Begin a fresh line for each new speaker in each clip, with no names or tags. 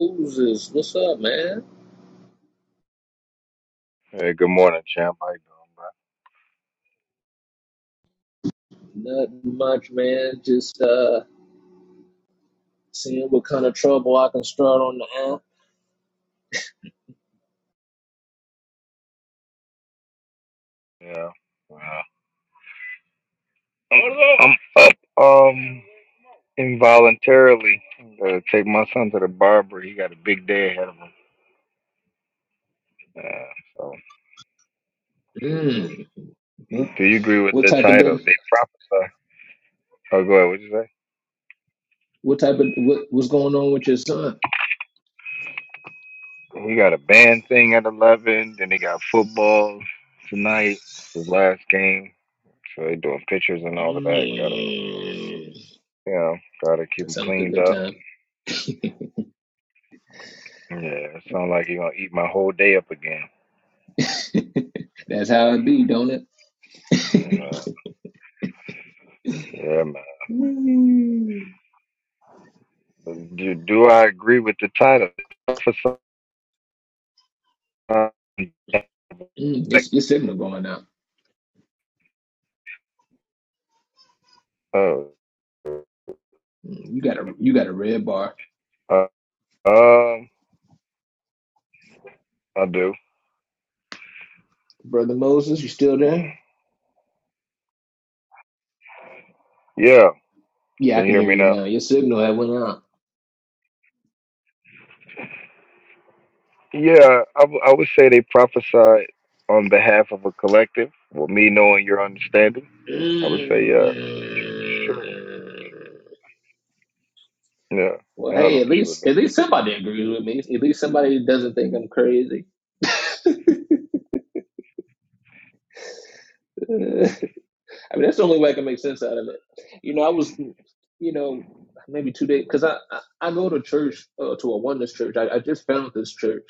Moses, what's up, man?
Hey, good morning, champ. How you
Nothing much, man. Just uh, seeing what kind of trouble I can start on the app.
doing, bro? Yeah. yeah. I'm I'm up um involuntarily. Gotta take my son to the barber. He got a big day ahead of him. Yeah. So
Mm. What,
do you agree with
what
the
type of
title?
diff-
They prophesy. Oh go ahead, what'd you
What type of what, What's going on with your son?
say? He got a band thing at eleven, then they got football tonight. It's his last game. So they doing pictures and all of that. Gotta
Mm.
you know, gotta keep
That
him
sounds like a
cleaned
good
up.
time.
Yeah, it sound like he gonna eat my whole day up again.
That's how it be, don't it?
Uh, yeah, man.
Mm.
Do, do I agree with the title? For some, uh,
Mm, it's your signal going out. Mm, You got a you got a red bar,
uh, um, I do.
brother Moses. You still there?
Yeah.
Yeah, I
Can you
can
hear
hear
me
you
now?
now. Your signal had went out.
Yeah, I, w- I would say they prophesied on behalf of a collective. Well, me knowing your understanding, I would
Mm.
say yes. It's true. Yeah.
Well,
I don't
hey,
know.
at
It's true.
least at least somebody agrees with me. At least somebody doesn't think I'm crazy. I mean, that's the only way I can make sense out of it. You know, I was, you know, maybe two days because I, I I go to church uh, to a oneness church. I, I just found this church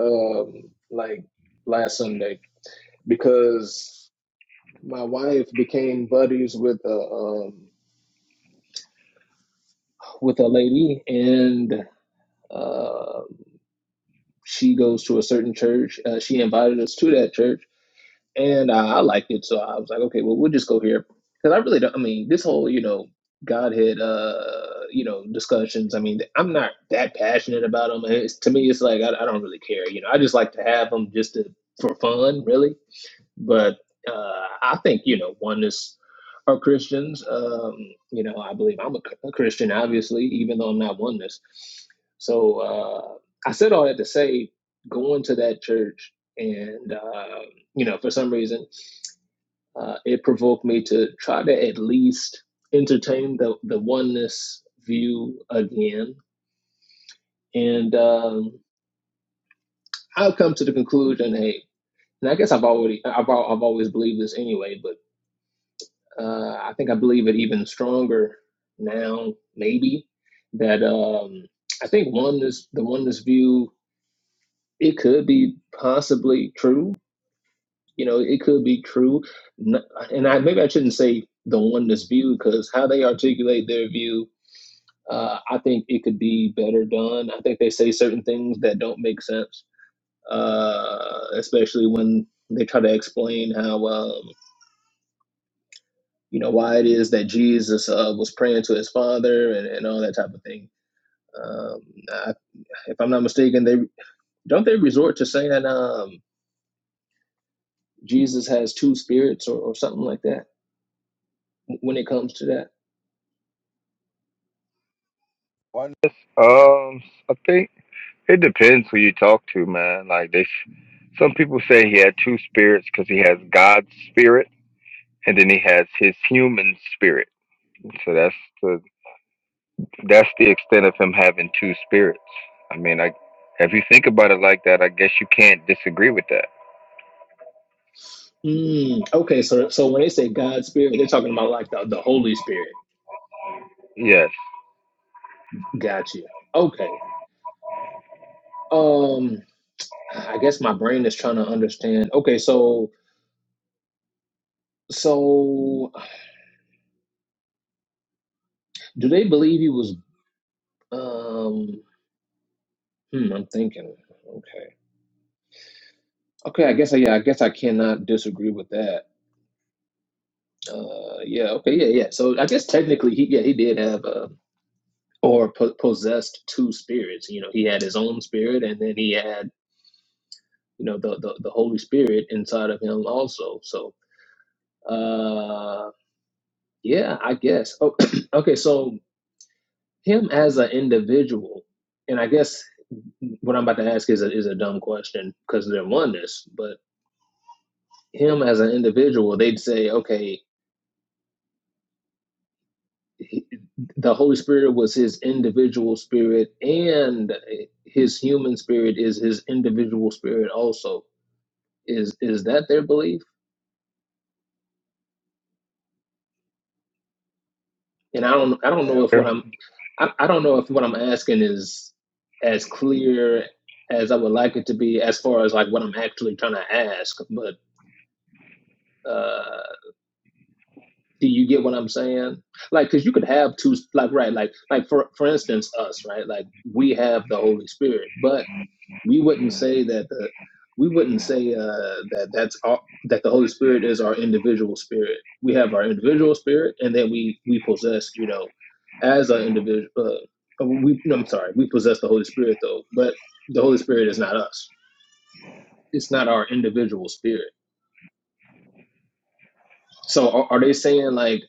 um like last Sunday because my wife became buddies with a um with a lady and um she goes to a certain church. Uh, she invited us to that church and uh, I liked it. So I was like, okay, well, we'll just go here because I really don't. I mean, this whole you know Godhead, uh, you know, discussions. I mean, I'm not that passionate about them. It's, to me, it's like I, I don't really care. You know, I just like to have them just to for fun, really. But uh, I think, you know, oneness are Christians. Um, you know, I believe I'm a, a Christian, obviously, even though I'm not oneness. So uh, I said all that to say going to that church and, uh, you know, for some reason, uh, it provoked me to try to at least entertain the, the oneness view again. And um, I've come to the conclusion, hey, and I guess I've already, I've, I've always believed this anyway, but Uh, I think I believe it even stronger now, maybe that um, I think oneness, the oneness view, it could be possibly true. You know, it could be true, N- and I maybe I shouldn't say the oneness view because how they articulate their view, uh, I think it could be better done. I think they say certain things that don't make sense, uh, especially when they try to explain how. Um, you know why it is that Jesus uh, was praying to his father and, and all that type of thing. Um, I, if I'm not mistaken, they don't they resort to saying um, Jesus has two spirits or, or something like that when it comes to that.
Why not? Um, I think it depends who you talk to, man. Like they, s- some people say he had two spirits because he has God's spirit and then he has his human spirit. So that's the that's the extent of him having two spirits. I mean, I if you think about it like that, I guess you can't disagree with that.
Mm, okay, so so when they say God's spirit, they're talking about like the, the Holy Spirit.
Yes.
Gotcha. Okay. Um, I guess my brain is trying to understand. Okay, so so do they believe he was? Um, hmm, I'm thinking. Okay. Okay, I guess I yeah, I guess I cannot disagree with that. Uh, yeah, okay, yeah, yeah. So I guess technically he yeah he did have uh, or po- possessed two spirits. You know, he had his own spirit, and then he had you know the the, the Holy Spirit inside of him also. So uh, yeah, I guess. Oh, okay, so him as an individual, and I guess what I'm about to ask is a, is a dumb question because they're oneness, but him as an individual, they'd say, okay. the Holy Spirit was his individual spirit, and his human spirit is his individual spirit also. Is is that their belief? And I don't I don't
That
know if what I'm I, I don't know if what I'm asking is as clear as I would like it to be as far as like what I'm actually trying to ask, but uh do you get what I'm saying? Like cuz you could have two like right like like for for instance us, right? Like we have the Holy Spirit, but we wouldn't say that the we wouldn't say uh, that that's all, that the Holy Spirit is our individual spirit. We have our individual spirit, and then we we possess you know as an individual. Uh, uh, we no, I'm sorry, we possess the Holy Spirit though, but the Holy Spirit is not us. It's not our individual spirit. So are, are they saying like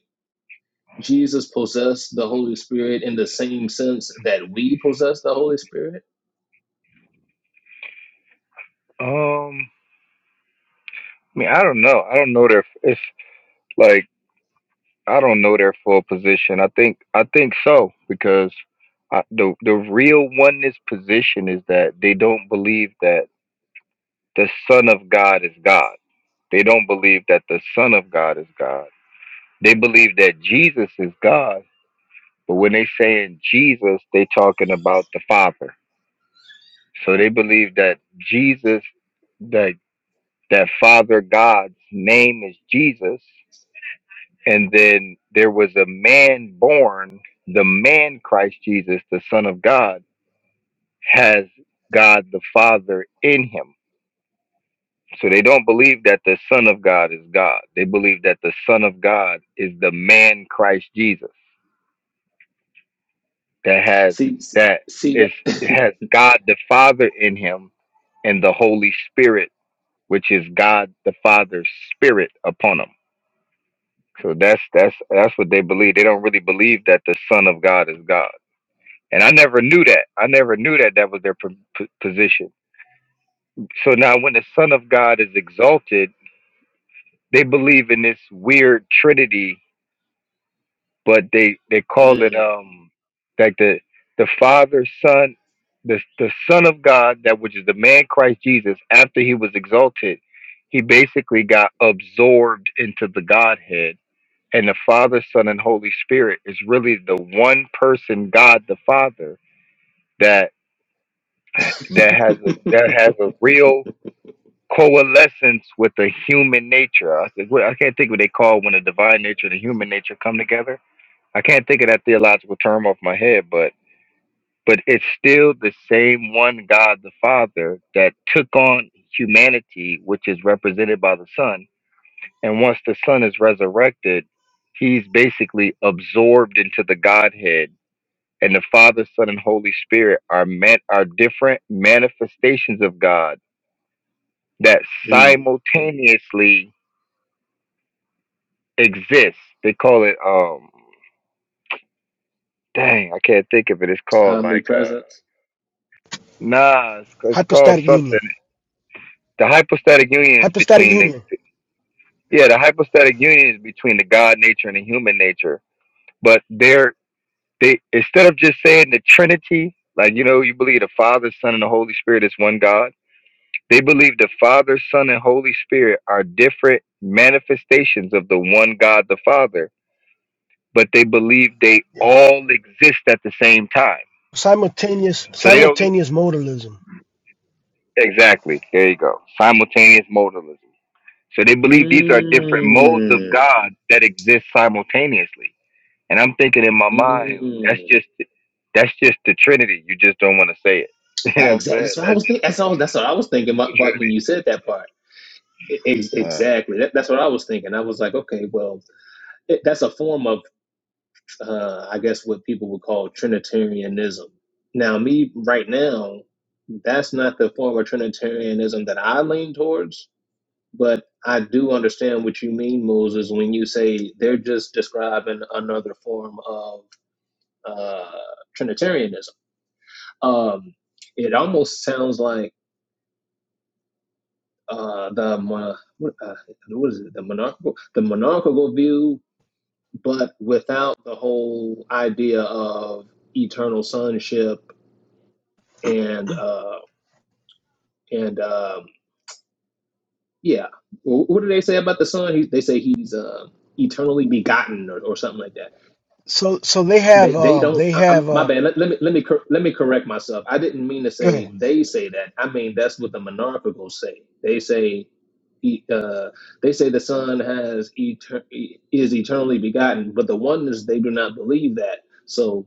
Jesus possessed the Holy Spirit in the same sense that we possess the Holy Spirit?
Um. I mean, I don't know. I don't know their. It's like I don't know their full position. I think I think so because I, the the real oneness position is that they don't believe that the Son of God is God. They don't believe that the Son of God is God. They believe that Jesus is God But when they saying Jesus, they talking about the Father. So they believe that Jesus, that that Father God's name is Jesus, and then there was a man born, the man Christ Jesus, the Son of God, has God the Father in him. So they don't believe that the Son of God is God. They believe that the Son of God is the man Christ Jesus that has
See,
that
see
is
that.
has God the Father in him and the Holy Spirit, which is God the Father's spirit upon them. So that's that's that's what they believe. They don't really believe that the Son of God is God. And I never knew that. I never knew that that was their p- p- position. So now, when the Son of God is exalted, they believe in this weird Trinity but they they call it
Mm,
um like the the Father, Son, the the Son of God, that which is the man Christ Jesus. After he was exalted, he basically got absorbed into the Godhead, and the Father, Son, and Holy Spirit is really the one person God, the Father, that that has a that has a real coalescence with the human nature. I, think- I can't think what they call when the divine nature and the human nature come together I can't think of that theological term off my head, but but it's still the same one God the Father that took on humanity, which is represented by the Son. And once the Son is resurrected, he's basically absorbed into the Godhead. And the Father, Son, and Holy Spirit are man- are different manifestations of God that
mm.
simultaneously exist. They call it um dang, I can't think of it. It's called like uh.
Omnipresence.
Nah, it's, it's called
Hypostatic
something.
union.
The hypostatic union is
Hypostatic
between the
union.
yeah,
Yeah.
the hypostatic union is between the God nature and the human nature. But they're they instead of just saying the Trinity, like you know, you believe the Father, Son, and the Holy Spirit is one God. They believe the Father, Son, and Holy Spirit are different manifestations of the one God, the Father. But they believe they
Yeah.
all exist at the same time.
Simultaneous
So they don't
simultaneous modalism.
exactly. There you go. Simultaneous modalism. So they believe these are different modes of
Mm.
God that exist simultaneously. And I'm thinking in my mind,
Mm.
that's just that's just the Trinity. You just don't want to say it. You know what I'm
Exactly.
saying?
That's what I
That's
was
just
thinking. That's, all. that's what I was thinking
the
about, about when you said that part. E- ex-
Trinity. Uh,
exactly. That, that's what I was thinking. I was like, okay, well, it, that's a form of, uh, I guess, what people would call Trinitarianism. Now, me right now, that's not the form of Trinitarianism that I lean towards, but I do understand what you mean, Moses, when you say they're just describing another form of uh, Trinitarianism Um, it almost sounds like uh, the mon- what, uh, what is it? The monarchical the monarchical view, but without the whole idea of eternal sonship and uh, and um, yeah. Wh- What do they say about the son? He, they say he's uh, eternally begotten or, or something like that.
So so they have
They they
um
don't.
they
I, I'm
have
my
uh
bad. Let, let me let me cor- let me correct myself. I didn't mean to
go ahead.
say they say that. I mean that's what the monarchicals say. They say e- uh, they say the Son has eter- e- is eternally begotten, but the oneness they do not believe that. So,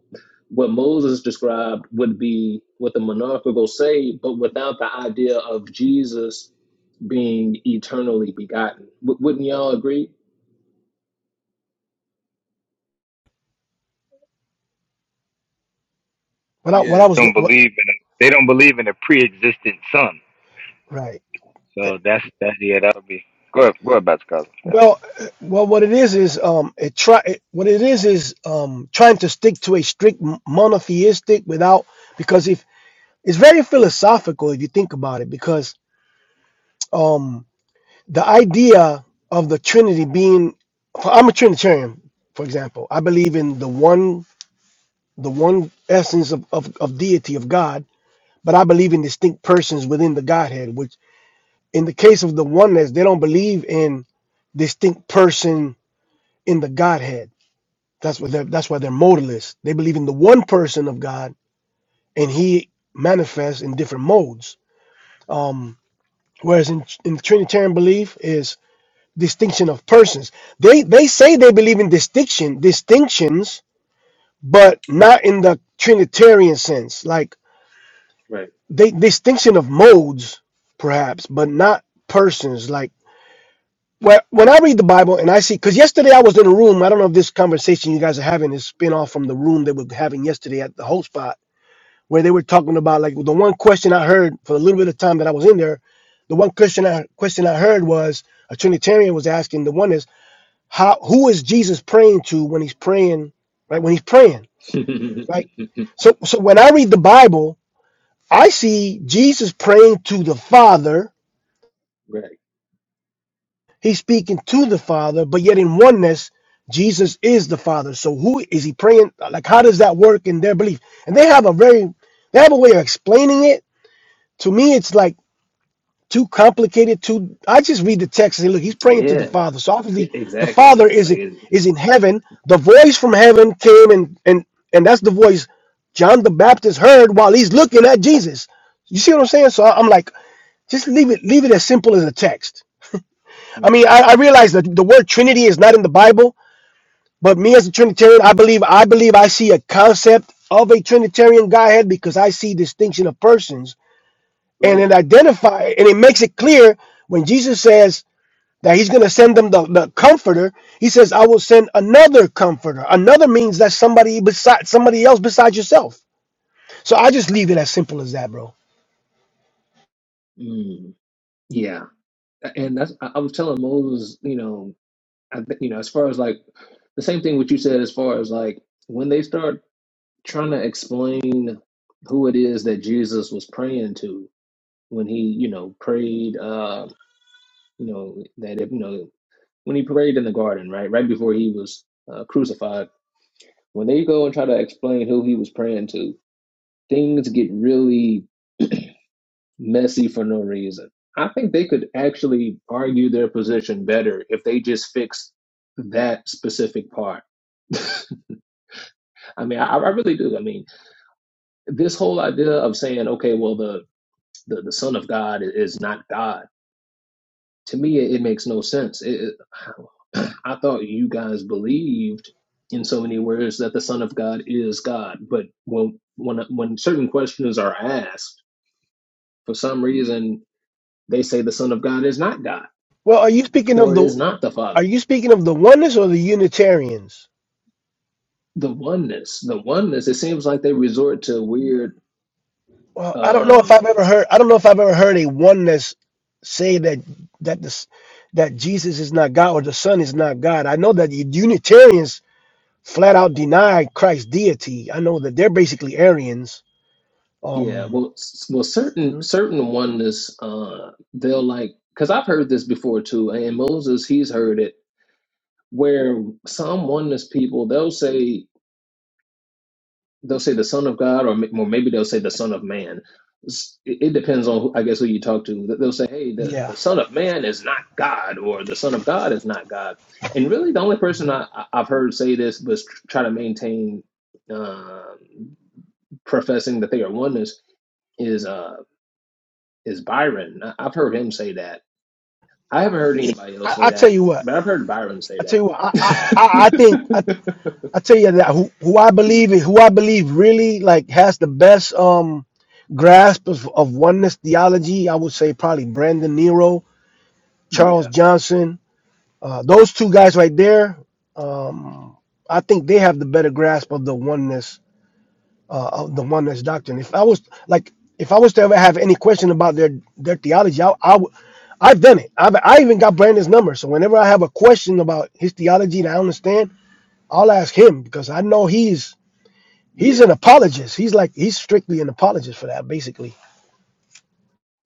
what Moses described would be what the monarchical say, but without the idea of Jesus being eternally begotten. W- wouldn't y'all agree?
What I what
Yeah,
I
they
was go-
don't
what
believe in they don't believe in a pre-existent Son.
right.
So that's that. Yeah, that would be go ahead, go ahead, Bats Cousin. Yeah,
Well, uh, well, what it is is um, it try it, what it is is um, trying to stick to a strict m- monotheistic without because if it's very philosophical if you think about it because um, the idea of the Trinity being I'm a Trinitarian, for example, I believe in the one the one essence of, of, of deity of God, but I believe in distinct persons within the Godhead, which in the case of the oneness, they don't believe in distinct person in the Godhead. That's what they're, that's why they're modalist. They believe in the one person of God and he manifests in different modes. Um, whereas in, in Trinitarian belief is distinction of persons. They they say they believe in distinction, distinctions, but
Right,
not in the Trinitarian sense. Like
right,
they distinction of modes perhaps but not persons like well, when i read the bible and i see because yesterday i was in a room i don't know if this conversation you guys are having is spin off from the room they were having yesterday at the whole spot where they were talking about like the one question i heard for a little bit of time that i was in there the one question i question i heard was a trinitarian was asking the one is how who is jesus praying to when he's praying right when he's praying
right,
right so so when i read the bible i see jesus praying to the father He's speaking to the Father, but yet in oneness, Jesus is the Father. So who is he praying? Like, how does that work in their belief? And they have a very, they have a way of explaining it. To me, it's like too complicated. Too, I just read the text and say, look, he's praying to
yeah,
the Father. So
e-
obviously, the
exactly.
Father
It's
is
like
in
it's,
is in heaven. The voice from heaven came and and and that's the voice John the Baptist heard while he's looking at Jesus. You see what I'm saying? So I- I'm like, just leave it, leave it as simple as a text I mean,
right,
I, I realize that the word Trinity is not in the Bible, but me as a Trinitarian, I believe I believe I see a concept of a Trinitarian Godhead because I see distinction of persons, and
right.
it identify and it makes it clear when Jesus says that He's going to send them the, the Comforter. He says, "I will send another Comforter." Another means that somebody beside somebody else besides yourself. So I just leave it as simple as that, bro.
Mm, yeah, and that's I I was telling Moses, you know. I think you know, as far as like the same thing what you said, as far as like when they start trying to explain who it is that Jesus was praying to when he, you know, prayed, uh, you know, that if you know when he prayed in the garden, right, right before he was uh, crucified. When they go and try to explain who he was praying to, things get really messy for no reason. I think they could actually argue their position better if they just fixed that specific part. I mean, I, I really do. I mean, this whole idea of saying, okay, well, the the, the Son of God is not God. To me, it, it makes no sense. It, it, I thought you guys believed in so many words that the Son of God is God, but when when when certain questions are asked, for some reason, they say the Son of God is not God
Well, are you speaking of
or
the
is not the
are
Father.
you speaking of the oneness or the Unitarians?
The oneness, the oneness. It seems like they resort to weird.
Well, I don't know if I've
um
ever heard. I don't know if I've ever heard a oneness say that that this that Jesus is not God or the Son is not God. I know that the Unitarians flat out deny Christ's deity. I know that they're basically Arians.
Yeah,
Um,
well, s- well, certain
hmm
certain oneness, uh, they'll like because I've heard this before too, and Moses he's heard it where some oneness people they'll say they'll say the Son of God, or, ma- or maybe they'll say the Son of Man. S- It, it depends on who, I guess who you talk to. Th- They'll say, "Hey, the
yeah.
the Son of Man is not God," or "The Son of God is not God." And really, the only person
hmm
I, I- I've heard say this but tr- try to maintain um professing that they are oneness is. uh, is Byron. I- I've heard him say that. I haven't heard anybody else
I,
say
I tell
that,
you what.
but I've heard Byron say
I tell
that.
you what. I I, I I think I, I tell you that who, who I believe is who I believe really like has the best um grasp of, of oneness theology. I would say probably Brandon Nero Charles
Yeah,
Johnson. Uh, those two guys right there, um, I think they have the better grasp of the oneness, uh, of the oneness doctrine. If I was like, if I was to ever have any question about their their theology, I, I would. I've done it. I've, I even got Brandon's number. So whenever I have a question about his theology that I understand, I'll ask him because I know he's he's
yeah,
an apologist. He's like he's strictly an apologist for that, basically.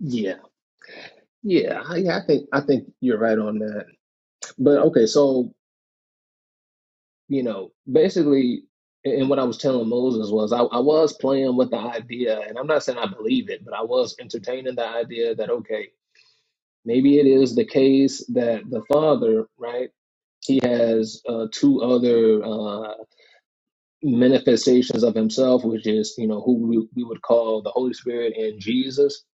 yeah, yeah. I, yeah, I think I think you're right on that. But okay, so you know, basically, and what I was telling Moses was I, I was playing with the idea, and I'm not saying I believe it, but I was entertaining the idea that okay, maybe it is the case that the father, right? He has uh, two other. uh, manifestations of himself, which is, you know, who we, we would call the Holy Spirit and Jesus.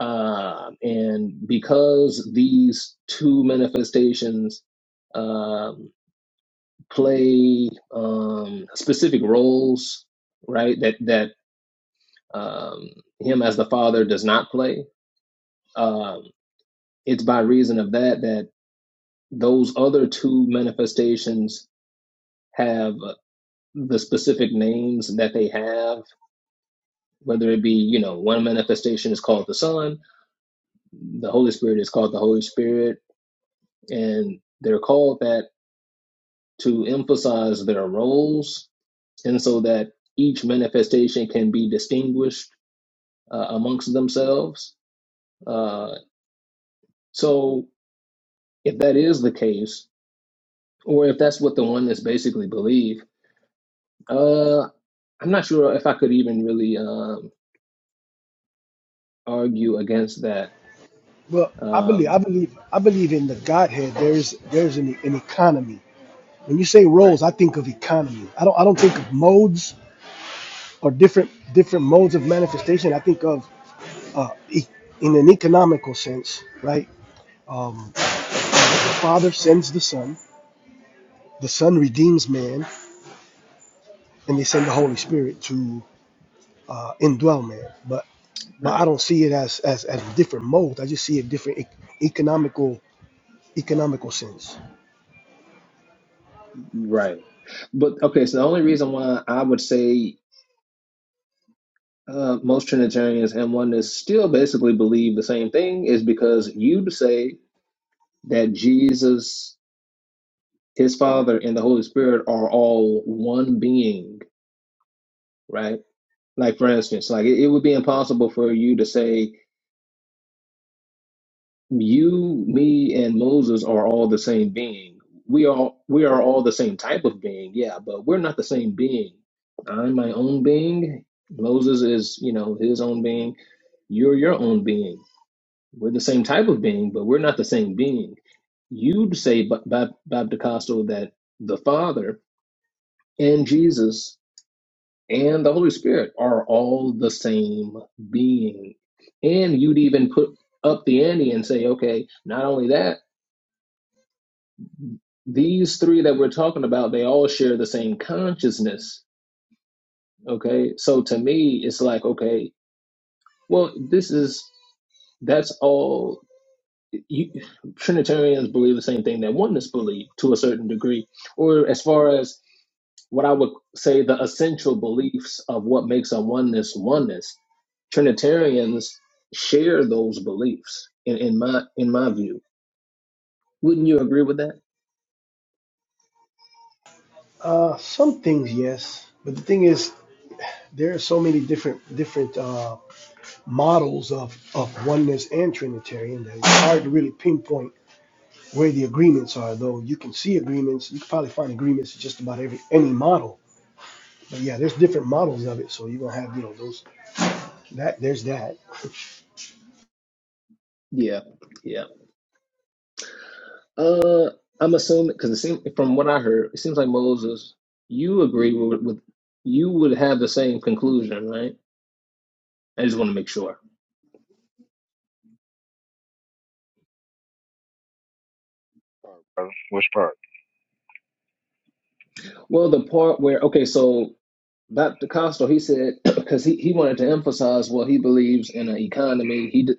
Um, and because these two manifestations um, play um, specific roles, right, that, that um, him as the Father does not play, um, it's by reason of that that those other two manifestations have the specific names that they have whether it be you know one manifestation is called the son the holy spirit is called the holy spirit and they're called that to emphasize their roles and so that each manifestation can be distinguished uh, amongst themselves uh, so if that is the case or if that's what the oneness basically believe uh, i'm not sure if i could even really um, argue against that
Well, I believe I
um,
believe I believe in the Godhead. There's there's an, an economy. When you say
right
roles, I think of economy. I don't I don't think of modes or different different modes of manifestation. I think of uh, e- in an economical sense, right? Um, the Father sends the Son. The Son redeems man, and they send the Holy Spirit to uh, indwell man. But but
right
I don't see it as as, as different modes. I just see it different e- economical economical sense.
Right. But okay, so the only reason why I would say uh, most Trinitarians and oneness still basically believe the same thing is because you say that Jesus, his Father, and the Holy Spirit are all one being, right? Like, for instance, like it, it would be impossible for you to say you, me, and Moses are all the same being. We are we are all the same type of being, yeah, but we're not the same being. I'm my own being. Moses is, you know, his own being. You're your own being. We're the same type of being, but we're not the same being. You'd say, Bob, Bob Bob DeCosto, that the Father and Jesus and the Holy Spirit are all the same being. And you'd even put up the ante and say, okay, not only that these three that we're talking about, they all share the same consciousness. Okay. So to me, it's like, okay, well, this is, that's all. You, Trinitarians believe the same thing that oneness believe to a certain degree, or as far as what I would say the essential beliefs of what makes a oneness oneness. Trinitarians share those beliefs in, in my in my view. Wouldn't you agree with that?
Uh, some things, yes, but the thing is, there are so many different different. Uh, models of, of oneness and Trinitarian that it's hard to really pinpoint where the agreements are, though you can see agreements. You can probably find agreements in just about every any model. But yeah, there's different models of it. So you're gonna have, you know, those that there's that.
Yeah. Yeah. Uh, I'm assuming because it seems from what I heard, it seems like Moses, you agree with, with you would have the same conclusion, right? I just want to make sure.
brother. which part?
Well, the part where okay, so Dr. Costo, he said because he, he wanted to emphasize Well, he believes in an economy. He d-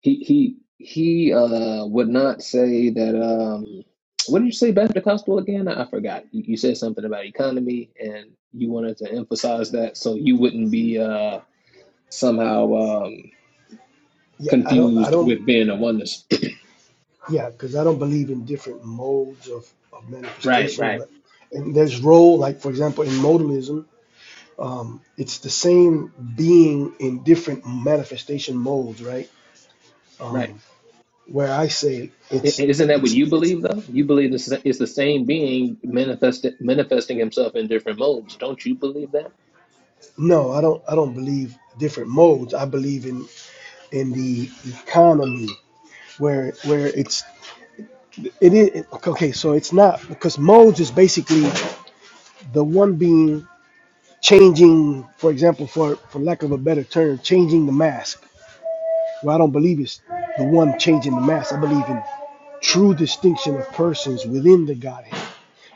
he he he uh would not say that um. What did you say, Dr. Costo again? I forgot. You, you said something about economy, and you wanted to emphasize that, so you wouldn't be uh somehow. um,
Yeah, I don't I
confused
don't
with being a oneness.
yeah, because I don't believe in different modes of, of
Right,
manifestation,
right,
but and there's role, like for example, in modalism, um, it's the same being in different manifestation modes, right?
right.
Um, where I say
I-
it's
Isn't that what
it's
you
it's
believe though? You believe this is it's the same being manifested manifesting himself in different modes. Don't you believe that?
No, I don't. I don't believe different modes. I believe in in the economy where where it's it is okay. So it's not because modes is basically the one being changing. For example, for for lack of a better term, changing the mask. Well, I don't believe it's the one changing the mask. I believe in true distinction of persons within the Godhead.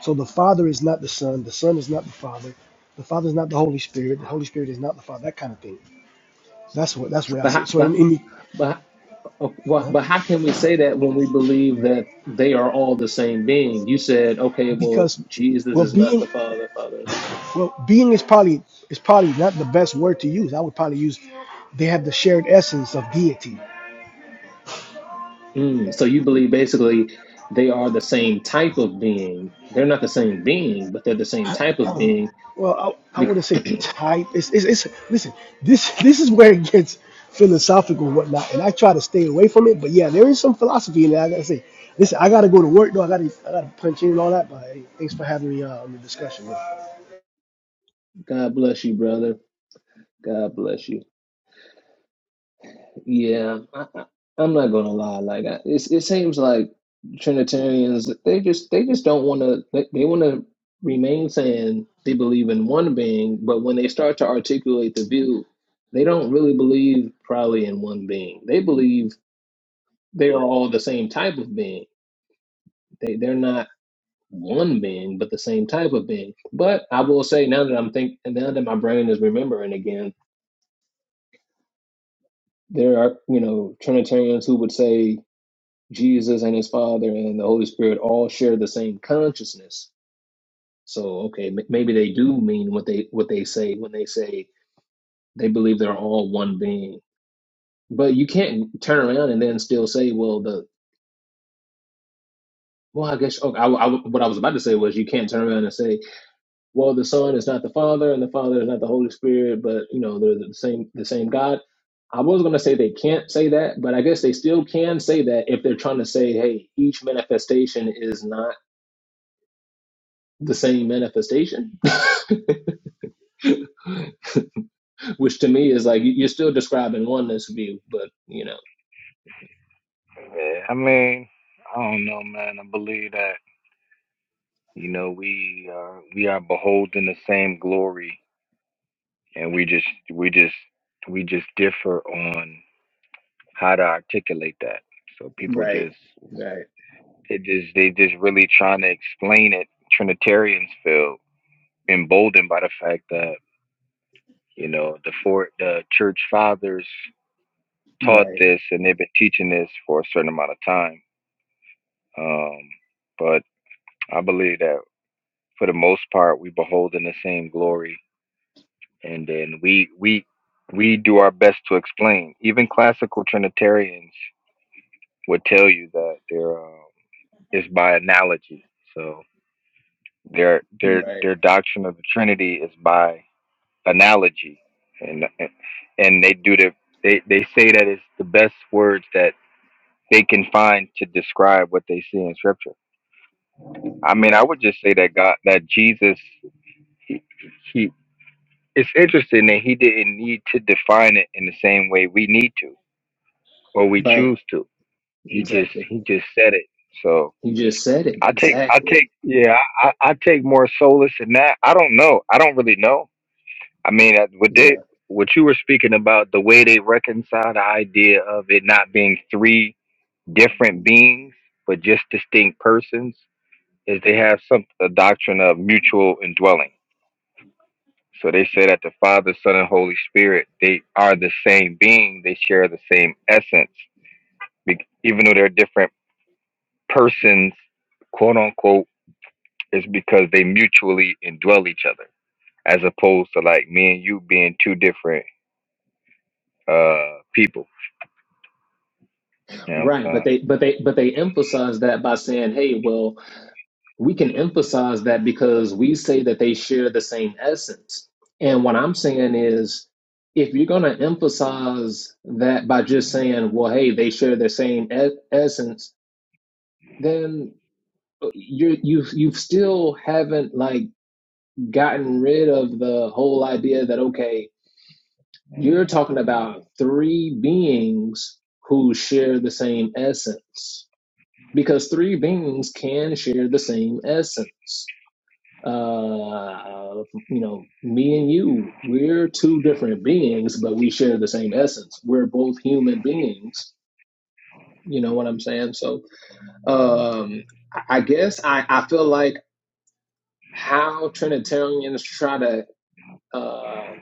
So the Father is not the Son. The Son is not the Father. The Father is not the Holy Spirit. The Holy Spirit is not the Father. That kind of thing. That's what. That's where I
But
see
how,
it. So in
but
in the,
but uh, wha-
uh-huh.
but how can we say that when we believe that they are all the same being? You said, okay, well,
because
Jesus
well
is not
being
the Father, Father.
well being is probably is probably not the best word to use i would probably use they have the shared essence of deity
Mm, so you believe basically they are the same type of being. They're not the same being, but they're the same type of
um
being.
well i, I
Be-
wouldn't say type it's, it's it's listen this this is where it gets philosophical and whatnot and i try to stay away from it but yeah there is some philosophy in it i gotta say listen i gotta go to work though i gotta i gotta punch in and all that but hey, thanks for having me uh, on the discussion
God bless you, brother. God bless you. Yeah, I, I, I'm not gonna lie. Like I, it's, it seems like Trinitarians, they just they just don't want to. They, they want to remain saying they believe in one being, but when they start to articulate the view, they don't really believe probably in one being. They believe they are all the same type of being. They they're not one being, but the same type of being. But I will say now that I'm thinking now that my brain is remembering again, there are you know Trinitarians who would say Jesus and His Father and the Holy Spirit all share the same consciousness. So okay, m- maybe they do mean what they what they say when they say they believe they're all one being. But you can't turn around and then still say, well, the well, I guess okay, I, I, what I was about to say was you can't turn around and say well the son is not the father and the father is not the holy spirit but you know they're the same the same god i was going to say they can't say that but i guess they still can say that if they're trying to say hey each manifestation is not the same manifestation which to me is like you- are still describing oneness view but you know
Yeah, I mean, I don't know, man. I believe that you know we are we are beholding the same glory and we just we just we just differ on how to articulate that so people
Right,
just
right,
it just they just really trying to explain it trinitarians feel emboldened by the fact that you know the four the church fathers taught
right,
this and they've been teaching this for a certain amount of time um but i believe that for the most part we behold in the same glory and then we we we do our best to explain even classical trinitarians would tell you that they're um, is by analogy. So their their
right,
their doctrine of the Trinity is by analogy, and and they do the they they say that it's the best words that they can find to describe what they see in Scripture. I mean, I
right,
would just say that God that Jesus he, he it's interesting that he didn't need to define it in the same way we need to or we
right.
choose to. He just
Exactly.
he just said it. So.
you just said it
I take, I
exactly
take, yeah, I, I I take more solace in that. I don't know. I don't really know. I mean, uh, what they,
yeah
what you were speaking about, the way they reconcile the idea of it not being three different beings, but just distinct persons, is they have some a doctrine of mutual indwelling. So they say that the Father, Son, and Holy Spirit, they are the same being. They share the same essence, Be- even though they're different persons, quote unquote It's because they mutually indwell each other, as opposed to like me and you being two different uh people. You know what I'm
right but
saying?
they but they but they emphasize that by saying hey well we can emphasize that because we say that they share the same essence. And what I'm saying is, if you're going to emphasize that by just saying, "Well, hey, they share the same e- essence," then you you've you've still haven't like gotten rid of the whole idea that okay, you're talking about three beings who share the same essence because three beings can share the same essence Uh, you know, me and you, we're two different beings, but we share the same essence. We're both human beings. You know what I'm saying? So, um, I guess I, I feel like how Trinitarians try to uh,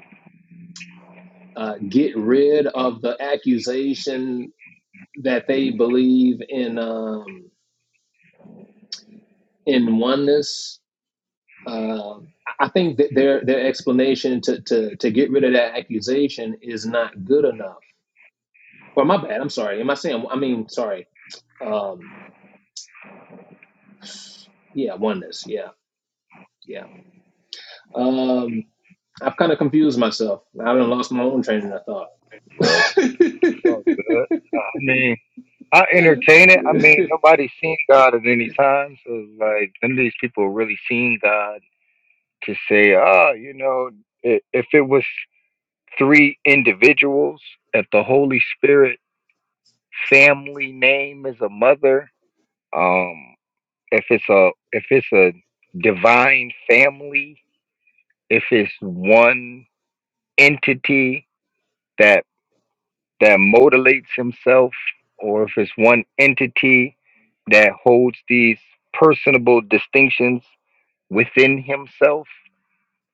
uh, get rid of the accusation that they believe in um, in oneness. Uh, I think that their their explanation to, to to get rid of that accusation is not good enough Well, my bad. I'm sorry. Am I saying? I mean, sorry. Um, yeah, oneness. Yeah, yeah. Um, I've kind of confused myself. I done lost my own train of thought.
Bro, it's all good. I mean, I entertain it. I mean, nobody's seen God at any time, so it's like none of these people really seen God to say, oh, you know, i- if it was three individuals, if the Holy Spirit family name is a mother, um, if it's a if it's a divine family if it's one entity that that motivates himself or if it's one entity that holds these personable distinctions within himself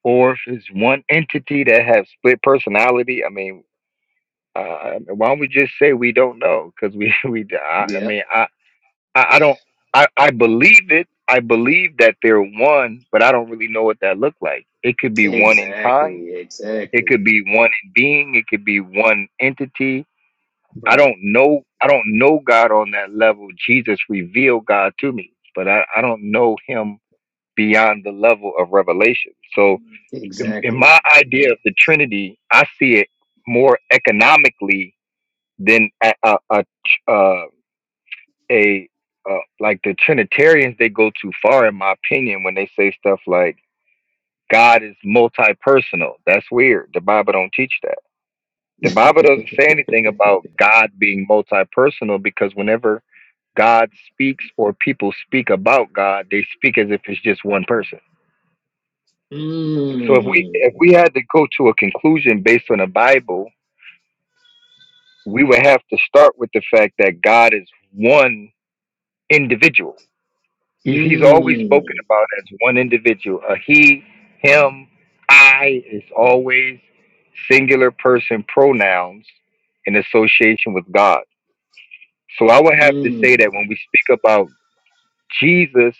or if it's one entity that has split personality i mean uh, why don't we just say we don't know because we we I, I
yeah,
mean i i, I don't I, I believe it i believe that they're one but i don't really know what that looked like it could be one in kind
exactly,
It
exactly.
could be one in being, it could be one entity. I
Right,
don't know I don't know God on that level. Jesus revealed God to me, but I, I don't know him beyond the level of revelation. So in, in
exactly.
my idea of the Trinity, I see it more economically than a a, a, uh, a uh, like the Trinitarians, they go too far, in my opinion, when they say stuff like God is multi-personal. That's weird. The Bible don't teach that. The Bible doesn't say anything about God being multi-personal because whenever God speaks or people speak about God, they speak as if it's just one person. So if we if
Mm,
we had to go to a conclusion based on the Bible, we would have to start with the fact that God is one individual. He, he's always spoken
mm,
about as one individual. A he, him, I is always singular person pronouns in association with God. So I would have to say
mm.
that when we speak about Jesus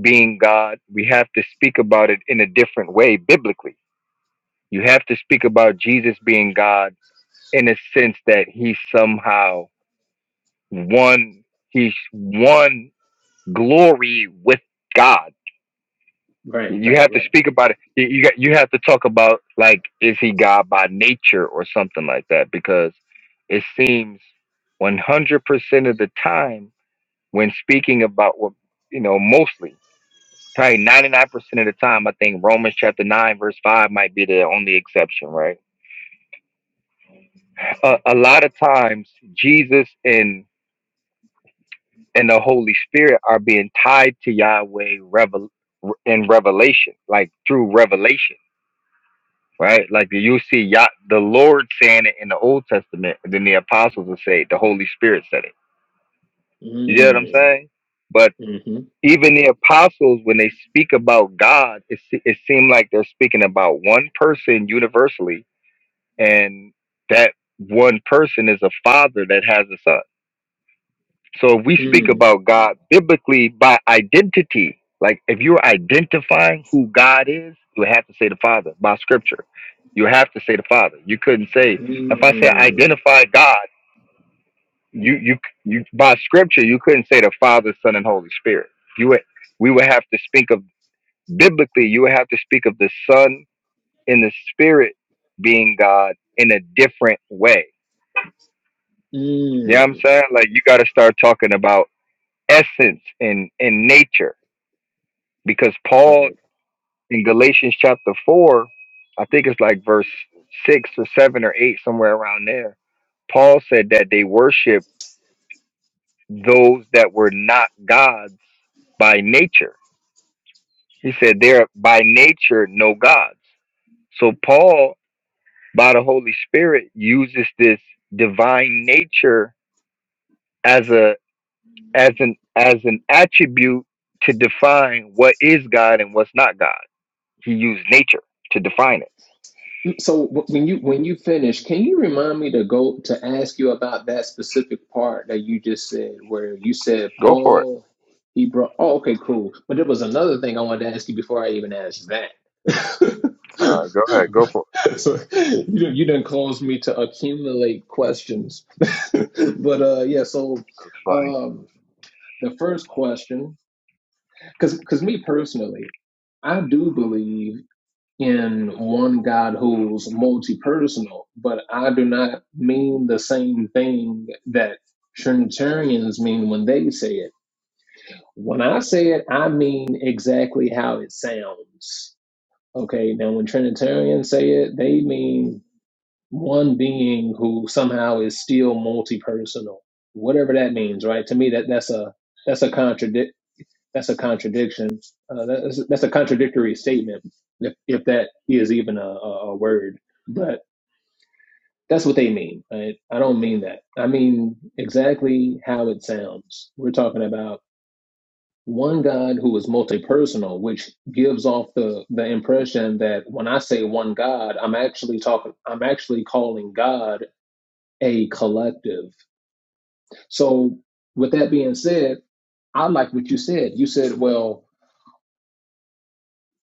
being God, we have to speak about it in a different way biblically. You have to speak about Jesus being God in a sense that he somehow one he's one glory with God.
Right,
You
right,
have to
right.
speak about it. You you got- you have to talk about like is he God by nature or something like that because it seems 100% of the time when speaking about what you know mostly probably 99% of the time i think romans chapter 9 verse 5 might be the only exception right a, a lot of times jesus and and the holy spirit are being tied to yahweh revel in revelation like through revelation right like you see Yah, the lord saying it in the old testament and then the apostles will say it, the holy spirit said it you get what i'm
Mm,
saying but
mm-hmm,
even the apostles when they speak about god it, se- it seemed like they're speaking about one person universally and that one person is a father that has a son so if we speak
mm,
about god biblically by identity like if you're identifying who god is you have to say the father by scripture you have to say the father you couldn't say if i say
mm,
identify god you you you by scripture you couldn't say the father son and holy spirit you would we would have to speak of Biblically, you would have to speak of the Son and the Spirit being God in a different way. You know what I'm
mm.
saying? Like you got to start talking about essence and and nature because Paul
Right.
in Galatians chapter four, I think it's like verse six or seven or eight somewhere around there. Paul said that they worship those that were not gods by nature. He said they're by nature no gods. So Paul by the Holy Spirit uses this divine nature as a as an as an attribute to define what is God and what's not God. He used nature to define it.
So wh- when you when you finish, can you remind me to go to ask you about that specific part that you just said, where you said
Go for it.
Paul, he brought. Oh, okay, cool. But there was another thing I wanted to ask you before I even asked that.
All right, go ahead, go
But-
for it.
so you done- you didn't cause me to accumulate questions, but uh, yeah. So
That's funny.
um, the first question, because because me personally, I do believe in one God who's multi-personal, but I do not mean the same thing that Trinitarians mean when they say it. When I say it, I mean exactly how it sounds. Okay, now when Trinitarians say it, they mean one being who somehow is still multi-personal, whatever that means, right? To me, that that's a that's a contradiction that's a contradiction. Uh, that's, that's a contradictory statement, if, if that is even a, a, a word. But that's what they mean. Right? I don't mean that. I mean exactly how it sounds. We're talking about one God who is multi-personal, which gives off the the impression that when I say one God, I'm actually talking. I'm actually calling God a collective. So, with that being said, I like what you said. You said, well,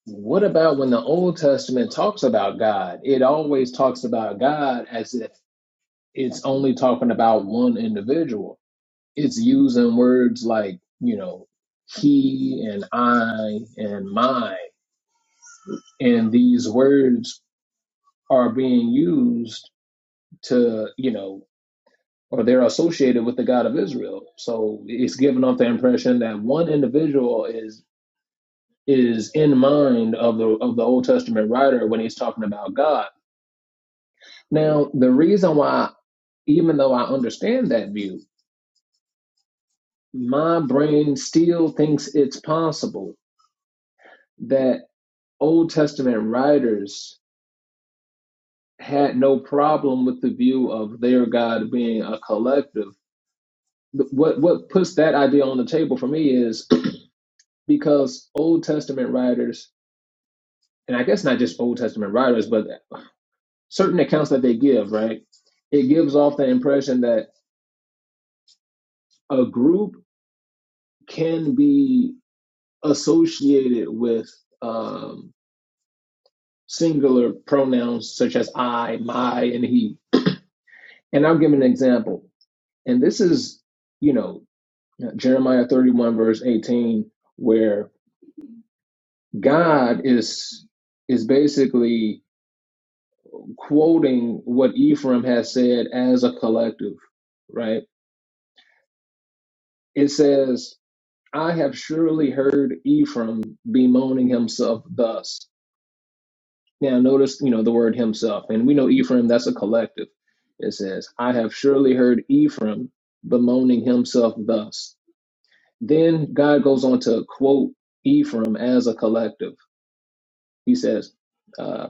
What about when the Old Testament talks about God? It always talks about God as if it's only talking about one individual. It's using words like, you know, he and I and my. And these words are being used to, you know, or they're associated with the God of Israel. So it's giving off the impression that one individual is is in mind of the of the Old Testament writer when he's talking about God Now, the reason why, even though I understand that view, my brain still thinks it's possible that Old Testament writers had no problem with the view of their God being a collective. What what puts that idea on the table for me is because Old Testament writers, and I guess not just Old Testament writers, but certain accounts that they give, right? It gives off the impression that a group can be associated with um, singular pronouns such as I, my, and he. And I'll give an example. And this is, you know, Jeremiah 31 verse 18, where God is is basically quoting what Ephraim has said as a collective, right? It says, I have surely heard Ephraim bemoaning himself thus. Now notice, you know, the word himself. And we know Ephraim, that's a collective. It says, I have surely heard Ephraim bemoaning himself thus. Then God goes on to quote Ephraim as a collective. He says, uh,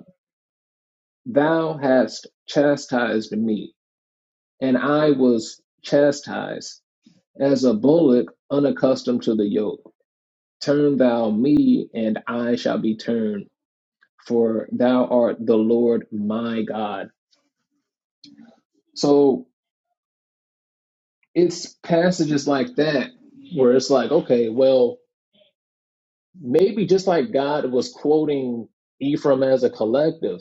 Thou hast chastised me, and I was chastised as a bullock unaccustomed to the yoke. Turn thou me, and I shall be turned, for thou art the Lord my God. So it's passages like that where it's like, okay, well, maybe just like God was quoting Ephraim as a collective,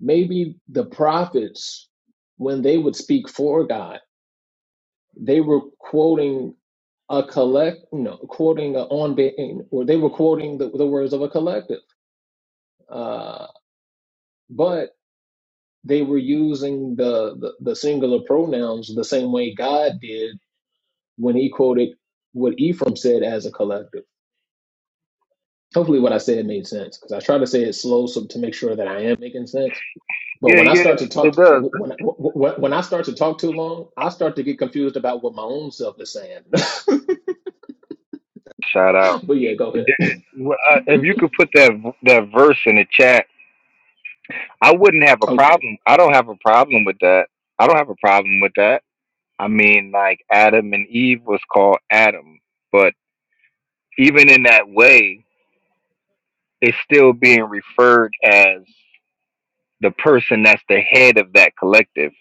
maybe the prophets, when they would speak for God, they were quoting a collect, you know, quoting a on, or they were quoting the, the words of a collective, uh, but they were using the, the the singular pronouns the same way God did when He quoted what Ephraim said as a collective. hopefully what I said made sense because I try to say it slow so to make sure that I am making sense. But
Yeah,
when I start to
yeah, it
talk,
does.
when when, when I start to talk too long, I start to get confused about what my own self is saying.
Shout out.
but yeah, go
That-
ahead.
well, uh, If you could put that that verse in the chat, I wouldn't have a
Okay.
problem. I don't have a problem with that. I don't have a problem with that. I mean, like Adam and Eve was called Adam, but even in that way, it's still being referred as the person that's the head of that collective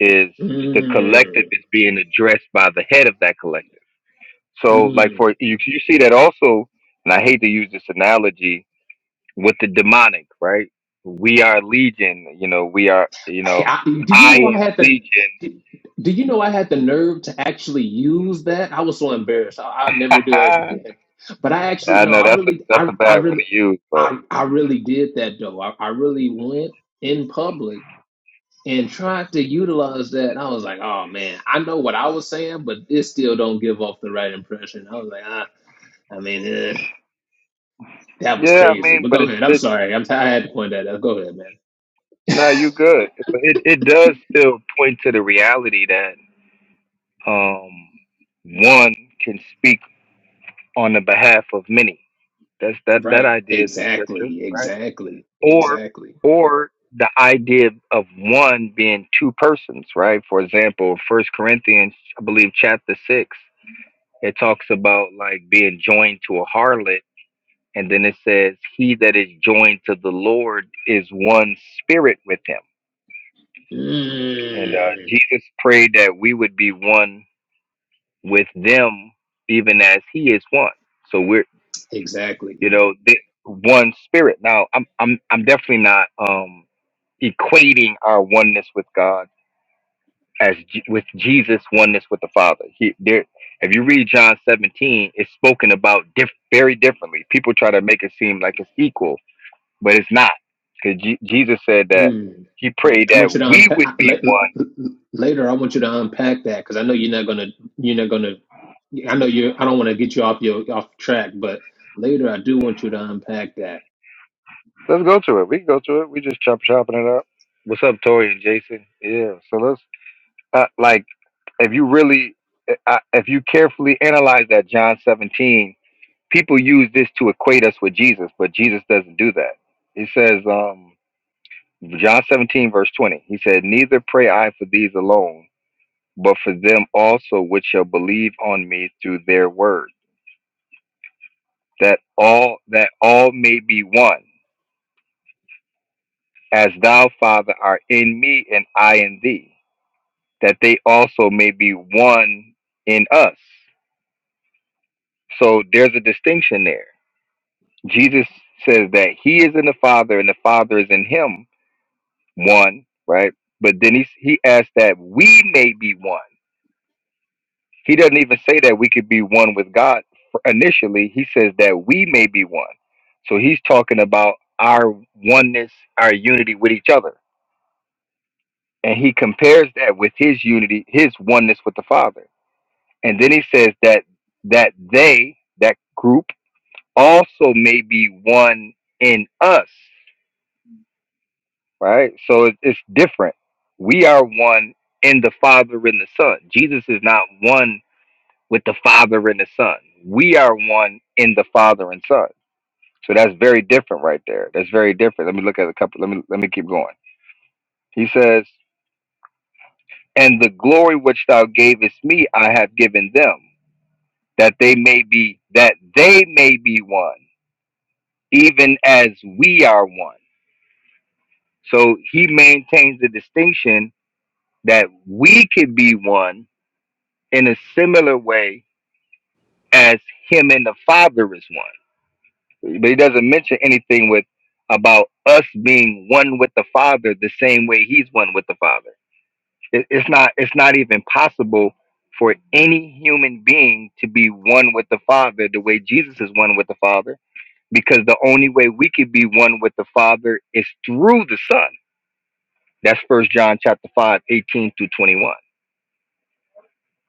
is the collective
Mm,
is being addressed by the head of that collective. So, like
mm.
for you, you see that also, and I hate to use this analogy with the demonic, right? We are legion. You know, we are. You
Hey,
know,
I, do you
I
know I
am
had the?
legion.
Do do you know I had the nerve to actually use that? I was so embarrassed. I, I'd never do that again. But I actually
I
no,
know
I
that's a,
really,
that's
I,
a
I
bad one
really,
to use, but
I, I really did that though. I, I really went in public and tried to utilize that. And I was like, oh man, I know what I was saying, but it still don't give off the right impression. I was like, ah, I mean, eh, that was
yeah, I
crazy.
mean,
But
but
go
it,
ahead. I'm
it
sorry. I'm t- I had to point that out. Go ahead, man.
No, you good. But it, it does still point to the reality that um one can speak on the behalf of many. That's that that
Right.
idea is in scripture,
Exactly.
right?
Exactly.
Or
Exactly.
or the idea of one being two persons, right? For example, First Corinthians, I believe chapter six, it talks about like being joined to a harlot, and then it says, He that is joined to the Lord is one spirit with him And uh,
Mm,
Jesus prayed that we would be one with them, even as He is one. So we're,
exactly.
you know, they, one spirit. Now, I'm, I'm, I'm definitely not um, equating our oneness with God as J- with Jesus' oneness with the Father. He, there, if you read John 17, it's spoken about diff- very differently. People try to make it seem like it's equal, but it's not, because Jesus said that
Mm.
He prayed
I
that
want you to
we
unpack
would be one
later. I want you to unpack that because I know you're not gonna. You're not gonna. I know you. I don't want to get you off your off track, but later I do want you to unpack that
Let's go to it. We can go to it. We just chop chopping it up. What's up, Tori and Jason? Yeah. So let's uh, like if you really uh, if you carefully analyze that John 17, people use this to equate us with Jesus, but Jesus doesn't do that. He says, um, John 17 verse 20. He said, "Neither pray I for these alone, but for them also which shall believe on me through their word, that all that all may be one, as thou Father art in me and I in thee." that they also may be one in us. So there's a distinction there. Jesus says that he is in the Father and the Father is in him, one, right? But then he, he asks that we may be one. He doesn't even say that we could be one with God initially. He says that we may be one. So he's talking about our oneness, our unity with each other. And he compares that with his unity, his oneness with the Father. And then he says that that they, that group, also may be one in us, right? So it, it's different. We are one in the Father and the Son. Jesus is not one with the Father and the Son. We are one in the Father and Son. So that's very different right there. That's very different. Let me look at a couple. Let me let me keep going. He says, "And the glory which thou gavest me, I have given them, that they may be that they may be one." even as we are one. So he maintains the distinction that we could be one in a similar way as him and the Father is one. But he doesn't mention anything with about us being one with the Father the same way he's one with the Father. It, it's not it's not even possible for any human being to be one with the Father the way Jesus is one with the Father because the only way we could be one with the Father is through the Son That's first John chapter 5, 18 through 21.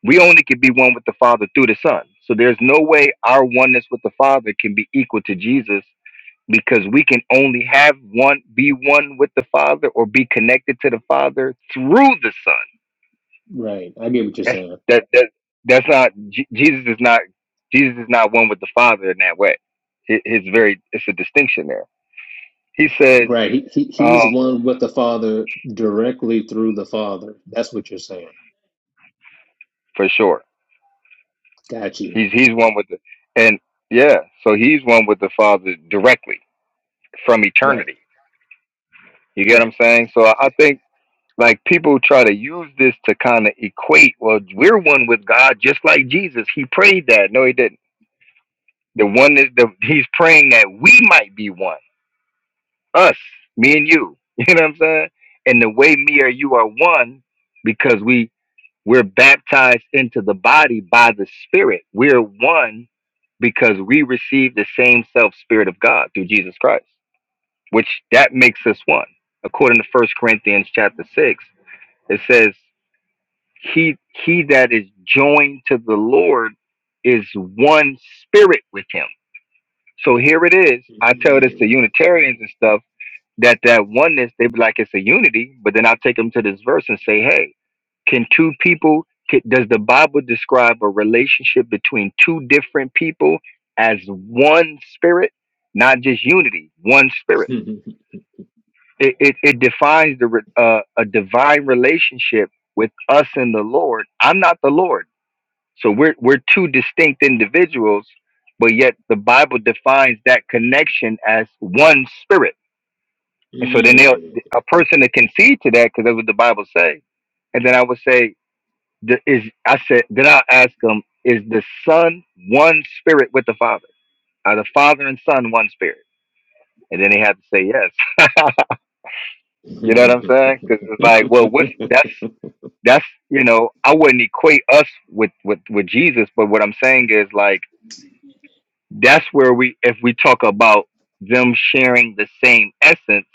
We only can be one with the Father through the Son. So there's no way our oneness with the Father can be equal to Jesus because we can only have one be one with the Father or be connected to the Father through the Son.
Right. I get what you're
That's
saying.
that that that's not Je- Jesus is not Jesus is not one with the Father in that way. Hi- His very it's a distinction there. He says,
Right. He, he he's
um,
one with the Father directly through the Father. That's what you're saying.
for sure.
Got you.
He's he's one with the and yeah, so he's one with the Father directly from
Right.
eternity. You get what
Right.
I'm saying? So I think like people try to use this to kind of equate. Well, we're one with God, just like Jesus. He prayed that. No, he didn't. The one is the he's praying that we might be one. Us, me and you. You know what I'm saying? And the way me or you are one, because we we're baptized into the body by the Spirit. We're one because we receive the same self Spirit of God through Jesus Christ. which that makes us one. According to First Corinthians chapter six, it says, "He he that is joined to the Lord is one spirit with him." So here it is. I tell this to
Mm.
Unitarians and stuff that that oneness they be like it's a unity, but then I take them to this verse and say, "Hey, can two people? Can, does the Bible describe a relationship between two different people as one spirit, not just unity, one spirit?" it, it, it defines the re- uh, a divine relationship with us and the Lord. I'm not the Lord, so we're we're two distinct individuals, but yet the Bible defines that connection as one spirit. And so then they a person that can see to that because that's what the Bible says. And then I would say, the- is I said then I ask them, is the Son one spirit with the Father? Are the Father and Son one spirit? And then they have to say yes. You know what I'm
Mm.
saying? Because it's like, well, what's that's That's you know, I wouldn't equate us with with with Jesus, but what I'm saying is like that's where we if we talk about them sharing the same essence,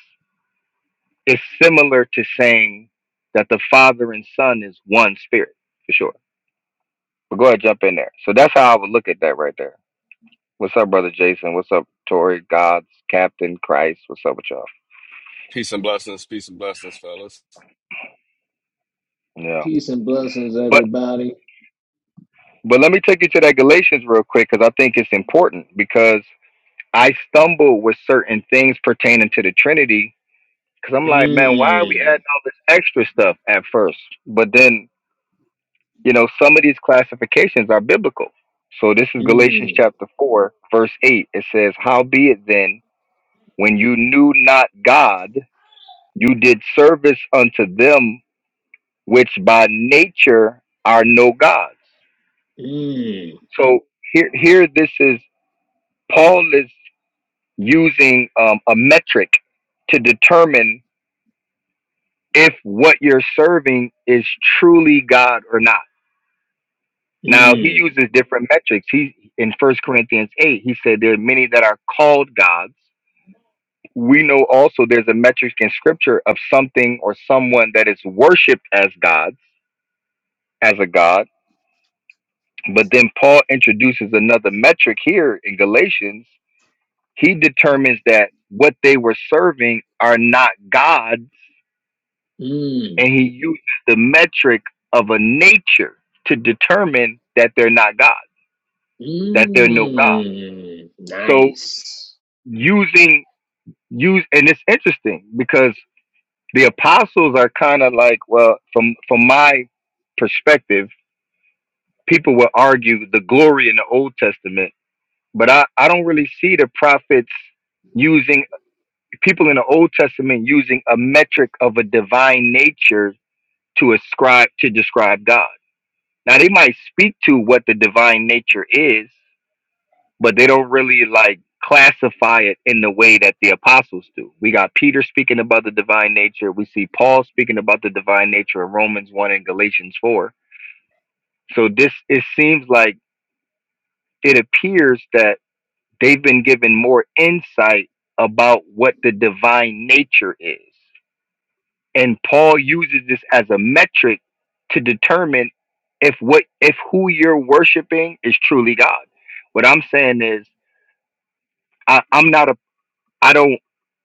it's similar to saying that the Father and Son is one spirit for sure. But go ahead, jump in there. So that's how I would look at that right there. What's up, brother Jason? What's up, Tori? God's Captain Christ. What's up with y'all?
Peace and blessings, peace and blessings, fellas.
Yeah,
Peace and blessings,
but
everybody.
but let me take you to that Galatians real quick because I think it's important because I stumble with certain things pertaining to the Trinity because I'm like, man, why are we adding
Mm.
all this extra stuff at first? But then, you know, some of these classifications are biblical. So this is Galatians
Mm.
chapter 4, verse 8. It says, Howbeit then, when you knew not God, you did service unto them which by nature are no gods.
Mm.
So here, here this is, Paul is using um, a metric to determine if what you're serving is truly God or not. Now he
Mm.
uses different metrics. He in First Corinthians eight, he said there are many that are called gods. We know also there's a metric in scripture of something or someone that is worshipped as gods, as a god. But then Paul introduces another metric here in Galatians. He determines that what they were serving are not God. and
Mm.
he uses the metric of a nature to determine that they're not God, that they're no God.
Mm.
So
Nice.
using use and it's interesting because the apostles are kind of like, well, from from my perspective, people will argue the glory in the Old Testament, but I, I don't really see the prophets using people in the Old Testament using a metric of a divine nature to ascribe to describe God Now they might speak to what the divine nature is, but they don't really like classify it in the way that the apostles do. We got Peter speaking about the divine nature. We see Paul speaking about the divine nature in Romans 1 and Galatians 4. So this it seems like it appears that they've been given more insight about what the divine nature is. and Paul uses this as a metric to determine if what if who you're worshiping is truly God. What I'm saying is I, I'm not a I don't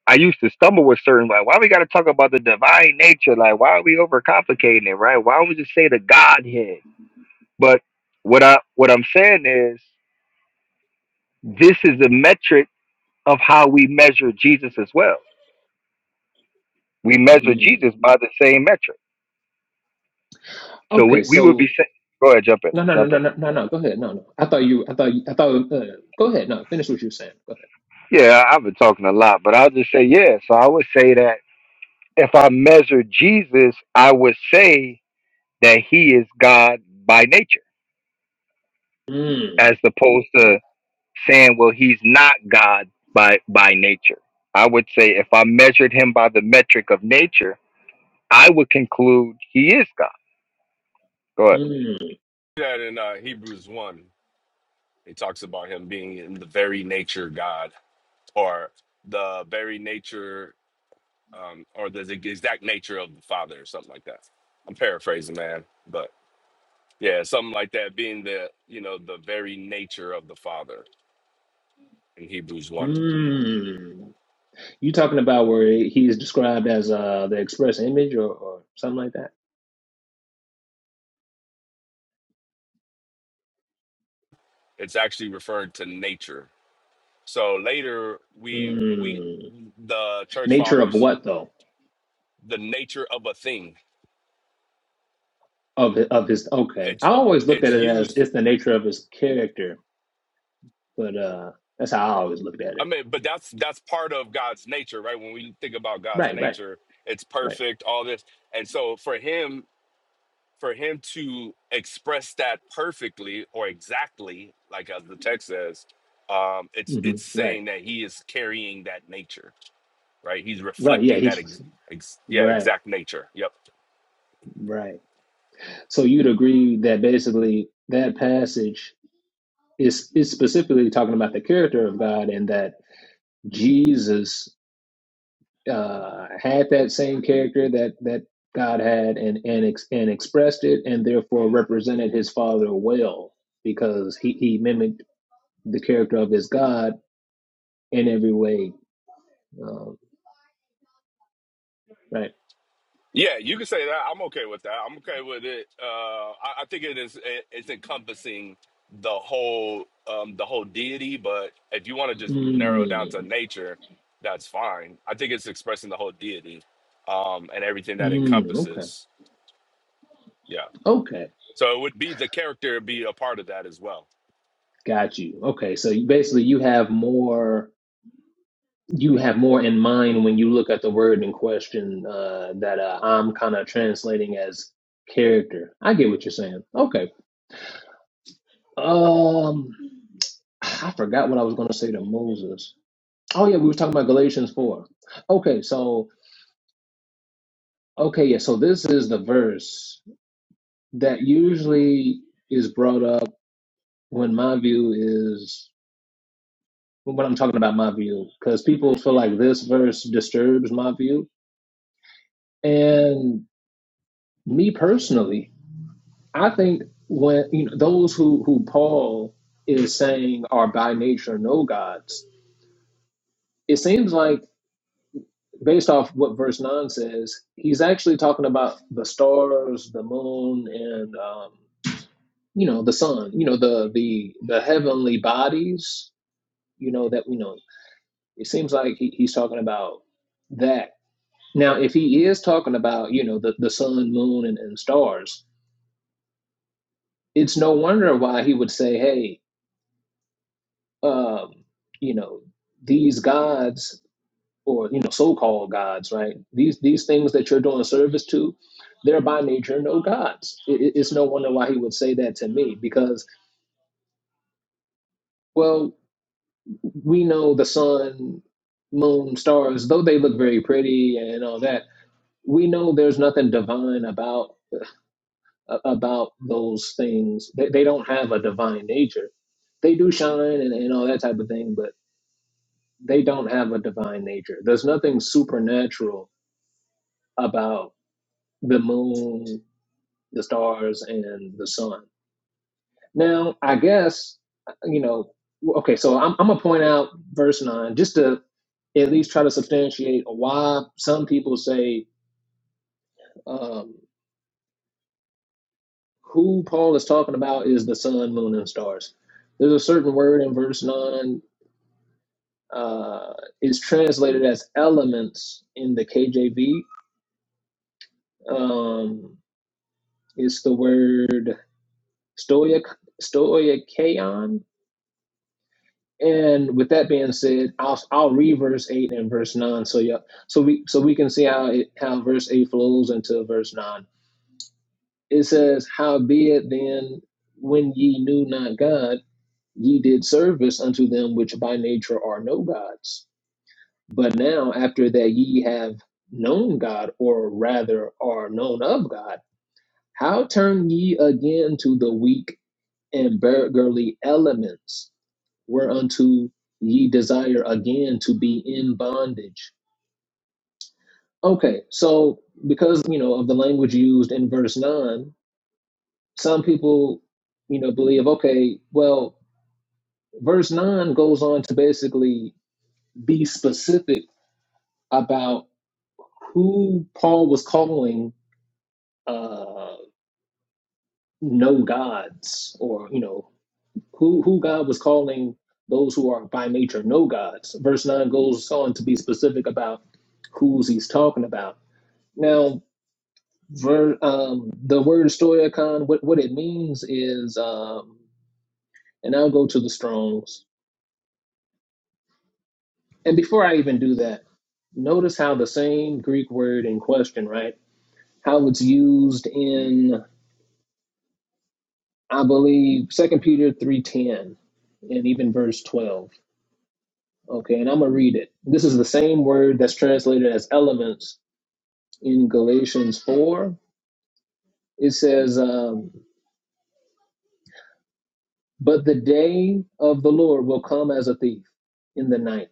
I used to stumble with certain like why we gotta talk about the divine nature? Like why are we overcomplicating it, right? Why don't we just say the Godhead? But what I what I'm saying is this is a metric of how we measure Jesus as well. We measure
Mm.
Jesus by the same metric. So we,
Okay,
we would be
so
saying go ahead, jump in,
no, no, no,
jump
no,
in.
no, no, no. Go ahead. No, no. I thought you. I thought. You, I thought. Uh, go ahead. No, finish what you were saying. Go ahead.
Yeah, I've been talking a lot, but I'll just say yes. So I would say that if I measure Jesus, I would say that he is God by nature,
Mm,
as opposed to saying, well, he's not God by by nature. I would say if I measured him by the metric of nature, I would conclude he is God. Go ahead.
mm,
That in uh, Hebrews 1, it talks about him being in the very nature God, or the very nature, um, or the exact nature of the Father, or something like that. I'm paraphrasing, man, but yeah, something like that, being the, you know, the very nature of the Father in Hebrews 1.
mm. You talking about where he is described as uh, the express image or, or something like that?
It's actually referring to nature. So later, we, we,
Mm.
the church
Nature of
fathers,
what though?
the nature of a thing.
Of of his. Okay, I
It's,
always looked
it's
at it as
used
it's the nature of his character, but uh, that's how I always looked at
I
it.
mean, but that's that's part of God's nature, right? When we think about God's
Right, right,
nature, it's
right,
perfect, all this. And so for him, for him to express that perfectly or exactly, like as the text says, um, it's
hmm
it's
right,
saying that he is carrying that nature, right? He's
right. Yeah,
reflecting that ex,
he's
ex, yeah,
right,
exact nature. Yep.
right. So you'd agree that basically that passage is is specifically talking about the character of God and that Jesus uh, had that same character that that God had and and ex- and expressed it and therefore represented his father well because he he mimicked the character of his God in every way. Um, right.
Yeah, you can say that. I'm okay with that. I'm okay with it. Uh, I, I think it is. It, it's encompassing the whole, um, the whole deity. But if you want to just narrow it down to
Mm,
nature, that's fine. I think it's expressing the whole deity, um, and everything that
mm, okay.
encompasses. Yeah.
Okay.
So it would be the character be a part of that as well.
Got you. Okay. So you- basically you have more you have more in mind when you look at the word in question uh, that uh, I'm kind of translating as character. I get what you're saying. Okay. Um, I forgot what I was going to say to Moses. Oh yeah, we were talking about Galatians four. Okay, so okay, yeah, so this is the verse that usually is brought up when my view is when I'm talking about my view because people feel like this verse disturbs my view and me personally I think when you know those who who Paul is saying are by nature no gods, it seems like based off what verse nine says, he's actually talking about the stars, the moon, and um, you know the sun. You know the the the heavenly bodies. You know that we know. It seems like he, he's talking about that. Now, if he is talking about you know the the sun, moon, and, and stars, it's no wonder why he would say, "Hey." um, you know, these gods or you know, so-called gods, right? These these things that you're doing service to, they're by nature no gods. It, it- it's no wonder why he would say that to me because, well, we know the sun, moon, stars, though they look very pretty and all that. We know there's nothing divine about a- about those things. They, they don't have a divine nature. They do shine and, and all that type of thing, they don't have a divine nature. There's nothing supernatural about the moon, the stars, and the sun. Now, I guess, you know, okay, so I'm, I'm going to point out verse 9 just to at least try to substantiate why some people say um, who Paul is talking about is the sun, moon, and stars. There's a certain word in verse 9 uh, is translated as elements in the KJV. Um, it's the word Stoic Stoicaon. And with that being said, I'll I'll read verse eight and verse nine. So yeah, so we so we can see how it, how verse eight flows into verse nine. It says, "Howbeit then, when ye knew not God, ye did service unto them which by nature are no gods. But now, after that ye have known God, or rather are known of God, how turn ye again to the weak and beggarly elements?" whereunto ye desire again to be in bondage. Okay, so because you know of the language used in verse nine, some people you know believe okay, well, verse nine goes on to basically be specific about who Paul was calling uh, no gods, or you know who who God was calling those who are by nature no gods. Verse nine goes on to be specific about who's he's talking about Now, ver, um, the word stoicon, what, what it means is, um, and I'll go to the Strong's. And before I even do that, notice how the same Greek word in question, right? How it's used in, I believe, Second Peter three ten, and even verse twelve. Okay, and I'm gonna read it. This is the same word that's translated as elements in Galatians four. It says, um, "But the day of the Lord will come as a thief in the night."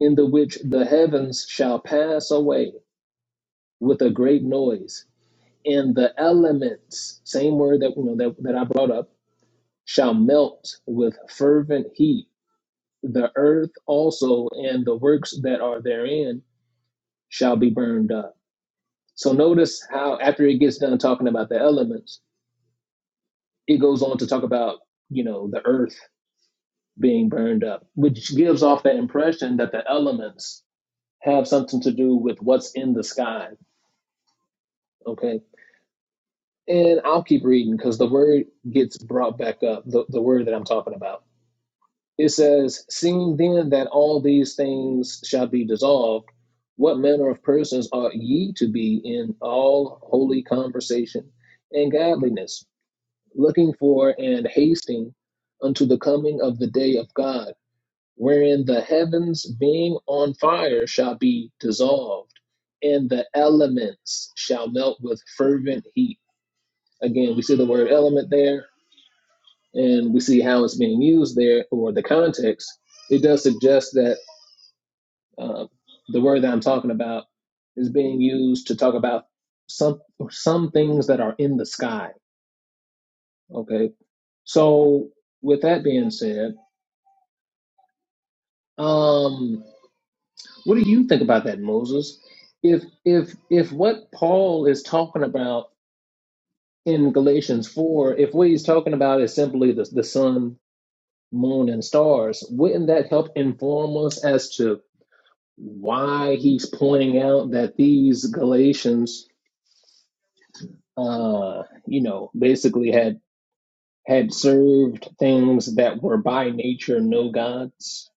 in the which the heavens shall pass away with a great noise, and the elements, same word that you know that, that I brought up, shall melt with fervent heat. The earth also and the works that are therein shall be burned up. So notice how after it gets done talking about the elements, it goes on to talk about, you know, the earth being burned up, which gives off the impression that the elements have something to do with what's in the sky. Okay And I'll keep reading because the word gets brought back up, the, the word that I'm talking about. It says, Seeing then that all these things shall be dissolved, what manner of persons ought ye to be in all holy conversation and godliness, looking for and hasting unto the coming of the day of God, wherein the heavens being on fire shall be dissolved, and the elements shall melt with fervent heat? Again, we see the word element there and we see how it's being used there or the context. It does suggest that uh, the word that I'm talking about is being used to talk about some some things that are in the sky. Okay. So with that being said, um, what do you think about that, Moses? If if if what Paul is talking about in Galatians four, if what he's talking about is simply the the sun moon and stars, wouldn't that help inform us as to why he's pointing out that these Galatians, uh, you know, basically had had served things that were by nature no gods?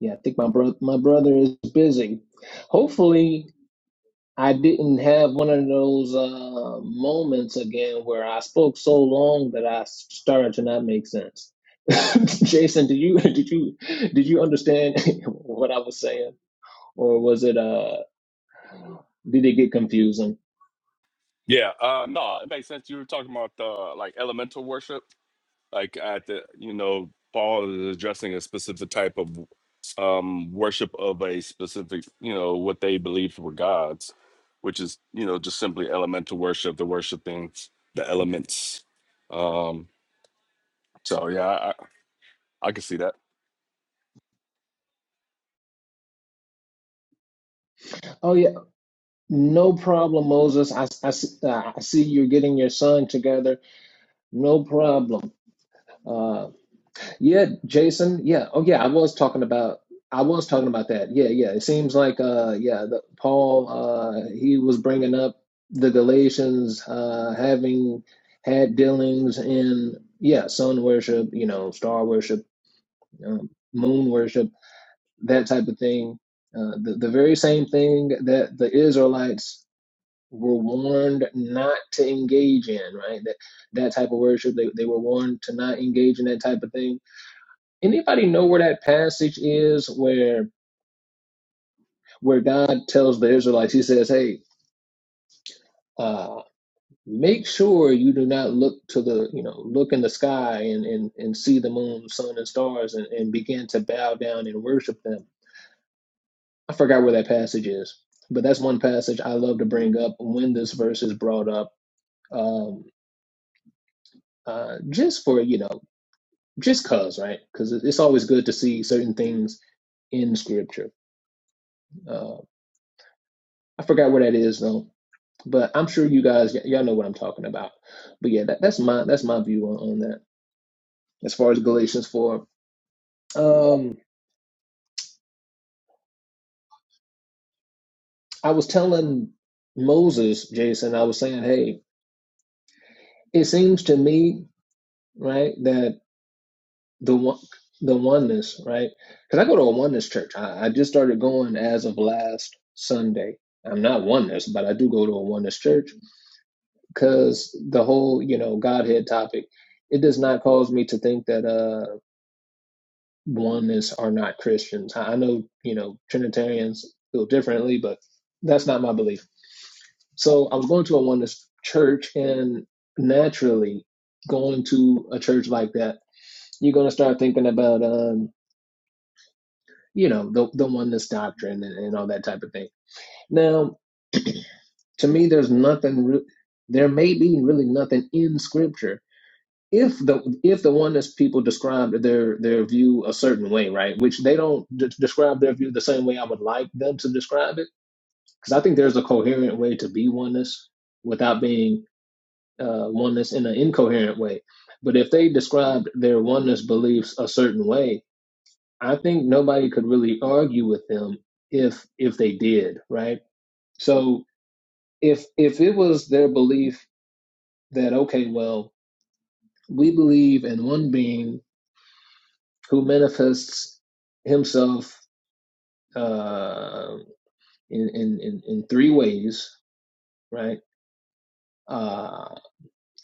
Yeah, I think my brother my brother is busy. Hopefully, I didn't have one of those uh, moments again where I spoke so long that I started to not make sense. Jason, did you did you did you understand what I was saying, or was it uh did it get confusing?
Yeah. Uh, no, it makes sense. You were talking about the like elemental worship. like at the you know paul is addressing a specific type of um worship of a specific you know what they believed were gods which is you know just simply elemental worship the worshiping the elements um so yeah i i I can see that
Oh yeah, no problem, Moses. I, I, see- I see you're getting your son together. No problem. Uh, Yeah, Jason. Yeah. Oh, yeah. I was talking about. I was talking about that. Yeah, yeah. It seems like, uh, yeah, the, Paul. Uh, he was bringing up the Galatians uh, having had dealings in, yeah, sun worship, you know, star worship, um, moon worship, that type of thing. Uh, the the very same thing that the Israelites were warned not to engage in, right? That that type of worship. They they were warned to not engage in that type of thing Anybody know where that passage is where where God tells the Israelites, He says, Hey, uh, make sure you do not look to the, you know, look in the sky and, and, and see the moon, sun, and stars and, and begin to bow down and worship them. I forgot where that passage is, but that's one passage I love to bring up when this verse is brought up. Um, uh, just for, you know, just cause, right? Because it's always good to see certain things in scripture. Uh, I forgot where that is though But I'm sure you guys, y'all know what I'm talking about. But yeah, that, that's my that's my view on, on that. As far as Galatians four, um, I was telling Moses, Jason, I was saying, hey, it seems to me, right, that the one the oneness, right? Because I go to a oneness church. I, I just started going as of last Sunday. I'm not oneness, but I do go to a oneness church because the whole, you know, Godhead topic, it does not cause me to think that. uh oneness are not Christians. I I know, you know, Trinitarians feel differently, but that's not my belief. So I was going to a oneness church, and naturally, going to a church like that, you're going to start thinking about, um, you know, the, the oneness doctrine and, and all that type of thing. Now, to me, there's nothing, re- there may be really nothing in scripture if the if the oneness people describe their their view a certain way, right, which they don't d- describe their view the same way I would like them to describe it, because I think there's a coherent way to be oneness without being uh, oneness in an incoherent way. But if they described their oneness beliefs a certain way, I think nobody could really argue with them if if they did, right? So if if it was their belief that okay, well, we believe in one being who manifests himself uh, in, in in three ways, right? Uh,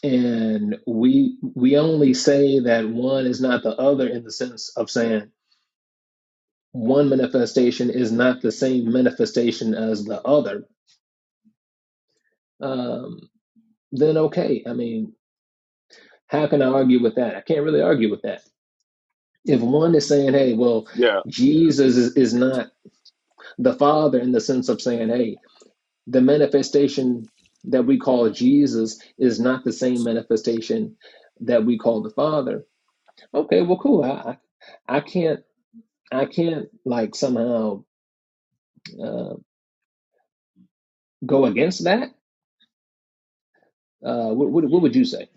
and we we only say that one is not the other in the sense of saying one manifestation is not the same manifestation as the other. Um, then okay, I mean, how can I argue with that? I can't really argue with that. If one is saying, "Hey, well,
yeah
Jesus is, is not the Father," in the sense of saying, "Hey." the manifestation that we call Jesus is not the same manifestation that we call the Father. Okay, well, cool. I, I can't, I can't like somehow uh, go against that. Uh, what, what, what would you say?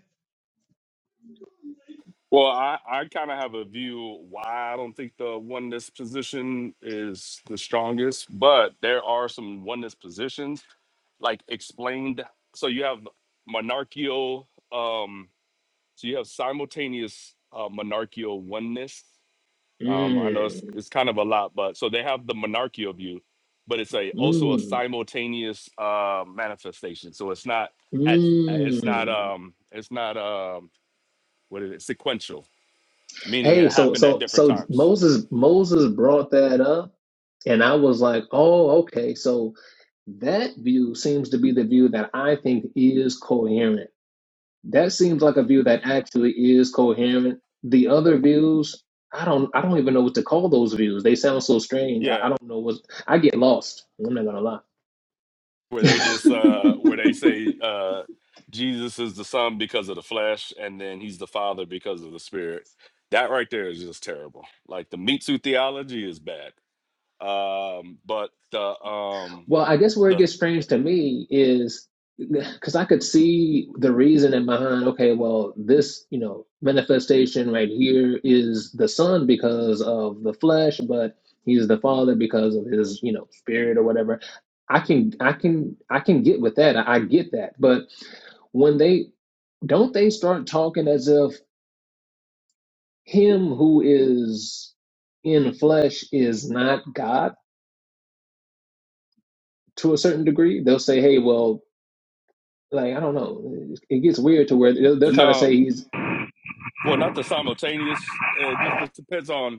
well i i kind of have a view why i don't think the oneness position is the strongest but there are some oneness positions like explained so you have monarchical um, So you have simultaneous uh, monarchical oneness. Um, I know it's,
Mm,
it's kind of a lot, but so they have the monarchical view, but it's a also a
mm,
simultaneous uh, manifestation. So it's not at it's not
mm.
um it's not um what is it sequential, meaning
Hey,
it
so,
happened at
so,
different
so
times.
Moses, Moses brought that up, and I was like, oh, okay. So that view seems to be the view that I think is coherent That seems like a view that actually is coherent. The other views, I don't I don't even know what to call those views. They sound so strange. I, I
Yeah,
don't know what I get lost. I'm not gonna lie.
where they just uh where they say uh Jesus is the son because of the flesh, and then he's the father because of the spirit. That right there is just terrible. Like the Mitsu theology is bad um but the um
Well, I guess where it
the
gets strange to me is because I could see the reasoning behind, okay, well, this, you know, manifestation right here is the son because of the flesh, but he's the father because of his, you know, spirit or whatever. I can, I can, I can get with that. I, I get that. But when they don't they start talking as if him who is in flesh is not God to a certain degree. They'll say, "Hey, well, Like I don't know, it, gets weird to where they'll, they'll try to
no
say he's
well not the simultaneous eh, it just, just depends on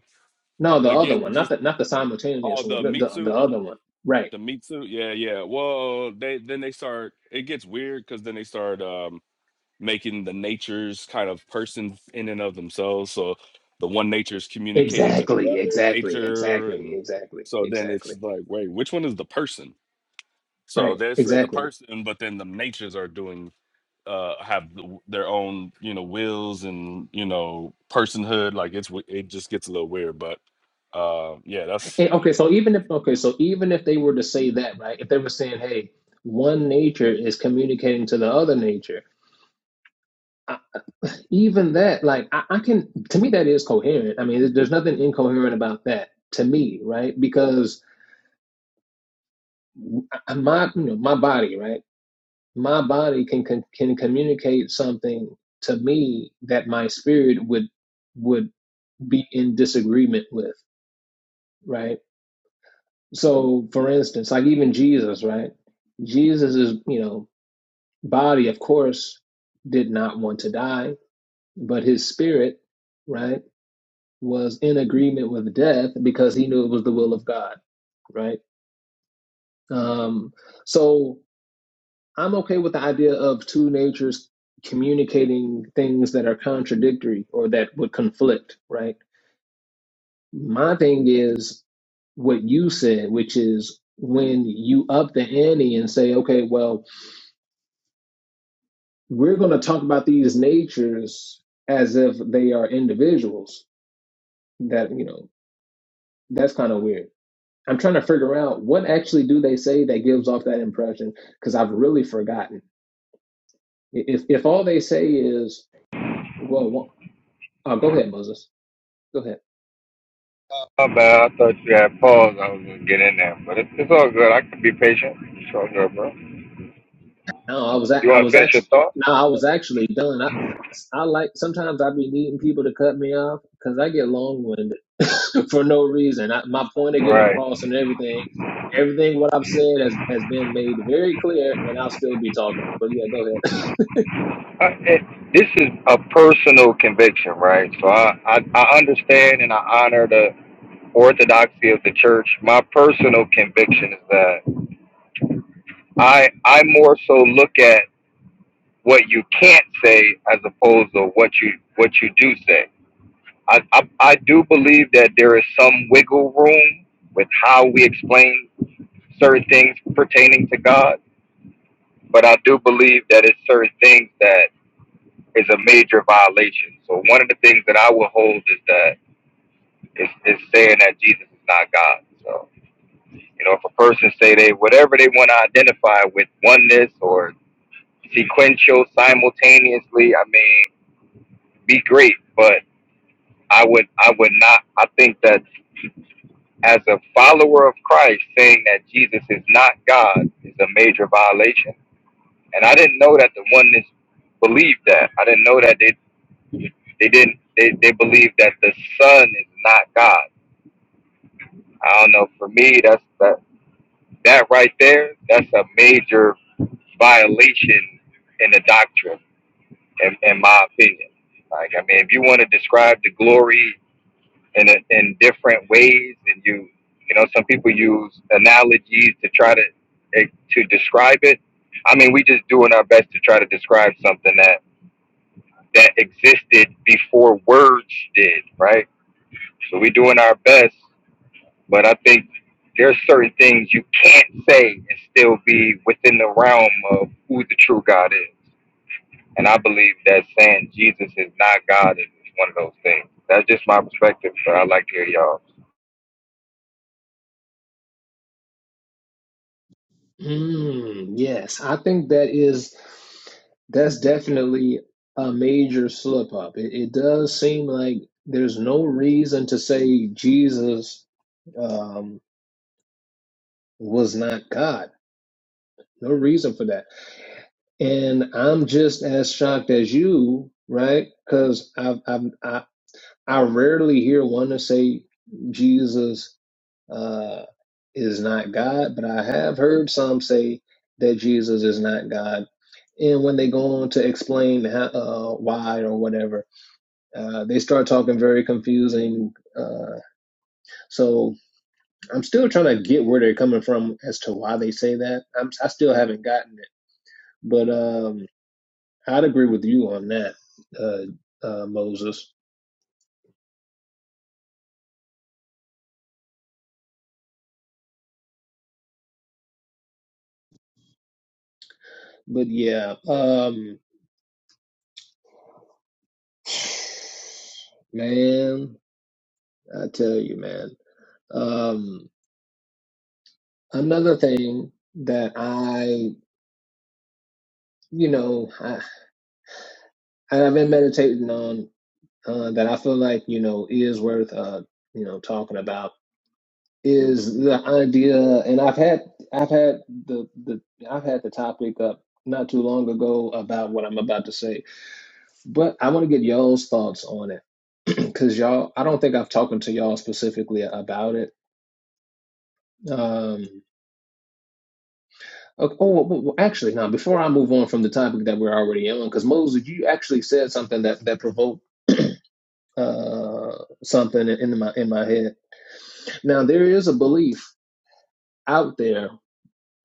no the other
again it
one, not
just
the not the
all
simultaneous
the
one, the
meat
the, the
suit
other one, right?
the meat suit yeah yeah well they then they start it gets weird because then they start um making the natures kind of persons in and of themselves so the one nature is communicating to the
Exactly,
other
exactly,
nature
exactly,
and
exactly,
so then it's
exactly.
like wait which one is the person so
Right,
they say the
exactly.
person but then the natures are doing uh have their own you know wills and you know personhood like it's it just gets a little weird but uh yeah that's
And okay, so even if okay, so even if they were to say that, right? If they were saying, "Hey, one nature is communicating to the other nature," I, even that, like, I, I can to me that is coherent. I mean, there- there's nothing incoherent about that to me, right? Because I- my you know my body, right? my body can, can can communicate something to me that my spirit would would be in disagreement with right so for instance like even jesus right jesus's you know body of course did not want to die but his spirit right was in agreement with death because he knew it was the will of god right um so I'm okay with the idea of two natures communicating things that are contradictory or that would conflict, right? My thing is what you said, which is when you up the ante and say, okay, well, we're going to talk about these natures as if they are individuals, that, you know, that's kind of weird. I'm trying to figure out what actually do they say that gives off that impression because I've really forgotten. If if all they say is, well, wha- oh, go ahead, Moses. Go ahead.
My bad. I thought you had paused. I was gonna get in there, but it, it's all good. I can be patient. It's all good, bro.
No, I was a-
You
I
want
was
to finish your
actually
thought?
no, I was actually done. I I like sometimes I be needing people to cut me off because I get long winded for no reason. I, my point to get
Right.
across and everything, everything what I've said has has been made very clear, and I'll still be talking. But yeah, go ahead.
I, it, this is a personal conviction, right? So I, I, I understand and I honor the orthodoxy of the church. My personal conviction is that I I more so look at what you can't say as opposed to what you what you do say. I, I, I do believe that there is some wiggle room with how we explain certain things pertaining to God, but I do believe that it's certain things that is a major violation. So one of the things that I would hold is that is, is saying that Jesus is not God. So you know, if a person say they whatever they want to identify with oneness or sequential, simultaneously, I mean, be great. But I would I would not. I think that as a follower of Christ, saying that Jesus is not God is a major violation. And I didn't know that the oneness believed that. I didn't know that they they didn't they, they believed that the Son is not God. I don't know. For me, that's that that right there. That's a major violation in the doctrine, in, in my opinion. Like, I mean, if you want to describe the glory in a, in different ways, and you you know, some people use analogies to try to eh, to describe it. I mean, we just doing our best to try to describe something that that existed before words did, right? So we doing our best But I think there's certain things you can't say and still be within the realm of who the true God is. And I believe that saying Jesus is not God is one of those things. That's just my perspective, but I like to hear y'all.
Mm, yes, I think that is that's definitely a major slip up. It, it does seem like there's no reason to say Jesus. Um, was not God. No reason for that. And I'm just as shocked as you, right? Because I, I I I rarely hear one to say Jesus uh, is not God, but I have heard some say that Jesus is not God. And when they go on to explain how, uh, why or whatever, uh, they start talking very confusing. Uh, so I'm still trying to get where they're coming from as to why they say that. I'm, I still haven't gotten it But um, I'd agree with you on that, uh, uh, Moses. But yeah, um, man, I tell you, man. Um, another thing that I, you know, I, I've been meditating on uh, that I feel like you know is worth, uh, you know, talking about is the idea, and I've had, I've had the, the, I've had the topic up not too long ago about what I'm about to say, but I want to get y'all's thoughts on it because y'all i don't think i've talked to y'all specifically about it um oh oh, well, well, well, actually now before i move on from the topic that we're already in because moses you actually said something that that provoked uh something in my in my head now there is a belief out there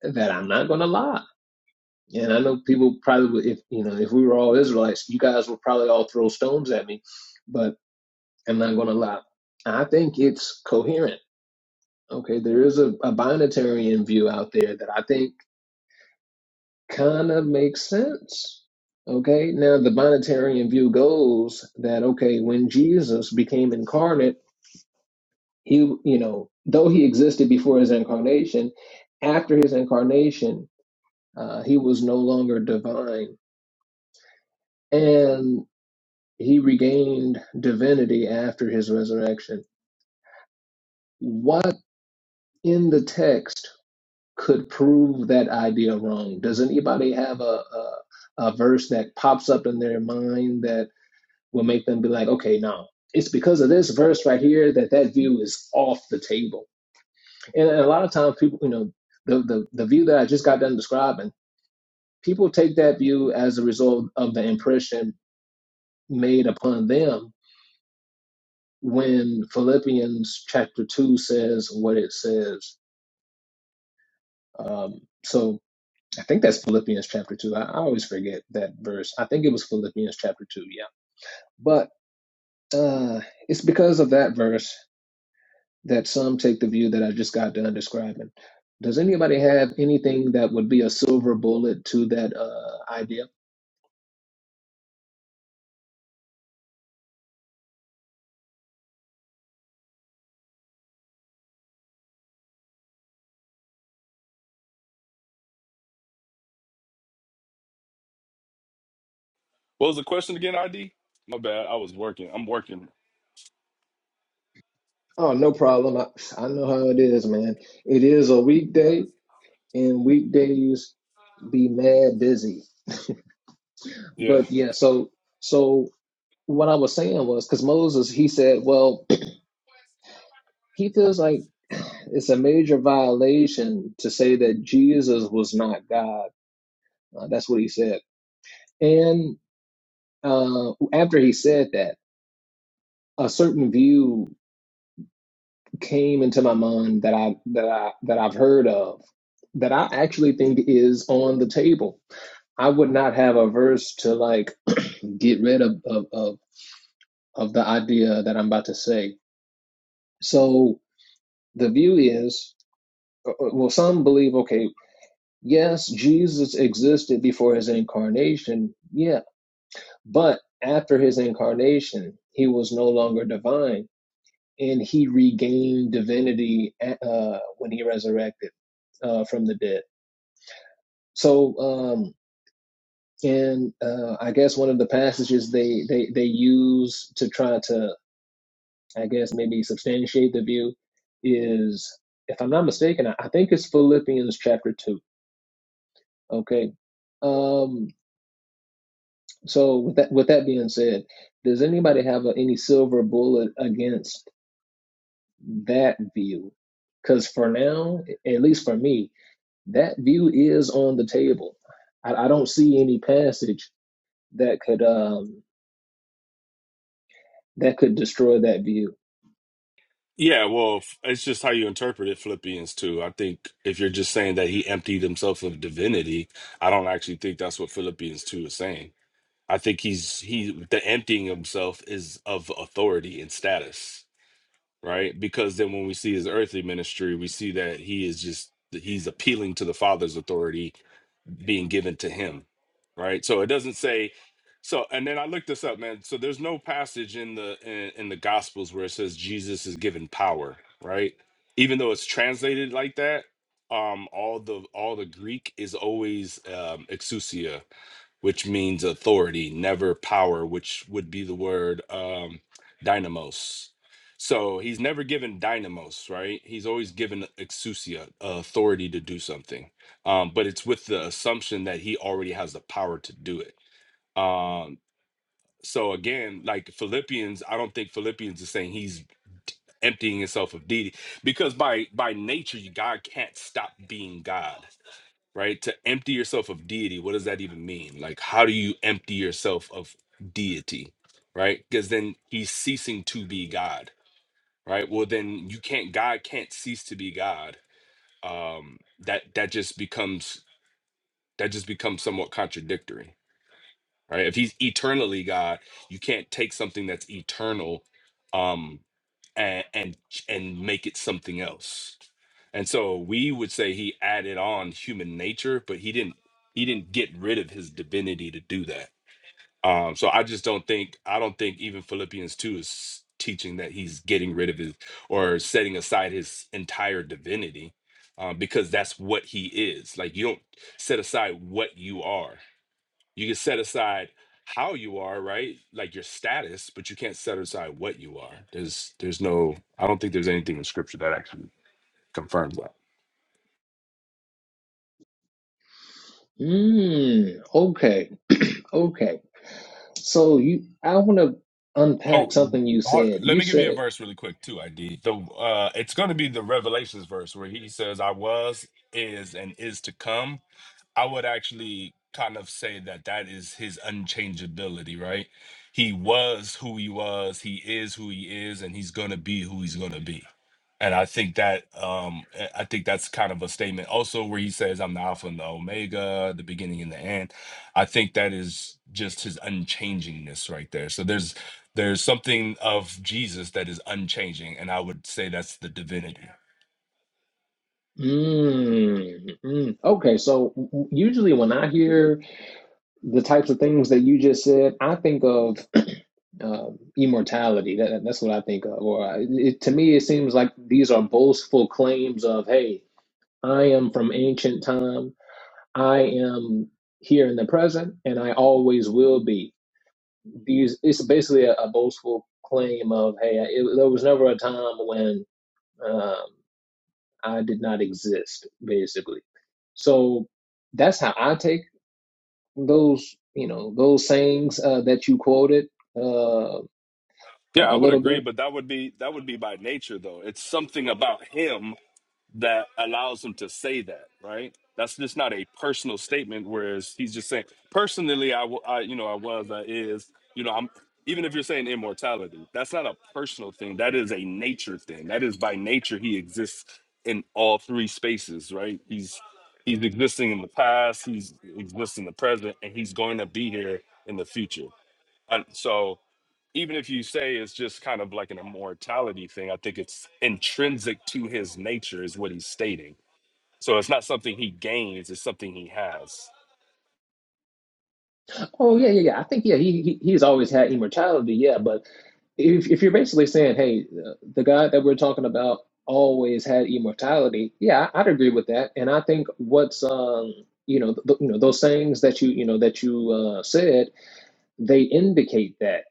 that i'm not gonna lie and i know people probably would- if you know if we were all israelites you guys would probably all throw stones at me but i'm not gonna lie i think it's coherent okay there is a, a binitarian view out there that i think kind of makes sense. Okay, now the Bonitarian view goes that okay, when Jesus became incarnate, he you know though he existed before his incarnation, after his incarnation, uh, he was no longer divine, and he regained divinity after his resurrection. What in the text could prove that idea wrong? Does anybody have a a, a verse that pops up in their mind that will make them be like, okay, no, it's because of this verse right here that that view is off the table. And a lot of times, people, you know, the the, the view that I just got done describing, people take that view as a result of the impression made upon them when Philippians chapter two says what it says. Um, so I think that's Philippians chapter two. I, I always forget that verse. I think it was Philippians chapter two. Yeah, but uh, it's because of that verse that some take the view that I just got done describing. Does anybody have anything that would be a silver bullet to that uh, idea?
what was the question again id my bad i was working i'm working
Oh, no problem. I, I know how it is, man. It is a weekday, and weekdays be mad busy.
yeah
But yeah, so so what I was saying was because Moses he said, well, he feels like it's a major violation to say that Jesus was not God. Uh, that's what he said. And uh, after he said that. a certain view came into my mind that I that I that I've heard of that I actually think is on the table. I would not have a verse to like get rid of of of, of the idea that I'm about to say. So the view is uh, uh, well some believe okay yes Jesus existed before his incarnation yeah but after his incarnation he was no longer divine and he regained divinity uh, when he resurrected uh, from the dead. So, um, and uh, I guess one of the passages they, they, they use to try to, I guess, maybe substantiate the view is, if I'm not mistaken, I, I think it's Philippians chapter 2. Okay. Um, so, with that, with that being said, does anybody have a, any silver bullet against that view? Because for now, at least for me, That view is on the table. I, I don't see any passage that could um that could destroy that view.
yeah well f- it's just how you interpret it philippians 2 i think if you're just saying that he emptied himself of divinity i don't actually think that's what philippians 2 is saying i think he's he the emptying himself is of authority and status right? Because then when we see his earthly ministry, we see that he is just that he's appealing to the Father's authority being given to him, right? So it doesn't say so. And then I looked this up, man. So there's no passage in the in, in the Gospels where it says Jesus is given power, right? Even though it's translated like that, um, all the all the Greek is always um, exousia, which means authority, never power, which would be the word um, dynamos. So he's never given dynamos, right? He's always given exousia, uh, authority to do something. Um, but it's with the assumption that he already has the power to do it. Um, so again, like Philippians, I don't think Philippians is saying he's emptying himself of deity because by by nature, you- God can't stop being God right? To empty yourself of deity, what does that even mean? Like, how do you empty yourself of deity, right? Because then he's ceasing to be God, right? Well, then you can't. God can't cease to be God. Um, that that just becomes that just becomes somewhat contradictory, right? If he's eternally God, you can't take something that's eternal. Um, and and and make it something else. And so we would say he added on human nature, but he didn't he didn't get rid of his divinity to do that. Um, so I just don't think I don't think even Philippians two is teaching that he's getting rid of his or setting aside his entire divinity, um, because that's what he is. Like you don't set aside what you are. You can set aside how you are, right? Like your status, but you can't set aside what you are. There's there's no I don't think there's anything in scripture that actually confirms that.
Mm, okay, okay. So you, I want to unpack
Oh,
something you
ho-
said.
let
You
me give you a
said,
verse really quick too. ID the uh, it's going to be the Revelations verse where he says, "I was, is, and is to come." I would actually kind of say that that is his unchangeability, right? He was who he was, he is who he is, and he's gonna be who he's gonna be. And I think that um I I think that's kind of a statement also where he says I'm the alpha and the omega, the beginning and the end. I think that is just his unchangingness right there. So there's there's something of Jesus that is unchanging and I would say that's the divinity.
Mm, mm. Okay, so w- w- usually when I hear the types of things that you just said, I think of um immortality. That, that- that's what I think of. Or I- it, to me, it seems like these are boastful claims of, "Hey, I am from ancient time. I am here in the present, and I always will be." These it's basically a, a boastful claim of, "Hey, it, there was never a time when." um, I did not exist, basically. So that's how I take those, you know, those sayings uh, that you quoted uh, a
Yeah, I would
little
agree,
bit.
but that would be that would be by nature though. It's something about him that allows him to say that, right? That's just not a personal statement. Whereas he's just saying, personally, I, wa- I you know, I was, I is, you know, I'm. Even if you're saying immortality, that's not a personal thing. That is a nature thing. That is by nature he exists in all three spaces, right? He's he's existing in the past, he's exists in the present, and he's going to be here in the future. And so even if you say it's just kind of like an immortality thing, I think it's intrinsic to his nature, is what he's stating. So it's not something he gains, it's something he has.
Oh yeah, yeah, yeah. I think yeah, he, he he's always had immortality, yeah. But if if you're basically saying, hey, uh, the God that we're talking about always had immortality, yeah, I- I'd agree with that. And I think what's um, you know, th- you know, those sayings that you you know that you uh, said, they indicate that.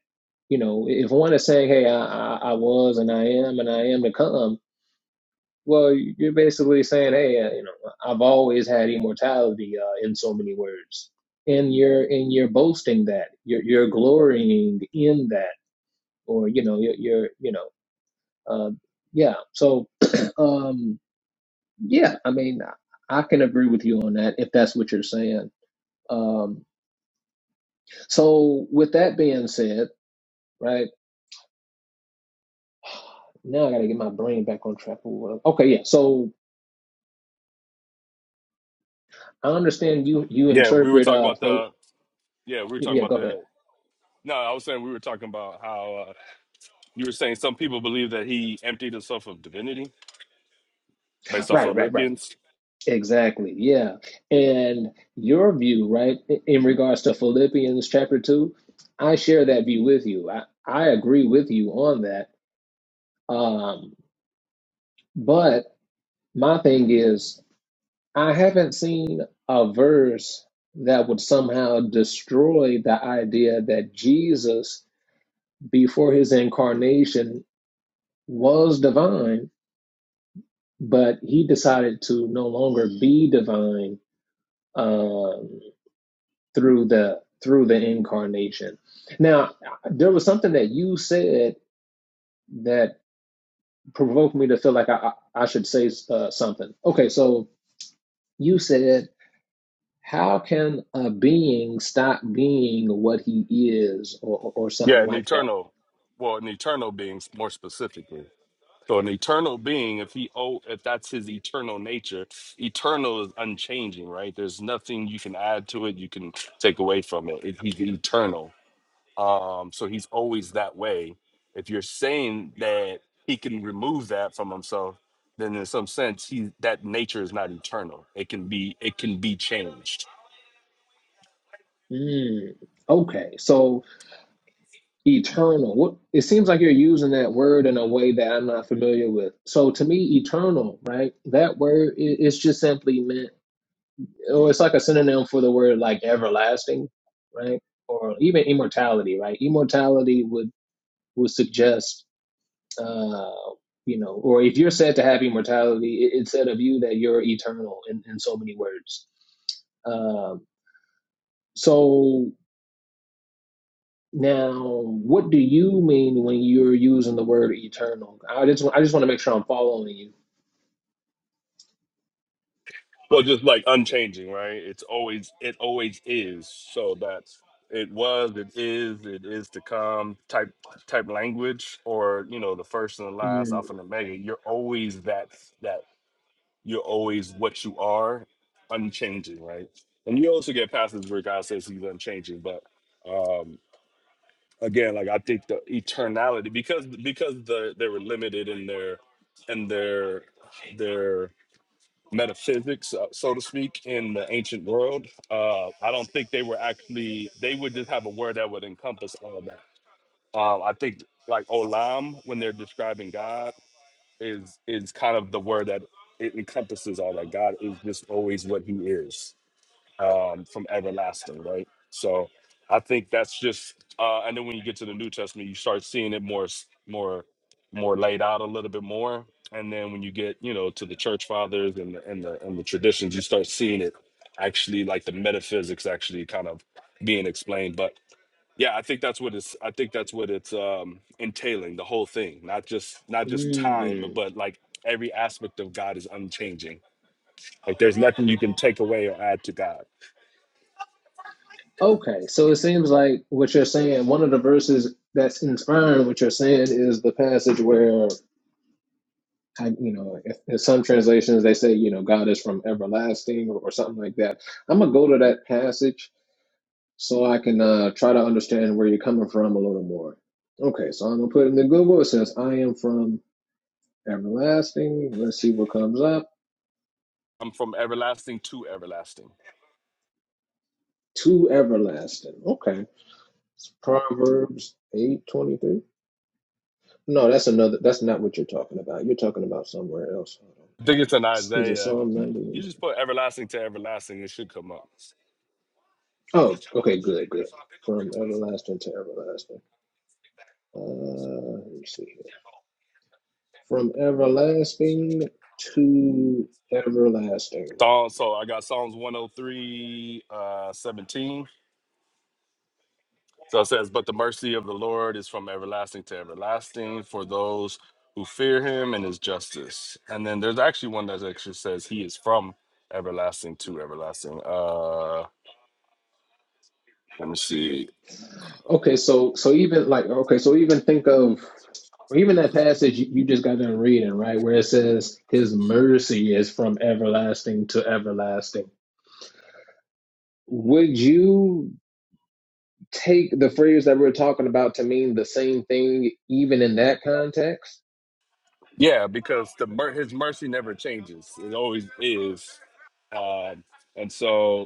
You know, if one is saying, "Hey, I, I, I was and I am and I am to come," well, you're basically saying, "Hey, uh, you know, I've always had immortality uh, in so many words," and you're and you're boasting that you're you're glorying in that, or you know, you're, you're you know, uh, yeah. So, um, yeah, I mean, I can agree with you on that if that's what you're saying. Um, so, with that being said, right now I got to get my brain back on track. Okay, yeah. So I understand you you
Yeah, we were
interpret
talking
uh
about
for
the, yeah, we were talking
yeah,
about
go ahead.
the, no, I was saying we were talking about how uh, you were saying some people believe that he emptied himself of divinity based off
Right,
of
right, right.
Olympians.
Exactly. Yeah. And your view, right, in regards to Philippians chapter 2, I share that view with you. I I agree with you on that. Um but my thing is I haven't seen a verse that would somehow destroy the idea that Jesus before his incarnation was divine but he decided to no longer be divine um, through the through the incarnation. Now, there was something that you said that provoked me to feel like I, I should say uh, something. Okay, so you said, "How can a being stop being what he is," or, or something
Yeah, an
like that?
eternal, well, an eternal being more specifically. So an eternal being, if he oh, if that's his eternal nature, eternal is unchanging, right? There's nothing you can add to it, you can take away from it. it he's eternal, um, so he's always that way. If you're saying that he can remove that from himself, then in some sense, he that nature is not eternal. It can be it can be changed.
Mm, okay, so eternal. It seems like you're using that word in a way that I'm not familiar with. So to me, eternal, right? That word i- it's just simply meant, or it's like a synonym for the word like everlasting, right? Or even immortality, right? Immortality would would suggest, uh, you know, or if you're said to have immortality, it, it's said of you that you're eternal in, in so many words. Um, so Now, what do you mean when you're using the word eternal? I just I just want to make sure I'm following
Well, just like unchanging, right? It's always it always is. So that's it was, it is, it is to come type type language, or you know, the first and the last,
you.
alpha and omega. You're always that that you're always what you are, unchanging, right? And you also get passages where God says He's unchanging, but um again, like I think the eternality because because the they were limited in their in their their metaphysics, uh, so to speak, in the ancient world. Uh, I don't think they were actually, they would just have a word that would encompass all of that. Um, I think like olam, when they're describing God, is is kind of the word that it encompasses all that. God is just always what he is um, from everlasting, right? So I think that's just, uh, and then when you get to the New Testament, you start seeing it more, s- more, more laid out a little bit more. And then when you get, you know, to the church fathers and the, and the and the traditions, you start seeing it actually like the metaphysics actually kind of being explained. But yeah, I think that's what it's. I think that's what it's um, entailing the whole thing, not just
Mm,
not just time,
mm.
but like every aspect of God is unchanging. Like there's nothing you can take away or add to God.
Okay, so it seems like what you're saying, one of the verses that's inspiring what you're saying is the passage where I, you know, if- in some translations they say, you know, God is from everlasting or, or something like that. I'm gonna go to that passage so I can uh, try to understand where you're coming from a little more. Okay, so I'm gonna put in the Google. It says, "I am from." Everlasting. Let's see what comes up.
I'm from everlasting to everlasting.
To everlasting. Okay. It's Proverbs eight twenty three. No, that's another. That's not what you're talking about. You're talking about somewhere else.
I think it's in
Is it
Isaiah.
Psalm
You
ninety?
just put everlasting to everlasting, it should come up.
Oh, okay. Good. Good. From everlasting to everlasting. Uh, let me see here. From everlasting to everlasting.
Psalm, so I got Psalms 103, uh, 17. So it says, But the mercy of the Lord is from everlasting to everlasting for those who fear him and his justice. And then there's actually one that actually says, He is from everlasting to everlasting. Uh, let me see.
Okay, so so even like okay, so even think of or even that passage you, you just got done reading, right, where it says his mercy is from everlasting to everlasting. Would you take the phrase that we're talking about to mean the same thing even in that context?
Yeah, because the mer- his mercy never changes, it always is. Um, and so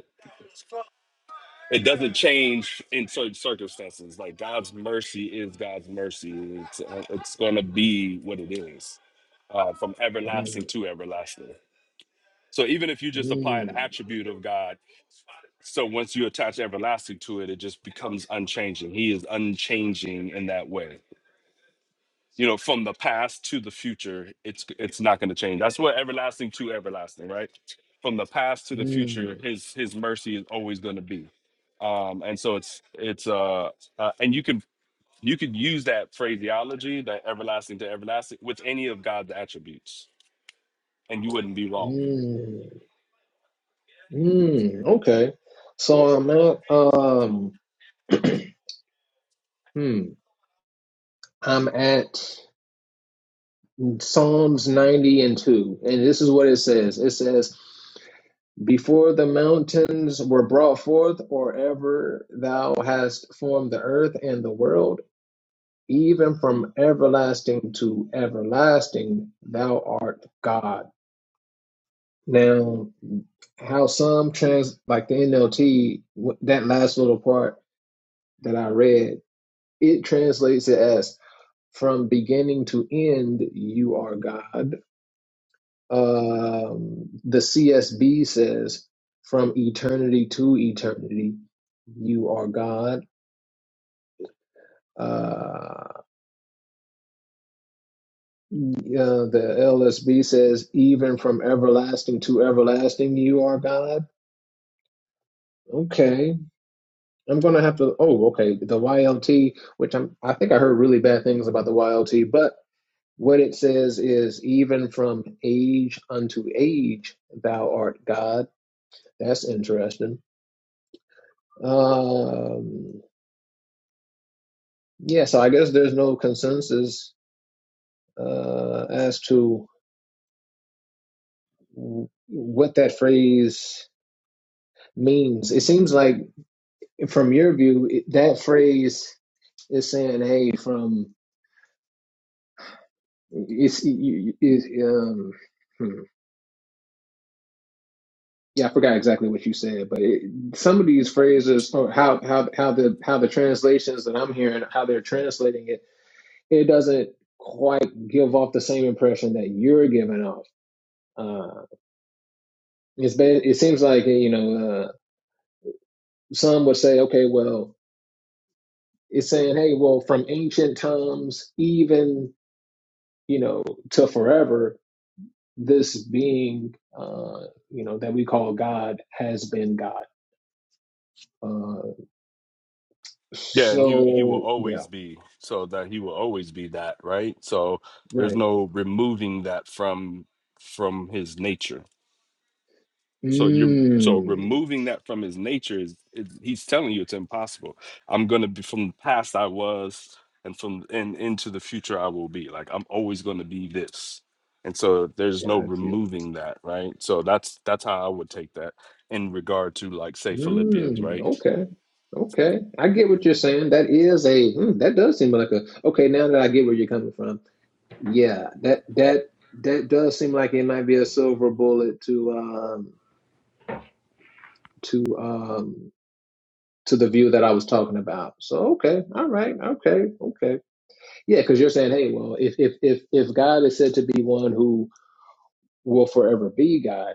it doesn't change in certain circumstances. Like God's mercy is God's mercy. It's uh, it's going to be what it is, uh, from
Mm,
everlasting to everlasting. So even if you just apply an
mm,
attribute of God, so once you attach everlasting to it, it just becomes unchanging. He is unchanging in that way you know from the past to the future it's it's not going to change that's what everlasting to everlasting right from the past to the
mm,
future his his mercy is always going to be um and so it's it's uh, uh and you can you could use that phraseology that everlasting to everlasting with any of god's attributes and you wouldn't be wrong
mm, mm. Okay. So I'm at um hmm, I'm at Psalms 90 and 2. And this is what it says it says, Before the mountains were brought forth, or ever thou hast formed the earth and the world, even from everlasting to everlasting, thou art God. Now, how some trans, like the NLT, that last little part that I read, it translates it as, From beginning to end, you are God. Um, the CSB says, "From eternity to eternity, you are God." Uh, yeah, the LSB says, "Even from everlasting to everlasting, you are God." Okay, I'm gonna have to. Oh, okay. The YLT, which I'm, I think I heard really bad things about the YLT, but what it says is, "Even from age unto age, thou art God." That's interesting. Um, Yeah, so I guess there's no consensus uh, as to what that phrase means. It seems like, from your view, it, that phrase is saying, "Hey, from it's you, it, um, hmm. yeah, I forgot exactly what you said, but it, some of these phrases or how how how the how the translations that I'm hearing, how they're translating it, it doesn't quite give off the same impression that you're giving off. Uh, it's been, it seems like you know. uh, some would say, okay, well, it's saying, hey, well, from ancient times, even you know, to forever, this being, uh, you know, that we call God has been God. Uh,
yeah and he he will
so yeah,
always be so that he will always be that right so there's
right.
no removing that from from his nature So you're so
Mm,
removing that from his nature is, is he's telling you it's impossible. I'm gonna be from the past I was, and from and into the future I will be. Like I'm always gonna be this. And so there's no
got you.
removing that, right? So that's that's how I would take that in regard to like say Philippians,
Mm,
right?
okay. Okay, I get what you're saying. That is a hmm, that does seem like a okay. Now that I get where you're coming from, yeah, that that that does seem like it might be a silver bullet to um to um to the view that I was talking about. So okay, all right, okay, okay, yeah, because you're saying, hey, well, if if if if God is said to be one who will forever be God,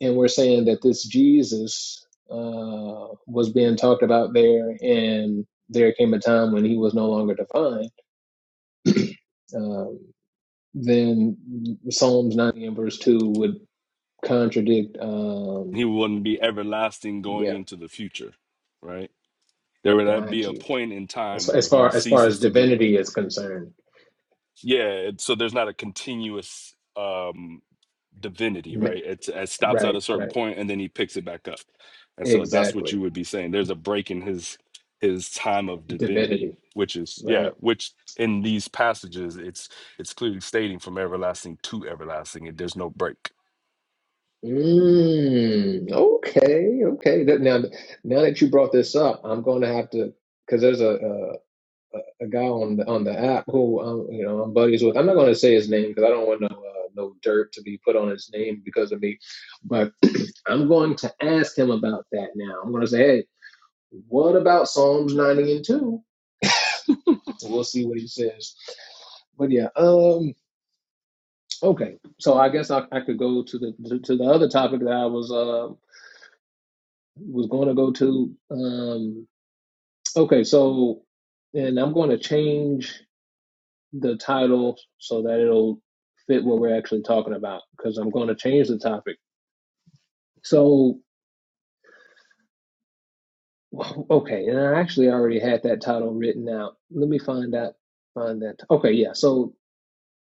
and we're saying that this Jesus uh, was being talked about there, and there came a time when he was no longer defined, um, then Psalms 90 and verse two would contradict.
He
Um,
wouldn't be everlasting going
yeah,
into the future, right? There would not be
got
a
you.
point in
As,
time where
as
he
far as far as
ceases to be.
divinity is concerned
Yeah, it- so there's not a continuous um, divinity,
ma-
right? It's, it stops at
Right,
a certain
right.
point and then he picks it back up. And so that's what
Exactly.
you would be saying. There's a break in his his time of divinity,
Divinity.
which is yeah,
Right.
which in these passages it's it's clearly stating from everlasting to everlasting. It, there's no break.
Mm, okay, okay. That- Now, now that you brought this up, I'm going to have to, because there's a, uh, a a guy on the on the app who um, you know I'm buddies with. I'm not going to say his name because I don't want no uh, no dirt to be put on his name because of me. But I'm going to ask him about that now. I'm going to say, hey, what about Psalms 90 and 2? We'll see what he says. But yeah, um. Okay, so I guess I, I could go to the to, to the other topic that I was uh was going to go to. Um, okay, so and I'm going to change the title so that it'll fit what we're actually talking about because I'm going to change the topic. So okay, and I actually already had that title written out. Let me find that find that. Okay, yeah. So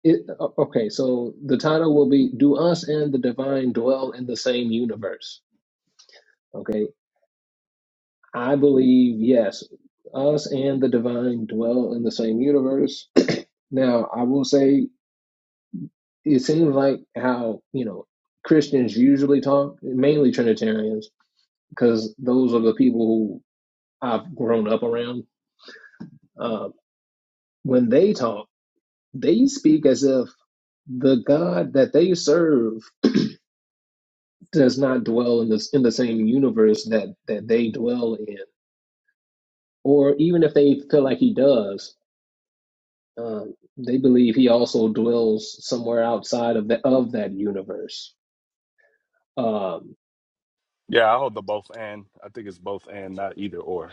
it okay, so the title will be "Do Us and the Divine Dwell in the Same Universe?" Okay, I believe, yes, us and the divine dwell in the same universe. Now, I will say it seems like how, you know, Christians usually talk, mainly Trinitarians, because those are the people who I've grown up around. Uh, when they talk, they speak as if the God that they serve does not dwell in this in the same universe that that they dwell in, or even if they feel like He does, Um, they believe he also dwells somewhere outside of the of that universe. Um,
Yeah, I hold the both and. I think it's both and, not either or.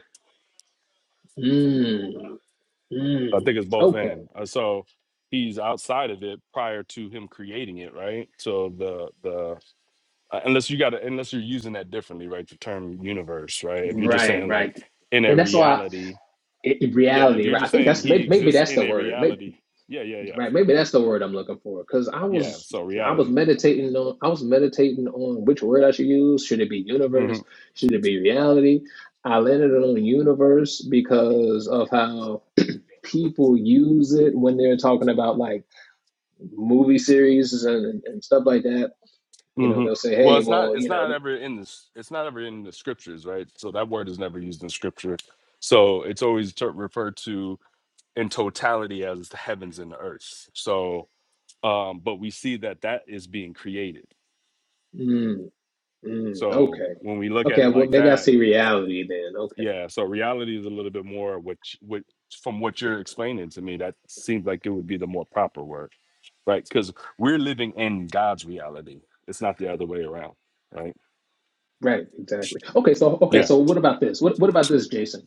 mm,
I
mm,
think it's both
okay,
and. Uh, So he's outside of it prior to him creating it, right? So the the uh, unless you got to unless you're using that differently right the term universe right if you're just
right,
saying like
right,
in a
and that's why
reality
it,
yeah if
reality,
you're
right? I
just
think
saying
that's
he
maybe, maybe
exists
that's
in
the
a
word, maybe,
reality yeah yeah yeah
right? Maybe that's the word I'm looking for because I
yeah
was
so
I was
reality
meditating on I was meditating on which word I should use. Should it be
hmm
universe? Should it be reality? I landed on universe because of how people use it when they're talking about like movie series and, and stuff like that, you know,
hmm
they'll say,
well
hey,
it's not
well,
it's
you know,
not
th-
ever in this it's not ever in the scriptures right so that word is never used in scripture so it's always ter- referred to in totality as the heavens and the earth so um but we see that that is being created
mm, mm,
so
okay.
when we look at
Okay,
it
well,
like
maybe I
that
see reality then. Okay,
Yeah, so reality is a little bit more which which from what you're explaining to me, that seems like it would be the more proper word, right? Because we're living in God's reality. It's not the other way around, right?
right, exactly. Okay, so okay,
Yeah.
so what about this? What what about this, Jason?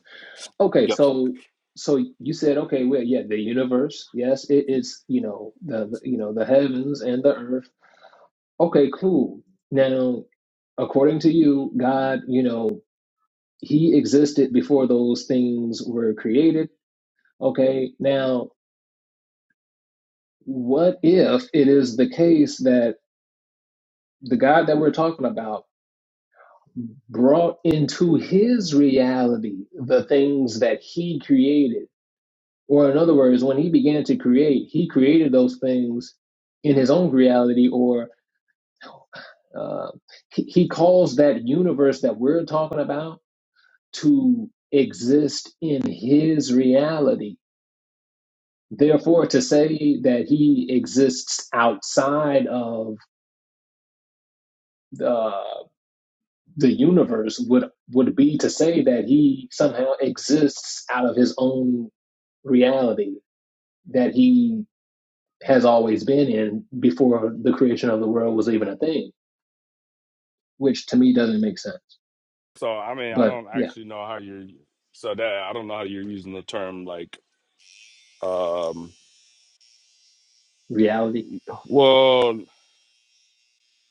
Okay,
Yep.
so so you said okay, well, yeah, the universe, yes, it is, you know, the, the you know the heavens and the earth. Okay, cool. Now, according to you, God, you know, He existed before those things were created. Okay, now What if it is the case that the God that we're talking about brought into his reality the things that he created? Or, in other words, when he began to create, he created those things in his own reality, or uh, he, he calls that universe that we're talking about to exist in his reality. Therefore, to say that he exists outside of the universe would would be to say that he somehow exists out of his own reality that he has always been in before the creation of the world was even a thing, which to me doesn't make sense.
So I mean, I
But
don't
yeah,
actually know how you're so that I don't know how you're using the term like um
reality.
well,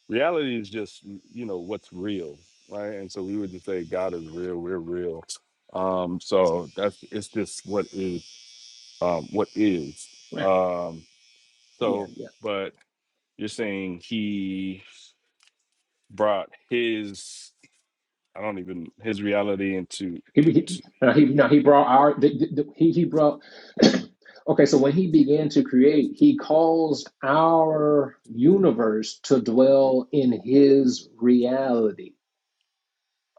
reality is just you know what's real, right? And so we would just say God is real, we're real. Um so that's it's just what is um what is.
Right.
Um
Yeah,
So,
yeah.
but you're saying he brought his I don't even his reality into
He he,
to,
no, he, no, he brought our the, the, the- he he brought. okay, so when he began to create, he caused our universe to dwell in his reality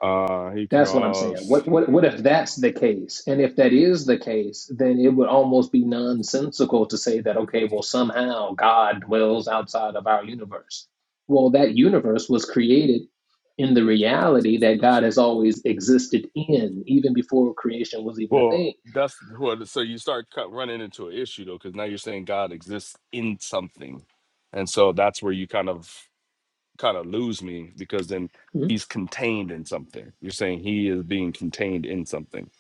uh he
That's what I'm saying.
caused
What what what if that's the case? And if that is the case, then it would almost be nonsensical to say that okay, well somehow God dwells outside of our universe. Well, that universe was created in the reality that God has always existed in, even before creation was even a
well
thing.
that's what so you start cut, running into an issue though because now you're saying God exists in something, and so that's where you kind of kind of lose me because then
Hmm?
he's contained in something. You're saying he is being contained in something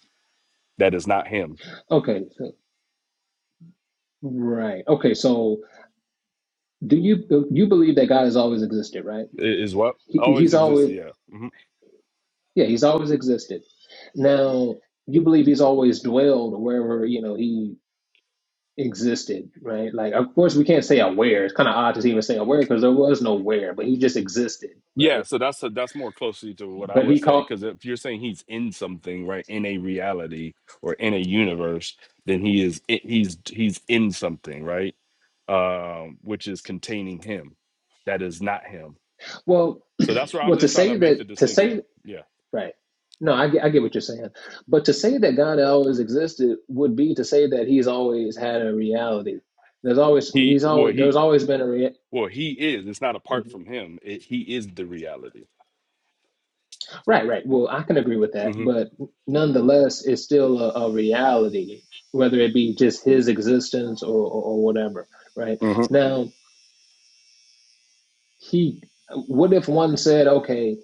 that is not him
Okay, so Right. Okay. So, do you you believe that God has always existed? Right.
I- is what
He,
always
he's
exists?
always
Yeah. Mm-hmm.
yeah. He's always existed. Now you believe he's always dwelled wherever you know he existed. Right. Like of course we can't say aware. It's kind of odd to even say aware because there was no where, but he just existed.
Yeah,
Right.
so that's that's more closely to what I
But
would
he
say
called
because if you're saying he's in something, right, in a reality or in a universe, then he is i- he's he's in something, right, um, which is containing him, that is not him.
well.
So that's where I'm
Well, to
just trying to
say
make the
that to
distinction.
say
Yeah,
Right. No, I, get- I get what you're saying. But to say that God always existed would be to say that he's always had a reality. There's always,
he
he's
well
always, there's
he
always been a rea-
well he is. It's not apart
Mhm.
from him. It, he is the reality.
Right, right. Well, I can agree with that.
hmm
But nonetheless, it's still a, a reality, whether it be just his existence or, or, or whatever. Right. Now, he, what if one said, okay,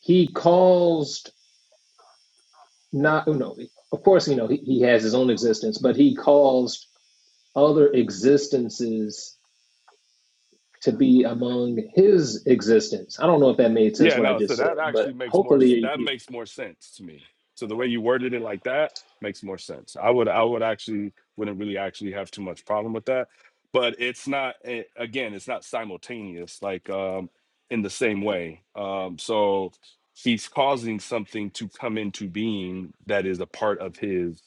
he caused not, oh, no, of course, you know, he, he has his own existence, but he caused other existences to be among his existence. I don't know if that made sense
Yeah,
what I
no. So
just said,
that
but
actually makes more
hopefully,
that
you,
makes more sense to me. So the way you worded it like that makes more sense. I would I would actually wouldn't really actually have too much problem with that. But it's not eh, again, it's not simultaneous like um in the same way. Um so he's causing something to come into being that is a part of his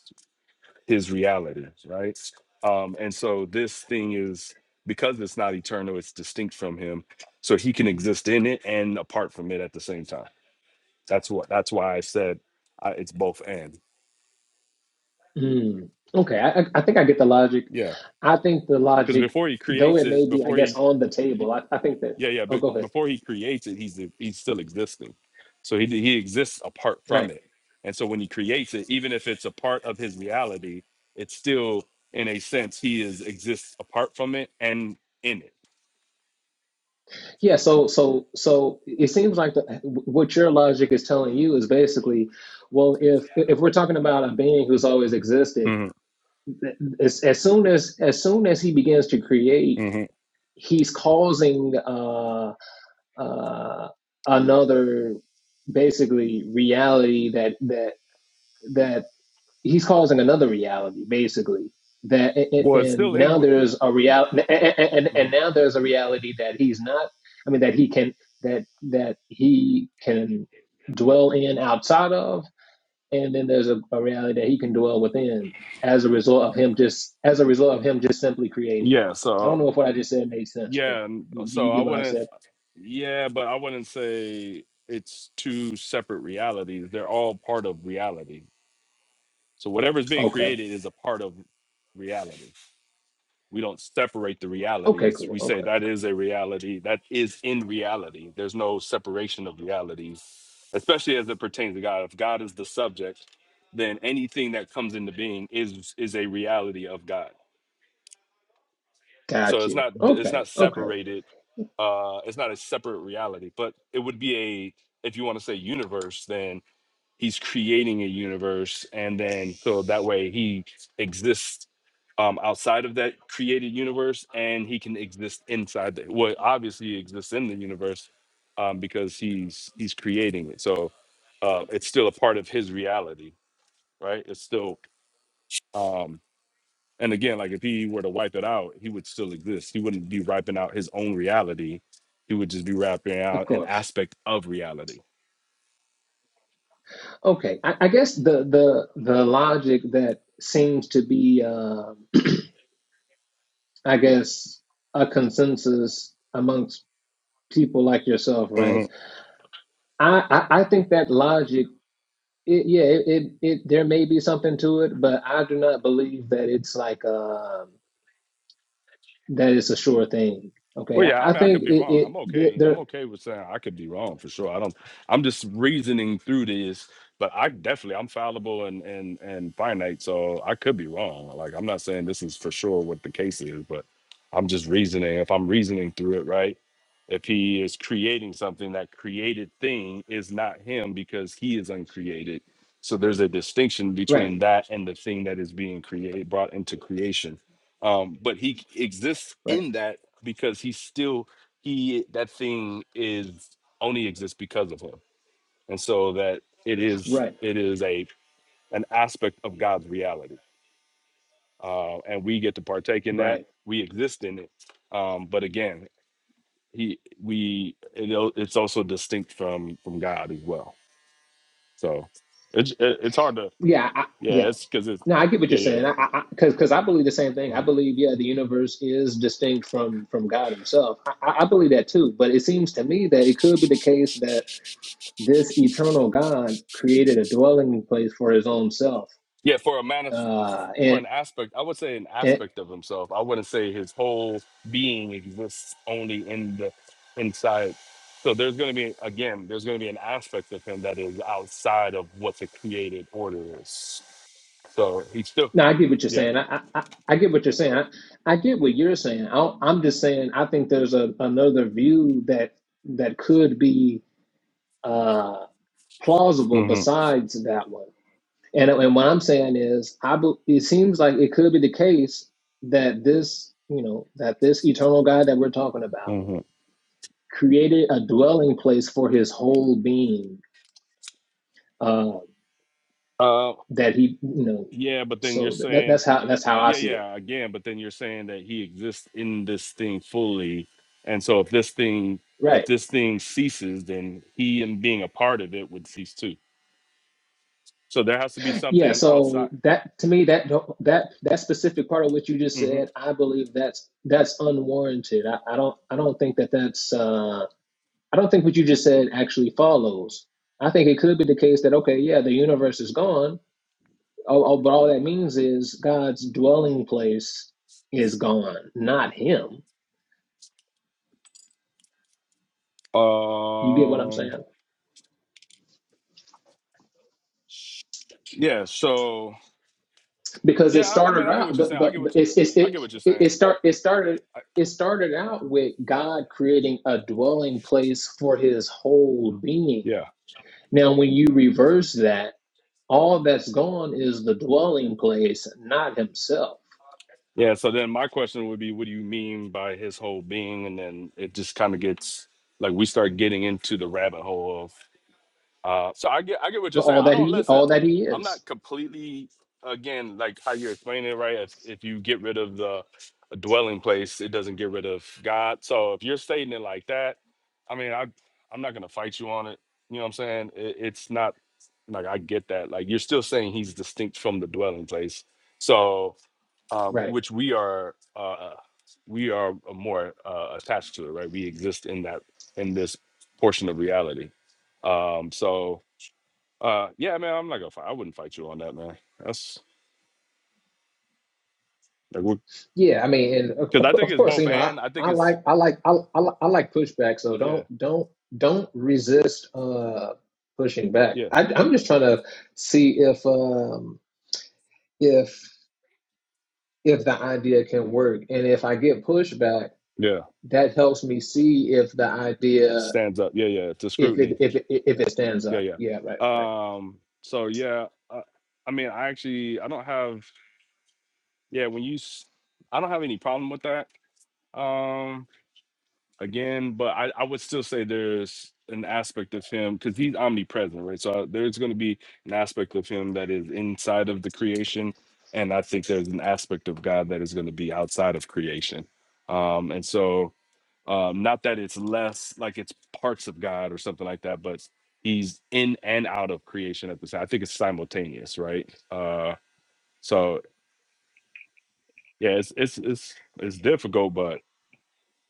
his reality, right? Um, and so this thing is because it's not eternal, it's distinct from him. So he can exist in it and apart from it at the same time. That's what that's why I said I, it's both and.
mm, okay, I, I think I get the logic.
Yeah.
I think the
Because
logic,
before he
though
creates
it
it,
may be, I
before
guess,
he
on the table, I, I think that,
yeah, yeah,
oh,
but
go ahead.
before he creates it, he's he's still existing. So he he exists apart from
Right.
it. And so when he creates it, even if it's a part of his reality, it's still in a sense he is exists apart from it and in it.
Yeah. So, so, so it seems like the, what your logic is telling you is basically, well, if if we're talking about a being who's always existed, as, as soon as as soon as he begins to create,
hmm
he's causing uh, uh, another basically reality that that that he's causing another reality basically that and, and
Well, it's still in.
now
wi-
there's a real and, and and
mhm.
now there's a reality that he's not I mean that he can that that he can dwell in outside of and then there's a, a reality that he can dwell within as a result of him just as a result of him just simply creating.
Yeah.
I don't
So
know if what I just said made sense, but
yeah.
do you
So I
get what I
wouldn't.
said?
Yeah, but I wouldn't say it's two separate realities. They're all part of reality. So whatever's being
Okay.
created is a part of reality. We don't separate the
Okay.
realities.
Cool.
We say
Okay.
that is a reality. That is in reality. There's no separation of realities, especially as it pertains to God. If God is the subject, then anything that comes into being is is a reality of God. So
Got
it's
you.
not it's
Okay.
not
Okay.
separated. Uh, it's not a separate reality, but it would be a if you want to say universe, then he's creating a universe, and then so that way he exists um, outside of that created universe, and he can exist inside. The, well, obviously he exists in the universe um, because he's he's creating it. So uh, it's still a part of his reality, right? It's still. um, and again, like if he were to wipe it out, he would still exist. He wouldn't be wiping out his own reality. He would just be wrapping
Of
out an
course.
aspect of reality.
Okay. I, I guess the the the logic that seems to be, uh, I guess, a consensus amongst people like yourself, right? I I, I think that logic It, yeah, it, it, it there may be something to it, but I do not believe that it's like um that it's a sure thing. Okay,
Well, yeah,
I,
I
I
mean, I could
think
be
it
wrong.
it
I'm
there
okay. I'm
there-
okay with saying I could be wrong for sure. I don't. I'm just reasoning through this, but I definitely I'm fallible and and and finite, so I could be wrong. Like I'm not saying this is for sure what the case is, but I'm just reasoning. If I'm reasoning through it, right? If he is creating something, that created thing is not him because he is uncreated. So there's a distinction
right
between that and the thing that is being created, brought into creation um, but he exists
right
in that because he's still he that thing is only exists because of him and so that it is
right
it is a an aspect of god's reality uh, and we get to partake in that
right
we exist in it um, but again he we it, al- it's also distinct from from god as well so it's it, it's hard to
yeah I,
yeah
yeah.
it's because it's
No, I get what you're
yeah yeah
saying.
yeah
I I I, because because I 'cause- 'cause I believe the same thing.
Mm-hmm.
I believe yeah, the universe is distinct from from God Himself. I, I I believe that too. But it seems to me that it could be the case that this eternal God created a dwelling place for His own self.
Yeah, for a man
Uh,
for
and
an aspect, I would say an
and,
aspect of himself. I wouldn't say his whole being exists only in the inside. So there's going to be again, there's going to be an aspect of him that is outside of what the created order is. So he's still,
No, I get what you're
yeah.
saying. I I, I I get what you're saying. I, I get what you're saying. I, I'm just saying I think there's a another view that that could be uh, plausible
hmm
besides that one. And and what I'm saying is, I bel- it seems like it could be the case that this you know that this eternal God that we're talking about
hmm
created a dwelling place for his whole being. Uh,
Uh,
that he you know,
yeah, but then you're
so that,
saying,
that's how that's how I
yeah,
see it.
yeah, again, but then you're saying that he exists in this thing fully, and so if this thing, if
Right.
this thing ceases, then he and being a part of it would cease too. So there has to be
Yeah,
something
so
outside.
that to me that don't- that that specific part of what you just
hmm
said, I believe that's that's unwarranted. I, I don't I don't think that that's uh, I don't think what you just said actually follows. I think it could be the case that okay, yeah, the universe is gone. Oh, oh but all that means is God's dwelling place is gone, not Him. You get what I'm saying?
Um. Yeah. So
because
yeah,
it
I, I mean,
started
I get
out
what you're
the,
saying. I
the,
get what you.
it's, it's,
I get
it,
what you're
it
saying.
it start it started
I,
it started out with God creating a dwelling place for his whole being.
yeah.
Now when you reverse that, all that's gone is the dwelling place, not himself.
Yeah. So then my question would be, what do you mean by his whole being? And then it just kind of gets like we start getting into the rabbit hole of. Uh, so I get I get what you're saying.
All
I
that
don't
he
listen.
all that he
I'm
is.
not completely again like how you're explaining it, right? If if you get rid of the dwelling place, it doesn't get rid of God. So if you're stating it like that, I mean, I I'm not gonna fight you on it. You know what I'm saying? It, it's not like I get that. Like you're still saying he's distinct from the dwelling place. So um,
Right.
which we are uh, we are more uh, attached to it, right? We exist in that in this portion of reality. Um, so uh, yeah, man, I'm not gonna fight. I wouldn't fight you on that, man. That's like we
Yeah, I mean and of,
because
of
I think
of
it's
course,
both
you know, I,
and I think
I
it's
like I like I, I li- I like pushback, so
yeah,
don't don't don't resist uh pushing back.
yeah,
I, I'm just trying to see if um if if the idea can work and if i get pushback
yeah.
that helps me see if the
It
idea
stands up. Yeah, yeah. To
if it
scrutiny.
if it if it stands
Yeah,
up
yeah.
yeah right right
Um. So yeah, uh, I mean, I actually I don't have yeah. When you, s- I don't have any problem with that. um. again, but I, I would still say there's an aspect of him because he's omnipresent, right? So uh, there's going to be an aspect of him that is inside of the creation, and I think there's an aspect of God that is going to be outside of creation. Um, and so, um, not that it's less like it's parts of God or something like that, but he's in and out of creation at the same. I think it's simultaneous, right? Uh, so yeah, it's it's it's it's difficult, but.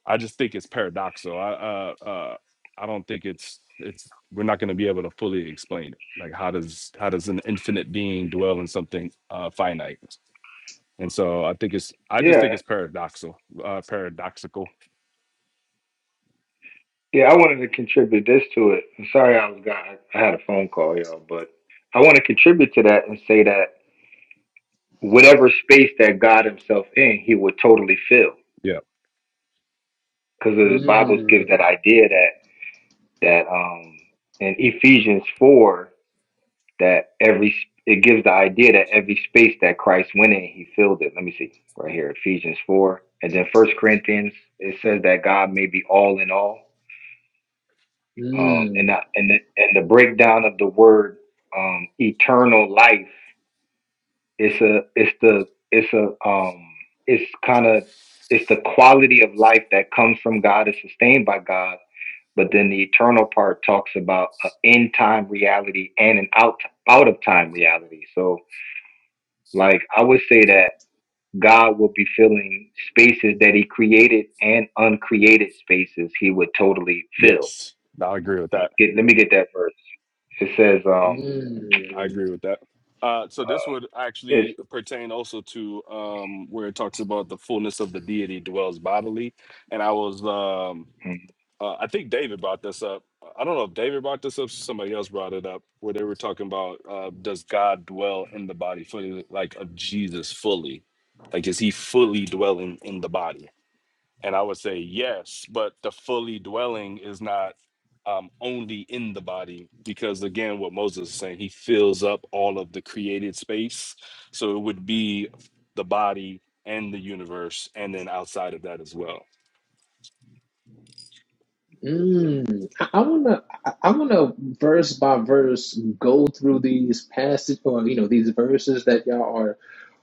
I just think it's paradoxical. I uh, uh, I don't think it's it's we're not going to be able to fully explain it. Like how does how does an infinite being dwell in something uh, finite? And so I think it's I just
Yeah,
think it's paradoxical. Uh, paradoxical.
yeah, I wanted to contribute this to it. I'm sorry I was got I had a phone call, y'all, but I want to contribute to that and say that whatever space that God Himself in, He would totally fill.
Yeah.
Because the Bibles give that
mm,
idea that that um in Ephesians four. that every it gives the idea that every space that Christ went in, he filled it. Let me see right here, Ephesians four, and then First Corinthians. It says that God may be all in all. Um,
mm,
and the, and the, and the breakdown of the word um, eternal life. It's a it's the it's a um it's kind of it's the quality of life that comes from God is sustained by God. But then the eternal part talks about an in time reality and an out out of time reality. So Like I would say that God would be filling spaces that He created and uncreated spaces He would totally fill.
Yes. I agree with that.
Get, let me get that verse. It says, um,
I
mm,
agree with that. Uh, so this would
it's
actually pertain also to um, where it talks about the fullness of the deity dwells bodily, and I was um,
mm,
Uh, I think David brought this up. I don't know if David brought this up. Somebody else brought it up where they were talking about uh, does God dwell in the body fully, like of Jesus fully? Like, is he fully dwelling in the body? And I would say yes, but the fully dwelling is not um, only in the body because, again, what Moses is saying, he fills up all of the created space. So it would be the body and the universe, and then outside of that as well.
mm. i I wanna i I wanna verse by verse go through these passages or you know these verses that y'all are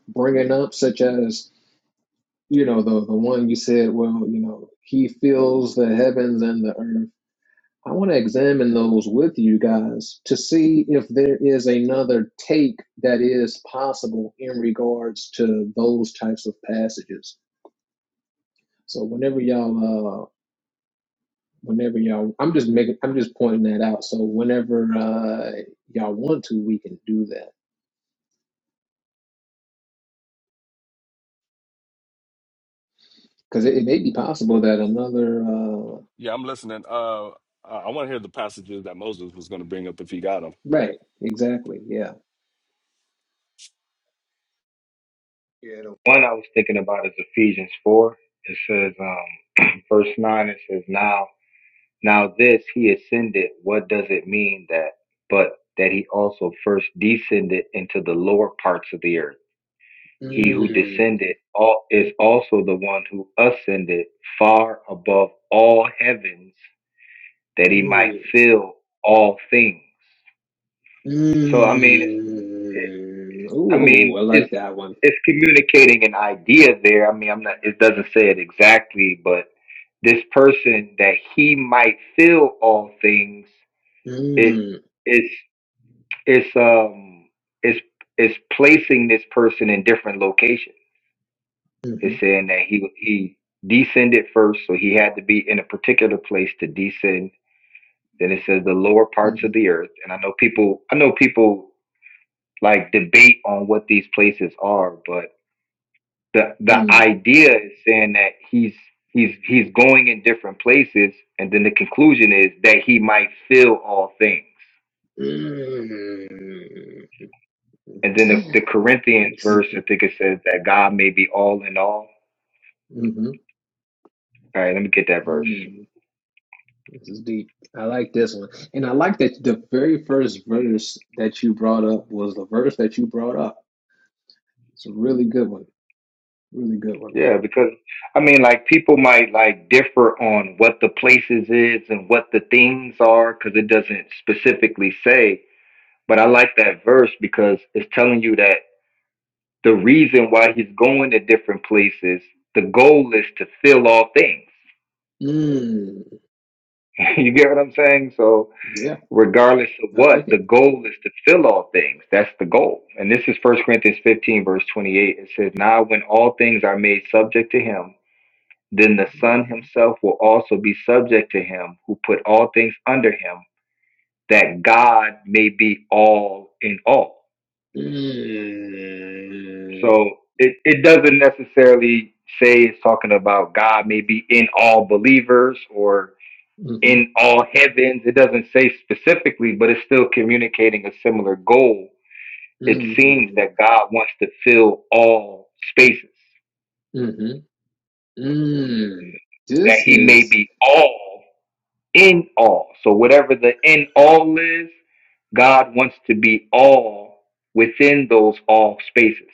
bringing up such as you know the the one you said well you know he fills the heavens and the earth i want to examine those with you guys to see if there is another take that is possible in regards to those types of passages so whenever y'all uh whenever y'all i'm just making i'm just pointing that out so whenever uh y'all want to we can do that because it, it may be possible that another uh
Yeah, I'm listening. Uh, I, I want to hear the passages that Moses was going to bring up if he got them.
right exactly yeah
Yeah, the one I was thinking about is Ephesians four. It says, um, verse nine. It says, now, now this He ascended. What does it mean that? But that He also first descended into the lower parts of the earth. He who
Mm,
descended al- is also the one who ascended far above all heavens that he
mm.
might fill all things. So I mean, it's it,
Mm.
I
Ooh, I
mean it's
like that one.
it's communicating an idea there. I mean, I'm not. It doesn't say it exactly, but this person that he might fill all things. It
Mm.
it's it's um it's it's placing this person in different locations.
Mm-hmm.
It's saying that he he descended first, so he had to be in a particular place to descend. Then it says the lower parts of
Mm-hmm.
the earth, and I know people I know people like debate on what these places are, but the the
Mm.
idea is saying that he's he's he's going in different places, and then the conclusion is that he might fill all things.
Mm.
And then the, the Corinthians verse, I think it says that God may be all in all.
Mm-hmm.
All right, let me get that verse.
Mm. This is deep. I like this one. And I like that the very first verse that you brought up was the verse that you brought up. It's a really good one. Really good one.
Yeah, because I mean, like people might like differ on what the places is and what the things are, because it doesn't specifically say. But I like that verse because it's telling you that the reason why he's going to different places, the goal is to fill all things.
Mm.
you get what I'm saying? So
Yeah,
regardless of
I
what,
like
the
it.
goal is to fill all things. That's the goal. And this is First Corinthians 15, verse 28. It says, "Now when all things are made subject to him." then the Son
Mhm.
himself will also be subject to him who put all things under him, that God may be all in all.
Mm.
So it, it doesn't necessarily say it's talking about God may be in all believers or
Mhm,
in all heavens. It doesn't say specifically, but it's still communicating a similar goal.
Mm.
It seems
Mm-hmm.
that God wants to fill all spaces,
Mm-hmm. Mm,
that
this
he may
is
be all. in all. So whatever the in all is, God wants to be all within those all spaces.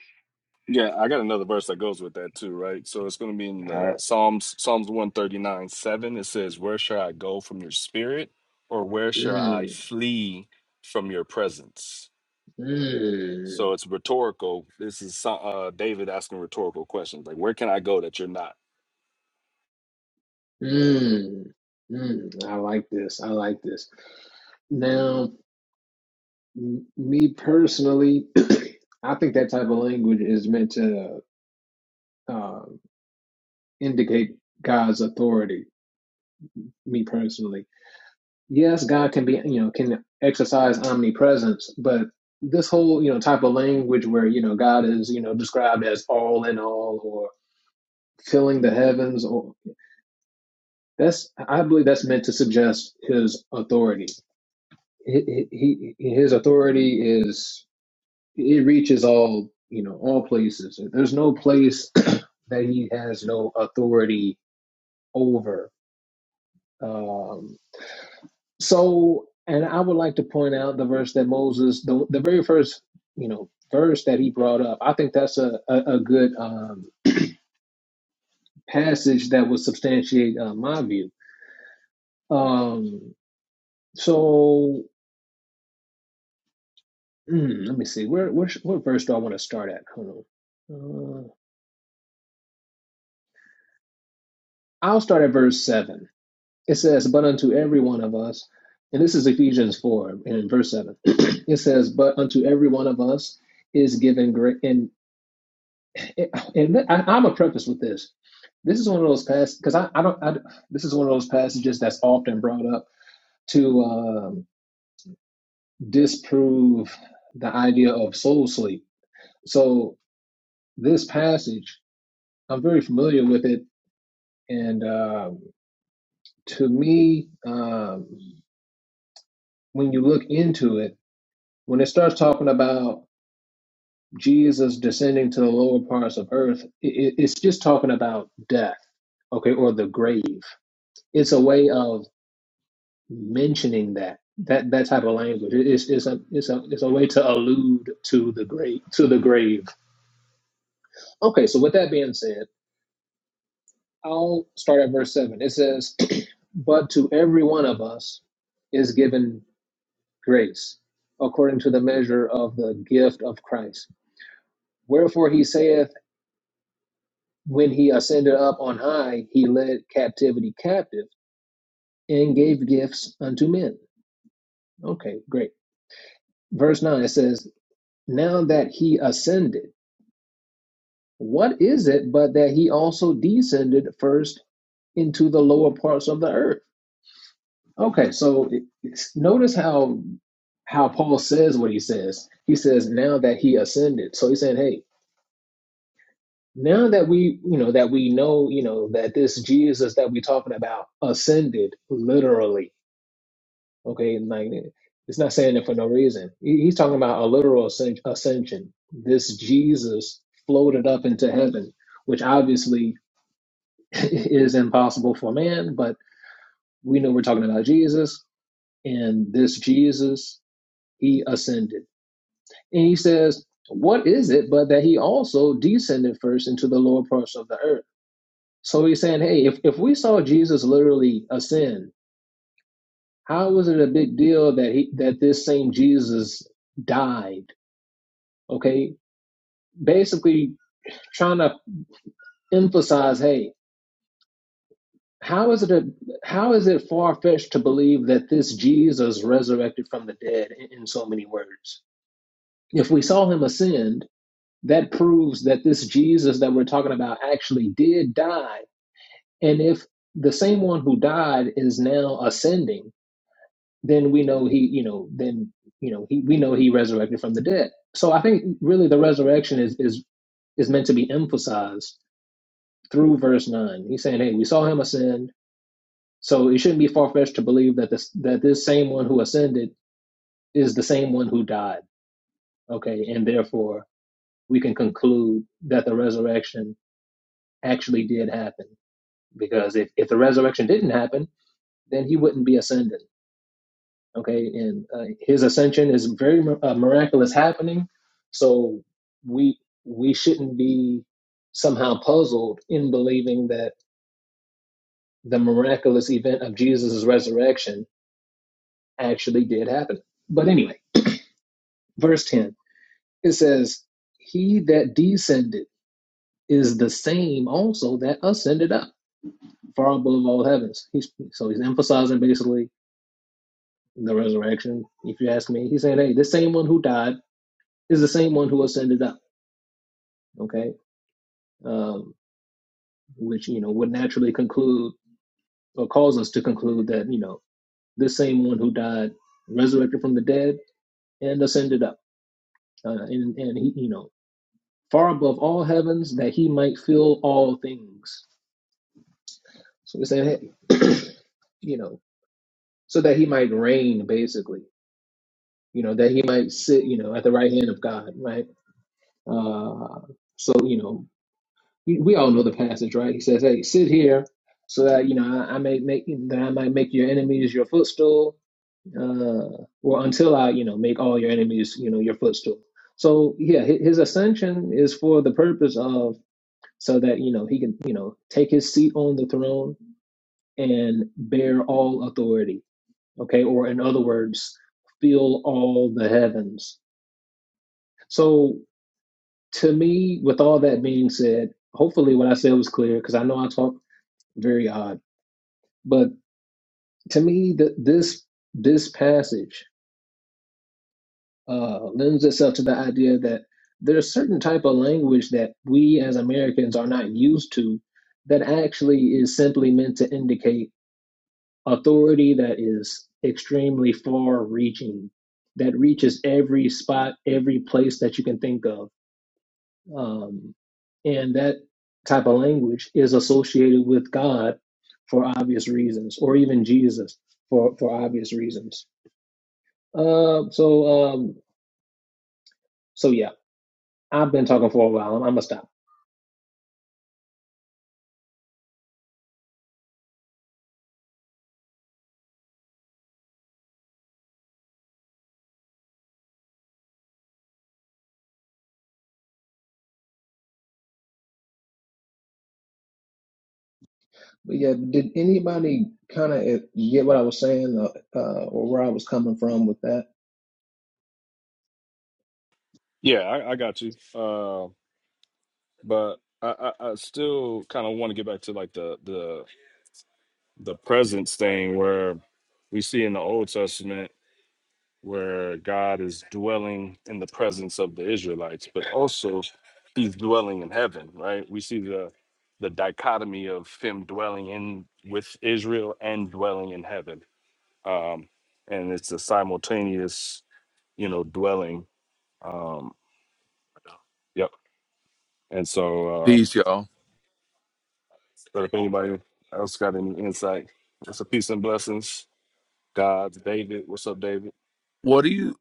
Yeah, I got another verse that goes with that too, right? So it's going to be in
All right.
the Psalms, Psalms 139, 7. It says, Where shall I go from your spirit, or where shall I
mm,
flee from your presence?
mm,
So it's rhetorical. This is so- uh, David asking rhetorical questions like, Where can I go that you're not?
mm, mm. I like this. I like this. Now, m- me personally, I think that type of language is meant to uh, indicate God's authority. Me personally, yes, God can be you know can exercise omnipresence, but this whole you know type of language where you know God is you know described as all in all or filling the heavens That's I believe that's meant to suggest his authority. He, he, he- his authority is it reaches all you know all places. There's no place that he has no authority over. Um, so, and I would like to point out the verse that Moses, the, the very first you know verse that he brought up. I think that's a a, a good um, passage that would substantiate uh, my view. Um, so Mm, let me see. Where, where sh- what verse do I want to start at? Hold on. Uh, I'll start at verse seven. It says, "But unto every one of us," and this is Ephesians four and in verse seven. it says, "But unto every one of us is given grace." And and I, I'm a preface with this. This is one of those passages because I, I don't. I, this is one of those passages that's often brought up to um, disprove the idea of soul sleep. So this passage, I'm very familiar with it And um, to me, um, when you look into it, when it starts talking about Jesus descending to the lower parts of earth, i i- it's just talking about death, okay, or the grave. It's a way of mentioning that that that type of language. It- It's it's a it's a it's a way to allude to the grave to the grave. Okay, so with that being said, I'll start at verse seven. It says, "But to every one of us." is given grace, according to the measure of the gift of Christ. Wherefore he saith, When he ascended up on high, he led captivity captive and gave gifts unto men. Okay, great. Verse 9 it says, Now that he ascended, what is it but that he also descended first into the lower parts of the earth? Okay, so it- it's- notice how how Paul says what he says. He says, Now that he ascended. So he's saying, Hey, now that we you know that we know you know that this jesus that we're talking about ascended literally okay like it's not saying it for no reason He- he's talking about a literal ascen- ascension this jesus floated up into heaven which obviously is impossible for man but we know we're talking about jesus and this jesus he ascended and he says what is it but that he also descended first into the lower parts of the earth So he's saying, hey, if, if we saw Jesus literally ascend, how was it a big deal that he that this same Jesus died? Okay, basically trying to emphasize, hey, how is it a, how is it far fetched to believe that this Jesus resurrected from the dead in, in so many words? If we saw him ascend, that proves that this Jesus that we're talking about actually did die. And if the same one who died is now ascending then we know he, you know, then you know he, we know he resurrected from the dead. So I think really the resurrection is is is meant to be emphasized through verse nine. He's saying, hey, we saw him ascend, so it shouldn't be far fetched to believe that this that this same one who ascended is the same one who died. Okay, and therefore we can conclude that the resurrection actually did happen because if if the resurrection didn't happen, then he wouldn't be ascended. okay and uh, his ascension is very uh, miraculous happening so we we shouldn't be somehow puzzled in believing that the miraculous event of jesus' resurrection actually did happen but anyway verse 10 it says he that descended is the same also that ascended up far above all heavens he's, so he's emphasizing basically the resurrection if you ask me he's saying hey the same one who died is the same one who ascended up okay um, which you know would naturally conclude or cause us to conclude that you know this same one who died resurrected from the dead and ascended up, uh, and and he you know far above all heavens that he might fill all things. So it's that hey, you know so that he might reign basically, you know that he might sit you know at the right hand of God, right? Uh, so you know we we all know the passage, right? He says, "Hey, sit here." So that you know, I, I may make that I might make your enemies your footstool uh, or until I, you know, make all your enemies, you know, your footstool. So yeah, hi- his ascension is for the purpose of so that you know he can, you know, take his seat on the throne and bear all authority. Okay, or in other words, fill all the heavens. So to me, with all that being said, hopefully what I said was clear because I know I talk very odd, but to me, that this this passage uh, lends itself to the idea that there's certain type of language that we as Americans are not used to that actually is simply meant to indicate authority that is extremely far reaching, that reaches every spot, every place that you can think of. Um, and that type of language is associated with God for obvious reasons, or even Jesus for, for obvious reasons. Uh, so, um, so yeah. I've been talking for a while. I'm, I'm gonna stop. But yeah, did anybody kind of get what I was saying uh, uh, or where I was coming from with that?
Yeah, I, I got you. Uh, but I, I, I still kind of want to get back to like the the the presence thing where we see in the Old Testament where God is dwelling in the presence of the Israelites, but also he's dwelling in heaven, right? We see the the dichotomy of him dwelling in with Israel and dwelling in heaven. Um and it's a simultaneous, you know, dwelling. Um yep. And so uh
Peace, y'all.
but if anybody else got any insight, that's a peace and blessings. God, David, what's up, David?
What do you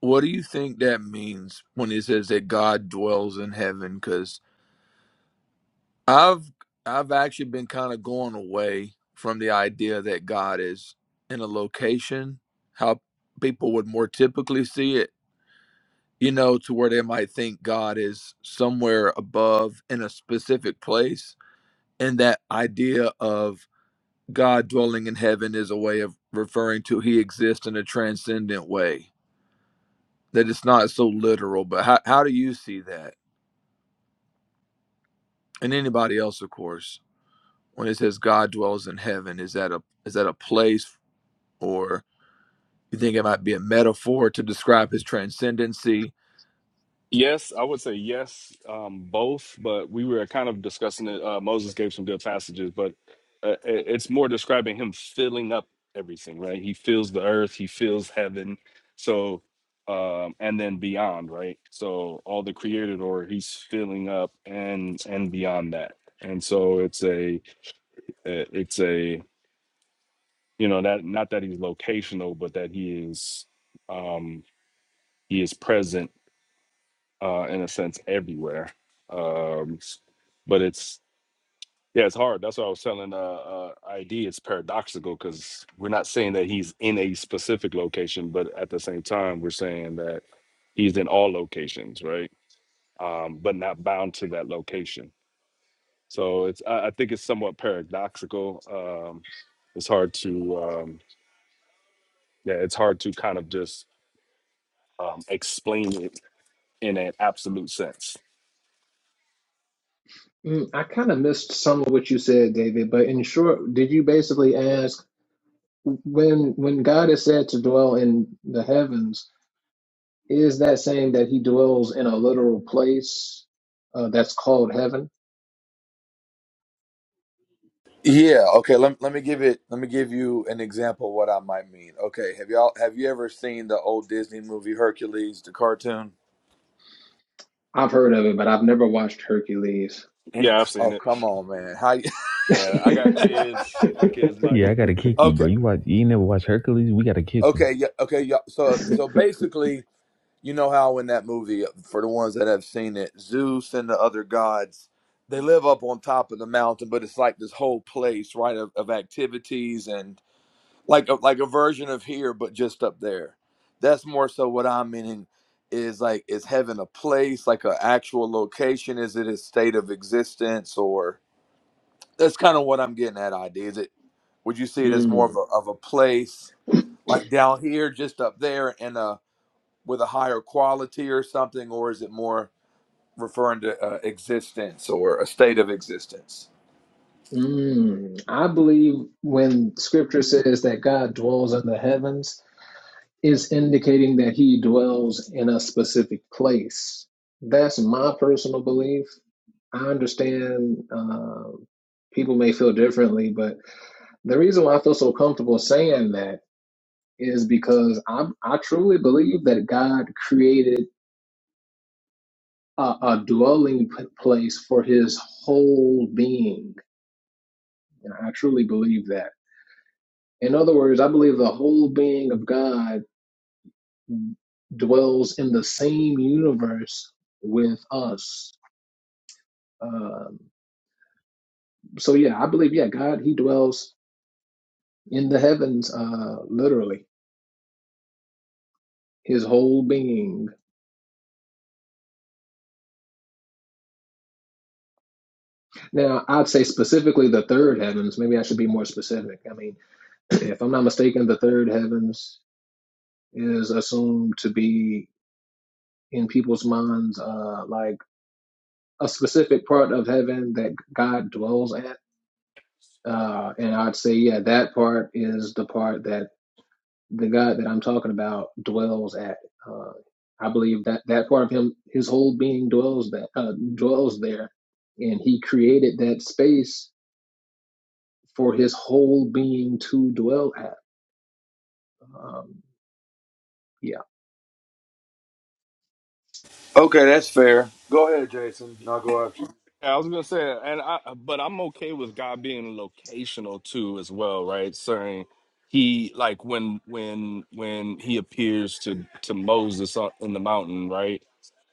what do you think that means when it says that God dwells in heaven? Because I've I've actually been kind of going away from the idea that God is in a location, how people would more typically see it, you know, to where they might think God is somewhere above in a specific place. And that idea of God dwelling in heaven is a way of referring to he exists in a transcendent way that it's not so literal, but how, how do you see that? And anybody else, of course, when it says God dwells in heaven, is that a is that a place or you think it might be a metaphor to describe his transcendency?
Yes, I would say yes, um, both, but we were kind of discussing it. Uh, Moses gave some good passages, but uh, i- it's more describing him filling up everything, right? He fills the earth, he fills heaven, so um, and then beyond, right? So all the created order, he's filling up and and beyond that, and so it's a uh, it's a you know that not that he's locational, but that he is um, he is present uh, in a sense everywhere. Um, but it's yeah, it's hard. That's what I was telling uh, uh, ID. It's paradoxical because we're not saying that he's in a specific location, but at the same time, we're saying that he's in all locations, right? Um, but not bound to that location. So it's I, I think it's somewhat paradoxical. Um, it's hard to um, yeah, it's hard to kind of just um, explain it in an absolute sense.
Mm, I kind of missed some of what you said, David. But in short, did you basically ask? when when God is said to dwell in the heavens, is that saying that He dwells in a literal place uh, that's called heaven?
Yeah, okay, let, let me give it let me give you an example of what I might mean. Okay, have y'all have you ever seen the old Disney movie Hercules, the cartoon?
I've heard of it, but I've never watched Hercules.
And
Yeah, I've seen
oh
it.
come on man. How you
And I got kids. My kids like
Yeah, I
it.
gotta kick you,
Okay.
bro. You watch, you ain't never watch Hercules. We gotta kick him.
Okay, yeah, okay, yeah. So so basically You know how in that movie, for the ones that have seen it, Zeus and the other gods, they live up on top of the mountain, but it's like this whole place, right, of, of activities and like a, like a version of here, but just up there. That's more so what I'm meaning is like is heaven a place, like an actual location? Is it a state of existence, or that's kind of what I'm getting at? Idea is it? Would you see it as more of
Mm,
a of a place, like down here, just up there, and a with a higher quality or something, or is it more referring to uh, existence or a state of existence?
mm. I believe when Scripture says that God dwells in the heavens, it's indicating that He dwells in a specific place. That's my personal belief. I understand uh, people may feel differently, but The reason why I feel so comfortable saying that is because I I truly believe that God created a, a dwelling p- place for His whole being. And I truly believe that. In other words, I believe the whole being of God dwells in the same universe with us. Um, so yeah, I believe yeah, God He dwells in the heavens, uh, literally His whole being Now, I'd say specifically the third heavens. Maybe I should be more specific. I mean, if I'm not mistaken, the third heavens is assumed to be in people's minds uh, like a specific part of heaven that God dwells at. Uh, and I'd say, yeah, that part is the part that the God that I'm talking about dwells at. Uh, I believe that that part of him, his whole being dwells that uh, dwells there, and he created that space for his whole being to dwell at. Um, yeah,
Okay, that's fair. Go ahead, Jason. and I'll go after you.
I was gonna say, and I, but I'm okay with God being locational too, as well, right? Saying he like when when when he appears to to Moses on- in the mountain, right?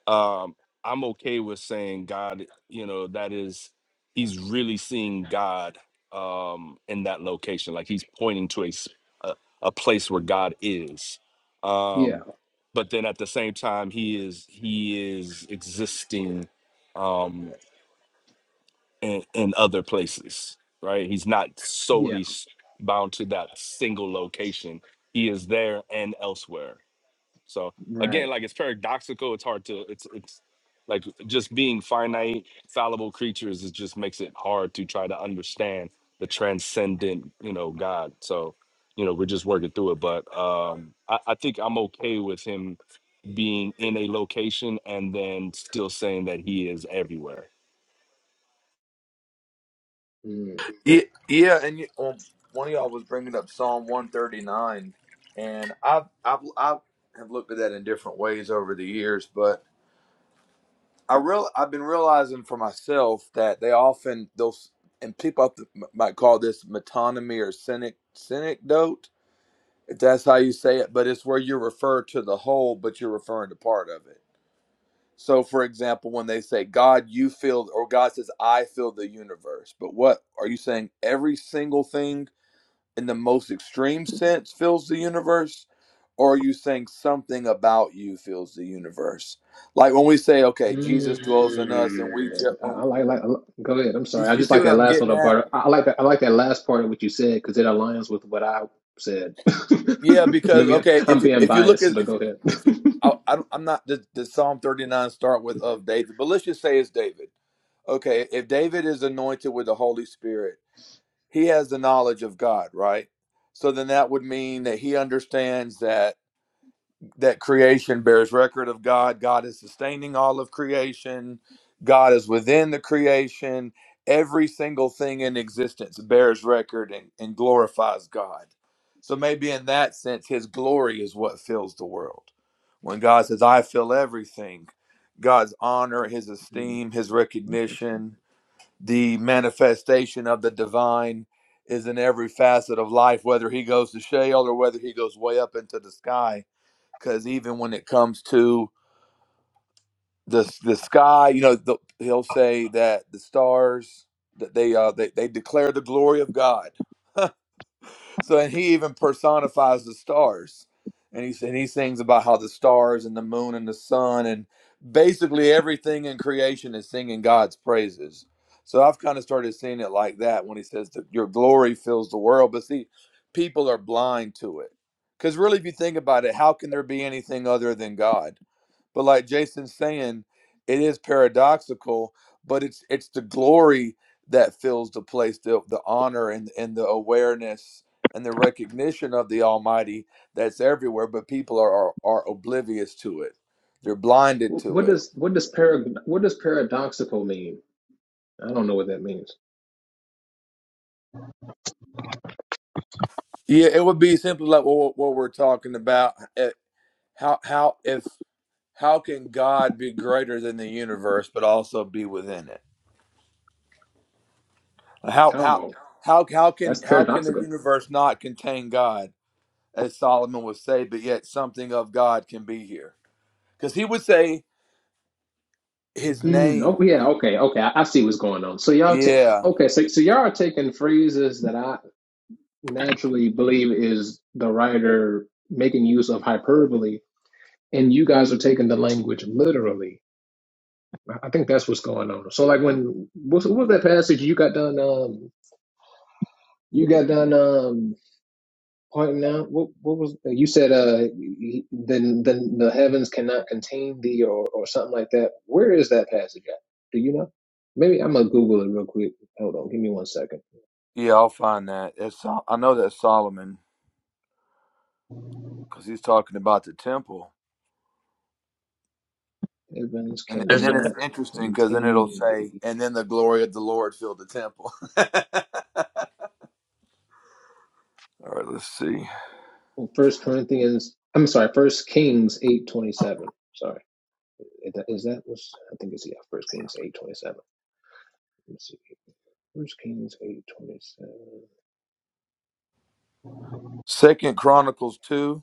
um, I'm okay with saying God, you know, that is, he's really seeing God um, in that location. Like he's pointing to a, s- a, a place where God is.
yeah,
Um, but then at the same time, he is, he is existing um, in, in other places, right? He's not
yeah,
solely s- bound to that single location. He is there and elsewhere. So
right.
again, like it's paradoxical. It's hard to it's it's like just being finite, fallible creatures. It just makes it hard to try to understand the transcendent, you know, God. So you know, we're just working through it. But um, I, I think I'm okay with him being in a location and then still saying that he is everywhere.
Mm.
Yeah, yeah, and you, well, one of y'all was bringing up Psalm one thirty nine, and I've I've I have looked at that in different ways over the years, but I real I've been realizing for myself that they often those and people up- to- might call this metonymy or cynic synecdote If that's how you say it, but it's where you refer to the whole, but you're referring to part of it. So, for example, when they say, God, you fill, or God says, I fill the universe, but what are you saying? Every single thing in the most extreme sense fills the universe? Or are you saying something about you fills the universe? Like when we say, okay, Jesus dwells in us, and we, just
Mm. I, I like, like. Go ahead. I'm
you,
sorry. I
you
just
see
like
what
that
I'm
last
getting
little
at?
part. I, I like that. I like that last part of what you said because it aligns with what I said.
Yeah, because
Maybe I-
okay,
I'm
if you-
being
if you look
biased,
at
but go
if,
ahead.
if you, I, I don't- I'm not does, does Psalm 39 start with of David, but let's just say it's David. Okay, if David is anointed with the Holy Spirit, he has the knowledge of God, right? So then that would mean that he understands that that creation bears record of God. God is sustaining all of creation. God is within the creation. Every single thing in existence bears record and, and glorifies God. So maybe in that sense, his glory is what fills the world. When God says, I fill everything, God's honor, his
Mhm.
esteem, his
Okay.
recognition, the manifestation of the divine is in every facet of life, whether he goes to Sheol or whether he goes way up into the sky because even when it comes to the the sky, you know, the, he'll say that the stars that they uh they, they declare the glory of God so and he even personifies the stars and he and he sings about how the stars and the moon and the sun and basically everything in creation is singing god's praises so i've kind of started seeing it like that when he says that your glory fills the world but see people are blind to it because really if you think about it how can there be anything other than god but like jason's saying it is paradoxical but it's it's the glory that fills the place the, the honor and and the awareness and the recognition of the Almighty that's everywhere, but people are are, are oblivious to it. They're blinded
Wh-
to
What
it.
does what does parag what does paradoxical mean? I don't know what that means.
Yeah, it would be simply like what, what we're talking about. eh, How how if how can God be greater than the universe, but also be within it? How how
Oh,
how how
that's
can how can the
paradoxical.
universe not contain God, as Solomon would say, but yet something of God can be here? Because he would say His
Mm, oh
name.
yeah, okay, okay. I, I see what's going on. So y'all, t
Yeah,
okay, so so y'all are taking phrases that I naturally believe is the writer making use of hyperbole and you guys are taking the language literally i I think that's what's going on so like when what's, what was that passage you got done um you got done um pointing out what what was you said uh he- then then the heavens cannot contain thee or or something like that where is that passage at do you know maybe i'm gonna google it real quick hold on give me one second
yeah, I'll find that. It's Sol- I know that's Solomon. because he's talking about the temple.
heavens
And, and
There's
then
a
it's
cannot
interesting because then it'll
contain thee
say, and then the glory of the Lord filled the temple. All right, let's see.
Well, First Corinthians, I'm sorry, First Kings eight twenty seven. Sorry, is that was I think it's yeah, First Kings eight twenty seven. Let me see. First Kings eight twenty seven.
Second Chronicles 2,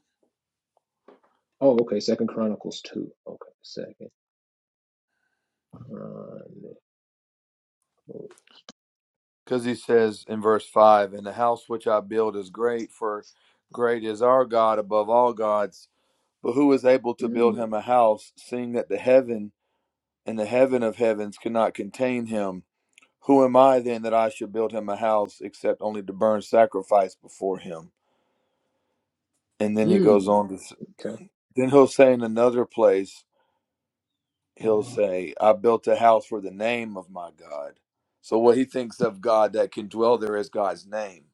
Oh, okay. Second Chronicles two. Okay, Second Chronicles.
because he says in verse 5, And the house which I build is great, for great is our God above all gods. But who is able to
Mm,
build him a house, seeing that the heaven and the heaven of heavens cannot contain him? Who am I then that I should build him a house, except only to burn sacrifice before him? And then he goes
mm,
on to s-
okay.
Then he'll say in another place, he'll say, I built a house for the name of my God. So what he thinks of God that can dwell there is God's name,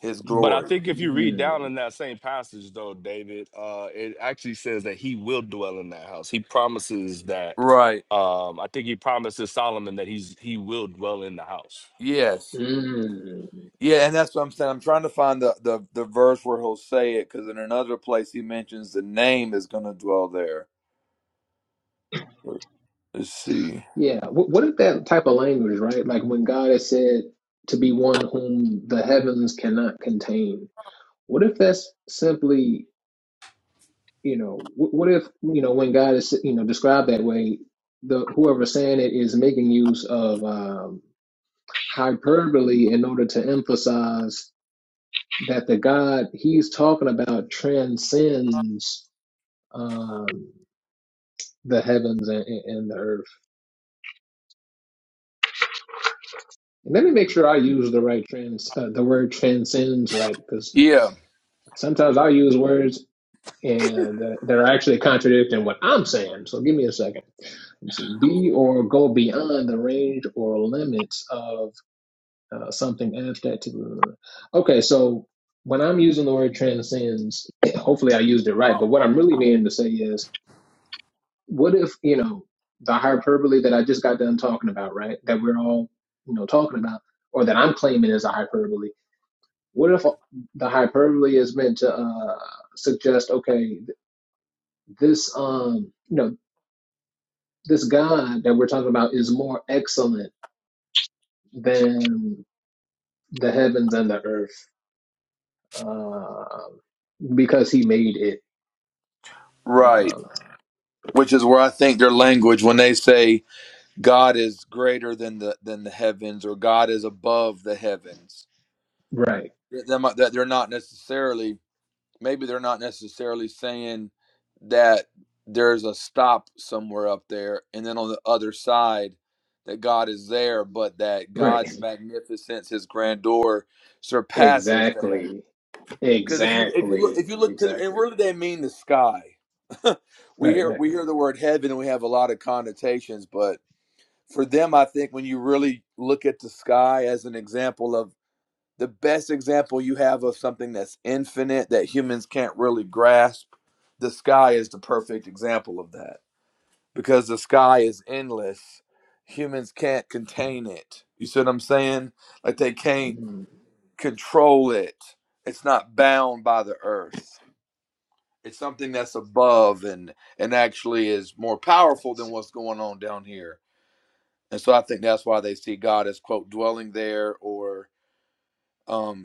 his
But I
glory.
think if you read
Mm,
down in that same passage, though, David, uh, it actually says that he will dwell in that house. He promises that.
Right.
Um, I think he promises Solomon that he's he will dwell in the house.
Yes.
mm.
Yeah, and that's what I'm saying. I'm trying to find the, the, the verse where he'll say it because in another place he mentions the name is going to dwell there. Let's see.
Yeah. What, what if that type of language, right? Like when God has said to be one whom the heavens cannot contain. What if that's simply you know wh- what if you know when god is you know described that way the whoever saying it is making use of um hyperbole in order to emphasize that the god he's talking about transcends um the heavens and, and and the earth and let me make sure i use the right trans uh, the word transcends right because
Yeah,
sometimes i use words and uh, that, that are actually contradicting what i'm saying so give me a second let me see, be or go beyond the range or limits of uh, something abstract. Okay, so when I'm using the word transcends, hopefully I used it right, but what I'm really meaning to say is, what if, you know, the hyperbole that I just got done talking about, right, that we're all, you know, talking about, or that I'm claiming is a hyperbole, what if the hyperbole is meant to uh, suggest, okay, this, um, you know, this God that we're talking about is more excellent? than the heavens and the earth uh, because he made it
right.
Um
Which is where I think their language when they say God is greater than the than the heavens or God is above the heavens
right
that that they're not necessarily maybe they're not necessarily saying that there's a stop somewhere up there and then on the other side that God is there but that
right
God's magnificence his grandeur surpasses the heaven
exactly
cuz if you if you look
exactly
if you look cuz and
exactly
really they mean the sky we
right
hear
right
we hear the word heaven and we have a lot of connotations but for them I think when you really look at the sky as an example of the best example you have of something that's infinite that humans can't really grasp the sky is the perfect example of that because the sky is endless humans can't contain it you see what i'm saying like they can't
mm.
control it it's not bound by the earth it's something that's above and and actually is more powerful than what's going on down here and so i think that's why they see god as quote dwelling there or um.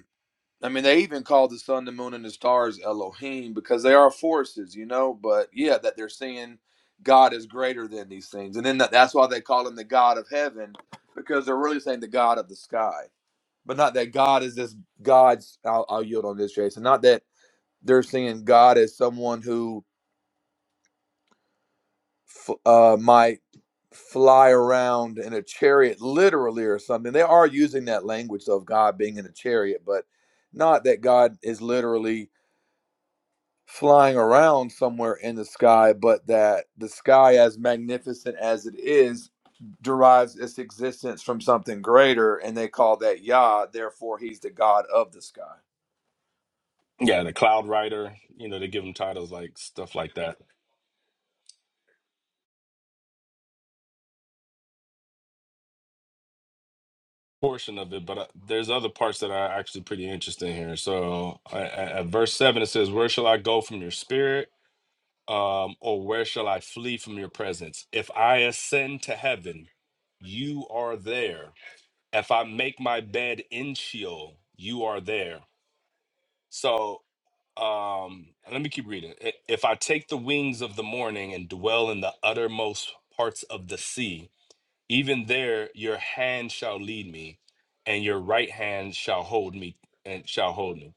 I mean, they even call the sun, the moon, and the stars Elohim because they are forces, you know. But yeah, that they're seeing God is greater than these things, and then that, that's why they call him the God of heaven because they're really saying the God of the sky, but not that God is this God's. I'll, I'll yield on this, Jason. Not that they're seeing God as someone who f- uh, might fly around in a chariot, literally or something. They are using that language of God being in a chariot, but not that God is literally flying around somewhere in the sky, but that the sky, as magnificent as it is, derives its existence from something greater, and they call that Yah. Therefore, he's the God of the sky.
Yeah, the cloud rider. You know, they give him titles like stuff like that. Portion of it, but uh, there's other parts that are actually pretty interesting here. So uh, at at verse seven, it says, "Where shall I go from your spirit? Um, or where shall I flee from your presence? If I ascend to heaven, you are there." if I make my bed in Sheol, you are there. So um, let me keep reading. I- If I take the wings of the morning and dwell in the uttermost parts of the sea, even there your hand shall lead me, and your right hand shall hold me and shall hold me.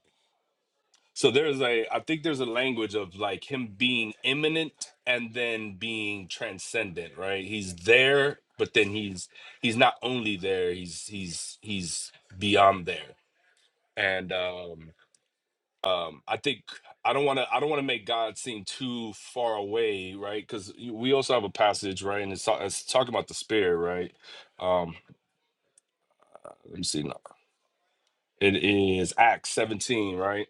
So there's a, I think there's a language of like him being imminent and then being transcendent, right? He's there, but then he's he's not only there, he's he's he's beyond there and um um i think i don't want to i don't want to make god seem too far away right because we also have a passage right and it's, ta- it's talking about the spirit right um let me see no, it is acts 17 right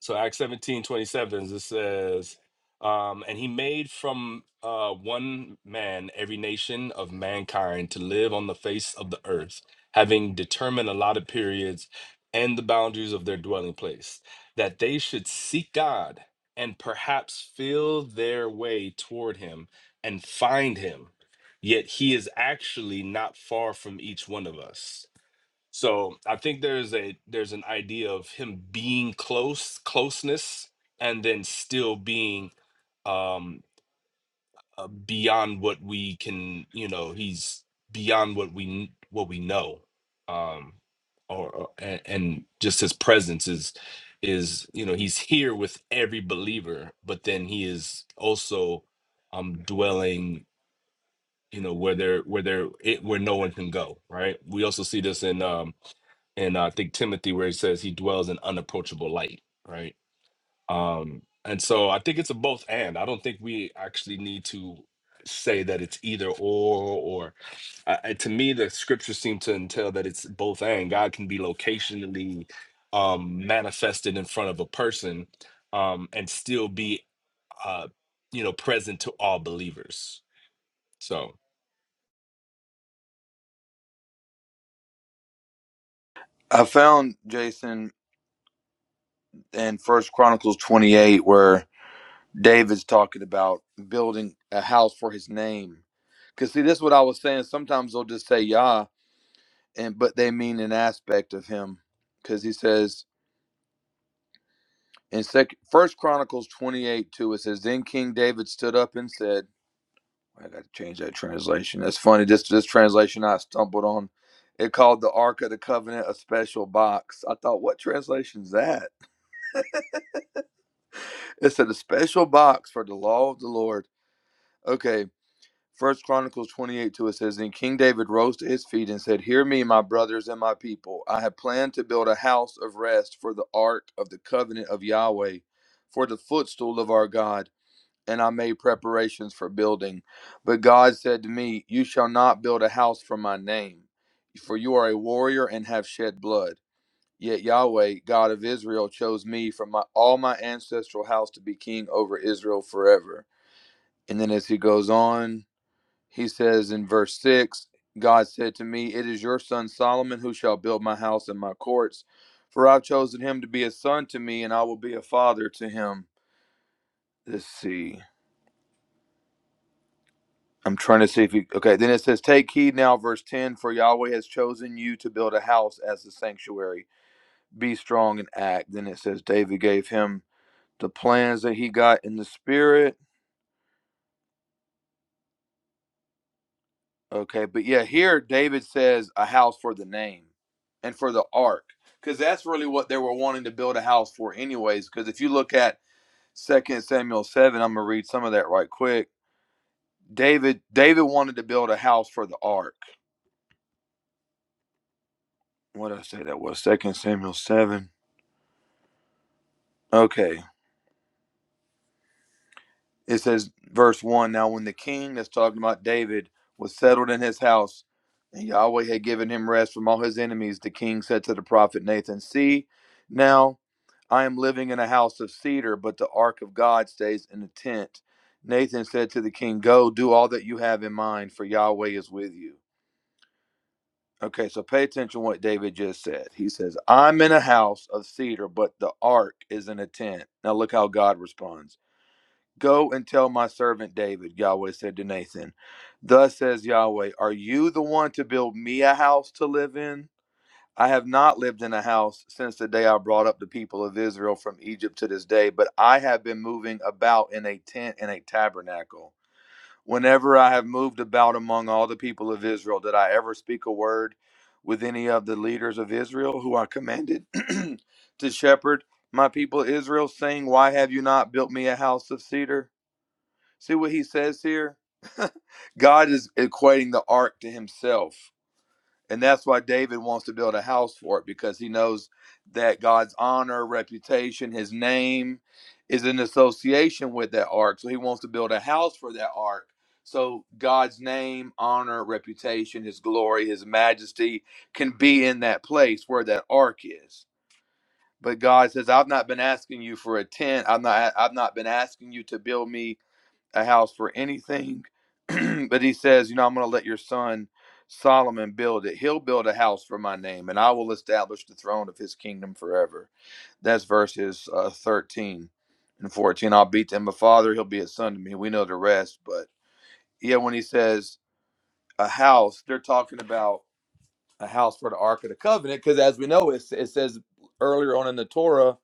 So Acts 17 27. it says, um, and he made from uh, one man every nation of mankind to live on the face of the earth, having determined allotted periods and the boundaries of their dwelling place, that they should seek God and perhaps feel their way toward him and find him. Yet he is actually not far from each one of us so I think there's a there's an idea of him being close, closeness, and then still being um uh, beyond what we can, you know, he's beyond what we kn- what we know. Um or, or and, and just his presence is is, you know, he's here with every believer, but then he is also um dwelling, you know, where there where there it, where no one can go, right? We also see this in um and I think Timothy where it says he dwells in unapproachable light, right? Um, and so I think it's a both and. I don't think we actually need to say that it's either or or I, I- to me the scriptures seem to entail that it's both and God can be locationally um manifested in front of a person um and still be uh you know present to all believers. So
I found Jason in First Chronicles 28, where David's talking about building a house for his name. Because see, this is what I was saying. Sometimes they'll just say Yah, and but they mean an aspect of him. Because he says in Second First Chronicles twenty eight two, it says, "Then King David stood up and said, I got to change that translation. That's funny. This this translation I stumbled on. It called the Ark of the Covenant a special box. I thought, what translation is that? It said a special box for the law of the Lord. Okay. First Chronicles 28 2, it says, Then King David rose to his feet and said, Hear me, my brothers and my people. I have planned to build a house of rest for the ark of the covenant of Yahweh, for the footstool of our God. and I made preparations for building. But God said to me, You shall not build a house for my name, for you are a warrior and have shed blood. Yet Yahweh, God of Israel, chose me from my, all my ancestral house to be king over Israel forever. And then as he goes on, he says in verse 6, God said to me, It is your son Solomon who shall build my house and my courts, for I've chosen him to be a son to me, and I will be a father to him. Let's see. I'm trying to see if you okay. Then it says, "Take heed now, verse ten, for Yahweh has chosen you to build a house as a sanctuary. Be strong and act." Then it says, "David gave him the plans that he got in the spirit." Okay, but yeah, here David says a house for the name and for the ark, because that's really what they were wanting to build a house for, anyways. Because if you look at Second Samuel seven, I'm gonna read some of that right quick. David David wanted to build a house for the ark. What did I say that was? Second Samuel seven. Okay. It says, verse 1 Now, when the king that's talking about David was settled in his house, and Yahweh had given him rest from all his enemies, the king said to the prophet Nathan, See, now I am living in a house of cedar, but the ark of God stays in a tent. Nathan said to the king, Go, do all that you have in mind, for Yahweh is with you. Okay, so pay attention to what David just said. He says, I'm in a house of cedar, but the ark is in a tent. Now, look how God responds. Go and tell my servant David, Yahweh said to Nathan, Thus says Yahweh, Are you the one to build me a house to live in? I have not lived in a house since the day I brought up the people of Israel from Egypt to this day, but I have been moving about in a tent and a tabernacle. Whenever I have moved about among all the people of Israel, did I ever speak a word with any of the leaders of Israel who I commanded to shepherd my people Israel, saying, Why have you not built me a house of cedar? See what he says here? God is equating the ark to himself. And that's why David wants to build a house for it because he knows that God's honor, reputation, his name is in association with that ark. So he wants to build a house for that ark. So God's name, honor, reputation, his glory, his majesty can be in that place where that ark is. But God says, I've not been asking you for a tent. I've not I've not been asking you to build me a house for anything, but he says, you know, I'm going to let your son Solomon build it. He'll build a house for my name, and I will establish the throne of his kingdom forever. That's verses uh, 13 and 14. I'll be to him a father, he'll be a son to me. We know the rest, but yeah, when he says a house, they're talking about a house for the Ark of the Covenant, because as we know, it, it says earlier on in the Torah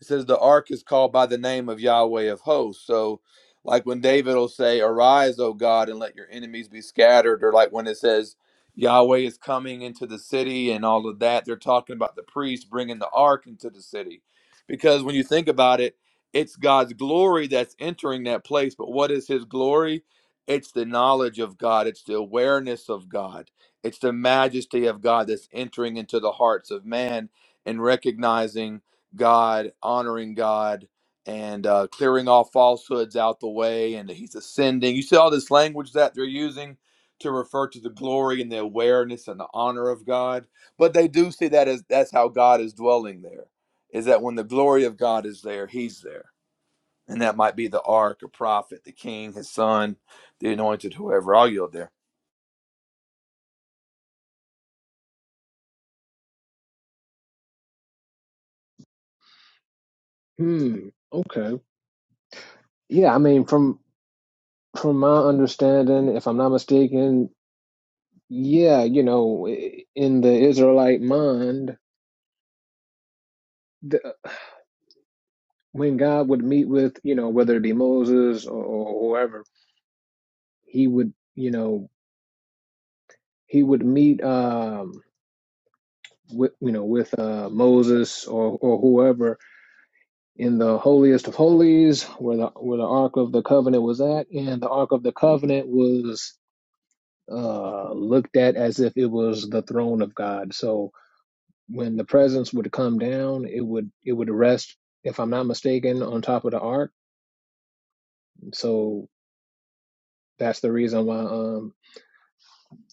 it says the ark is called by the name of Yahweh of hosts. So, like when David will say, Arise, O God, and let your enemies be scattered, or like when it says, Yahweh is coming into the city and all of that, they're talking about the priest bringing the ark into the city. Because when you think about it, it's God's glory that's entering that place. But what is his glory? It's the knowledge of God, it's the awareness of God, it's the majesty of God that's entering into the hearts of man and recognizing. God, honoring God, and uh, clearing all falsehoods out the way. And he's ascending. You see all this language that they're using to refer to the glory and the awareness and the honor of God. But they do see that as that's how God is dwelling there, is that when the glory of God is there, he's there. And that might be the ark, a prophet, the king, his son, the anointed, whoever. I'll yield there.
hmm okay yeah i mean from from my understanding if i'm not mistaken yeah you know i- in the israelite mind the, when god would meet with you know whether it be moses or, or whoever he would you know he would meet um with you know with uh, Moses or or whoever in the holiest of holies where the where the ark of the covenant was at and the ark of the covenant was uh looked at as if it was the throne of God so when the presence would come down it would it would rest if I'm not mistaken on top of the ark so that's the reason why um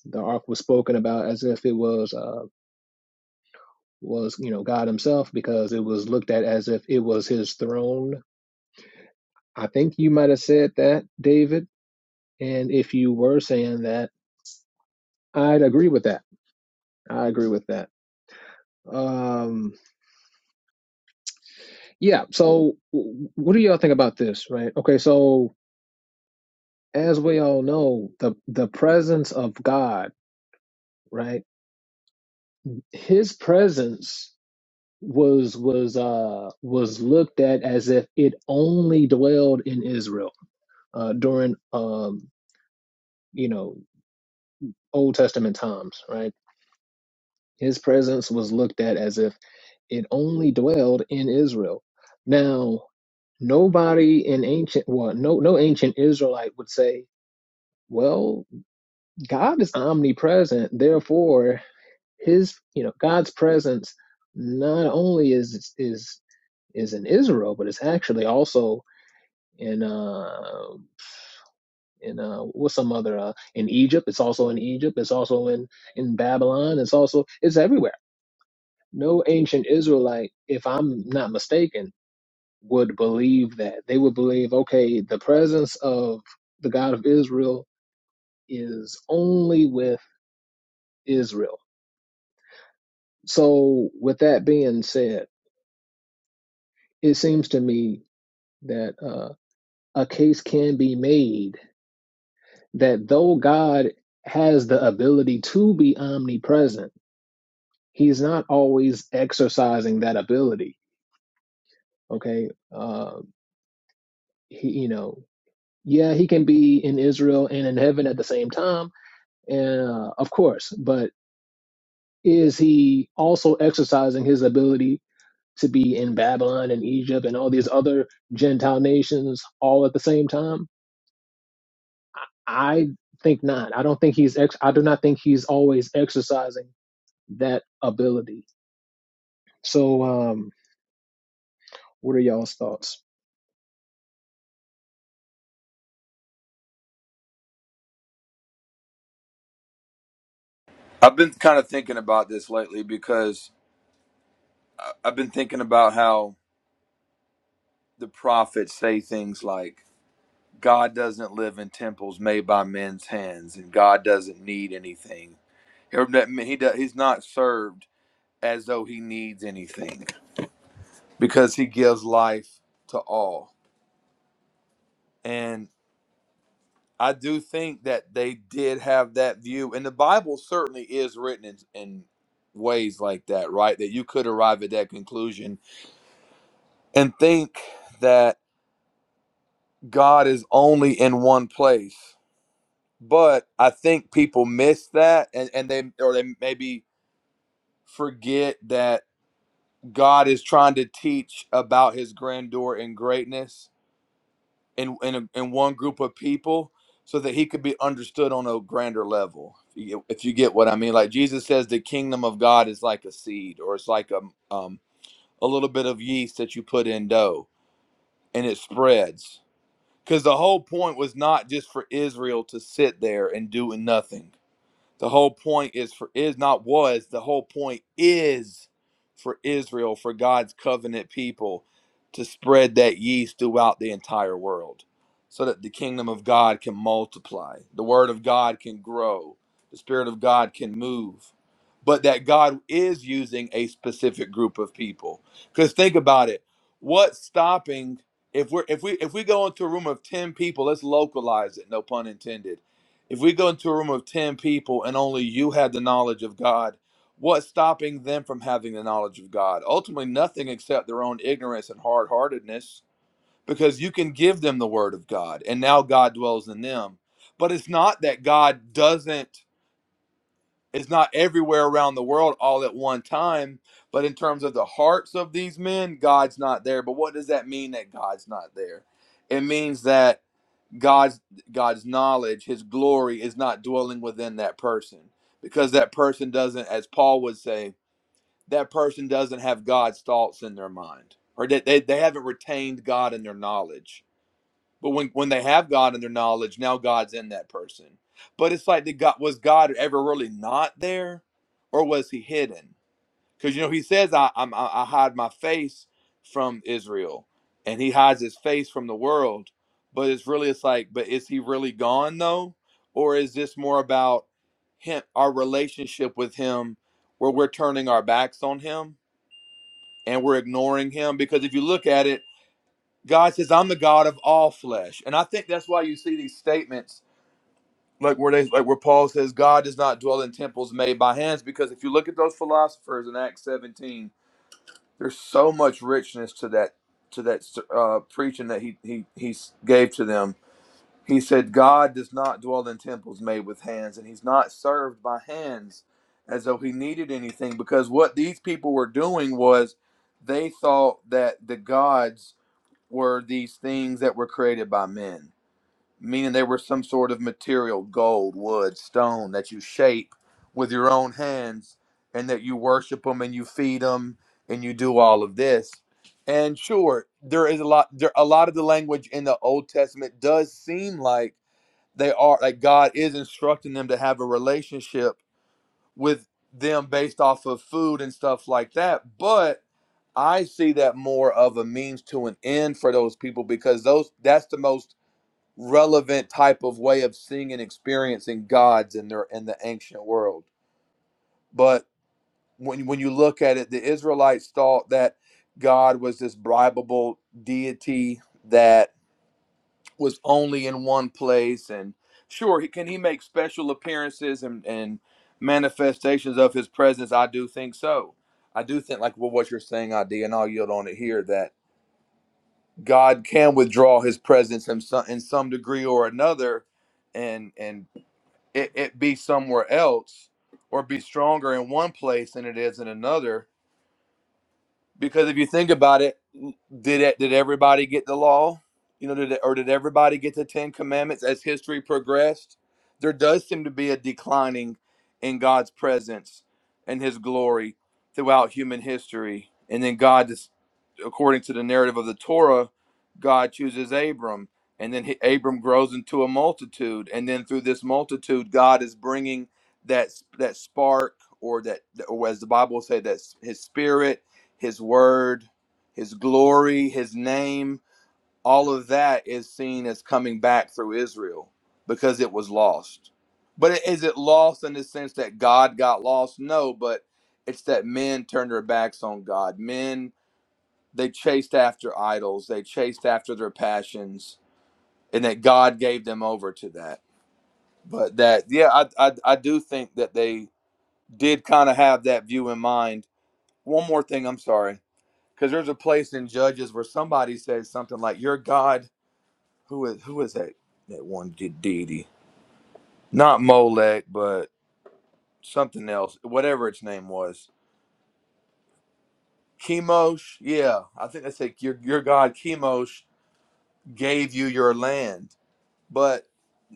the ark was spoken about as if it was uh was you know God himself because it was looked at as if it was his throne I think you might have said that, David. And if you were saying that, I'd agree with that. I agree with that. Um, yeah. So, w- what do y'all think about this? Right. Okay. So, as we all know, the the presence of God, right? His presence was was uh was looked at as if it only dwelled in Israel uh, during um you know Old Testament times, right? His presence was looked at as if it only dwelled in Israel. Now, nobody in ancient, well, no, no ancient Israelite would say, well, God is omnipresent, therefore, His, you know, God's presence not only is is is in Israel, but it's actually also in uh in uh what's some other uh in Egypt. It's also in Egypt. It's also in in Babylon. It's also it's everywhere. No ancient Israelite, if I'm not mistaken, would believe that. They would believe, okay, the presence of the God of Israel is only with Israel. So, with that being said, it seems to me that uh, a case can be made that though God has the ability to be omnipresent, he's not always exercising that ability. Okay. Uh, he, you know, yeah, he can be in Israel and in heaven at the same time. And uh, of course, but is he also exercising his ability to be in Babylon and Egypt and all these other Gentile nations all at the same time? I think not. I don't think he's ex- I do not think he's always exercising that ability. So um what are y'all's thoughts?
I've been kind of thinking about this lately because I- I've been thinking about how the prophets say things like, God doesn't live in temples made by men's hands, and God doesn't need anything. He do- he's not served as though he needs anything because he gives life to all. And I do think that they did have that view, and the Bible certainly is written in, in ways like that, right? That you could arrive at that conclusion and think that God is only in one place. But I think people miss that, and, and they or they maybe forget that God is trying to teach about his grandeur and greatness in in, a, in one group of people so that he could be understood on a grander level. If you, get, if you get what I mean, like Jesus says the kingdom of God is like a seed or it's like a um a little bit of yeast that you put in dough and it spreads. Cuz the whole point was not just for Israel to sit there and do nothing The whole point is for is not was, the whole point is for Israel, for God's covenant people to spread that yeast throughout the entire world so that the kingdom of God can multiply, the word of God can grow, the spirit of God can move. But that God is using a specific group of people. Cuz think about it, what's stopping if we're if we if we go into a room of 10 people, let's localize it, no pun intended if we go into a room of 10 people and only you had the knowledge of God, what's stopping them from having the knowledge of God? Ultimately, nothing except their own ignorance and hard heartedness, because you can give them the word of God, and now God dwells in them. But it's not that God doesn't, it's not everywhere around the world all at one time. But in terms of the hearts of these men, God's not there. But what does that mean that God's not there? It means that God's God's knowledge, his glory is not dwelling within that person because that person doesn't as Paul would say, that person doesn't have God's thoughts in their mind or that they, they haven't retained God in their knowledge. But when when they have God in their knowledge, now God's in that person. But it's like did God was God ever really not there or was he hidden? because you know he says I I'm, I hide my face from Israel, and he hides his face from the world. But it's really it's like, but is he really gone though, or is this more about him, our relationship with him, where we're turning our backs on him and we're ignoring him? Because if you look at it, God says, "I'm the God of all flesh," and I think that's why you see these statements. Like where they like where Paul says God does not dwell in temples made by hands, because if you look at those philosophers in Acts 17, there's so much richness to that to that uh, preaching that he he he gave to them. He said, "God does not dwell in temples made with hands, and He's not served by hands, as though He needed anything." Because what these people were doing was, they thought that the gods were these things that were created by men meaning they were some sort of material, gold, wood, stone that you shape with your own hands and that you worship them and you feed them and you do all of this. And sure, there is a lot there a lot of the language in the Old Testament does seem like they are like God is instructing them to have a relationship with them based off of food and stuff like that, but I see that more of a means to an end for those people because those that's the most relevant type of way of seeing and experiencing gods in their in the ancient world. But when when you look at it, the Israelites thought that God was this bribable deity that was only in one place. And sure, he can he make special appearances and, and manifestations of his presence. I do think so. I do think like well, what you're saying, ID, and I'll yield on it here that God can withdraw his presence in some, in some degree or another and and it, it be somewhere else or be stronger in one place than it is in another. Because if you think about it, did it, did everybody get the law? You know, did it, or did everybody get the Ten Commandments as history progressed? There does seem to be a declining in God's presence and His glory throughout human history, and then God just according to the narrative of the Torah, God chooses Abram, and then he, Abram grows into a multitude, and then through this multitude, God is bringing that that spark, or that, or as the Bible will say, that His Spirit, His Word, His glory, His name, all of that is seen as coming back through Israel because it was lost. But is it lost in the sense that God got lost? No, but it's that men turned their backs on God. Men they chased after idols, they chased after their passions, and that God gave them over to that. But that, yeah, I, I, I do think that they did kind of have that view in mind. One more thing, I'm sorry, because there's a place in Judges where somebody says something like, "Your God, who is who is that that one de- deity? Not Molech, but something else, whatever its name was." Chemosh, yeah, I think they say your your God Chemosh gave you your land But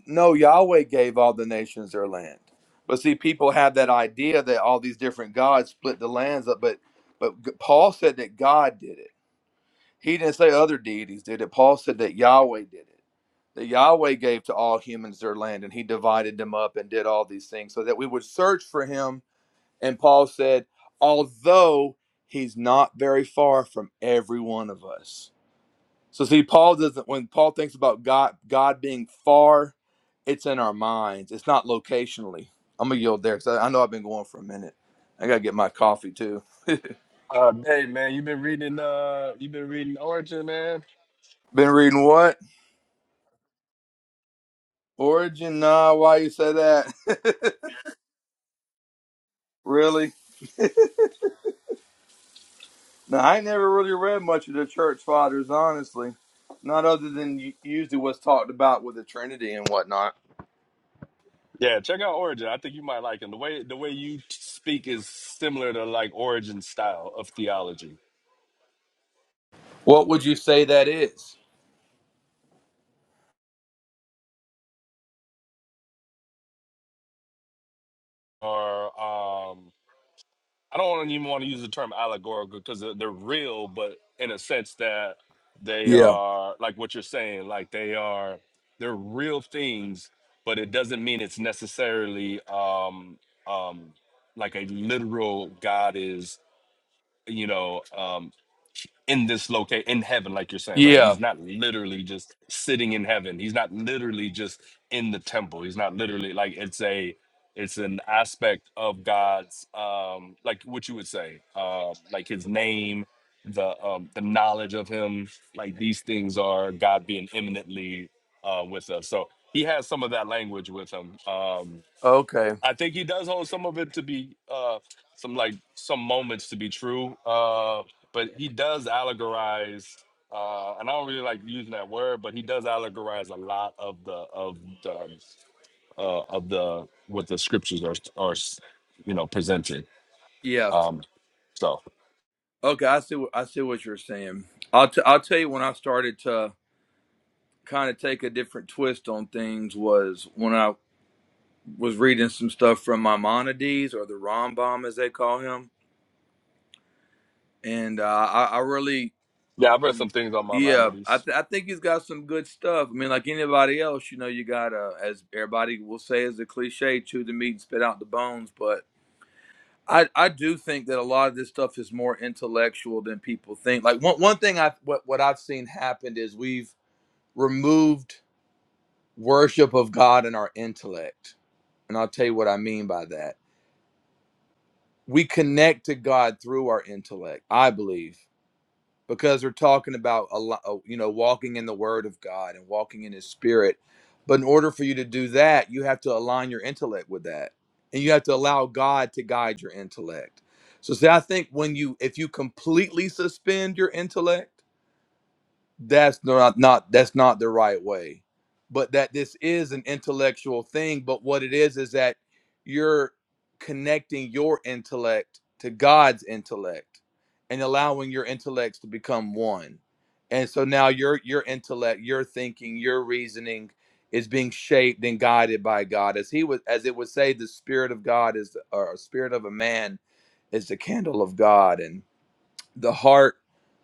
no, Yahweh gave all the nations their land. But see, people have that idea that all these different gods split the lands up. But but G- Paul said that God did it. He didn't say other deities did it. Paul said that Yahweh did it. That Yahweh gave to all humans their land, and He divided them up and did all these things so that we would search for Him. And Paul said, although He's not very far from every one of us so see, Paul doesn't. When Paul thinks about God, God being far, it's in our minds. It's not locationally. I'm gonna yield there because I, I know I've been going for a minute. I gotta get my coffee too.
uh, hey man, you've been reading uh you've been reading Origin, man.
Been reading what? Origin? Nah. Why you say that? really? Now I ain't never really read much of the church fathers, honestly. Not other than u- usually what's talked about with the Trinity and whatnot.
Yeah, check out Origin. I think you might like him. The way the way you speak is similar to like Origin style of theology.
What would you say that is?
Or um I don't wanna even want to use the term allegorical because they're, they're real, but in a sense that they
Yeah.
are like what you're saying, like they are they're real things, but it doesn't mean it's necessarily um um like a literal God is you know, um, in this location in heaven, like you're saying, right?
Yeah.
He's not literally just sitting in heaven. He's not literally just in the temple. He's not literally like it's a it's an aspect of God's um like what you would say, uh like his name, the um the knowledge of him, like these things are God being imminently uh with us. So he has some of that language with him. Um
Okay.
I think he does hold some of it to be uh some like some moments to be true. Uh but he does allegorize uh and I don't really like using that word, but he does allegorize a lot of the of the uh of the what the scriptures are are you know presented.
Yeah.
Um so
Okay, I see. what- I see what you're saying. I'll t- I'll tell you when I started to kind of take a different twist on things was when I was reading some stuff from Maimonides or the Rambam as they call him, and uh, I, I really,
yeah, I've read some things on my mind
yeah,
of
I
these.
th- I think he's got some good stuff. I mean, like anybody else, you know, you gotta, as everybody will say, as a cliche, chew the meat and spit out the bones, but. I, I do think that a lot of this stuff is more intellectual than people think. Like one one thing I what what I've seen happened is we've removed worship of God in our intellect. And I'll tell you what I mean by that. We connect to God through our intellect, I believe, because we're talking about a lot, you know, walking in the word of God and walking in his spirit. But in order for you to do that, you have to align your intellect with that. And you have to allow God to guide your intellect. So see, I think when you if you completely suspend your intellect, that's no, not not that's not the right way but that this is an intellectual thing but what it is is that you're connecting your intellect to god's intellect and allowing your intellects to become one and so now your your intellect your thinking your reasoning is being shaped and guided by god as he was as it would say the spirit of god is or spirit of a man is the candle of god the heart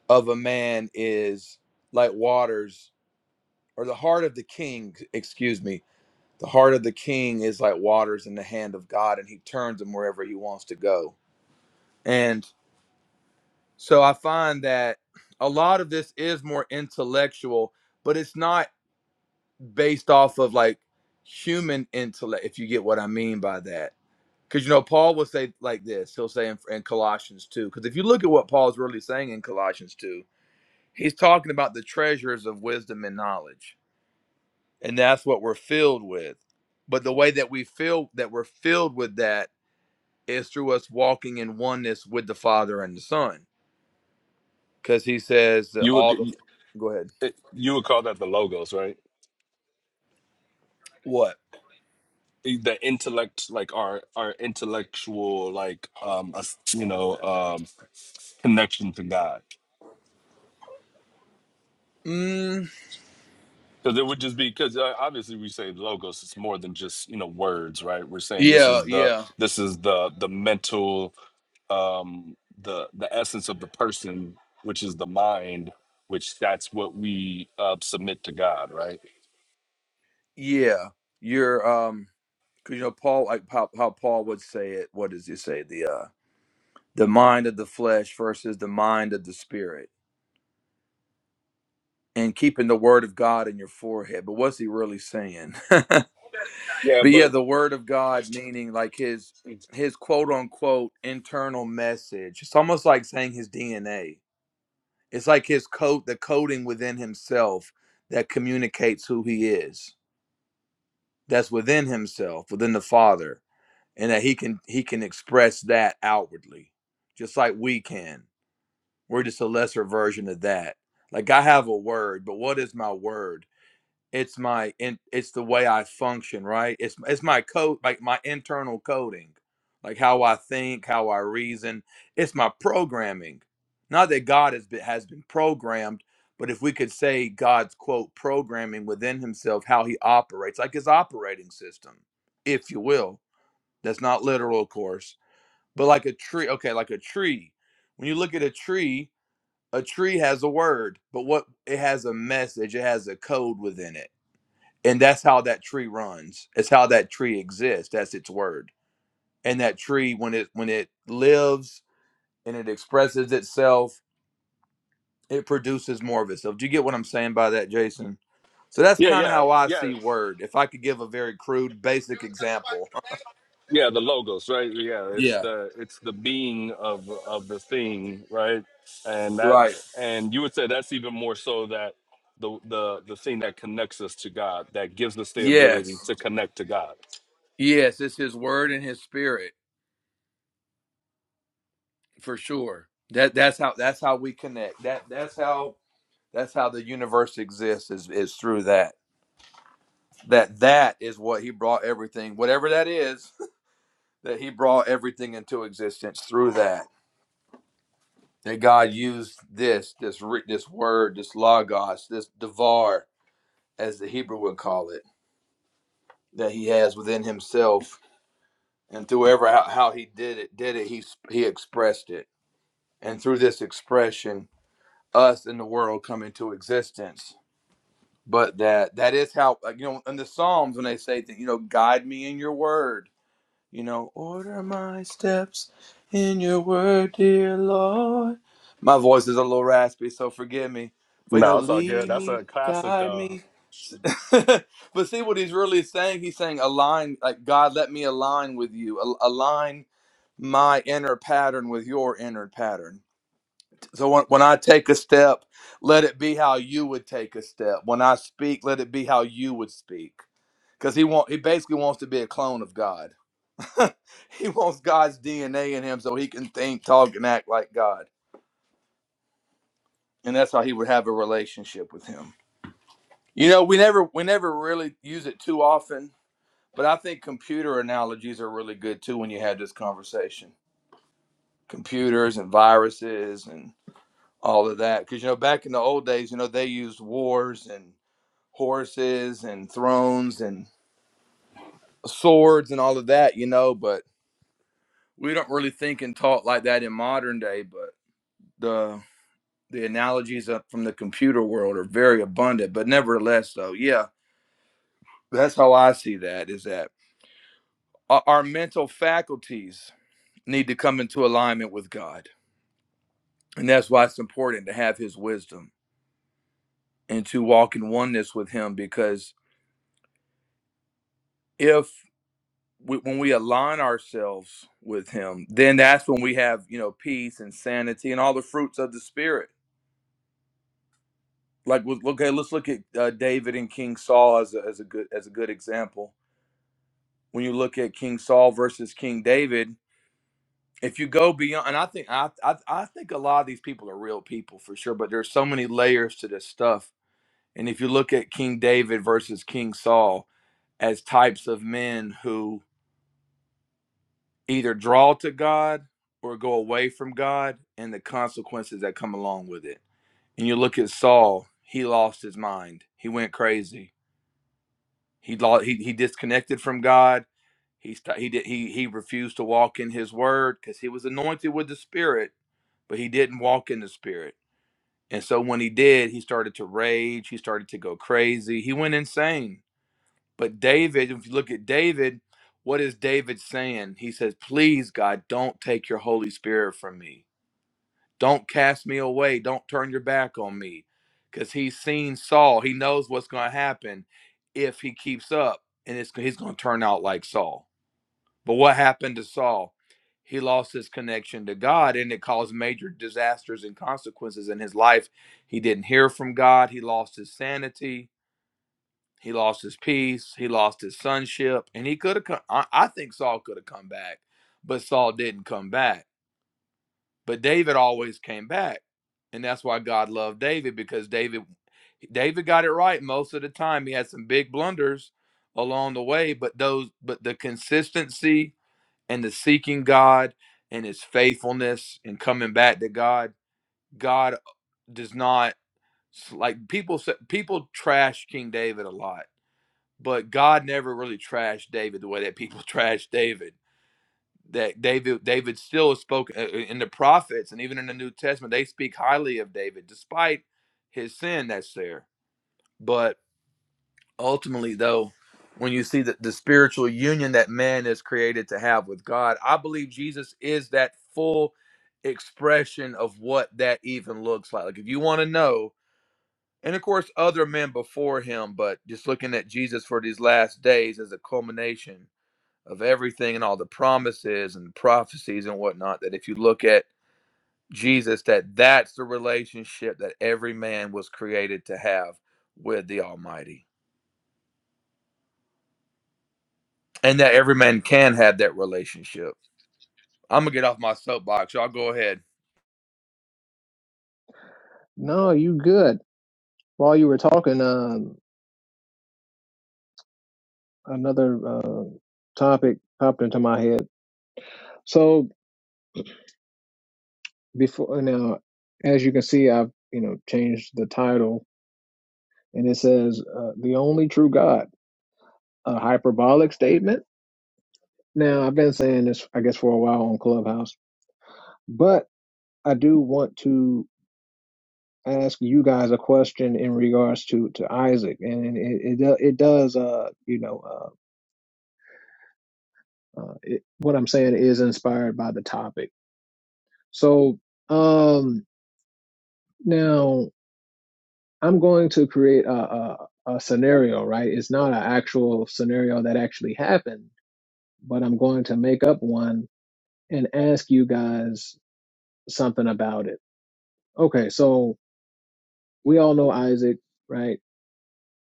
of a man is like waters or the heart of the king excuse me the heart of the king is like waters in the hand of god and he turns them wherever he wants to go and so i find that a lot of this is more intellectual but it's not based off of like human intellect if you get what i mean by that because you know paul will say like this he'll say in, in colossians 2 because if you look at what paul's really saying in colossians 2 He's talking about the treasures of wisdom and knowledge. And that's what we're filled with. But the way that we feel that we're filled with that is through us walking in oneness with the Father and the Son. Because he says that
You would
all the go ahead.
you would call that the logos, right?
What?
E, The intellect, like our our intellectual, like um, us- you know, um. connection to God.
Mm,
Because it would just be because uh, obviously we say logos it's more than just you know words, right? We're saying this
yeah,
is the
yeah.
this is the the mental um, the the essence of the person, which is the mind, which that's what we uh, submit to God, right?
Yeah. You're um because you know Paul, like how, how Paul would say it. What does he say? The uh, the mind of the flesh versus the mind of the spirit, and keeping the word of God in your forehead. But what's he really saying?
Yeah,
But yeah,
but
the word of God meaning like his his quote unquote internal message. It's almost like saying his DNA. It's like his code the coding within himself that communicates who he is. That's within himself, within the Father, and that he can he can express that outwardly, just like we can. We're just a lesser version of that. Like I have a word, but what is my word? it's my in, it's the way I function, right? It's it's my code, like my internal coding, like how I think, how I reason. It's my programming. Not that God has been has been programmed, but if we could say God's quote programming within Himself, how He operates, like His operating system, if you will. That's not literal, of course, but like a tree. Okay, like a tree. When you look at a tree, a tree has a word, but what it has a message, it has a code within it and that's how that tree runs it's how that tree exists that's its word and that tree when it when it lives and it expresses itself it produces more of itself do you get what i'm saying by that jason so that's
yeah,
kind of
yeah,
how i
yeah.
see word if i could give a very crude basic example
Yeah, the logos, right? Yeah, it's
yeah
the it's the being of of the thing, right? And that
right
and you would say that's even more so that the the the thing that connects us to God, that gives us the ability
yes
to connect to God.
yes it's his word and his spirit for sure that that's how that's how we connect that that's how that's how the universe exists is is through that that that is what he brought everything whatever that is that he brought everything into existence through that that god used this this this word this logos this devar as the hebrew would call it that he has within himself and through ever how, how he did it did it he he expressed it and through this expression us and the world come into existence but that that is how like, you know in the psalms when they say that you know guide me in your word You know, order my steps in your word, dear Lord. My voice is a little raspy, so forgive me. But you know,
No, it's all good.
lead
That's
me,
a classic
guide
though.
me. but see what he's really saying? He's saying, align, like, God, let me align with you, Al- align my inner pattern with your inner pattern. So when, when I take a step, let it be how you would take a step. When I speak, let it be how you would speak. Because he, want, he basically wants to be a clone of God he wants God's DNA in him so he can think, talk, and act like God. And that's how he would have a relationship with him. You know, we never we never really use it too often, but I think computer analogies are really good too when you had this conversation. Computers and viruses and all of that. Because you know, back in the old days, you know, they used wars and horses and thrones and swords and all of that, you know, but we don't really think and talk like that in modern day, but the the analogies up from the computer world are very abundant but nevertheless though yeah that's how i see that is that our, mental faculties need to come into alignment with god and that's why it's important to have his wisdom and to walk in oneness with him because if we, when we align ourselves with him then that's when we have you know peace and sanity and all the fruits of the spirit like okay let's look at uh, david and king saul as a, as a good as a good example when you look at King Saul versus King David, if you go beyond, and I think I, I I think a lot of these people are real people for sure, but there's so many layers to this stuff. And if you look at King David versus King Saul as types of men who either draw to God or go away from God and the consequences that come along with it. And you look at Saul, he lost his mind. He went crazy. He lost, he, he disconnected from God He st- he did he he refused to walk in his word because he was anointed with the Spirit, but he didn't walk in the Spirit. And so when he did, he started to rage. He started to go crazy. He went insane. But David, if you look at David, what is David saying? He says, "Please, God, don't take your Holy Spirit from me. Don't cast me away. Don't turn your back on me." Because he's seen Saul. He knows what's going to happen if he keeps up, and it's he's going to turn out like Saul but what happened to Saul? He lost his connection to God and it caused major disasters and consequences in his life. He didn't hear from God. He lost his sanity. He lost his peace. He lost his sonship. And he could have come. I, I think Saul could have come back, but Saul didn't come back. But David always came back. And that's why God loved David because David David got it right most of the time. He had some big blunders along the way, but those but the consistency and the seeking God and his faithfulness and coming back to God. God does not like people say people trash King David a lot, but God never really trashed David the way that people trash David. That David David still is spoken uh, uh, in the prophets and even in the New Testament they speak highly of David despite his sin that's there. But ultimately though when you see that the spiritual union that man is created to have with god i believe jesus is that full expression of what that even looks like like if you want to know and of course other men before him but just looking at jesus for these last days as a culmination of everything and all the promises and prophecies and whatnot that if you look at jesus that that's the relationship that every man was created to have with the almighty and that every man can have that relationship. I'm gonna get off my soapbox. Y'all go ahead.
No, you good. While you were talking, um another uh, topic popped into my head. So before now, as you can see, I've you know changed the title and it says uh, the only true God, a hyperbolic statement. Now, I've been saying this, I guess, for a while on Clubhouse, but I do want to ask you guys a question in regards to to Isaac, and it it, do- it does, uh, you know, uh, uh, it, what I'm saying is inspired by the topic. So um, now I'm going to create a, a a scenario, right? It's not an actual scenario that actually happened, but I'm going to make up one and ask you guys something about it. Okay, so we all know Isaac, right?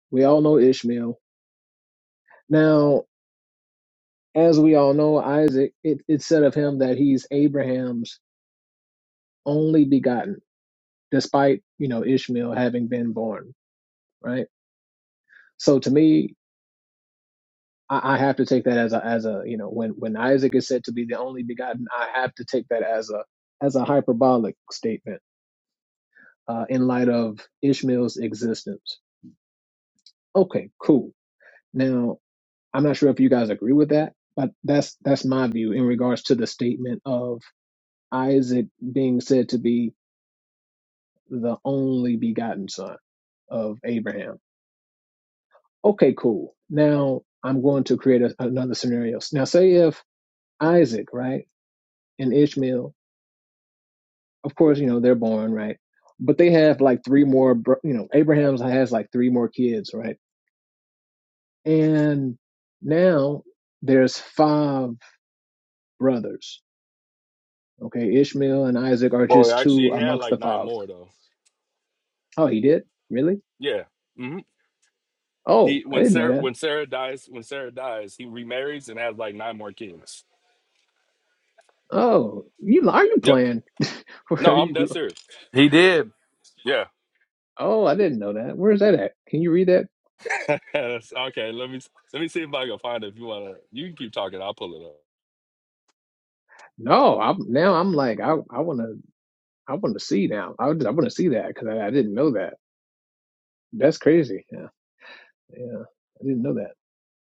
We all know Ishmael. Now, as we all know, Isaac, it, it's said of him that he's Abraham's only begotten, despite, you know, Ishmael having been born, right? So to me, I, I have to take that as a, as a, you know, when, when Isaac is said to be the only begotten, I have to take that as a, as a hyperbolic statement, uh, in light of Ishmael's existence. Okay, cool. Now, I'm not sure if you guys agree with that, but that's that's my view in regards to the statement of Isaac being said to be the only begotten son of Abraham. Okay, cool. Now I'm going to create a, another scenario. Now say if Isaac, right, and Ishmael, of course, you know, they're born, right? But they have like three more, bro- you know, Abraham has like three more kids, right? And now there's five brothers Okay, Ishmael and Isaac are
Well,
just two
actually, he had
amongst the
like nine
five.
more though.
Oh, he did? Really?
Yeah. hmm
Oh,
He
I
when
didn't know
Sarah
that.
when Sarah dies when Sarah dies, he remarries and has like nine more kids.
Oh, you are you
Yep.
playing? Where
No,
are
I'm
you
dead
going?
serious.
He did.
Oh, I didn't know that. Where's that at? Can you read that?
That's- okay, let me let me see if I can find it. If you wanna, you can keep talking. I'll pull it up.
No, I'm now I'm like I I want to I want to see now. I I want to see that because I, I didn't know that. That's crazy. Yeah, yeah, I didn't know that.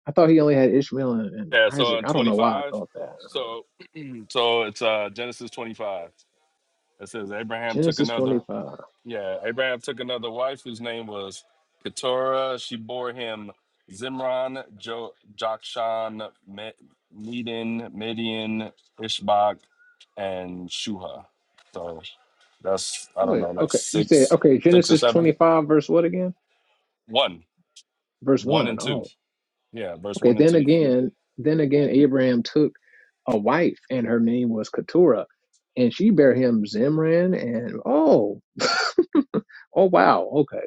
I thought he only had Ishmael and, and
Yeah. So
Isaac.
in
I don't
twenty
know why I
five,
thought that.
so so it's uh Genesis twenty five. It says Abraham took
Genesis
another.
25.
Yeah, Abraham took another wife whose name was Keturah. She bore him Zimron, jo- Jokshan, Me- Medan, Midian, Ishbak, and Shuha. So that's I don't
Wait,
know, like
okay. You said
six,
okay.
six or
Genesis
seven.
25 verse what again?
One,
Verse
one
one.
and two.
Oh.
Yeah, verse
Okay,
one and
then
two.
again, then again, Abraham took a wife, and her name was Keturah, and she bare him Zimran, and oh, oh wow, okay,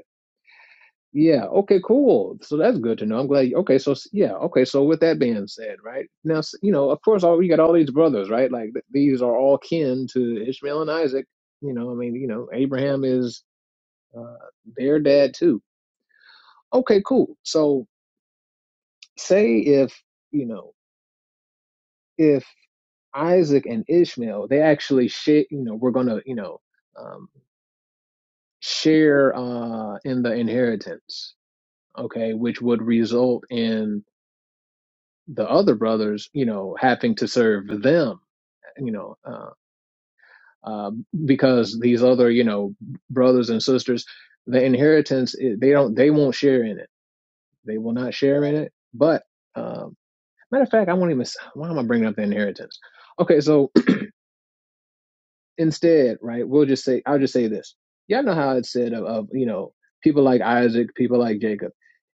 yeah, okay, cool. So that's good to know. I'm glad. Okay, so s- yeah, okay, so with that being said, right now, s- you know, of course, all we got all these brothers, right? Like th- these are all kin to Ishmael and Isaac. You know, I mean, you know, Abraham is uh, their dad too. Okay, cool. So say if you know if Isaac and Ishmael, they actually share, you know, we're gonna, you know, um, share uh, in the inheritance, okay, which would result in the other brothers, you know, having to serve them, you know, uh, uh, because these other, you know, brothers and sisters, the inheritance, i- they don't, they won't share in it. They will not share in it. But um, matter of fact, I won't even. s- Why am I bringing up the inheritance? Okay, so instead, right, we'll just say, I'll just say this. Y'all know how it's said of, of, you know, people like Isaac, people like Jacob.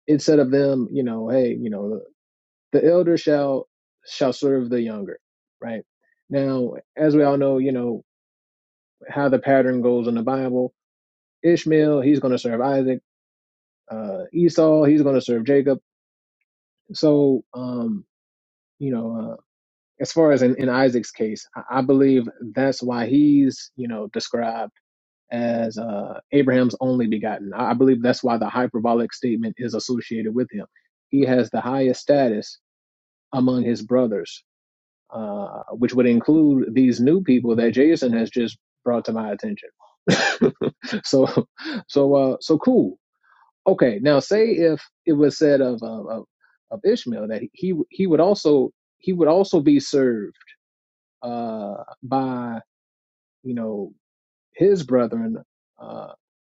It said of them, you know, hey, you know, the, elder shall shall serve the younger, right? Now, as we all know, you know how the pattern goes in the Bible. Ishmael, he's going to serve Isaac. Uh, Esau, he's going to serve Jacob. So, um, you know, uh, as far as in, in Isaac's case, I, I believe that's why he's, you know, described as uh, Abraham's only begotten. I I believe that's why the hyperbolic statement is associated with him. He has the highest status among his brothers, uh, which would include these new people that Jason has just brought to my attention. so, so, uh, so cool. Okay, now say if it was said of of, of of Ishmael that he he would also he would also be served uh, by you know his brethren Uh,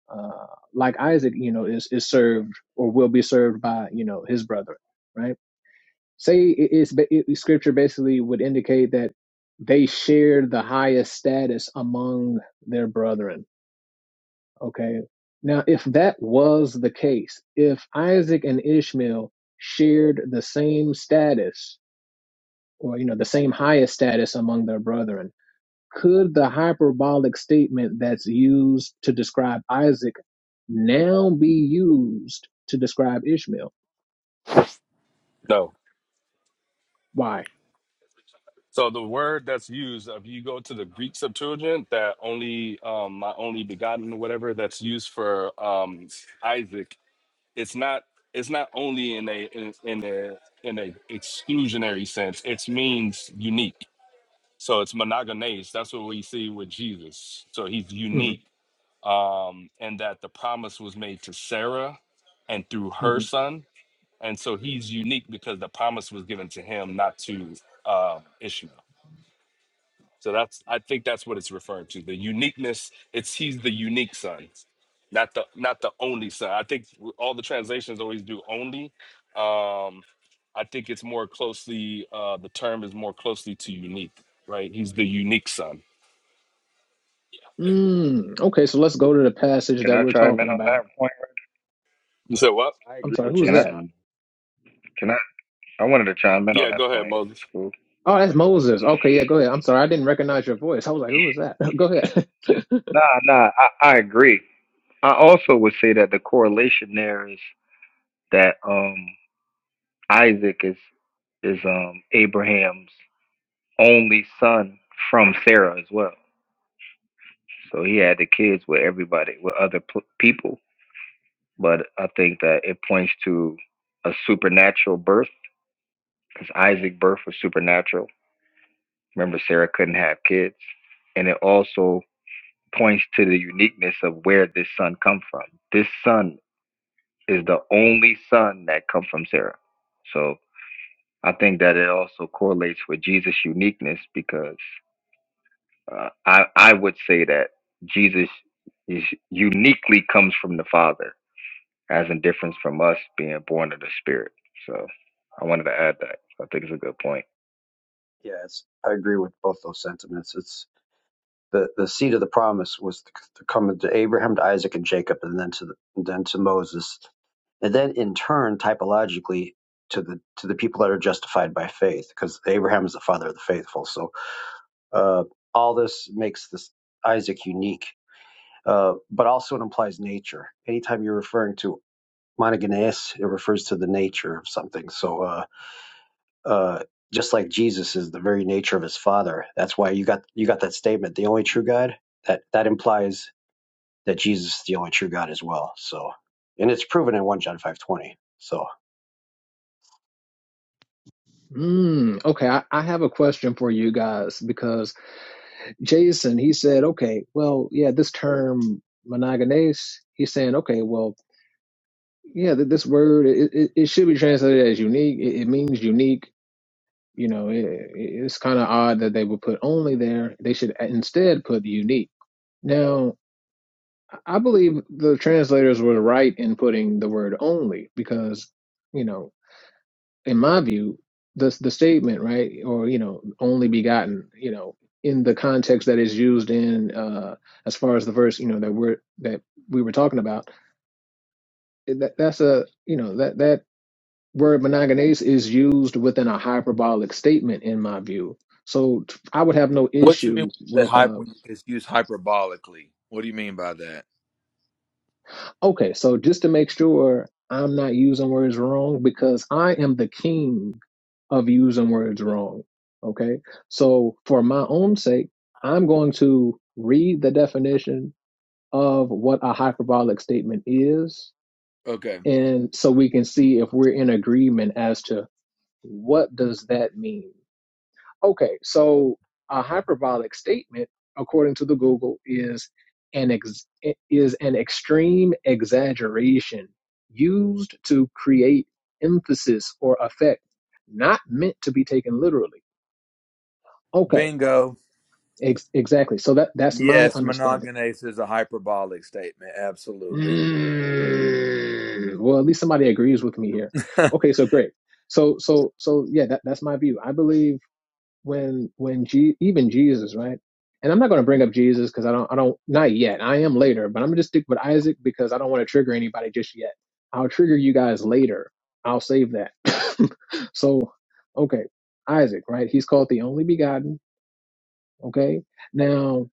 uh, like Isaac, you know, is is served or will be served by you know his brother, right? Say it- it's ba- it, scripture basically would indicate that they shared the highest status among their brethren. Okay, now if that was the case, if Isaac and Ishmael shared the same status or you know the same highest status among their brethren could the hyperbolic statement that's used to describe Isaac now be used to describe Ishmael?
No.
Why?
So the word that's used, if you go to the Greek Septuagint, that only um my only begotten or whatever that's used for um Isaac, it's not it's not only in a in, in a in a exclusionary sense. It means unique. So it's monogenes. That's what we see with Jesus. So he's
hmm
unique. Um, and that the promise was made to Sarah and through her
hmm
son. and so he's unique because the promise was given to him, not to uh, Ishmael. So that's I think that's what it's referring to. The uniqueness. It's he's the unique son, not the not the only son. I think all the translations always do only. Um, I think it's more closely. Uh, the term is more closely to unique, right? He's the unique son.
Mm, okay, so let's go to the passage
Can
that
I
we're
chime in
talking
on
about.
that point?
You said what?
I
I'm
agree
sorry,
with
who's
Can I?
Jason
that?
on.
Can I? I wanted to chime in on
Yeah, go
that
ahead,
point.
Moses.
It's cool.
Oh, that's Moses. Okay, yeah, go ahead. I'm sorry, I didn't recognize your voice. I was like, who was that? go ahead.
Nah, nah, I, I agree. I also would say that the correlation there is that um Isaac is is um Abraham's only son from Sarah as well. So he had the kids with everybody, with other pl- people. but I think that it points to a supernatural birth because Isaac's birth was supernatural. Remember, Sarah couldn't have kids, and it also points to the uniqueness of where this son come from. This son is the only son that come from Sarah, so I think that it also correlates with Jesus' uniqueness because uh, I I would say that Jesus is uniquely comes from the Father as in difference from us being born of the spirit. So I wanted to add that. I think it's a good point.
Yeah, it's, I agree with both those sentiments. It's the, the seed of the promise was to, to come to Abraham, to Isaac, and Jacob, and then to the, and then to Moses, and then in turn, typologically, to the to the people that are justified by faith, because Abraham is the father of the faithful. So uh, all this makes this Isaac unique, uh, but also it implies nature. Anytime you're referring to monogenes, it refers to the nature of something. So. Uh, uh, just like Jesus is the very nature of his Father. That's why you got you got that statement, the only true God. That that implies that Jesus is the only true God as well. So, and it's proven in one John five twenty. So,
Mm, okay, I, I have a question for you guys because Jason, he said, okay, well, yeah, this term monogamous, he's saying, okay, well, yeah, th- this word it, it, it should be translated as unique. It, it means unique. You know, it, it- it's kind of odd that they would put only there. They should instead put unique. Now, I believe the translators were right in putting the word only because, you know, in my view, the the statement right or you know only begotten, you know, in the context that is used in uh as far as the verse you know that we're that we were talking about that that's a you know that that word monogenes is used within a hyperbolic statement in my view so t- i would have no
What you mean
issue
by
with
hype
uh
when it's used hyperbolically? What do you mean by that?
okay so just to make sure i'm not using words wrong because i am the king of using words wrong okay so for my own sake i'm going to read the definition of what a hyperbolic statement is
Okay.
and so we can see if we're in agreement as to what does that mean Okay, so a hyperbolic statement, according to the Google, is an ex- is an extreme exaggeration used to create emphasis or effect, not meant to be taken literally. Okay,
Bingo.
ex- exactly. So that that's my
Yes,
understanding.
monogamous is a hyperbolic statement. Absolutely.
Mm, well, at least somebody agrees with me here.
yeah,
Okay, so great. So so so yeah, that, that's my view. I believe. when when G, even Jesus, right? And I'm not going to bring up Jesus because I don't I don't not yet. I am later, but I'm gonna just stick with Isaac because I don't want to trigger anybody just yet. I'll trigger you guys later. I'll save that. so, okay, Isaac, right? He's called the only begotten. Okay, now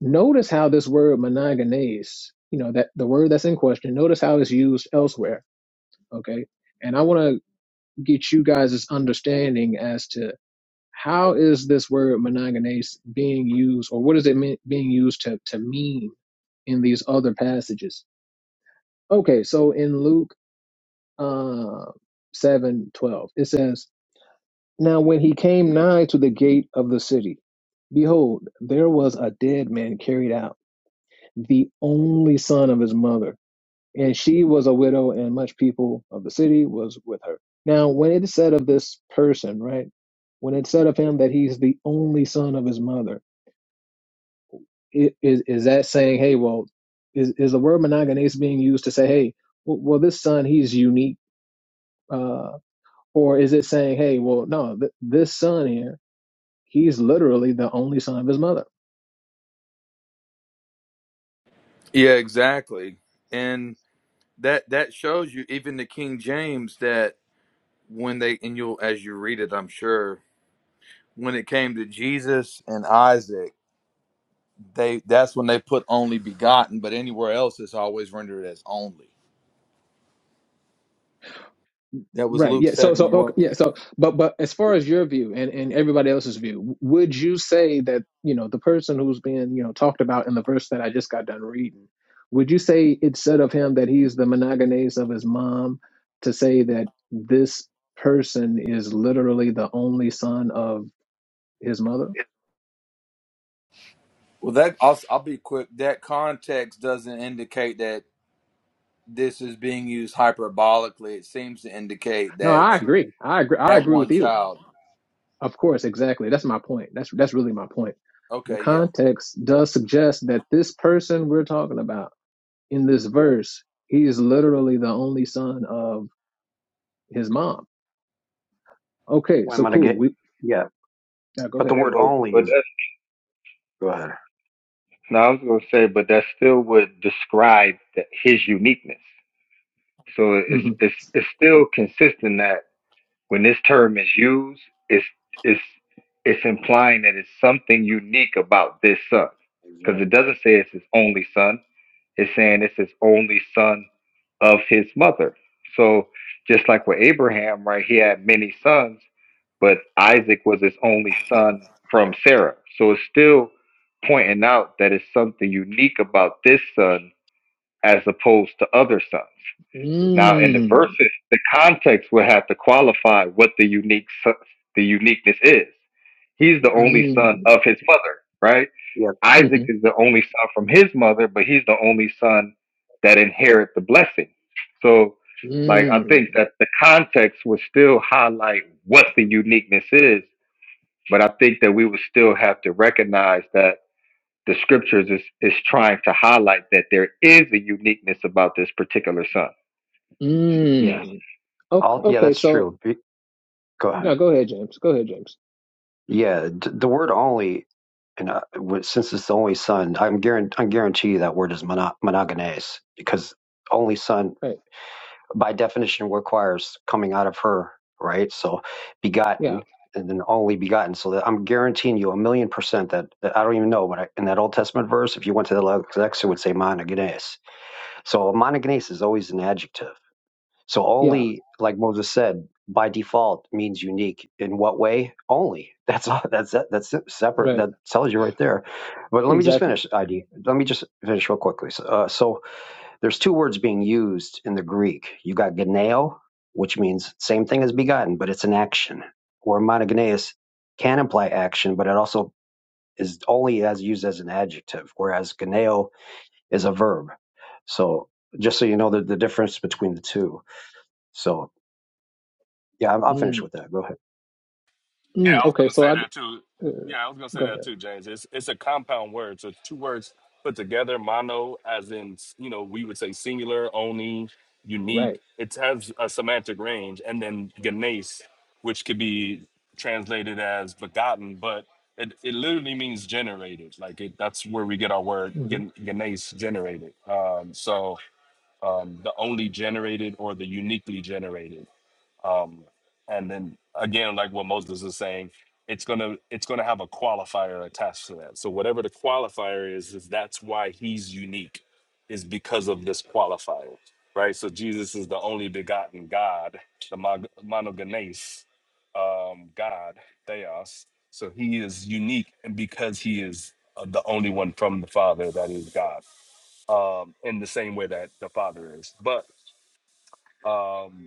notice how this word monogenes, you know that the word that's in question. Notice how it's used elsewhere. Okay, and I want to get you guys' understanding as to how is this word monogenes being used, or what is it mean, being used to, to mean in these other passages? Okay, so in Luke uh, seven twelve, it says, Now when he came nigh to the gate of the city, behold, there was a dead man carried out, the only son of his mother, and she was a widow, and much people of the city was with her. Now, when it is said of this person, right, when it said of him that he's the only son of his mother, is is that saying, hey, well, is is the word monogamous being used to say, hey, w- well, this son he's unique, uh, or is it saying, hey, well, no, th- this son here, he's literally the only son of his mother.
exactly. And that that shows you even the King James that when they and you'll as you read it, I'm sure, when it came to Jesus and Isaac they that's when they put only begotten, but anywhere else it's always rendered as only. That was
Right.
Luke
Yeah. So, so,
seven
okay,
one.
yeah. So, but, but as far as your view and, and everybody else's view, w- would you say that, you know, the person who's being, you know, talked about in the verse that I just got done reading, would you say it's said of him that he's the monogenes of his mom to say that this person is literally the only son of his mother?
Well, that I'll, I'll be quick. That context doesn't indicate that this is being used hyperbolically. It seems to indicate
No,
that
I agree. I agree. I
had
agree with
one
you.
child.
Of course. Exactly. That's my point. That's, that's really my point. The
Okay, yeah.
context does suggest that this person we're talking about in this verse, he is literally the only son of his mom. Okay,
why
so
am I gonna
cool.
get?
We
Yeah,
now go
but the
ahead.
Yeah,
word
but
Yeah.
only
but
is.
that's
Go ahead.
no, I was gonna say, but that still would describe the, his uniqueness. So it's
Mhm.
it's it's still consistent that. When this term is used, it's it's it's implying that it's something unique about this son. Because it
Exactly.
doesn't say it's his only son. It's saying it's his only son of his mother. So just like with Abraham, right, he had many sons, but Isaac was his only son from Sarah. So it's still pointing out that it's something unique about this son as opposed to other sons. Now, in the
Mm.
verses, the context would have to qualify what the unique so- the uniqueness is. He's the
Yeah.
only son
Mm.
of his mother, right?
Yeah.
Isaac
Mhm.
is the only son from his mother, but he's the only son that inherit the blessing. So, like, I think
Mm.
that the context would still highlight what the uniqueness is, but I think that we would still have to recognize that the scriptures is, is trying to highlight that there is a uniqueness about this particular son.
Yes.
Mm. O-
All. Yeah,
Okay,
that's
so
true. Be- Go
no,
ahead.
go ahead, James. Go ahead, James.
Yeah, d- the word only. And uh, w- since it's the only son, I'm guarant- I guarantee you that word is mono- monogenes because only son
Right.
by definition requires coming out of her, right? So
Yeah.
begotten and then only begotten. So that I'm guaranteeing you a million percent that, that I don't even know, but I, in that Old Testament verse, if you went to the Lex, it would say monogenes. So monogenes is always an adjective. So
Yeah.
only, like Moses said, by default means unique. In what way? Only. That's all. That's that's separate.
Right.
That tells you right there. But let me just
Exactly.
finish. ID. Let me just finish real quickly. So, uh, so there's two words being used in the Greek. You got geneo, which means same thing as begotten, but it's an action. Or monogenes can imply action, but it also is only as used as an adjective, whereas geneo is a verb. So just so you know the, the difference between the two. So yeah, I'm, I'm finished
Mm.
with that. Go ahead.
Yeah,
Mm.
I was
Okay,
gonna
so
say
I
that too.
uh,
Yeah, I was gonna say
go
that
ahead.
too, James. It's it's a compound word. So two words put together, mono, as in you know we would say singular, only, unique.
Right.
It has a semantic range, and then genes, which could be translated as begotten, but it, it literally means generated. Like it, that's where we get our word
Mhm.
gen- genes, generated. Um, so um, the only generated or the uniquely generated um, and then again like what moses is saying it's gonna it's gonna have a qualifier attached to that so whatever the qualifier is is that's why he's unique is because of this qualifier right so jesus is the only begotten god the mon- monogenes um, god theos so he is unique and because he is uh, the only one from the father that is god um, in the same way that the father is but um,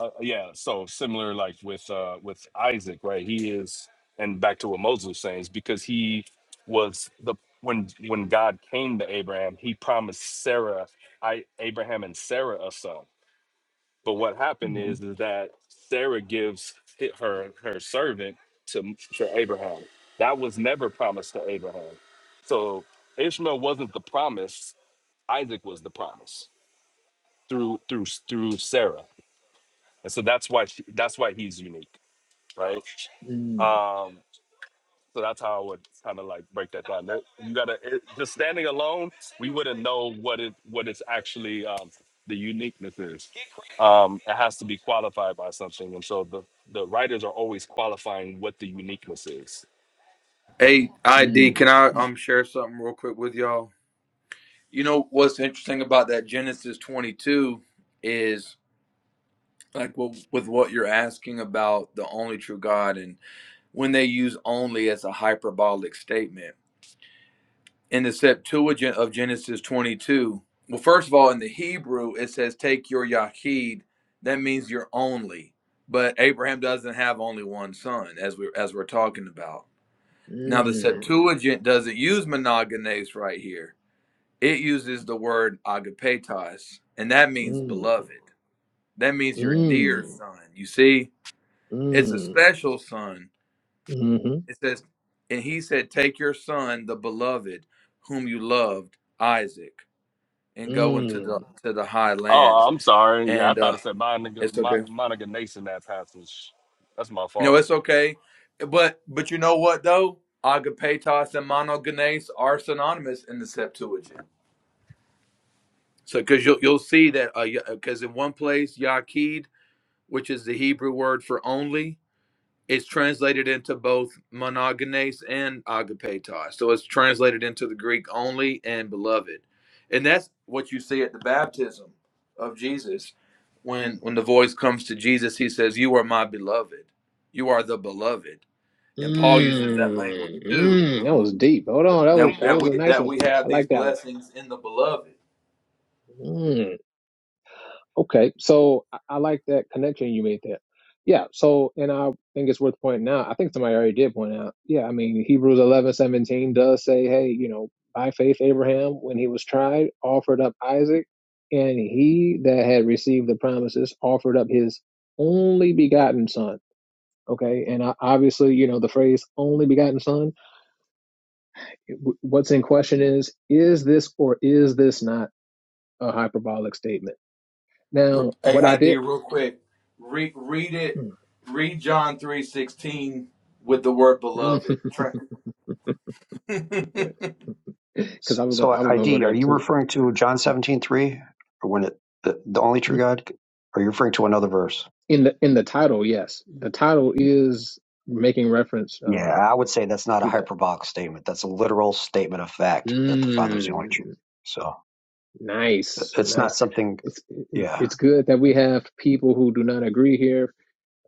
uh, yeah so similar like with uh with isaac right he is and back to what moses was saying is because he was the when when god came to abraham he promised sarah i abraham and sarah a son but what happened
Mhm.
is, is that sarah gives hi- her her servant to to abraham that was never promised to abraham so ishmael wasn't the promise isaac was the promise through through through sarah and so that's why she, that's why he's unique right?
Mm.
Um, so that's how I would kind of like break that down. That, you gotta it, just standing alone, we wouldn't know what it what it's actually um, the uniqueness is. Um, it has to be qualified by something, and so the the writers are always qualifying what the uniqueness is.
Hey, ID,
Mm.
can I um share something real quick with y'all? You know what's interesting about that Genesis twenty two is like well, with what you're asking about the only true God and when they use only as a hyperbolic statement. In the Septuagint of Genesis 22, well, first of all, in the Hebrew, it says, Take your Yachid. That means you're only. But Abraham doesn't have only one son, as we as we're talking about. Now, the
Mm.
Septuagint doesn't use monogenes right here. It uses the word agapetos, and that means
Mm.
beloved. That means your dear
Mm.
son. You see, it's a
Mm.
special son
Mhm.
It says, and he said, Take your son, the beloved, whom you loved, Isaac, and go into the
Mm,
to the high
Oh,
lands.
I'm sorry. Yeah, I
And uh
thought it said Monica,
it's
Mo-
okay.
Monica Nation that passage. That's my
No,
fault.
it's okay. But but you know what though? Agapetos and monogenes are synonymous in the Septuagint. So because you'll you'll see that because in one place Yaqid, which is the Hebrew word for only, it's translated into both monogenes and agapetos. So it's translated into the Greek only and beloved. And that's what you see at the baptism of Jesus. When when the voice comes to Jesus, he says, You are my beloved. You are the beloved. And Paul uses that language
mm,
too.
mm. That was deep. Hold on, that
That,
was that
that
was a
we
nice
that
one.
we have
I
these
like that one.
blessings in the beloved.
Mm. Okay, so I, I like that connection you made there. Yeah. So, and I think it's worth pointing out. I think somebody already did point out. Yeah, I mean Hebrews eleven seventeen does say, hey, you know, by faith Abraham, when he was tried, offered up Isaac, and he that had received the promises offered up his only begotten son. Okay, and I, obviously, you know, the phrase "only begotten son." w- what's in question is is this or is this not a hyperbolic statement now what i
AID
did
real quick. Re- read it, read John three sixteen with the word beloved.
good,
Tra-
because
So,
i was going
so
i was going to go
ID, are
there
you
too
referring to John 17:3, or when it the, the only true God? Are you referring to another verse?
in the in the title yes the title is making reference
Yeah,
uh
I would say that's not a
to that
hyperbolic statement. That's a literal statement of fact that the Father's the only
mm,
true. So it-
nice
it's not
nice
something.
it's, it's
Yeah,
it's good that we have people who do not agree here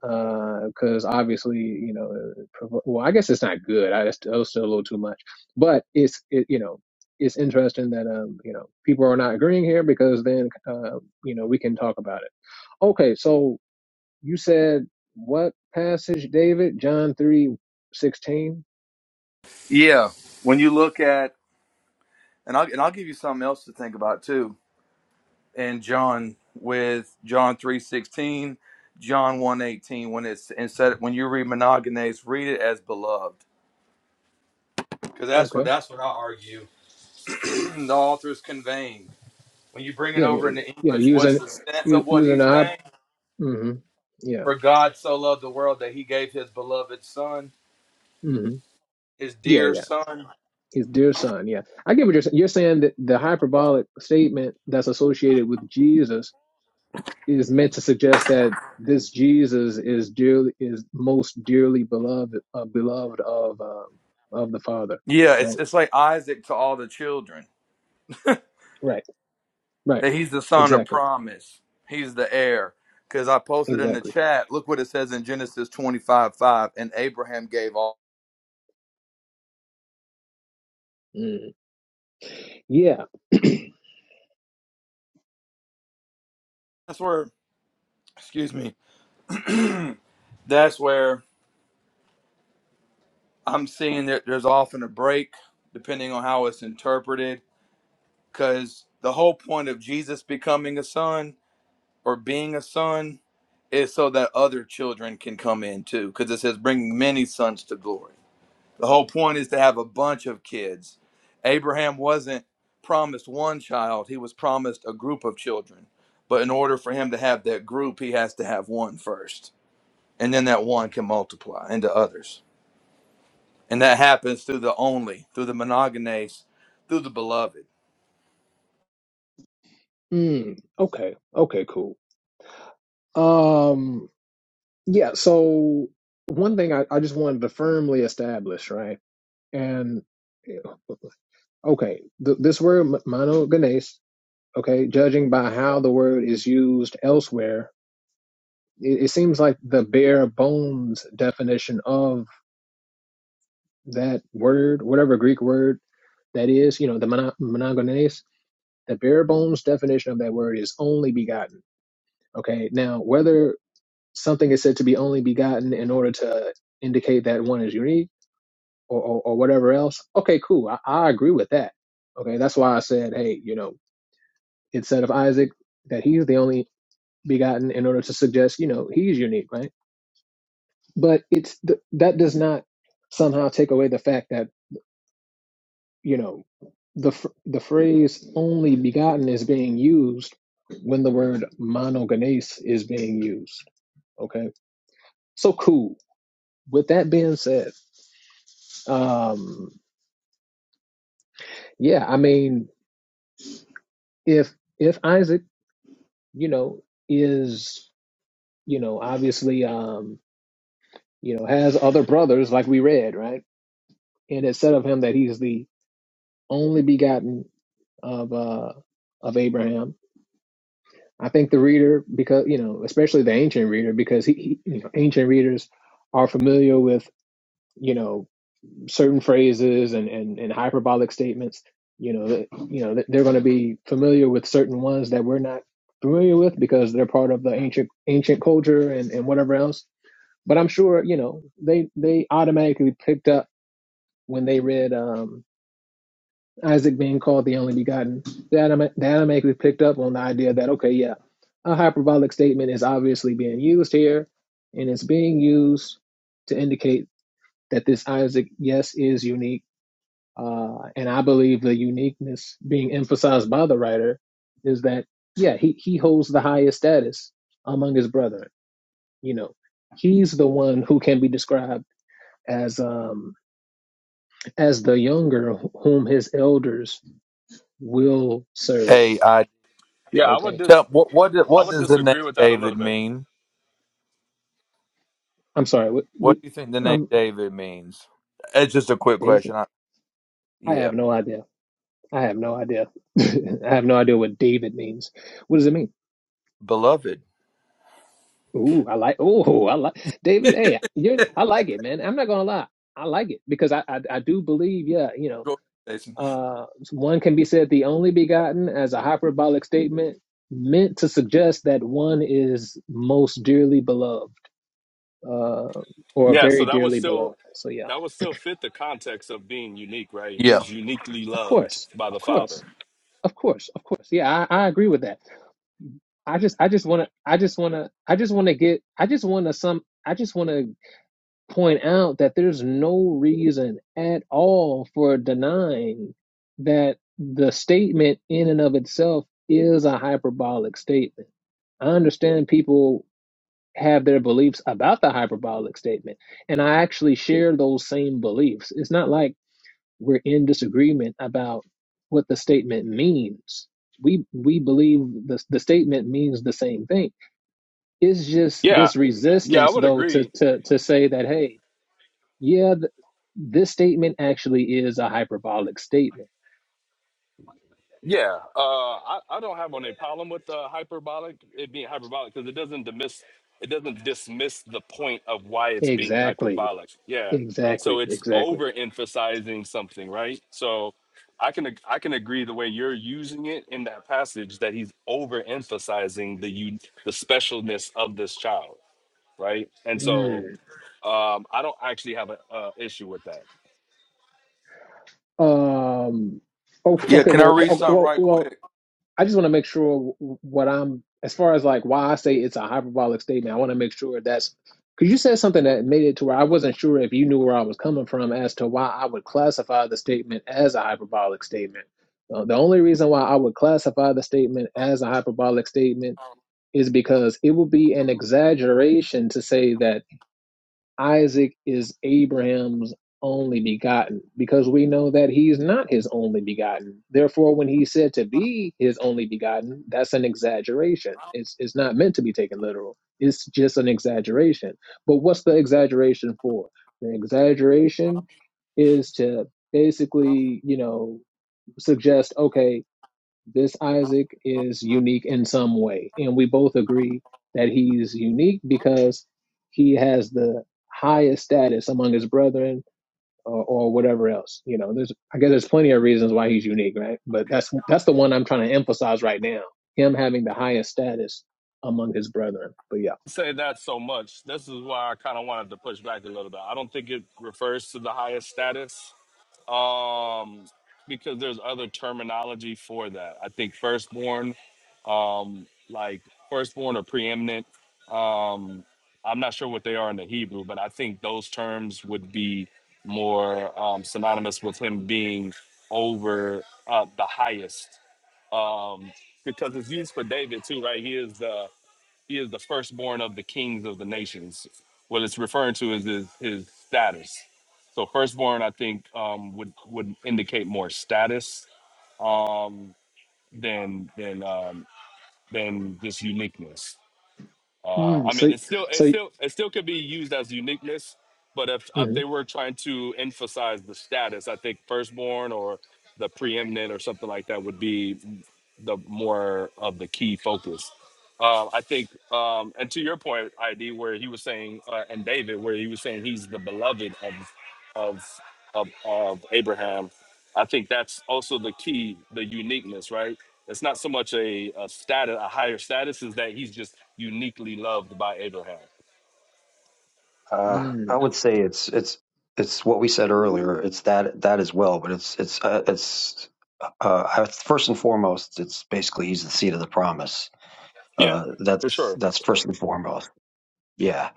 because obviously, you know, it provo- well, I guess it's not good. I just, that was still a little too much, but it's, it, you know, it's interesting that um, you know, people are not agreeing here because then, uh, you know, we can talk about it. Okay, so you said what passage, David? John three sixteen.
Yeah, when you look at and I'll and I'll give you something else to think about too. And John with John three sixteen, John one eighteen, when it's instead when you read monogenes, read it as beloved, because that's what
Okay,
that's what I argue. the author's conveying when you bring it
yeah, yeah,
over
yeah,
into
yeah.
English. What's
Using,
the sense
u-
of what
using
he's
our,
saying?
mm-hmm, yeah,
For God so loved the world that he gave his beloved son,
mm-hmm,
his
yeah,
dear
yeah.
son.
His dear son, yeah. I get what you're saying. You're saying that the hyperbolic statement that's associated with Jesus is meant to suggest that this Jesus is dearly is most dearly beloved uh, beloved of um, of the Father,
Yeah, it's
right?
it's like Isaac to all the children
Right, right,
that he's the son of
exactly,
promise. He's the heir. Because I posted in the
exactly.
chat, look what it says in Genesis 25 5, and Abraham gave all.
Mm. Yeah.
That's where, excuse me, that's where I'm seeing that there's often a break, depending on how it's interpreted. Because the whole point of Jesus becoming a son or being a son is so that other children can come in too. Because it says, bring many sons to glory. The whole point is to have a bunch of kids. Abraham wasn't promised one child, he was promised a group of children. But in order for him to have that group, he has to have one first. And then that one can multiply into others. And that happens through the only, through the monogenes, through the beloved.
mm. Okay. Okay. Cool. Um. Yeah. So one thing I, I just wanted to firmly establish, right? And eh, okay, th- this word monogenes. Okay, judging by how the word is used elsewhere it, it seems like the bare bones definition of that word, whatever Greek word that is, you know, the mono- monogenes, the bare bones definition of that word is only begotten. Okay. Now, whether something is said to be only begotten in order to indicate that one is unique or, or, or whatever else, okay, cool. I, I agree with that. Okay. That's why I said, hey, you know, it said of Isaac that he's the only begotten in order to suggest, you know, he's unique, right? but it's th- that does not somehow take away the fact that you know the phr- the phrase only begotten is being used when the word monogenes is being used okay so cool with that being said um yeah i mean if if isaac you know is you know obviously um you know has other brothers like we read right and it said of him that he's the only begotten of uh of abraham I think the reader, because you know, especially the ancient reader, because he, he you know, ancient readers are familiar with you know certain phrases and and, and hyperbolic statements. You know, that, you know, that they're going to be familiar with certain ones that we're not familiar with because they're part of the ancient ancient culture and and whatever else. But I'm sure you know they they automatically picked up when they read. um Isaac being called the only begotten. That automa- automatically picked up on the idea that okay, yeah, a hyperbolic statement is obviously being used here, and it's being used to indicate that this Isaac, yes, is unique. Uh, and I believe the uniqueness being emphasized by the writer is that yeah, he he holds the highest status among his brethren. You know, he's the one who can be described as um as the younger whom his elders will serve
Hey, I
Yeah, I would
Okay.
dis
tell what what do-
I
what
would
does the name
disagree with that a
David
little bit.
mean?
I'm sorry. We, we,
What do you think the name
um,
David means? It's just a quick
David.
question. I,
I
yeah,
have no idea. I have no idea. I have no idea what David means. What does it mean?
beloved.
Ooh, I like. Oh, I like
Go
David. Hey, you're. I like it, man. I'm not gonna lie. I like it because I, I, I do believe. Yeah, you
ahead, Jason.
know, uh, one can be said the only begotten as a hyperbolic statement meant to suggest that one is most dearly beloved, uh, or
Yeah, so
very
that would
dearly
still
beloved. So yeah,
that would still fit the context of being unique, right? He
Yeah.
is uniquely
of
loved
course,
by
of
the
course.
Father.
Of course, of course. Yeah, I, I agree with that. I just I just wanna I just wanna I just wanna get I just wanna some I just wanna point out that there's no reason at all for denying that the statement in and of itself is a hyperbolic statement. I understand people have their beliefs about the hyperbolic statement, and I actually share those same beliefs. It's not like we're in disagreement about what the statement means. We we believe the the statement means the same thing. It's just
Yeah,
this
yeah, I
resistance,
would
though, to
agree.
to to say that hey, yeah, th- this statement actually is a hyperbolic statement.
Yeah, uh, I, I don't have any problem with uh, hyperbolic it being hyperbolic because it doesn't dismiss it doesn't dismiss the point of why it's being
Exactly,
hyperbolic. Yeah, so
exactly,
it's
exactly.
overemphasizing something, right? So I can ag- I can agree the way you're using it in that passage that he's overemphasizing the you the specialness of this child. right? And so
Mm.
um, I don't actually have an uh, issue with that.
Um. o-
Yeah,
Okay.
can I
Well.
read
o-
something
Well.
right
Well.
quick?
I just want to make sure what I'm as far as like why I say it's a hyperbolic statement. I want to make sure that's because you said something that made it to where I wasn't sure if you knew where I was coming from as to why I would classify the statement as a hyperbolic statement. Uh, the only reason why I would classify the statement as a hyperbolic statement is because it would be an exaggeration to say that Isaac is Abraham's only begotten because we know that he's not his only begotten. Therefore, when he's said to be his only begotten, that's an exaggeration. It's, it's not meant to be taken literal, it's just an exaggeration. But what's the exaggeration for? The exaggeration is to basically, you know, suggest okay, this Isaac is unique in some way. And we both agree that he's unique because he has the highest status among his brethren or, or whatever else. You know, there's, I guess there's plenty of reasons why he's unique, right? But that's, that's the one I'm trying to emphasize right now. Him having the highest status among his brethren. But yeah.
Say that so much. This is why I kind of wanted to push back a little bit. I don't think it refers to the highest status um, because there's other terminology for that. I think firstborn, um, like firstborn or preeminent. Um, I'm not sure what they are in the Hebrew, but I think those terms would be more um, synonymous with him being over uh, the highest um, because it's used for David too, right? He is the he is the firstborn of the kings of the nations. What it's referring to is his, his status. So firstborn, I think, um, would would indicate more status um, than than um, than just uniqueness. Uh,
Mm,
I mean,
so,
it's still
so,
it still it still could be used as uniqueness, but if if they
mm,
were trying to emphasize the status, I think firstborn or the preeminent or something like that would be the more of the key focus. Uh, I think, um, and to your point, ID, where he was saying, uh, and David, where he was saying he's the beloved of of of, of Abraham, I think that's also the key, the uniqueness, right? It's not so much a, a status, a higher status, is that he's just uniquely loved by Abraham.
uh, I
mm,
would say it's it's it's what we said earlier. It's that that as well, but it's it's uh, it's uh, I- first and foremost. It's basically he's the seed of the promise.
Yeah,
Uh,
for
that's
sure.
that's first and foremost. Yeah,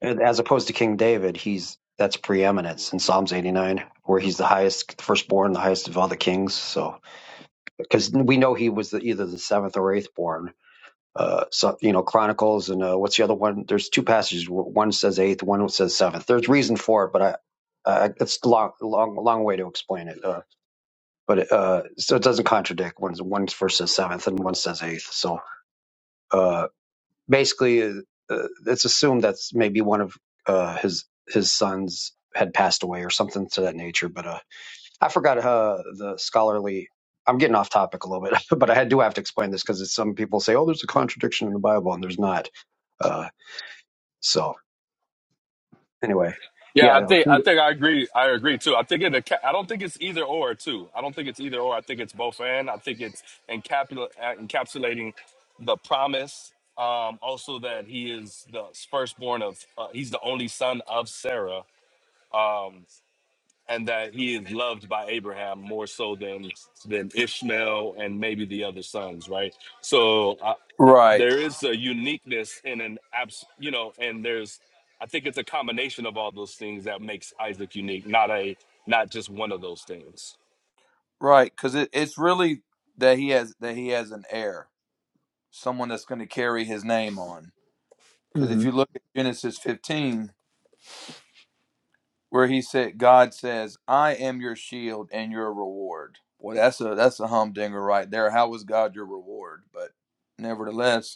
and as opposed to King David, he's that's preeminence in Psalms eighty nine, where he's the highest firstborn, the highest of all the kings. So because we know he was the, either the seventh or eighth born. Uh, so you know, Chronicles and uh, what's the other one? There's two passages. One says eighth, one says seventh. There's reason for it, but I, uh, it's a long, long, long way to explain it. Uh, but uh, so it doesn't contradict. One's one first says seventh, and one says eighth. So uh, basically, uh, uh, it's assumed that's maybe one of uh, his his sons had passed away or something to that nature. But uh, I forgot uh, the scholarly. I'm getting off topic a little bit, but I do have to explain this because some people say, "Oh, there's a contradiction in the Bible," and there's not. Uh, so anyway,
Yeah, I
yeah, like,
think I
it's
think I agree. I agree too. I think it. enca- I don't think it's either or too. I don't think it's either or. I think it's both and. I think it's encapsula- uh, encapsulating the promise. Um, also that he is the firstborn of. Uh, he's the only son of Sarah. Um, and that he is loved by Abraham more so than than Ishmael and maybe the other sons, right? So uh,
Right,
there is a uniqueness in an abs, you know, and there's I think it's a combination of all those things that makes Isaac unique, not a not just one of those things.
right, because it, it's really that he has that he has an heir, someone that's going to carry his name on. Because if
mm,
you look at Genesis 15, where he said, God says, "I am your shield and your reward." Well, that's a that's a humdinger right there. How was God your reward? But nevertheless,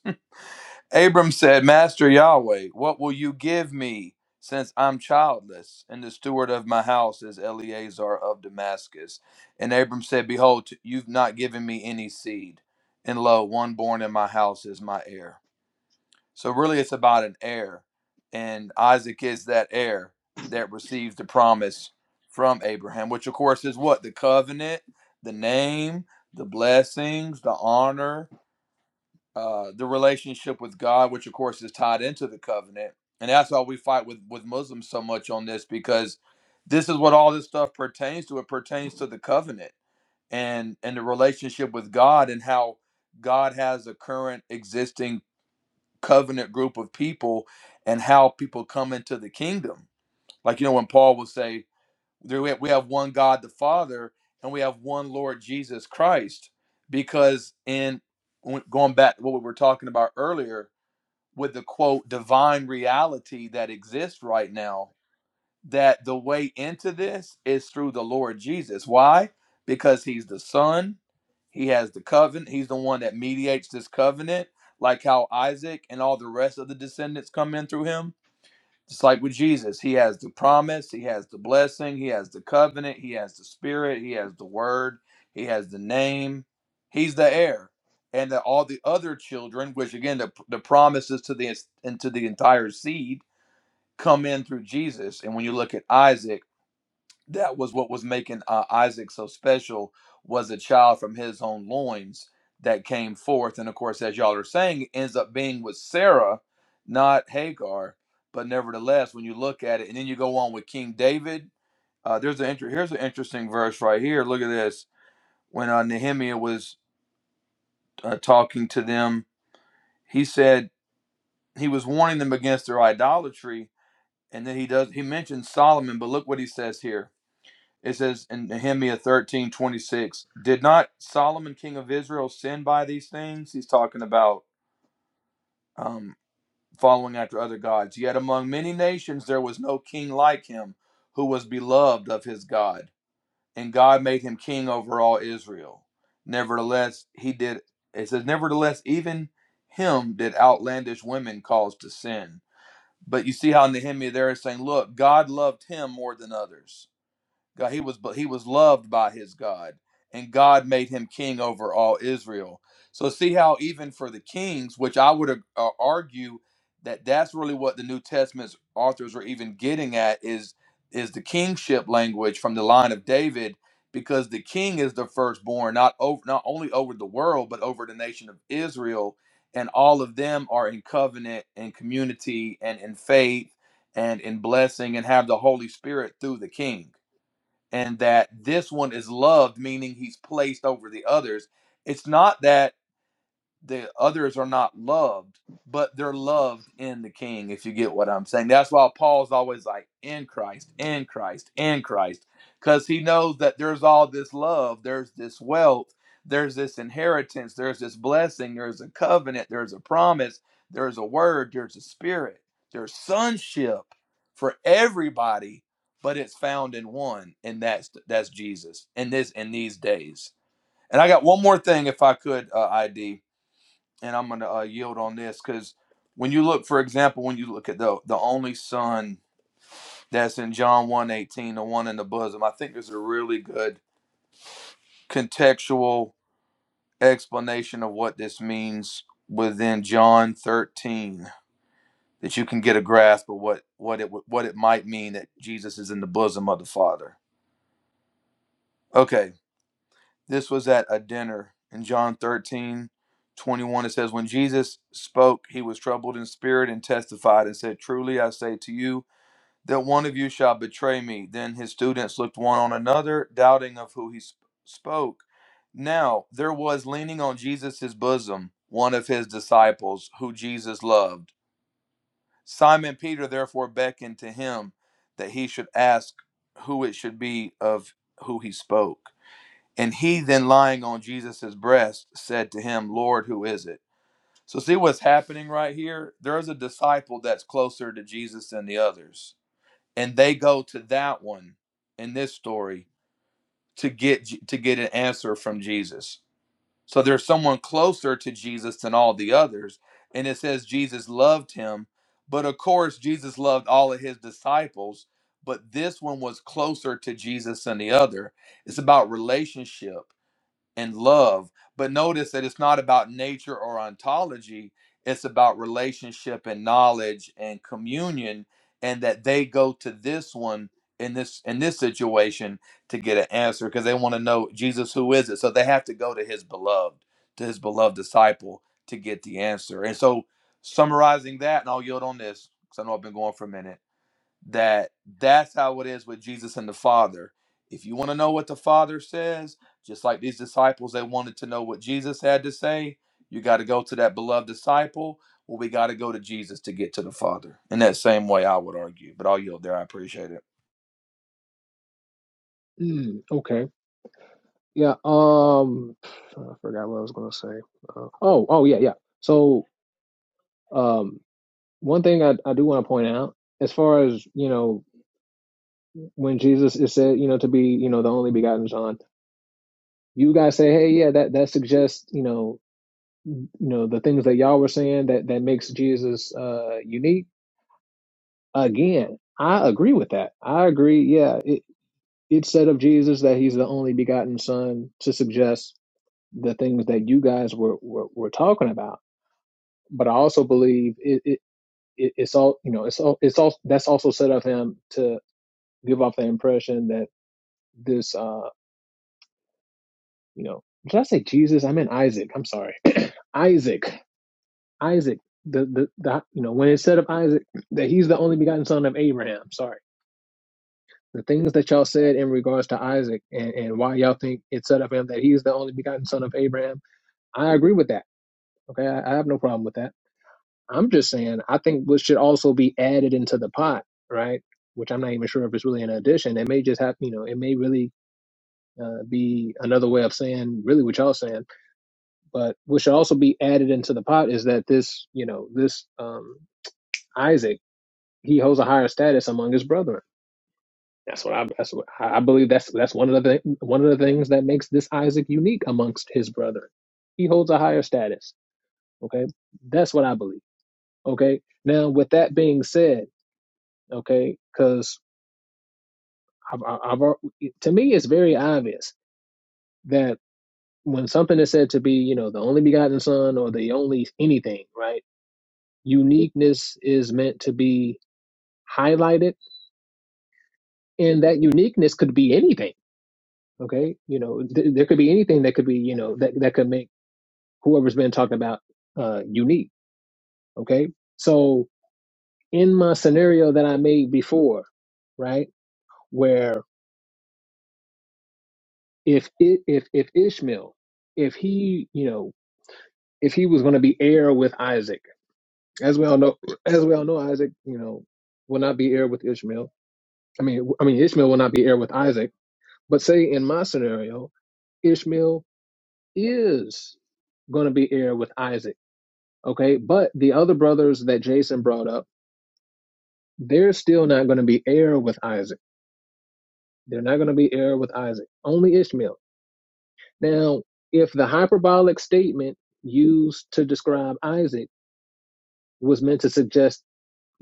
Abram said, Master Yahweh, what will you give me since I'm childless? And the steward of my house is Eleazar of Damascus. And Abram said, Behold, you've not given me any seed. And lo, one born in my house is my heir. So really, it's about an heir. And Isaac is that heir that receives the promise from Abraham, which of course is what? The covenant, the name, the blessings, the honor uh, the relationship with God, which of course is tied into the covenant, and that's why we fight with with Muslims so much on this because this is what all this stuff pertains to. It pertains to the covenant and and the relationship with God and how God has a current existing covenant group of people and how people come into the kingdom. Like you know when Paul will say, there we have, we have one God the Father, and we have one Lord Jesus Christ. Because in going back to what we were talking about earlier, with the quote divine reality that exists right now, that the way into this is through the Lord Jesus. Why? Because He's the Son. He has the covenant. He's the one that mediates this covenant, like how Isaac and all the rest of the descendants come in through him just like with Jesus, he has the promise, he has the blessing, he has the covenant, he has the spirit, he has the word, he has the name. He's the heir. And that all the other children, which again, the, the promises to the into the entire seed, come in through Jesus. And when you look at Isaac, that was what was making uh, Isaac so special was a child from his own loins that came forth, and of course, as y'all are saying, ends up being with Sarah, not Hagar. But nevertheless, when you look at it, and then you go on with King David, uh, there's an inter- here's an interesting verse right here. Look at this. When uh, Nehemiah was uh, talking to them, he said he was warning them against their idolatry, and then he does he mentions Solomon, but look what he says here It says in Nehemiah thirteen twenty six. Did not Solomon, king of Israel, sin by these things? He's talking about um, following after other gods. Yet among many nations there was no king like him who was beloved of his God. And God made him king over all Israel. Nevertheless, he did, it says, nevertheless, even him did outlandish women cause to sin. But you see how Nehemiah there is saying, look, God loved him more than others God, he was he was loved by his God, and God made him king over all Israel. So see how even for the kings, which I would uh, uh, argue that that's really what the New Testament's authors were even getting at is is the kingship language from the line of David, because the king is the firstborn, not over not only over the world but over the nation of Israel, and all of them are in covenant and community and in faith and in blessing and have the Holy Spirit through the king and that this one is loved, meaning he's placed over the others. It's not that the others are not loved, but they're loved in the King, if you get what I'm saying. That's why Paul's always like, in Christ, in Christ, in Christ, because he knows that there's all this love, there's this wealth, there's this inheritance, there's this blessing, there's a covenant, there's a promise, there's a word, there's a spirit, there's sonship for everybody. But it's found in one, and that's that's Jesus in this in these days. And I got one more thing, if I could, uh, ID and I'm going to uh, yield on this because when you look, for example, when you look at the the only son that's in John 1:18, the one in the bosom, I think there's a really good contextual explanation of what this means within John 13 that you can get a grasp of what what it what it might mean that Jesus is in the bosom of the Father. Okay, This was at a dinner in John 13, 21. It says, When Jesus spoke, he was troubled in spirit and testified and said, Truly I say to you, that one of you shall betray me. Then his students looked one on another, doubting of who he sp- spoke. Now there was leaning on Jesus' bosom one of his disciples, who Jesus loved. Simon Peter therefore beckoned to him that he should ask who it should be of who he spoke. And he then lying on Jesus' breast said to him, Lord, who is it? So see what's happening right here? There is a disciple that's closer to Jesus than the others. And they go to that one in this story to get to get an answer from Jesus. So there's someone closer to Jesus than all the others. And it says Jesus loved him, but of course Jesus loved all of his disciples, but this one was closer to Jesus than the other. It's about relationship and love. But notice that it's not about nature or ontology, it's about relationship and knowledge and communion, and that they go to this one in this in this situation to get an answer because they want to know Jesus who is it. So they have to go to his beloved, to his beloved disciple to get the answer. And so summarizing that, and I'll yield on this because I know I've been going for a minute that that's how it is with Jesus and the Father. If you want to know what the Father says, just like these disciples, they wanted to know what Jesus had to say. You got to go to that beloved disciple, Well, we got to go to Jesus to get to the Father. In that same way, I would argue, but I'll yield there. I appreciate it.
mm, okay. Yeah. Um, I forgot what I was going to say. Uh, oh, oh yeah, yeah. So, um, one thing I, I do want to point out as far as you know when jesus is said you know to be you know the only begotten son you guys say hey yeah that that suggests you know you know the things that y'all were saying that that makes jesus uh unique again i agree with that i agree yeah it it said of jesus that he's the only begotten son to suggest the things that you guys were were, were talking about but i also believe it, it it- it's all you know it's all it's all that's also said of him to. give off the impression that this uh you know did I say Jesus? I meant Isaac. I'm sorry. Isaac. Isaac. The, the the you know when it said of Isaac that he's the only begotten son of Abraham. Sorry. The things that y'all said in regards to Isaac and, and why y'all think it said of him that he's the only begotten son of Abraham, I agree with that. Okay, I, I have no problem with that. I'm just saying I think what should also be added into the pot, right? Which I'm not even sure if it's really an addition. It may just have you know it may really uh, be another way of saying really what y'all saying. But what should also be added into the pot is that this, you know, this um, Isaac, he holds a higher status among his brethren. That's what I. That's what I I believe. That's that's one of the thing, one of the things that makes this Isaac unique amongst his brethren. He holds a higher status. Okay, that's what I believe. Okay, now with that being said, okay, because I've, I've, I've to me it's very obvious that. when something is said to be, you know, the only begotten son or the only anything, right? Uniqueness is meant to be highlighted, and that uniqueness could be anything. Okay, you know, th- there could be anything that could be, you know, that that could make whoever's been talked about uh, unique. Okay, so in my scenario that I made before, right, where if it, if if Ishmael, if he, you know, if he was going to be heir with Isaac As we all know, as we all know, Isaac, you know, will not be heir with Ishmael. I mean, I mean, Ishmael will not be heir with Isaac. But say in my scenario, Ishmael is going to be heir with Isaac. Okay, but the other brothers that Jason brought up, they're still not going to be heir with Isaac. They're not going to be heir with Isaac. Only Ishmael. Now, if the hyperbolic statement used to describe Isaac was meant to suggest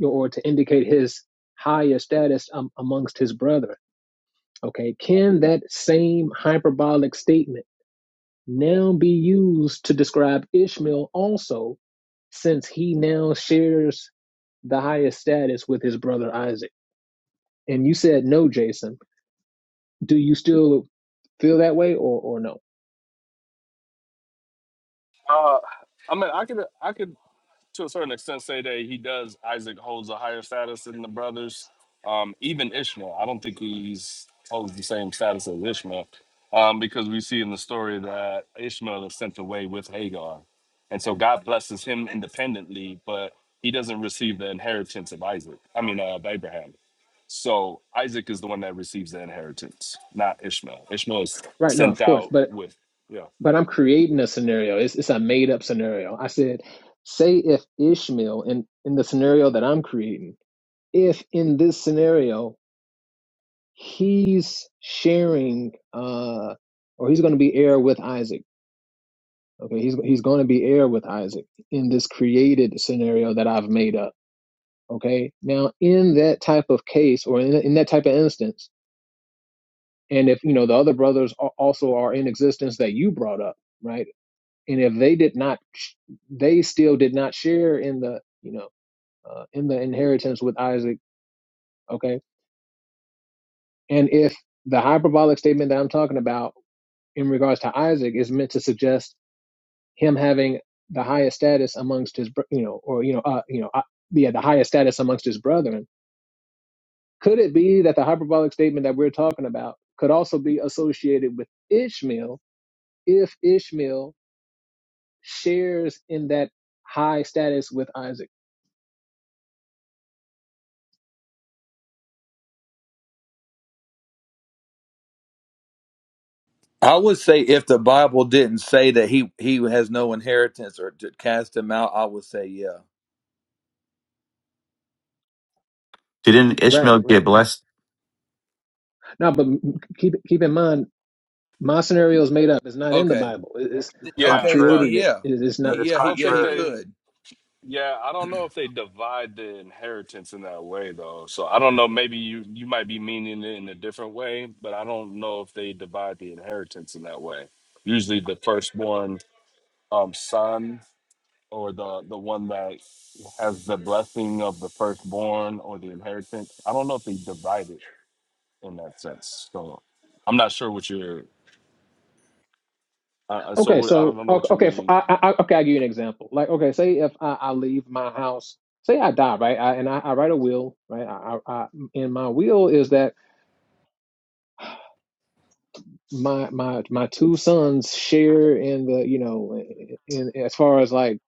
or to indicate his higher status um, amongst his brethren Okay, can that same hyperbolic statement now be used to describe Ishmael also, since he now shares the highest status with his brother Isaac? And you said no, Jason. Do you still feel that way or, or no?
Uh, I mean, I could I could to a certain extent say that he does Isaac holds a higher status than the brothers. Um, even Ishmael, I don't think he's holds the same status as Ishmael, um, because we see in the story that Ishmael is sent away with Hagar, and so God blesses him independently, but he doesn't receive the inheritance of Isaac. I mean, uh, of Abraham. So Isaac is the one that receives the inheritance, not Ishmael. Ishmael is
Right, no,
sent
of course.
out
But
with yeah,
but I'm creating a scenario. It's it's a made up scenario. I said, say if Ishmael in, in the scenario that I'm creating, if in this scenario he's sharing uh or he's going to be heir with Isaac. Okay, he's he's going to be heir with Isaac in this created scenario that I've made up. Okay? Now, in that type of case or in, in that type of instance, and if you know the other brothers are, also are in existence that you brought up, right? And if they did not sh- they still did not share in the, you know, uh, in the inheritance with Isaac, okay? And if the hyperbolic statement that I'm talking about in regards to Isaac is meant to suggest him having the highest status amongst his, you know, or you know, uh, you know, uh, yeah, the highest status amongst his brethren. Could it be that the hyperbolic statement that we're talking about could also be associated with Ishmael if Ishmael shares in that high status with Isaac?
I would say if the Bible didn't say that he he has no inheritance or to cast him out, I would say yeah.
Didn't
Right,
Ishmael
right.
get blessed?
Now, but keep keep in mind, my scenario is made up. It's not in the
Okay,
Bible. It's
actually
I've
yeah,
okay, then
but
created
contrary,
it.
yeah,
It is
then
not.
but it's
yeah,
I
he,
don't
yeah,
think
he
contrary.
they
could.
Yeah, I don't know if they divide the inheritance in that way though. So I don't know. Maybe you you might be meaning it in a different way, but I don't know if they divide the inheritance in that way. Usually, the firstborn um, son or the the one that has the blessing of the firstborn or the inheritance. I don't know if they divide it in that sense. So I'm not sure what you're. Uh, uh, so
Okay,
what, I
so
don't know
o-
what you
okay, f-
mean.
I, I, I- okay, I'll give you an example. Like, okay, say if I, I leave my house, say I die, right? I, and I, I write a will, right? I, I, I, and my will is that my my my two sons share in the, you know, in, in- as far as like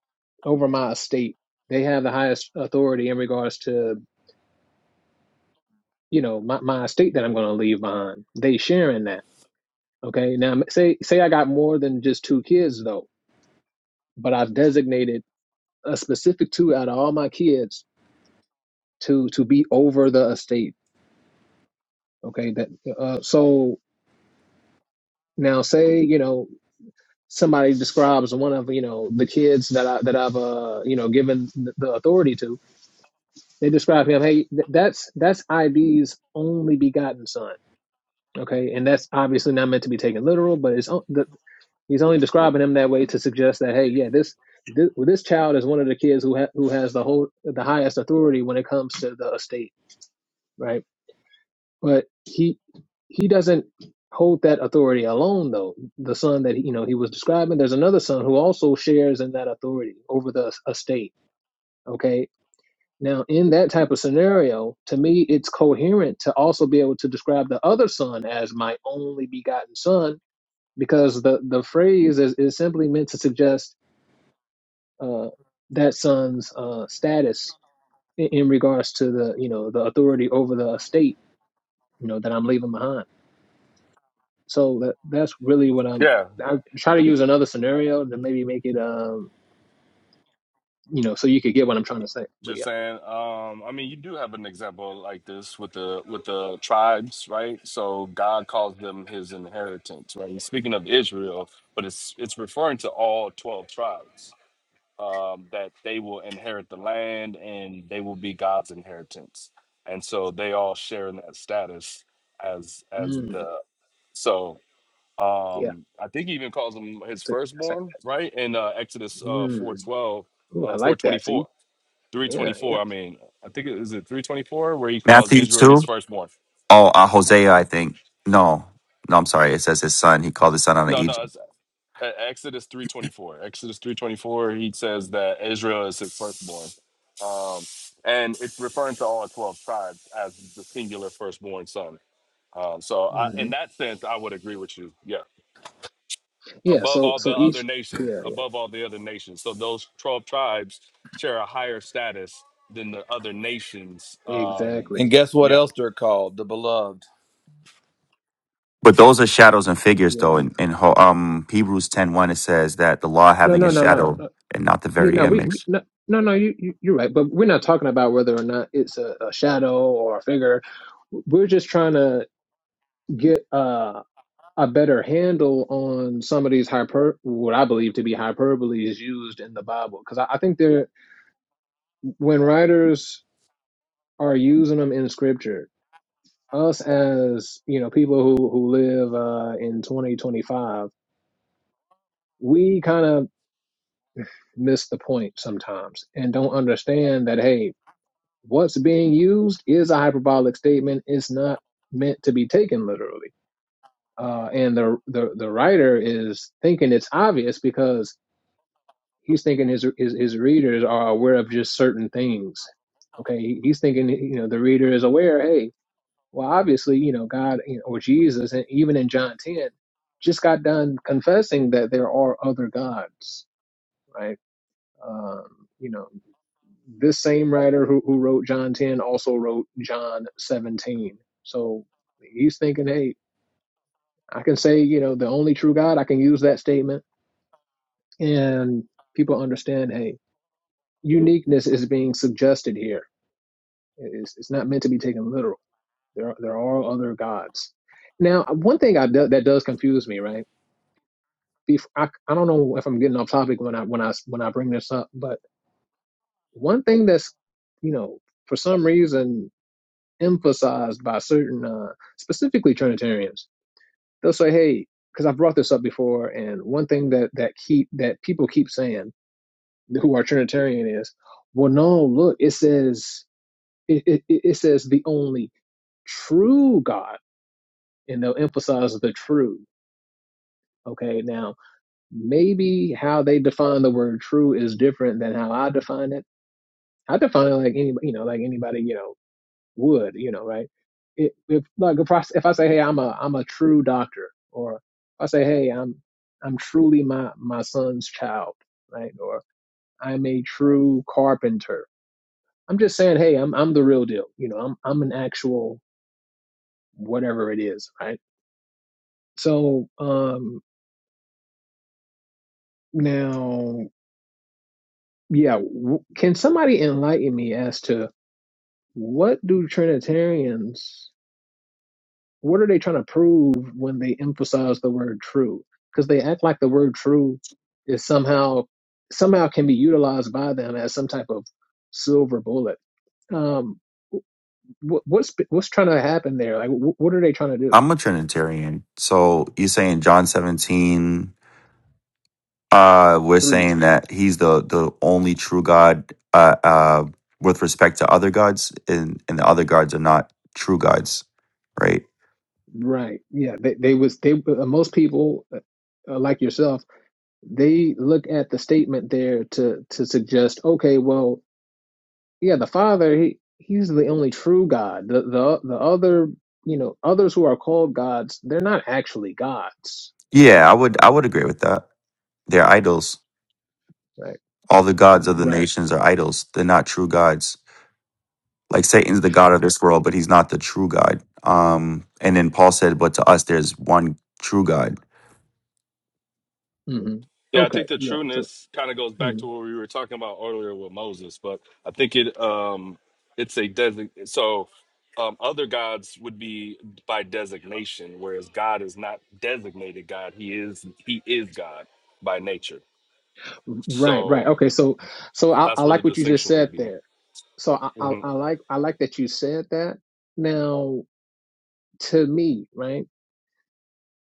over my estate, they have the highest authority in regards to, you know, my, my estate that I'm going to leave behind. They share in that. Okay, now say say I got more than just two kids though, but I've designated a specific two out of all my kids to to be over the estate. Okay, that uh, so now say you know somebody describes one of you know the kids that I that I've uh you know given the, the authority to. They describe him. Hey, th- that's that's ID's only begotten son. Okay, and that's obviously not meant to be taken literal, but it's on- the, he's only describing him that way to suggest that hey, yeah, this. This, this child is one of the kids who ha- who has the whole the highest authority when it comes to the estate, right? But he he doesn't hold that authority alone though. The son that you know he was describing, there's another son who also shares in that authority over the estate. Okay. Now in that type of scenario, to me it's coherent to also be able to describe the other son as my only begotten son, because the, the phrase is, is simply meant to suggest uh, that son's uh, status in, in regards to the you know the authority over the estate, you know, that I'm leaving behind. So that, that's really what I'm.
Yeah.
I try to use another scenario to maybe make it, um, you know, so you could get what I'm trying to say. But
Just
yeah,
saying, um, I mean, you do have an example like this with the with the tribes, right? So God calls them His inheritance, right? He's speaking of Israel, but it's it's referring to all twelve tribes um, that they will inherit the land and they will be God's inheritance, and so they all share in that status as as
mm,
the so
yeah,
um, I think he even calls them his
so that's it.
firstborn, right? In uh, Exodus uh, four
Mm,
twelve,
ooh, I
uh, four
like
twenty
that. See,
four.
yeah, yeah,
324. I mean, I think it is it 324 where he calls
Matthew
Israel his
2?
firstborn.
Oh, uh, Hosea, I think. No. No, I'm sorry. It says his son. He called his son out of
No, no,
Egypt.
it's uh, Exodus 324. Exodus 324, he says that Israel is his firstborn. Um, and it's referring to all 12 tribes as the singular firstborn son. Um, so I,
hmm
in that sense, I would agree with you. Yeah.
yeah.
Above
So,
all the
so
other
each,
nations,
yeah,
above all the other nations. So those 12 tribes share a higher status than the other nations.
yeah,
Um,
And
exactly.
guess what
yeah.
else they're called? The beloved.
But those are shadows and figures,
Yeah.
though. In, in Ho- um, Hebrews ten one, it says that the law
No,
having a
no, no, no.
shadow
no.
and not the
Yeah,
very
no, we, we
image.
no, no, no. You, you, you're right. But we're not talking about whether or not it's a, a shadow or a figure. We're just trying to get. uh a better handle on some of these hyper what I believe to be hyperbole is used in the Bible because I, I think there when writers are using them in Scripture, us as you know people who who live uh, in twenty twenty five, we kind of miss the point sometimes and don't understand that hey, what's being used is a hyperbolic statement. It's not meant to be taken literally. Uh, and the, the the writer is thinking it's obvious because he's thinking his his, his readers are aware of just certain things. Okay, He- he's thinking you know the reader is aware. Hey, well, obviously you know God you know, or Jesus, and even in John ten, just got done confessing that there are other gods, right? Um, you know, this same writer who who wrote John ten also wrote John seventeen. So he's thinking, hey, I can say you know the only true God. I can use that statement, and people understand. Hey. uniqueness is being suggested here. It's, it's not meant to be taken literal. There are, there are other gods. Now, one thing I do, that does confuse me, right? Bef I, I don't know if I'm getting off topic when I when I when I bring this up, but one thing that's you know for some reason emphasized by certain uh, specifically Trinitarians, they'll say, "Hey," because I brought this up before, and one thing that that keep that people keep saying who are Trinitarian is, "Well, no, look, it says." It, it, it says the only true God, and they'll emphasize the true. Okay, now maybe how they define the word true is different than how I define it. I define it like anybody, you know, like anybody, you know, would, you know, right? If, if like if I, if I say, hey, I'm a I'm a true doctor, or if I say, hey, I'm I'm truly my my son's child, right? Or I'm a true carpenter. I'm just saying, hey, I'm I'm the real deal. You know, I'm I'm an actual whatever it is, right? So um, now, yeah, w- can somebody enlighten me as to what do Trinitarians? What are they trying to prove when they emphasize the word true? Because they act like the word true is somehow somehow can be utilized by them as some type of silver bullet. Um, what, what's what's trying to happen there? Like, wh- what are they trying to do?
I'm a Trinitarian. So you're saying John 17, uh, we're
Three,
saying that he's the, the only true God uh, uh, with respect to other gods, and, and the other gods are not true gods, right?
right? Yeah, they they was they uh, most people uh, like yourself they look at the statement there to to suggest, okay, well, yeah, the Father, he he's the only true God. The the the other, you know, others who are called gods, they're not actually gods.
Yeah, I would I
Um,
would agree with that. They're idols.
right,
All the gods of the
right,
nations are idols. They're not true gods. Like Satan's the god of
right.
this world, but he's not the true God. Um, and then Paul said, "But to us, there's one true God."
hmm
Yeah, I
Okay,
think the
yeah. So,
trueness kind of goes back to
mhm.
what we were talking about earlier with Moses, but I think it um it's a design so um other gods would be by designation, whereas God is not designated God. He is he is God by nature.
right, right.
So
Okay, so so I,
that's
I
where the
like what you just
distinction
said
would be made.
there. So I, I
Mhm.
I like I like that you said that. Now, to me, right?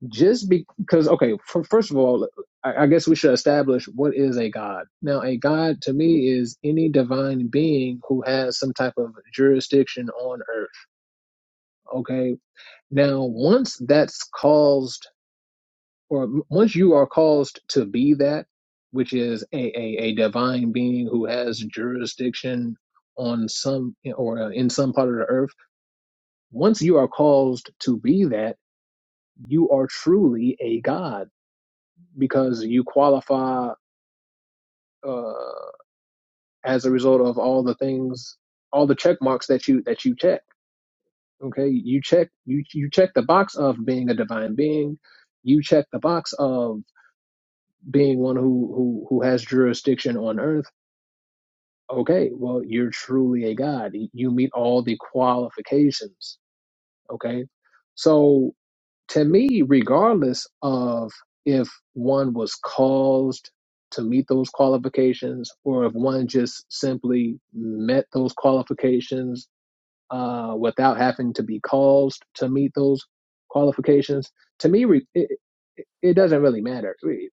just because okay for, first of all I, I guess we should establish what is a god now a god to me is any divine being who has some type of jurisdiction on earth okay now once that's caused or once you are caused to be that which is a, a, a divine being who has jurisdiction on some or uh, in some part of the earth once you are caused to be that you are truly a god because you qualify. uh, as a result of all the things, all the check marks that you that you check. Okay, you check you you check the box of being a divine being. You check the box of being one who who who has jurisdiction on earth. Okay, well you're truly a god. You meet all the qualifications. Okay, so to me, regardless of if one was caused to meet those qualifications or if one just simply met those qualifications uh, without having to be caused to meet those qualifications, to me, re- it, it doesn't really matter. Re-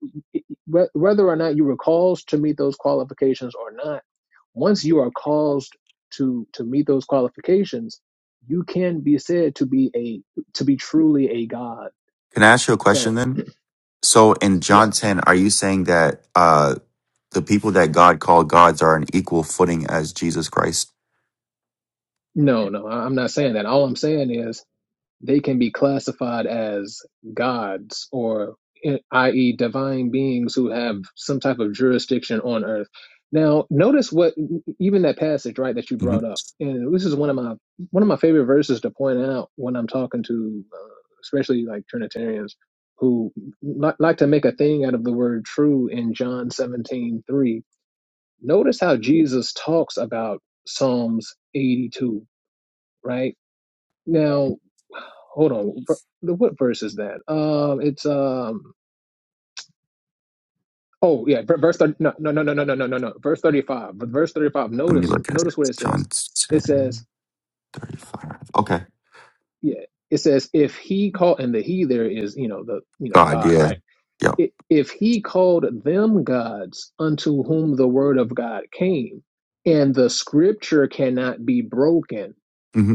Whether or not you were caused to meet those qualifications or not, once you are caused to to meet those qualifications, you can be said to be a to be truly a god
Can I ask you a
so
question then? So in
yeah,
John 10, are you saying that uh, The people that God called gods are on equal footing as Jesus Christ.
no, no, I- I'm not saying that. All I'm saying is they can be classified as gods or i- i.e. divine beings who have some type of jurisdiction on earth. Now, notice what e, e, even that passage, right, that you brought
Mhm.
up, and this is one of my one of my favorite verses to point out when I'm talking to, uh, especially like Trinitarians who li- like to make a thing out of the word true in John 17:3 Notice how Jesus talks about Psalms 82, right? Now, hold on. the- What verse is that? Um, it's um. Oh yeah, ver- verse thirty. No, no, no, no, no, no, no, no. no, Verse thirty-five. But verse thirty-five.
Let me
Notice,
look at it.
notice what it
John
says. It says,
10 35. Okay.
yeah, it says, if he called, and the he there is, you know, the you know
God,
God,
yeah.
right?
Yep.
I- If he called them gods unto whom the word of God came, and the scripture cannot be broken
hmm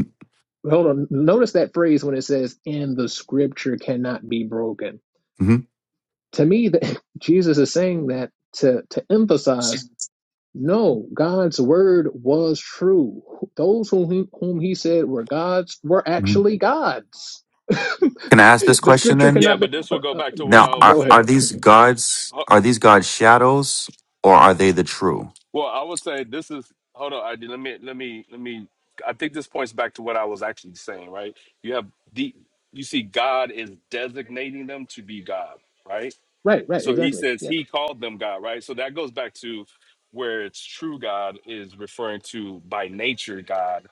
hold on notice that phrase when it says and the scripture cannot be broken
hmm
to me that jesus is saying that to to emphasize no god's word was true those whom he, whom he said were gods were
Mhm.
actually gods
Can I ask this
the
question
scripture
then?
Yeah,
cannot be
but this
uh,
will go
uh,
back to what
Now,
I was
are,
go ahead
are
saying.
these
Mhm.
gods are these gods shadows or are they the true?
Well, I would say this is hold on. I did- let me let me let me. I think this points back to what I was actually saying. Right? You have the you see God is designating them to be God. Right?
right right
So He
exactly
says
yeah
He called them God. Right? So that goes back to where it's true God is referring to by nature God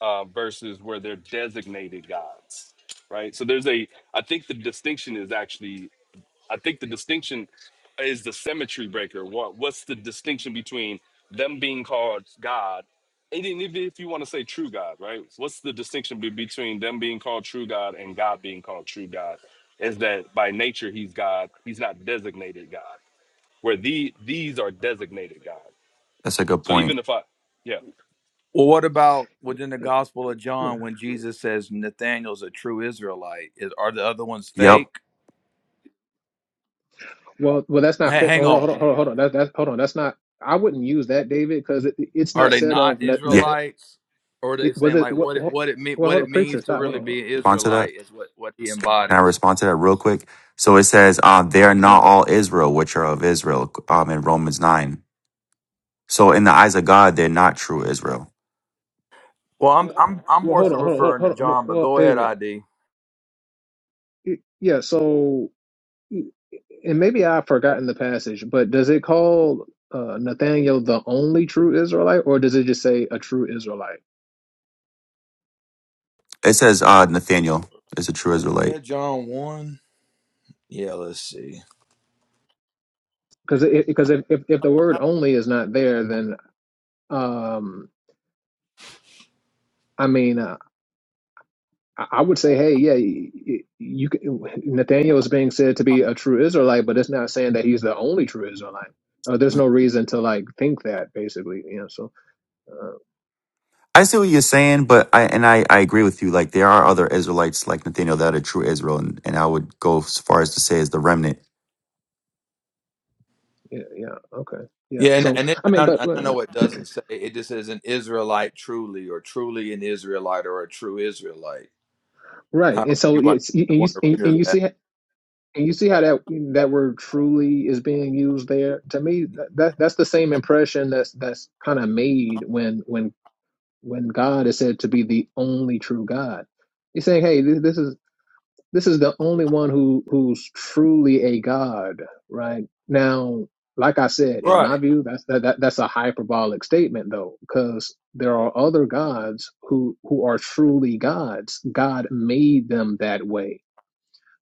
uh, versus where they're designated gods. Right? So there's a. I think the distinction is actually I think the distinction is the symmetry breaker. What what's the distinction between them being called God, and then even if you want to say true God, right? What's the distinction be- between them being called true God and God being called true God? Is that by nature he's God, he's not designated God. Where the these are designated God.
That's a good
So
point.
even if I yeah.
Well, what about within the Gospel of John
Uh,
when Jesus says Nathaniel's a true Israelite? Is, are the other ones
Yep.
fake?
well well that's not
Ha
fair
hang
hold on
on,
hold on hold on, hold on. That's that's hold on that's not i wouldn't use that david because it, it's
are
not
they
said of
not
nothing
Yeah.
Israelites? Or are they
It was
saying
it.
like
What,
what it
what,
what it mean
well,
what
hold on,
it
preacher,
means to
stop. Hold
really be an
on,
Respond to that.
Israelite is what what he
Can I
embodies?
respond to that real quick? So it says, um, they are
go
not
ahead.
all Israel, which are of Israel, um, in Romans nine. So in the eyes of God, they're not true Israel.
Well, I'm I'm I'm
Well,
more
hold
so
on, hold on, hold on.
referring to
Hold on. No,
John, but
Well,
go ahead,
David,
ID.
it, yeah. So, and maybe I've forgotten the passage, but does it call uh, Nathaniel the only true Israelite, or does it just say a true Israelite?
It says uh, Nathaniel is a true
Where is
Israelite.
that John one? Yeah, let's see.
Because because if, if if the word only is not there, then um, I mean. I I would say, hey, yeah, you, you can- Nathaniel is being said to be a true Israelite, but it's not saying that he's the only true Israelite. Uh, there's no reason to like think that, basically. You know, so uh,
I see what you're saying, but I and I, I agree with you. Like there are other Israelites like Nathaniel that are true Israel, and, and I would go as far as to say is the remnant.
yeah, yeah, okay, yeah.
Yeah, and
So
and, it,
I mean,
and I,
but
and I
uh, yeah,
know it doesn't say it just says an Israelite truly or truly an Israelite or a true Israelite.
right,
However,
and
you
so
might,
it's and
might
you
want to
and,
render
and you
that.
see. And you see how that that word truly is being used there. To me, that, that that's the same impression that's that's kind of made when when when God is said to be the only true God. He's saying, "Hey, th- this is This is the only one who who's truly a god, right? Now, like I said, in my
Right,
view, that's that, that that's a hyperbolic statement though, because there are other gods who who are truly gods. God made them that way.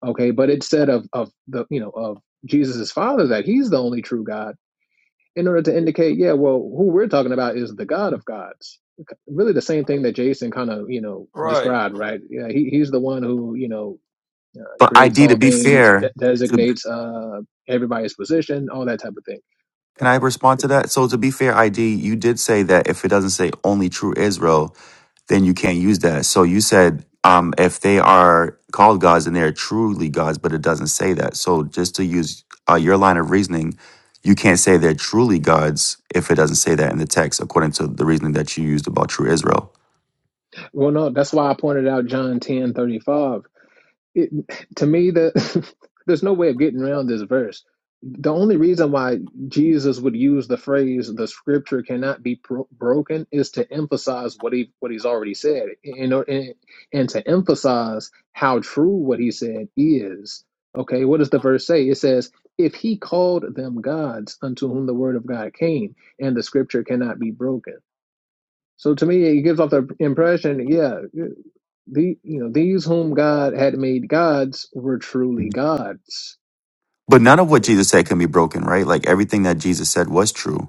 Okay, but it said of of the you know of Jesus' father that he's the only true God in order to indicate, yeah, well, who we're talking about is the God of gods really the same thing that Jason kind of you know
right.
described, right? Yeah, he, he's the one who you know uh,
But
creates
ID to
all
be
things, de-
fair, to
designates uh, everybody's position, all that type of thing. Uh,
Can I respond to that? So to be fair, ID, you did say that if it doesn't say only true Israel, then you can't use that. So you said um, if they are called gods and they are truly gods, but it doesn't say that. So just to use uh, your line of reasoning, you can't say they're truly gods if it doesn't say that in the text, according to the reasoning that you used about true Israel.
well, no, that's why I pointed out John ten thirty five. it, to me the there's no way of getting around this verse the only reason why jesus would use the phrase the scripture cannot be pro- broken is to emphasize what he what he's already said and, and and to emphasize how true what he said is okay what does the verse say it says if he called them gods unto whom the word of god came and the scripture cannot be broken so to me it gives off the impression yeah the you know these whom God had made gods were truly
Mhm.
gods,
But none of what
Uh,
Jesus said can be broken, right? Like everything that Jesus said was true.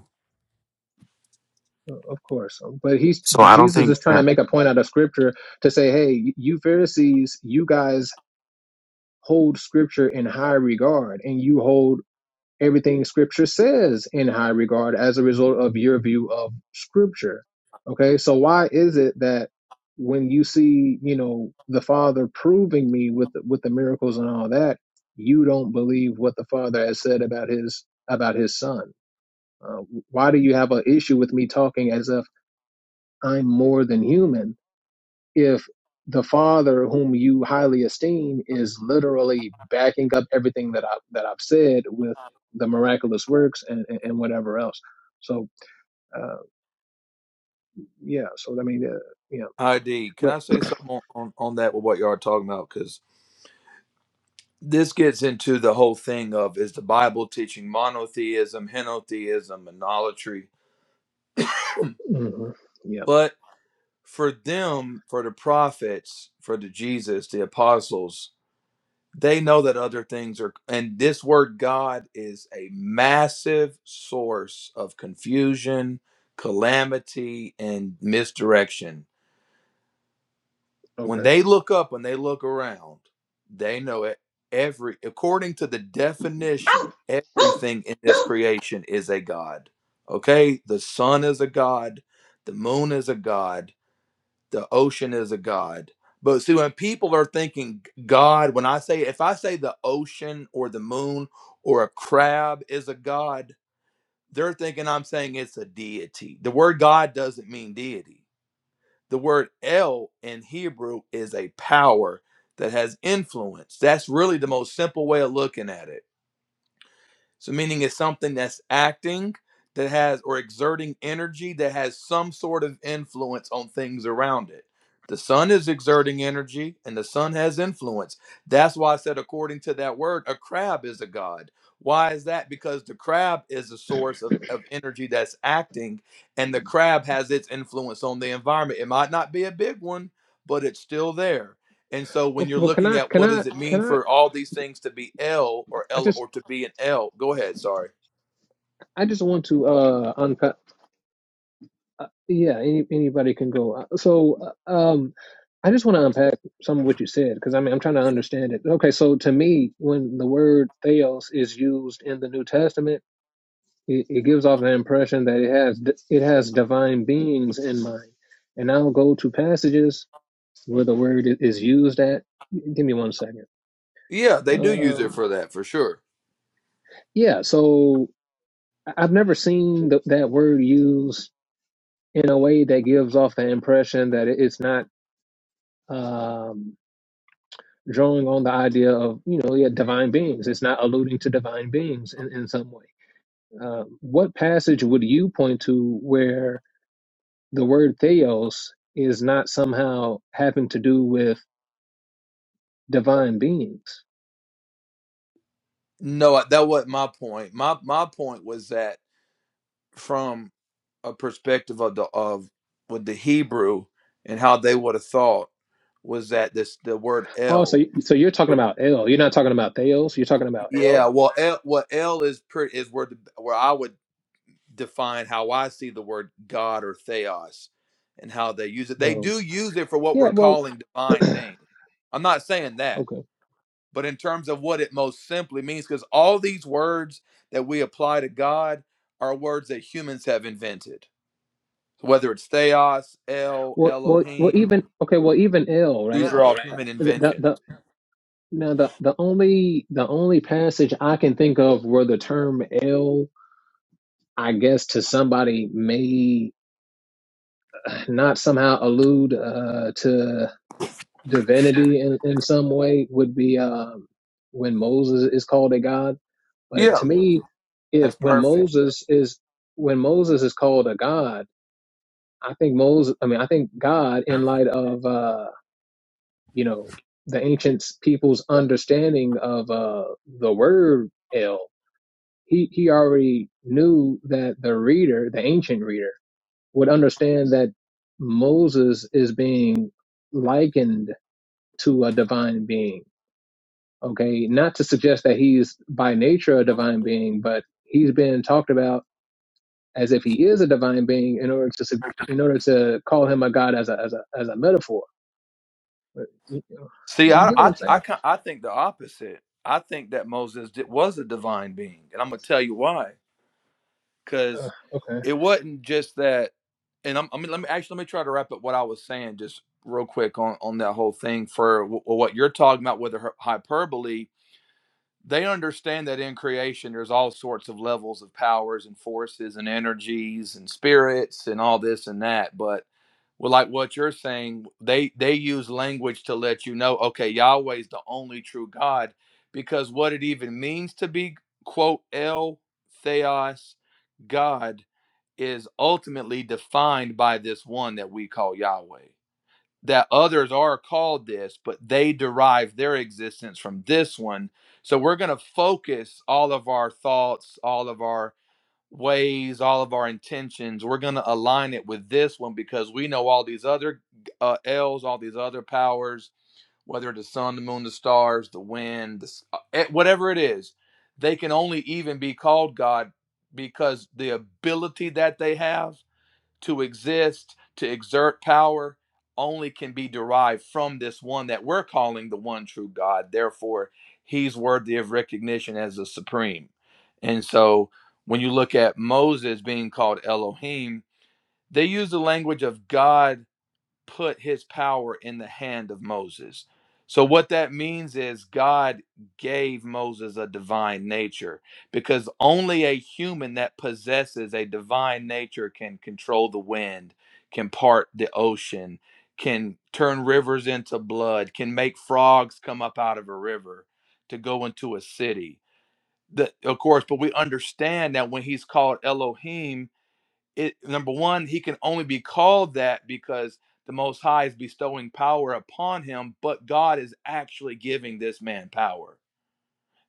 of course. um, But he's
So I don't
Jesus
think
is trying to
that.
make a point out of Scripture to say, hey, you Pharisees, you guys hold Scripture in high regard, and you hold everything scripture says in high regard as a result of your view of scripture okay so why is it that when you see you know the father proving me with the, with the miracles and all that you don't believe what the father has said about his about his son uh, why do you have an issue with me talking as if i'm more than human if the father whom you highly esteem is literally backing up everything that I that I've said with the miraculous works and and, and whatever else. So uh, yeah, so I mean uh, yeah,
ID. Can
but
I say something on, on, on that with what you all are talking about? Because this gets into the whole thing of is the Bible teaching monotheism, henotheism, monolatry?
mhm, yeah,
But for them, for the prophets, for the Jesus, the apostles, they know that other things are, and this word God is a massive source of confusion, calamity, and misdirection When
okay.
they look up and they look around, they know it. Every according to the definition, everything in this creation is a god. Okay, the sun is a god, the moon is a god, the ocean is a god. But see, when people are thinking God, when I say if I say the ocean or the moon or a crab is a god, they're thinking I'm saying it's a deity. The word God doesn't mean deity the word El in Hebrew is a power that has influence. That's really the most simple way of looking at it so, meaning it's something that's acting, that has, or exerting energy that has some sort of influence on things around it. The sun is exerting energy and the sun has influence. That's why I said, according to that word, a crab is a god. Why is that? Because the crab is a source of, of energy that's acting, and the crab has its influence on the environment. It might not be a big one, but it's still there and so when
Oh,
you're
well, can
looking
I
at
can
what
I
does it
can
mean
I?
for all these things to be L or
I
L
just
or to be an L, go ahead. Sorry.
I just want to uh, unpack. Uh, yeah, any, anybody can go. Uh, So, uh, um, I just want to unpack some of what you said because I mean I'm trying to
Yeah.
understand it. Okay, so to me, when the word theos is used in the New Testament, it, it gives off the impression that it has d- it has divine beings in mind. And I'll go to passages where the word i- is used at. Give me one second.
Yeah, they do use it
Um,
for that for sure.
yeah, so I- I've never seen th- that word used in a way that gives off the impression that it- it's not. Um, drawing on the idea of you know yeah divine beings it's not alluding to divine beings in, in some way uh, what passage would you point to where the word theos is not somehow having to do with divine beings
No, I- that wasn't my point. My my point was that from a perspective of the of with the Hebrew and how they would have thought was that this the word
oh so,
L.
you- so you're talking
would-
about l you're not talking about theos you're talking about
Yeah,
l
well, L, well, L is pretty is where the, where I would define how I see the word God or theos and how they use it. They
um,
do use it for what
yeah
we're
well
calling divine things. I'm not saying that,
okay
but in terms of what it most simply means, because all these words that we apply to God are words that humans have invented, whether it's theos, El,
well well well
Elohim,
even okay well even l
these
right
are all human
the the,
inventions.
the now the, the only the only passage I can think of where the term L I guess to somebody may not somehow allude uh, to divinity in, in some way would be um, when Moses is called a god. But
Yeah,
to me, if
that's
when
perfect.
Moses is when Moses is called a god, I think Moses. I mean, I think God, in light of uh, you know the ancient people's understanding of uh, the word "el," he he already knew that the reader, the ancient reader would understand that Moses is being likened to a divine being. Okay, not to suggest that he's by nature a divine being, but he's been talked about as if he is a divine being in order to su- in order to call him a god as a as a as a metaphor. But, You,
See,
you
I,
get what
I,
I'm saying?
I, I think the opposite. I think that Moses did, was a divine being, and I'm gonna tell you why.
Uh,
because
okay.
it wasn't just that. And I'm, I mean, let me actually let me try to wrap up what I was saying just real quick on on that whole thing for w- what you're talking about with the hy- hyperbole. They understand that in creation, there's all sorts of levels of powers and forces and energies and spirits and all this and that. But well, like what you're saying, they they use language to let you know, okay, Yahweh's the only true God, because what it even means to be quote El Theos God is ultimately defined by this one that we call Yahweh. That others are called this, but they derive their existence from this one. So we're going to focus all of our thoughts, all of our ways, all of our intentions. We're going to align it with this one because we know all these other uh, L's, all these other powers, whether it's the sun, the moon, the stars, the wind, the, uh, eh, whatever it is, they can only even be called God because the ability that they have to exist, to exert power, only can be derived from this one that we're calling the one true God. Therefore, he's worthy of recognition as the supreme. And so when you look at Moses being called Elohim, they use the language of God put his power in the hand of Moses. So, what that means is God gave Moses a divine nature because only a human that possesses a divine nature can control the wind, can part the ocean, can turn rivers into blood, can make frogs come up out of a river to go into a city. The, of course, but we understand that when he's called Elohim, it number one he can only be called that because the most high is bestowing power upon him but god is actually giving this man power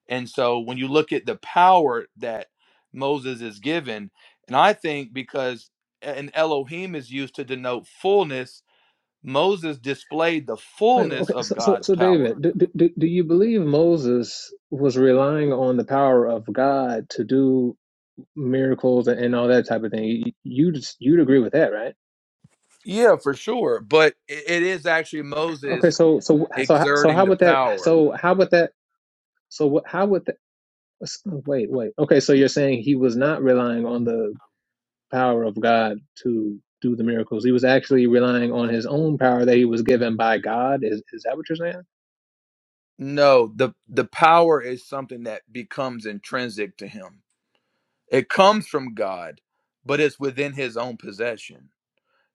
and so when you look at the power that moses is given and i think because an elohim is used to denote fullness moses displayed the
Wait,
fullness
okay.
of
So so,
god's
so
power
David, do do do you believe Moses was relying on the power of God to do? miracles and, and all that type of thing. You, you'd you'd agree with that, right?
yeah for sure but i- it is actually
Okay,
moses
so so so so
exerting
how
the
would that?
power
So how would that? So what? How would that? Wait, wait. Okay, so you're saying he was not relying on the power of God to do the miracles. He was actually relying on his own power that he was given by God. Is is that what you're saying?
No, the the power is something that becomes intrinsic to him. It comes from God, but it's within his own possession.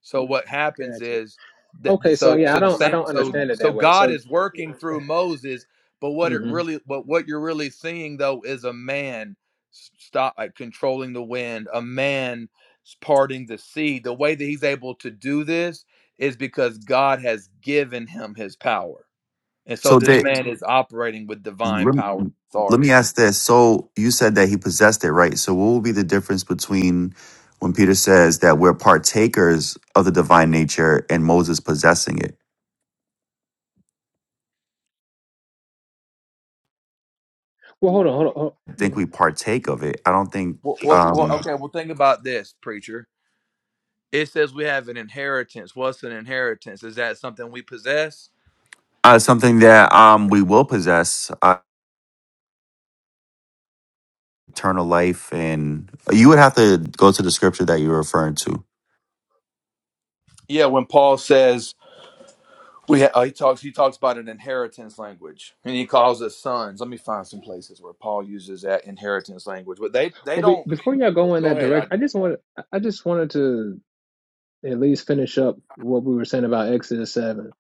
So what happens
Got you.
is that
Okay, so
so
yeah, I
so the
don't I
same
don't
so
understand it
so
that way.
God
So,
is working through Moses, but what it
hmm
really but what you're really seeing though is a man stop like controlling the wind, a man parting the sea. The way that he's able to do this is because God has given him his power. And so
So
this
they.
man is operating with divine power and
let me
authority.
ask this. So you said that he possessed it, right? So what will be the difference between when Peter says that we're partakers of the divine nature and Moses possessing it?
well, hold on, hold on. Hold on.
I think
Yeah.
we partake of it. I don't think
Well, well, well,
um
okay, well, think about this, preacher. It says we have an inheritance. What's an inheritance? Is that something we possess?
uh, something that um we will possess uh, eternal life and uh, you would have to go to the scripture that you're referring to.
Yeah, when Paul says we ha- uh, he talks he talks about an inheritance language and he calls us sons. Let me find some places where Paul uses that inheritance language. But they they
Well, be,
don't
before y'all go in
go
that
ahead, I
direction, I
do.
just wanted I I just wanted to. at least finish up what we were saying about Exodus 7.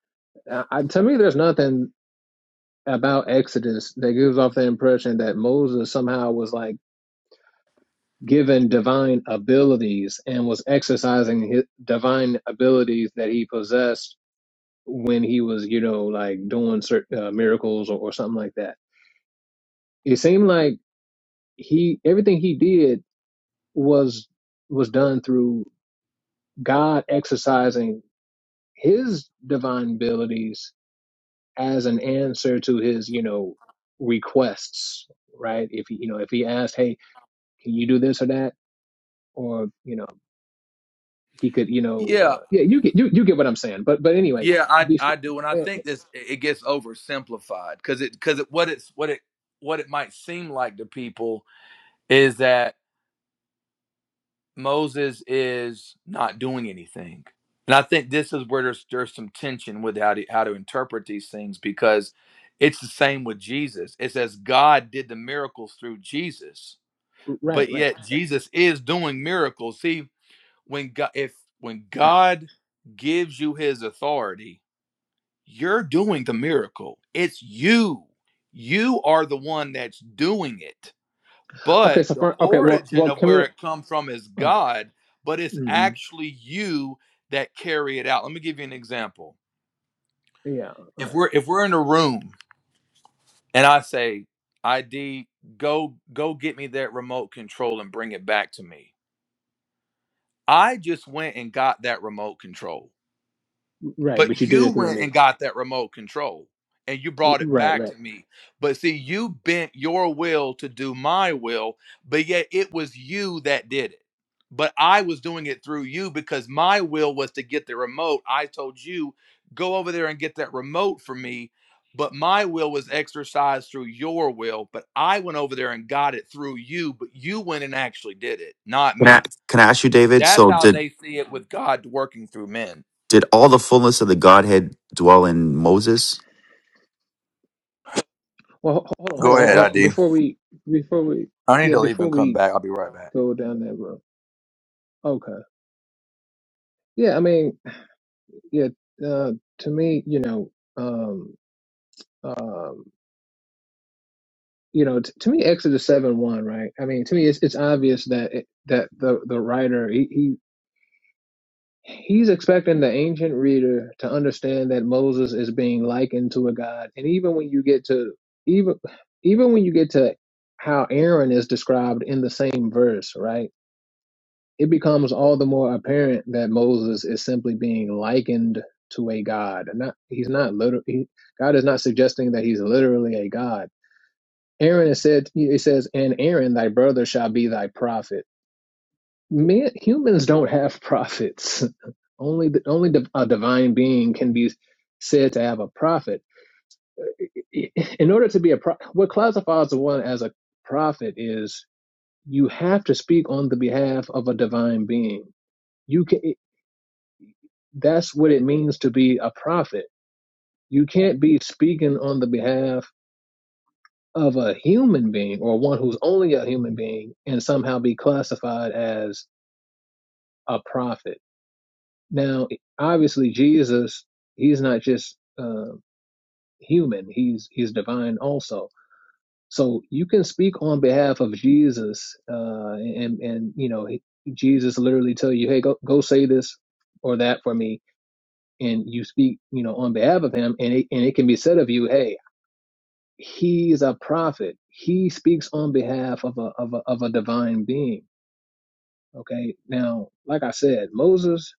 I, to me, there's nothing about Exodus that gives off the impression that Moses somehow was like given divine abilities and was exercising his divine abilities that he possessed when he was, you know, like doing certain uh, miracles or, or something like that. It seemed like he, everything he did was, was done through God exercising his divine abilities as an answer to his, you know, requests, right? If he, you know, if he asked, "Hey, can you do this or that?" or you know, he could, you know,
Yeah,
uh, yeah, you get you you get what I'm saying. But but anyway,
yeah, I
be,
I do and I
uh,
think this it gets oversimplified cuz it cuz it what it's what it what it might seem like to people is that Moses is not doing anything. And I think this is where there's there's some tension with how to, how to interpret these things because it's the same with Jesus. It says God did the miracles through Jesus,
right,
but
right.
yet Jesus is doing miracles. See, when God if when God gives you his authority, you're doing the miracle. It's you. You are the one that's doing it
Okay,
but
so
the
for, okay, well,
origin
well,
of
can
where
we?
it comes from is
Uh,
God, but it's
hmm
actually you that carry it out. Let me give you an example.
yeah, uh,
If we're if we're in a room and I say, ID, go go get me that remote control and bring it back to me. I just went and got that remote control.
right.
But
But you did
you
it through
went
me.
and got that remote control and you brought it
Right,
back
right.
to me. But see, you bent your will to do my will, but yet it was you that did it. But I was doing it through you because my will was to get the remote. I told you, go over there and get that remote for me. But my will was exercised through your will, but I went over there and got it through you, but you went and actually did it, not
Can I
me.
can I ask you, David?
That's
So
how
did
they see it with God working through men.
did all the fullness of the Godhead dwell in Moses?
Well, ho- hold on, hold
Go
on,
ahead,
hold on.
ID.
Before we, before we,
I need
yeah,
to leave
before
and come
we
back. I'll be right back.
go down that road. Okay. Yeah, I mean, yeah. Uh, to me, you know. um, um, you know, t- to me, Exodus seven one, right? I mean, to me, it's it's obvious that it, that the the writer he, he he's expecting the ancient reader to understand that Moses is being likened to a god, and even when you get to even even when you get to how Aaron is described in the same verse, right? It becomes all the more apparent that Moses is simply being likened to a god, and not he's not literally God is not suggesting that he's literally a god Aaron said, it says, and Aaron, thy brother, shall be thy prophet. Men, humans don't have prophets. only the, only div- a divine being can be said to have a prophet. I- In order to be a pro, what classifies one as a prophet is you have to speak on the behalf of a divine being. You can. That's what it means to be a prophet. You can't be speaking on the behalf of a human being or one who's only a human being and somehow be classified as a prophet. Now, obviously, Jesus, he's not just uh, human; he's he's divine also. So you can speak on behalf of Jesus, uh, and and you know Jesus literally tell you, hey, go go say this or that for me, and you speak, you know, on behalf of him, and it, and it can be said of you, hey, he's a prophet. He speaks on behalf of a of a of a divine being. Okay, now, like I said, Moses.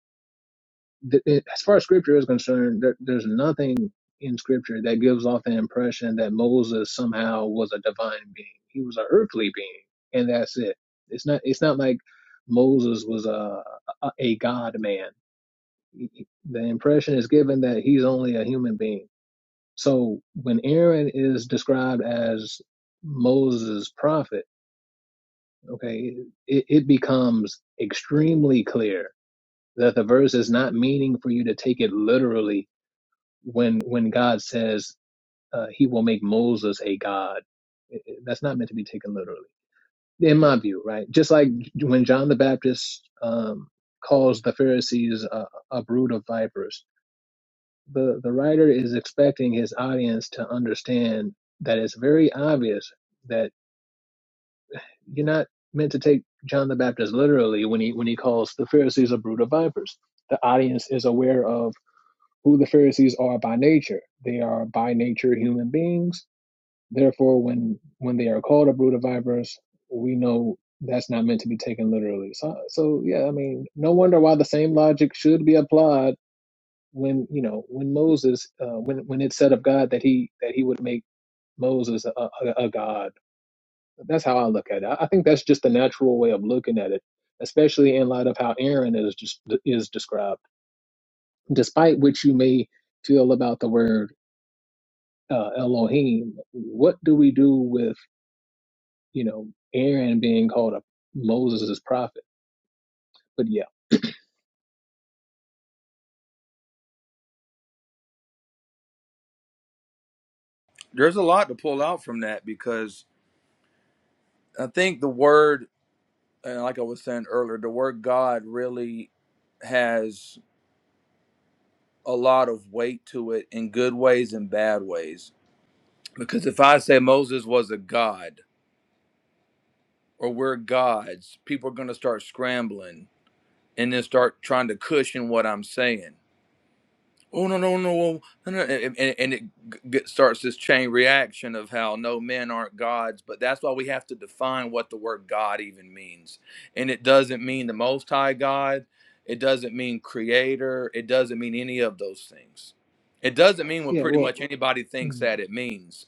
th- it- as far as scripture is concerned, there, there's nothing in scripture that gives off the impression that Moses somehow was a divine being. He was an earthly being, and that's it. It's not. It's not like Moses was a a, a God man. He- he- The impression is given that he's only a human being. So when Aaron is described as Moses' prophet, okay, it, it becomes extremely clear that the verse is not meaning for you to take it literally when when God says uh, He will make Moses a god, it- it- that's not meant to be taken literally, in my view, right? Just like when John the Baptist um, calls the Pharisees a, a brood of vipers, the the writer is expecting his audience to understand that it's very obvious that you're not meant to take John the Baptist literally when he when he calls the Pharisees a brood of vipers. The audience is aware of who the Pharisees are by nature. They are by nature human beings Therefore, when when they are called uprooted vipers, we know that's not meant to be taken literally. So, so yeah, I mean, no wonder why the same logic should be applied when you know when Moses, uh, when when it said of God that he that he would make Moses a, a, a god. That's how I look at it. I I think that's just the natural way of looking at it, especially in light of how Aaron is just is described. Despite which you may feel about the word uh, Elohim, what do we do with? you know, Aaron being called a Moses' prophet. But yeah.
There's a lot to pull out from that because I think the word, and like I was saying earlier, the word God really has a lot of weight to it in good ways and bad ways. Because if I say Moses was a god or we're gods, people are going to start scrambling and then start trying to cushion what I'm saying. oh no no no no no, no," and, and, and it g- starts this chain reaction of how no men aren't gods but that's why we have to define what the word god even means and it doesn't mean the most high god it doesn't mean creator it doesn't mean any of those things it doesn't mean what
Yeah.
pretty
Well.
much anybody thinks
mm,
that it means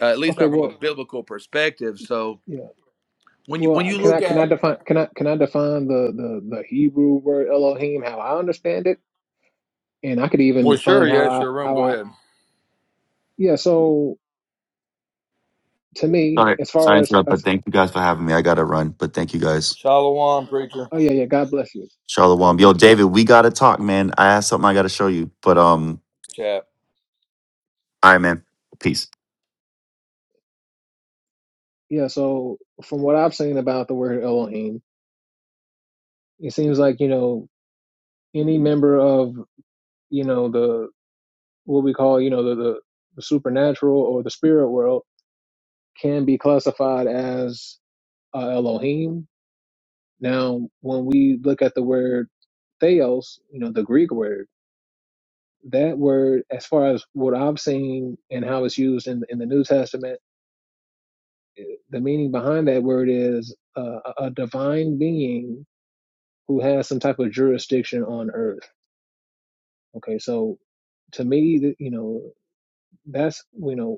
uh, at least
Okay.
not from
Well.
a biblical perspective so
Yeah.
when you when
Well.
you
Can I
look
can I
at
define can I can I define the the the Hebrew word Elohim how I understand it, and I could even
well sure
define how
yes
I
your room
how
go
I
ahead
yeah. So to me,
Sorry,
as far
sorry to
as,
interrupt, but
as
thank you guys for having me. I gotta run, but thank you guys.
shalom preacher
oh yeah yeah God bless you, God
Shalom. Yo,
bless you.
David, we gotta talk, man. I have something I gotta show you. But um,
chat.
all right, man. Peace.
Yeah. So from what I've seen about the word Elohim, it seems like you know any member of you know the what we call you know the the, the supernatural or the spirit world can be classified as uh, Elohim. Now, when we look at the word theos, you know, the Greek word, that word, as far as what I've seen and how it's used in, in the New Testament, the meaning behind that word is uh, a divine being who has some type of jurisdiction on earth. Okay, so to me, th- you know, that's, you know,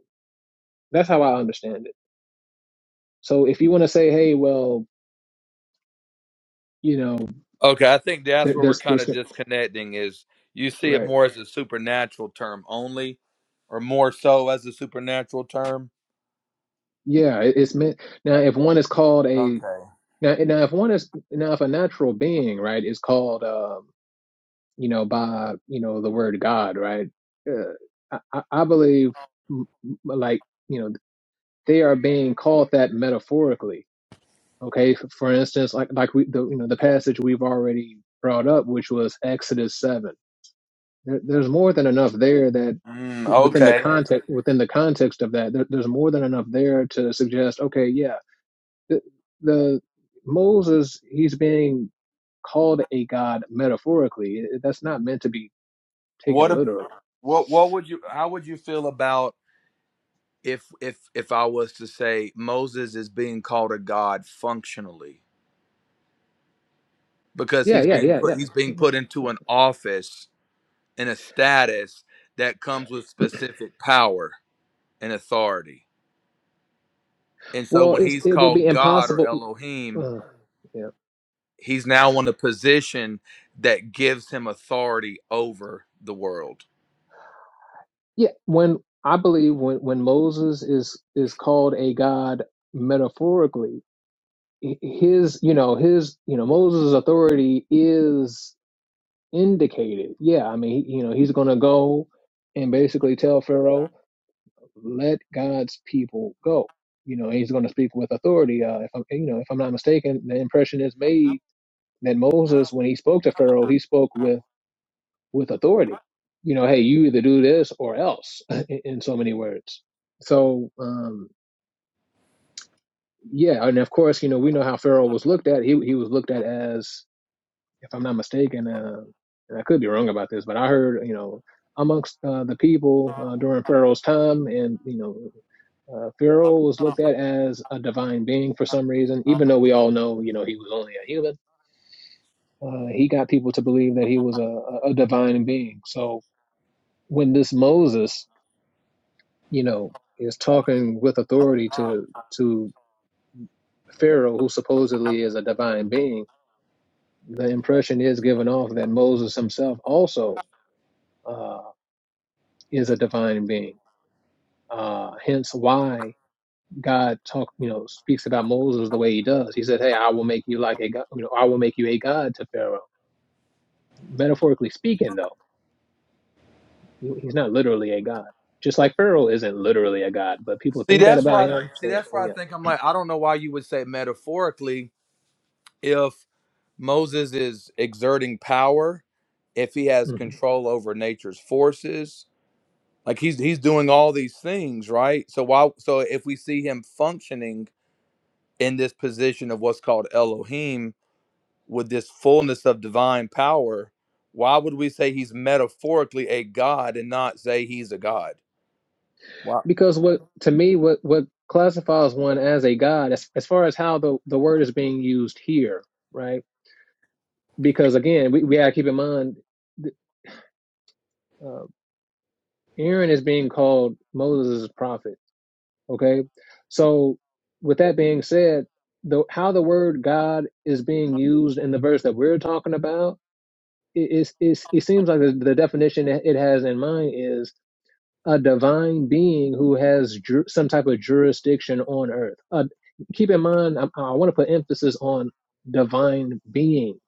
that's how I understand it. So if you want to say, hey, well, you know,
Okay, I think that's
th-
where we're
there's,
kind
there's,
of disconnecting is you see it
right.
more as a supernatural term only, or more so as a supernatural term.
Yeah, it- it's meant now. If one is called a
Okay.
now, now if one is now if a natural being, right, is called, um, you know, by you know the word God, right? Uh, I, I I believe, m- m- like you know, they are being called that metaphorically. Okay, for, for instance, like like we the you know the passage we've already brought up, which was Exodus seven. There, there's more than enough there that
Mm,
within the
okay.
context within the context of that, there, there's more than enough there to suggest, okay, yeah The, the Moses, he's being called a god metaphorically. That's not meant to be
What
taken
ab-
literally.
what what would you how would you feel about if if if I was to say Moses is being called a god functionally because
Yeah,
he's
yeah,
being
yeah,
put he's being
yeah.
put into an office in a status that comes with specific power and authority. And so
Well,
when
it's,
he's
it would be
called God or
impossible.
Elohim,
Uh, yeah,
He's now in a position that gives him authority over the world.
yeah. When I believe when when Moses is is called a god metaphorically, h- his you know his you know Moses' authority is indicated. Yeah, I mean he- you know he's going to go and basically tell Pharaoh. let God's people go. You know, he's going to speak with authority. Uh, if I'm, you know, if I'm not mistaken, the impression is made that Moses, when he spoke to Pharaoh, he spoke with with authority. You know, hey, you either do this or else, in, in so many words. So, um, yeah, and of course, you know, we know how Pharaoh was looked at. He he was looked at as if I'm not mistaken, uh, and I could be wrong about this, but I heard, you know, amongst uh, the people uh, during Pharaoh's time, and you know, uh, Pharaoh was looked at as a divine being for some reason, even though we all know, you know, he was only a human. Uh, he got people to believe that he was a, a a divine being. So when this Moses, you know, is talking with authority to to Pharaoh, who supposedly is a divine being, the impression is given off that Moses himself also. uh, is a divine being. Uh, hence why God talk, you know, speaks about Moses the way he does. He said, "Hey, I will make you like a god. You know, I will make you a god to Pharaoh." Metaphorically speaking, though, he, he's not literally a god. Just like Pharaoh isn't literally a god, but people
See,
think that
that's
about
why.
him.
See,
So,
that's
so
why I
yeah.
think I'm like I don't know why you would say metaphorically if Moses is exerting power, if he has
hmm
control over nature's forces, like he's he's doing all these things, right? So why? So if we see him functioning in this position of what's called Elohim, with this fullness of divine power, why would we say he's metaphorically a god and not say he's a god? Wow.
Because what to me, what what classifies one as a god, as, as far as how the the word is being used here, right? Because again, we we gotta keep in mind, uh, Aaron is being called Moses' prophet Okay. So, with that being said, the how the word God is being used in the verse that we're talking about, it, it's, it's, it seems like the, the definition that it has in mind is a divine being who has ju- some type of jurisdiction on earth. Uh, keep in mind, I, I want to put emphasis on divine being.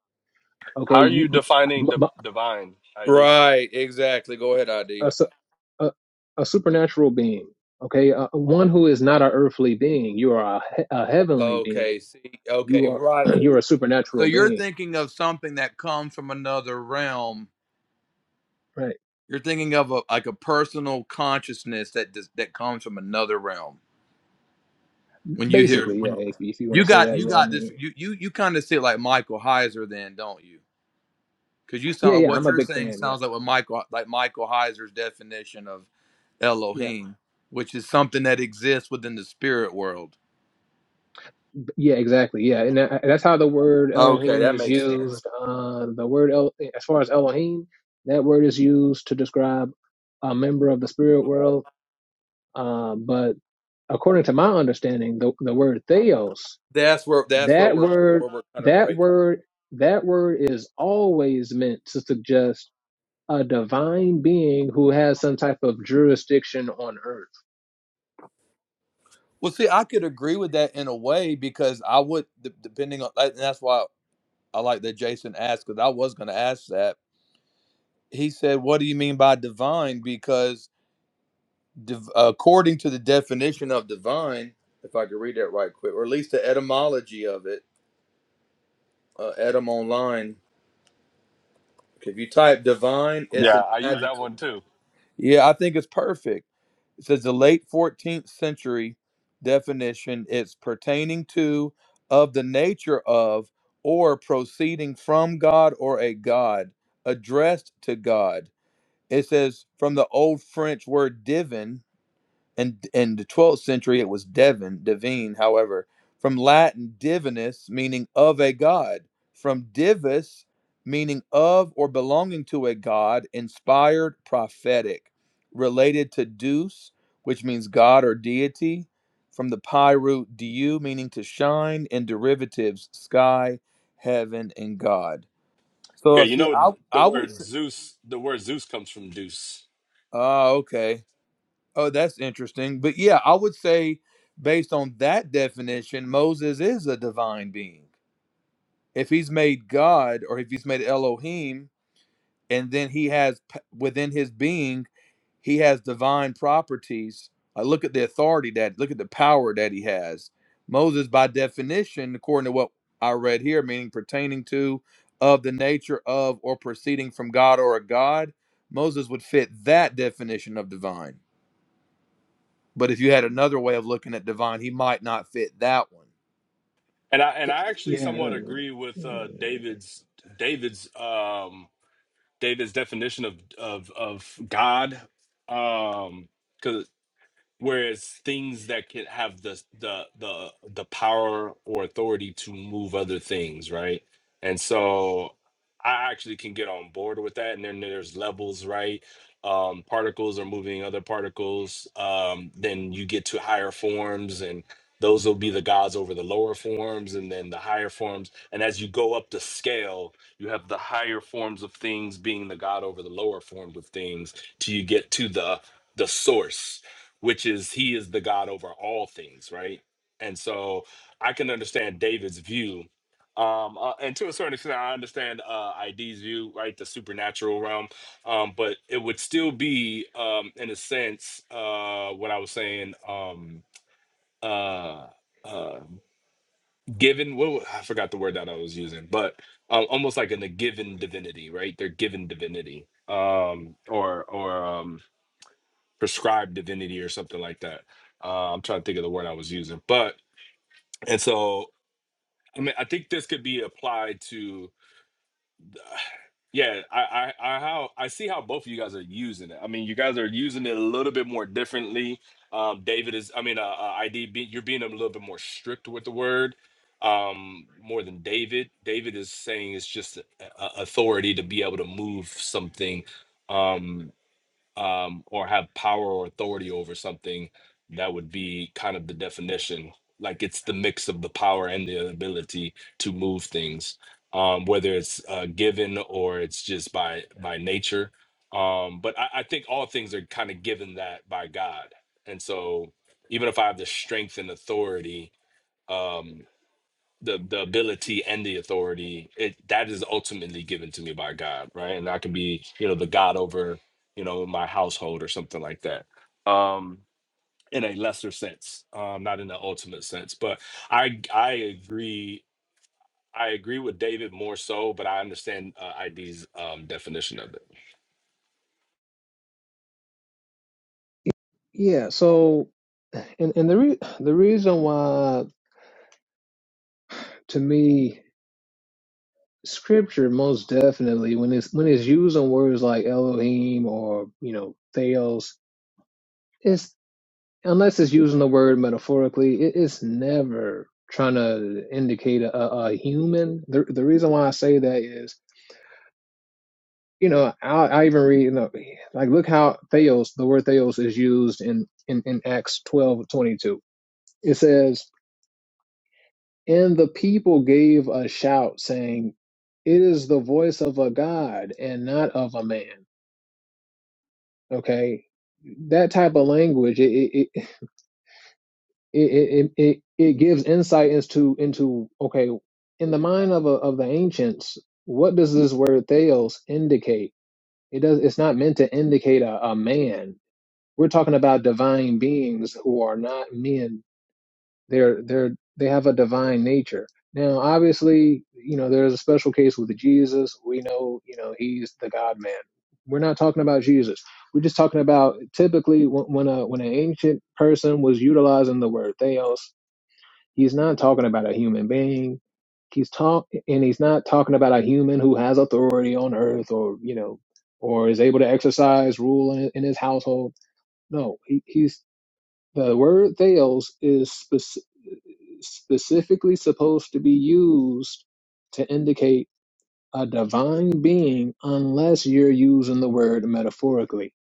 How
Okay.
are
You,
you
you-
defining the
m- m-
divine, ID?
Right, exactly. Go ahead, ID.
a, su- a, a supernatural being. Okay. Uh, one who is not an earthly being. You are a, he- a heavenly being
Okay, see,
you
okay, right.
are
So
you're a
so
supernatural
you're
being
thinking of something that comes from another realm.
right
You're thinking of a, like a personal consciousness that does, that comes from another realm. When you hear
basically yeah
when
if, if you want
you
to say
got
that
you
yeah I
got
mean,
this, you you you kind of see it like Michael Heiser, then don't you? Because you
yeah
sound
yeah
what
i'm a
you're
big
saying
fan yeah
sounds like what Michael like Michael Heiser's definition of
yeah
Elohim, which is something that exists within the spirit world.
yeah exactly yeah and that, that's how the word
Okay,
elohim
that
is
makes sense.
used uh the word El, as far as elohim that word is used to describe a member of the spirit world uh, but according to my understanding the, the word theos
That's where that's where
that
we're
word
where we're kind of
that
breaking.
word that word is always meant to suggest a divine being who has some type of jurisdiction on earth.
Well, see, I could agree with that in a way because I would de- depending on and that's why I like that Jason asked because I was going to ask that. He said, "What do you mean by divine?" Because div- according to the definition of divine, if I could read that right quick, or at least the etymology of it uh, at him online. If you type divine, it's
Yeah,
an
I use that
adjective.
one too.
Yeah, I think it's perfect. It says the late 14th century definition it's pertaining to, of the nature of, or proceeding from God or a God, addressed to God. It says from the old French word divin, and in in the 12th century it was devon divine however from latin divinus meaning of a god from divus meaning of or belonging to a god inspired prophetic related to deus which means god or deity from the pi root du meaning to shine and derivatives sky heaven and god
Yeah,
so
you
see
know
i
the
i would
word
say
Zeus, the word Zeus comes from Deuce.
oh okay Oh, that's interesting. But yeah, I would say, based on that definition, Moses is a divine being. If he's made God or if he's made Elohim, and then he has p- within his being, he has divine properties. Uh, look at the authority that, look at the power that he has. Moses, by definition, according to what I read here, meaning pertaining to, of the nature of, or proceeding from God or a God, Moses would fit that definition of divine. But if you had another way of looking at Divine, he might not fit that one.
And I and I actually
Yeah,
somewhat agree with uh, David's David's um, David's definition of of of God, because whereas things that can have the the the the power or authority to move other things right and so i actually can get on board with that and then there's levels right um particles are moving other particles um then you get to higher forms and those will be the gods over the lower forms and then the higher forms and as you go up the scale you have the higher forms of things being the god over the lower forms of things till you get to the the source which is he is the God over all things, right? And so I can understand David's view. Um, uh, and to a certain extent, I understand uh, ID's view, right? The supernatural realm. Um, but it would still be, um, in a sense, uh, what I was saying, um, uh, uh, given, what, wa- I forgot the word that I was using, but uh, almost like in a given divinity, right? They're given divinity um, or, or, um, prescribed divinity or something like that. Uh, I'm trying to think of the word I was using, but and so I mean I think this could be applied to yeah I I, I how I see how both of you guys are using it. I mean you guys are using it a little bit more differently. Um, David is I mean uh, uh, ID be, you're being a little bit more strict with the word um more than david david is saying it's just a, a- authority to be able to move something um um, or have power or authority over something, that would be kind of the definition. Like it's the mix of the power and the ability to move things, um, whether it's uh, given or it's just by by nature. Um, but I, I think all things are kind of given that by God, and so even if I have the strength and authority. um, the the ability and the authority it that is ultimately given to me by god right and i can be you know the god over you know my household or something like that um in a lesser sense um not in the ultimate sense but i i agree i agree with david more so but i understand uh, id's um definition of it
yeah. So, and and the re- the reason why to me scripture most definitely when it's when it's using words like Elohim or you know Theos, it's unless it's using the word metaphorically, it, it's never trying to indicate a, a a human. The the reason why I say that is you know, I, I even read, you know, like look how theos, the word theos is used in, in, in Acts twelve twenty two. It says, and the people gave a shout saying, 'It is the voice of a God and not of a man. Okay. That type of language, it, it, it, it, it, it it gives insight into, into, okay, in the mind of, a, of the ancients, what does this word theos indicate? It does, it's not meant to indicate a, a man We're talking about divine beings who are not men. They're they're they have a divine nature. Now, obviously, you know, there's a special case with Jesus. We know, you know, he's the God man. We're not talking about Jesus. We're just talking about typically when, when a when an ancient person was utilizing the word theos, he's not talking about a human being he's talk and he's not talking about a human who has authority on earth or you know or is able to exercise rule in, in his household no he, he's the word theos is spec- specifically supposed to be used to indicate a divine being unless you're using the word metaphorically.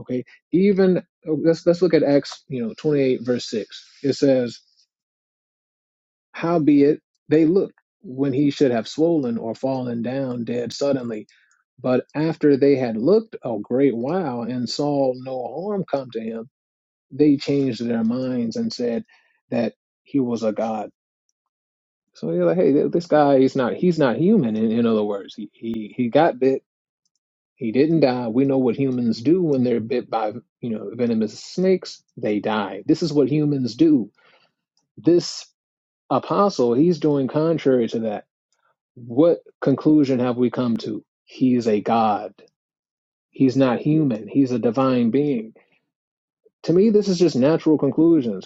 Okay. Even oh, let's let's look at Acts, you know, 28 verse 6. It says, "Howbeit they looked when he should have swollen or fallen down dead suddenly, but after they had looked a great while and saw no harm come to him, they changed their minds and said that he was a god." So you're like, hey, th- this guy is not, he's not human. In, in other words, he, he, he got bit. He didn't die. We know what humans do when they're bit by, you know, venomous snakes. They die. This is what humans do. This apostle, he's doing contrary to that. What conclusion have we come to? He's a god. He's not human. He's a divine being. To me, this is just natural conclusions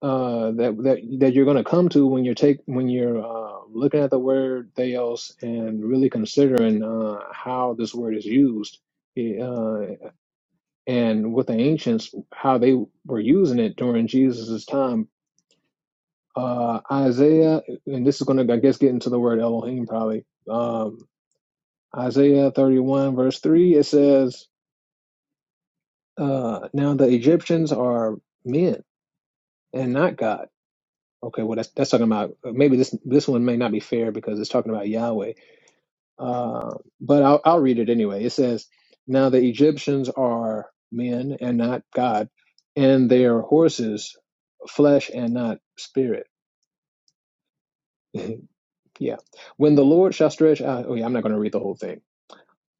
uh, that that that you're going to come to when you're take when you're uh, looking at the word theos and really considering uh, how this word is used, eh, uh, and with the ancients how they were using it during Jesus's time. Uh, Isaiah, and this is going to I guess get into the word Elohim probably. Um, Isaiah 31 verse three it says, uh, "Now the Egyptians are men and not God." Okay, well that's that's talking about maybe this this one may not be fair because it's talking about Yahweh. Uh, but I'll I'll read it anyway. It says, "Now the Egyptians are men and not God, and their horses flesh and not spirit." yeah. When the Lord shall stretch out. Oh yeah, I'm not going to read the whole thing.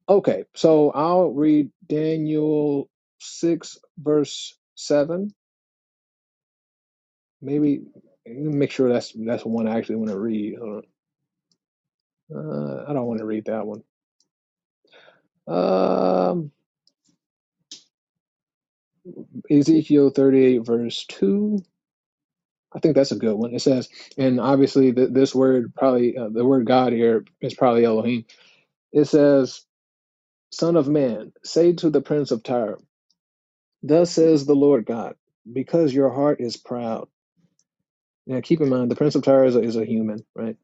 Okay, so I'll read Daniel six verse seven. Maybe let me make sure that's that's the one I actually want to read. Hold on. Uh, I don't want to read that one. Um, Ezekiel 38, verse 2. I think that's a good one. It says, and obviously th- this word probably, uh, the word God here is probably Elohim. It says, Son of man, say to the prince of Tyre, Thus says the Lord God, because your heart is proud. Now keep in mind, the prince of Tyre is a, is a human, right?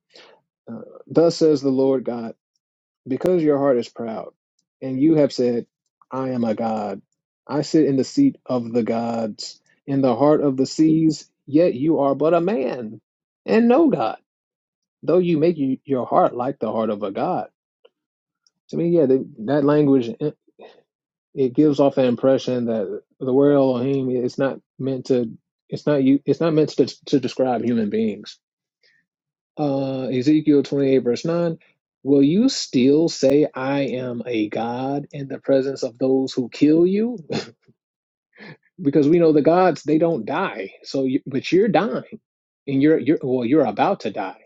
Uh, Thus says the Lord God. Because your heart is proud, and you have said, I am a god. I sit in the seat of the gods, in the heart of the seas, yet you are but a man and no god, though you make you, your heart like the heart of a god. To me, yeah, the, that language, it it gives off an impression that the word Elohim is not meant to, it's not you, it's not meant to, to describe human beings uh, Ezekiel 28, verse 9, will you still say, I am a God in the presence of those who kill you? because we know the gods, they don't die. So, you, but you're dying and you're, you're, well, you're about to die.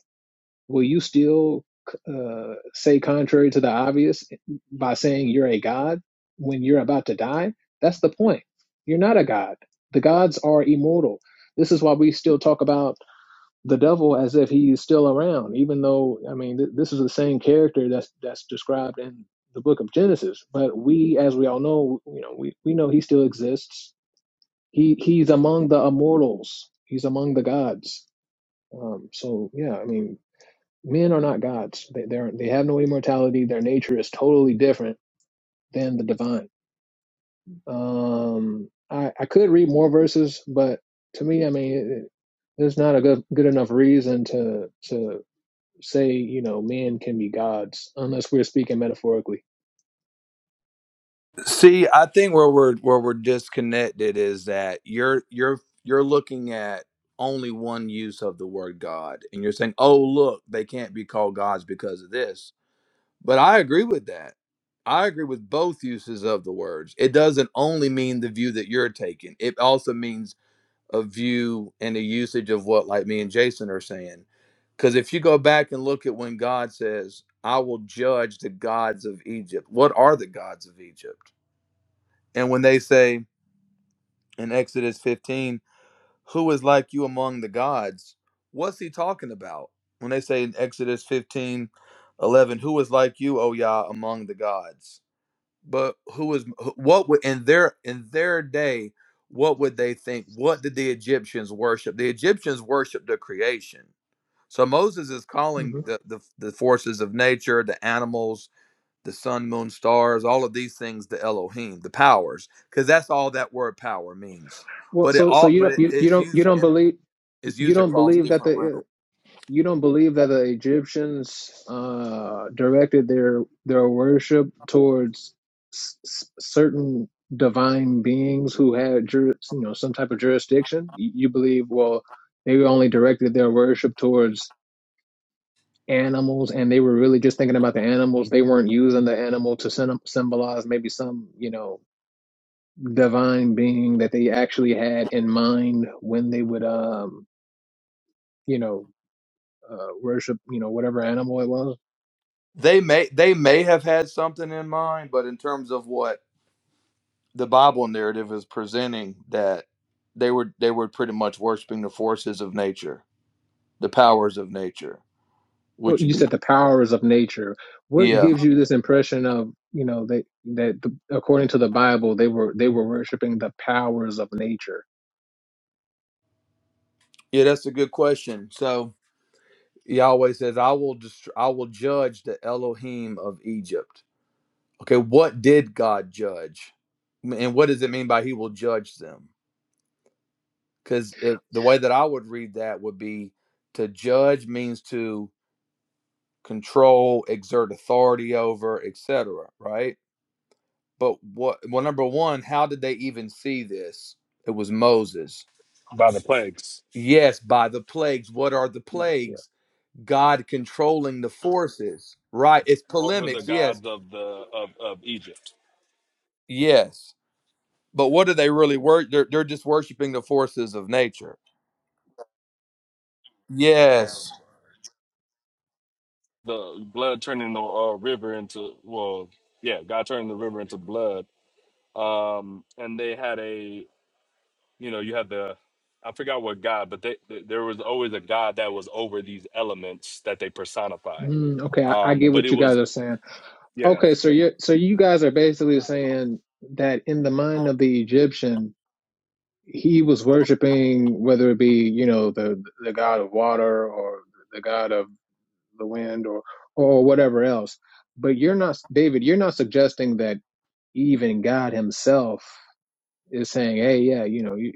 Will you still uh, say contrary to the obvious by saying you're a God when you're about to die? That's the point. You're not a God. The gods are immortal. This is why we still talk about the devil as if he's still around, even though I mean th- this is the same character that's that's described in the book of Genesis. But we, as we all know, you know we, we know he still exists. He he's among the immortals. He's among the gods. Um, so yeah, I mean men are not gods. They they're, they have no immortality. Their nature is totally different than the divine. Um, I I could read more verses, but to me, I mean. It, it- there's not a good good enough reason to to say you know men can be gods unless we're speaking metaphorically
See, I think where we're where we're disconnected is that you're you're you're looking at only one use of the word God, and you're saying, "Oh, look, they can't be called gods because of this." But I agree with that. I agree with both uses of the words. It doesn't only mean the view that you're taking. It also means a view and a usage of what like me and Jason are saying. Because if you go back and look at when God says, I will judge the gods of Egypt, what are the gods of Egypt? And when they say in Exodus 15, who is like you among the gods? What's he talking about? When they say in Exodus 15, 11, who is like you, O Yah, among the gods? but who was what would in their in their day what would they think what did the egyptians worship the egyptians worshiped the creation so moses is calling
hmm
the, the the forces of nature the animals the sun moon stars all of these things the elohim the powers because that's all that word power means
well
but it
so so
all
you
but
don't
it,
you, you
it's
don't you
used
don't
in,
believe
it's
you
used
don't
across
believe that
different
the
realms
you don't believe that the egyptians uh directed their their worship towards s- certain divine beings who had jur- you know some type of jurisdiction you you believe well they only directed their worship towards animals and they were really just thinking about the animals they weren't using the animal to sym- symbolize maybe some you know divine being that they actually had in mind when they would um you know uh, worship you know whatever animal it was
they may they may have had something in mind but in terms of what the Bible narrative is presenting that they were they were pretty much worshiping the forces of nature, the powers of nature,
So
which would
you
be
said the powers of nature what
yeah
gives you this impression of you know that that the, according to the bible they were they were worshiping the powers of nature
yeah that's a good question. So Yahweh says, "I will dest- I will judge the Elohim of Egypt." Okay, what did God judge, and what does it mean by He will judge them? Because if the way that I would read that would be to judge means to control, exert authority over, etc. Right? But what? Well, number one, how did they even see this? It was Moses.
by the plagues
Yes, by the plagues. What are the
yeah.
plagues? God controlling the forces. Right. It's
over the
polemics. Yes.
gods of the of, of egypt
Yes. But what do they really work? They're, they're just worshiping the forces of nature. Yes.
the blood turning the uh, river into well yeah god turning the river into blood um and they had a you know you had the i forgot what god but they, th- there was always a god that was over these elements that they personified
mm, okay I, I
um
get
but
what
it
you guys
was
are saying
yeah
okay so you so you guys are basically saying that in the mind of the egyptian he was worshiping whether it be you know the the god of water or the god of the wind or or whatever else but you're not david you're not suggesting that even god himself is saying hey yeah you know you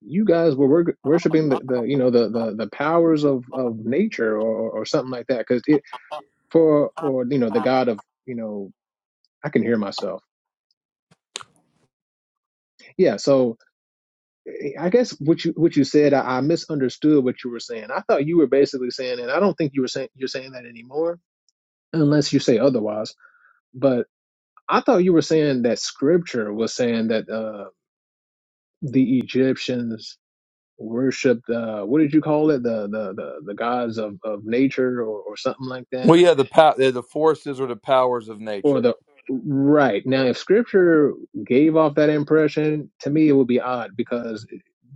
you guys were wor- worshiping the, the you know the, the the powers of of nature or or something like that because it for or you know the god of you know i can hear myself yeah so. I guess what you what you said, I, I misunderstood what you were saying. I thought you were basically saying, and I don't think you were saying you're saying that anymore, unless you say otherwise. But I thought you were saying that Scripture was saying that uh, the Egyptians worshipped uh, what did you call it the the the, the gods of, of nature or, or something like that
Well, yeah, the pow- they're the forces or the powers of
or
nature.
the right now if scripture gave off that impression to me it would be odd because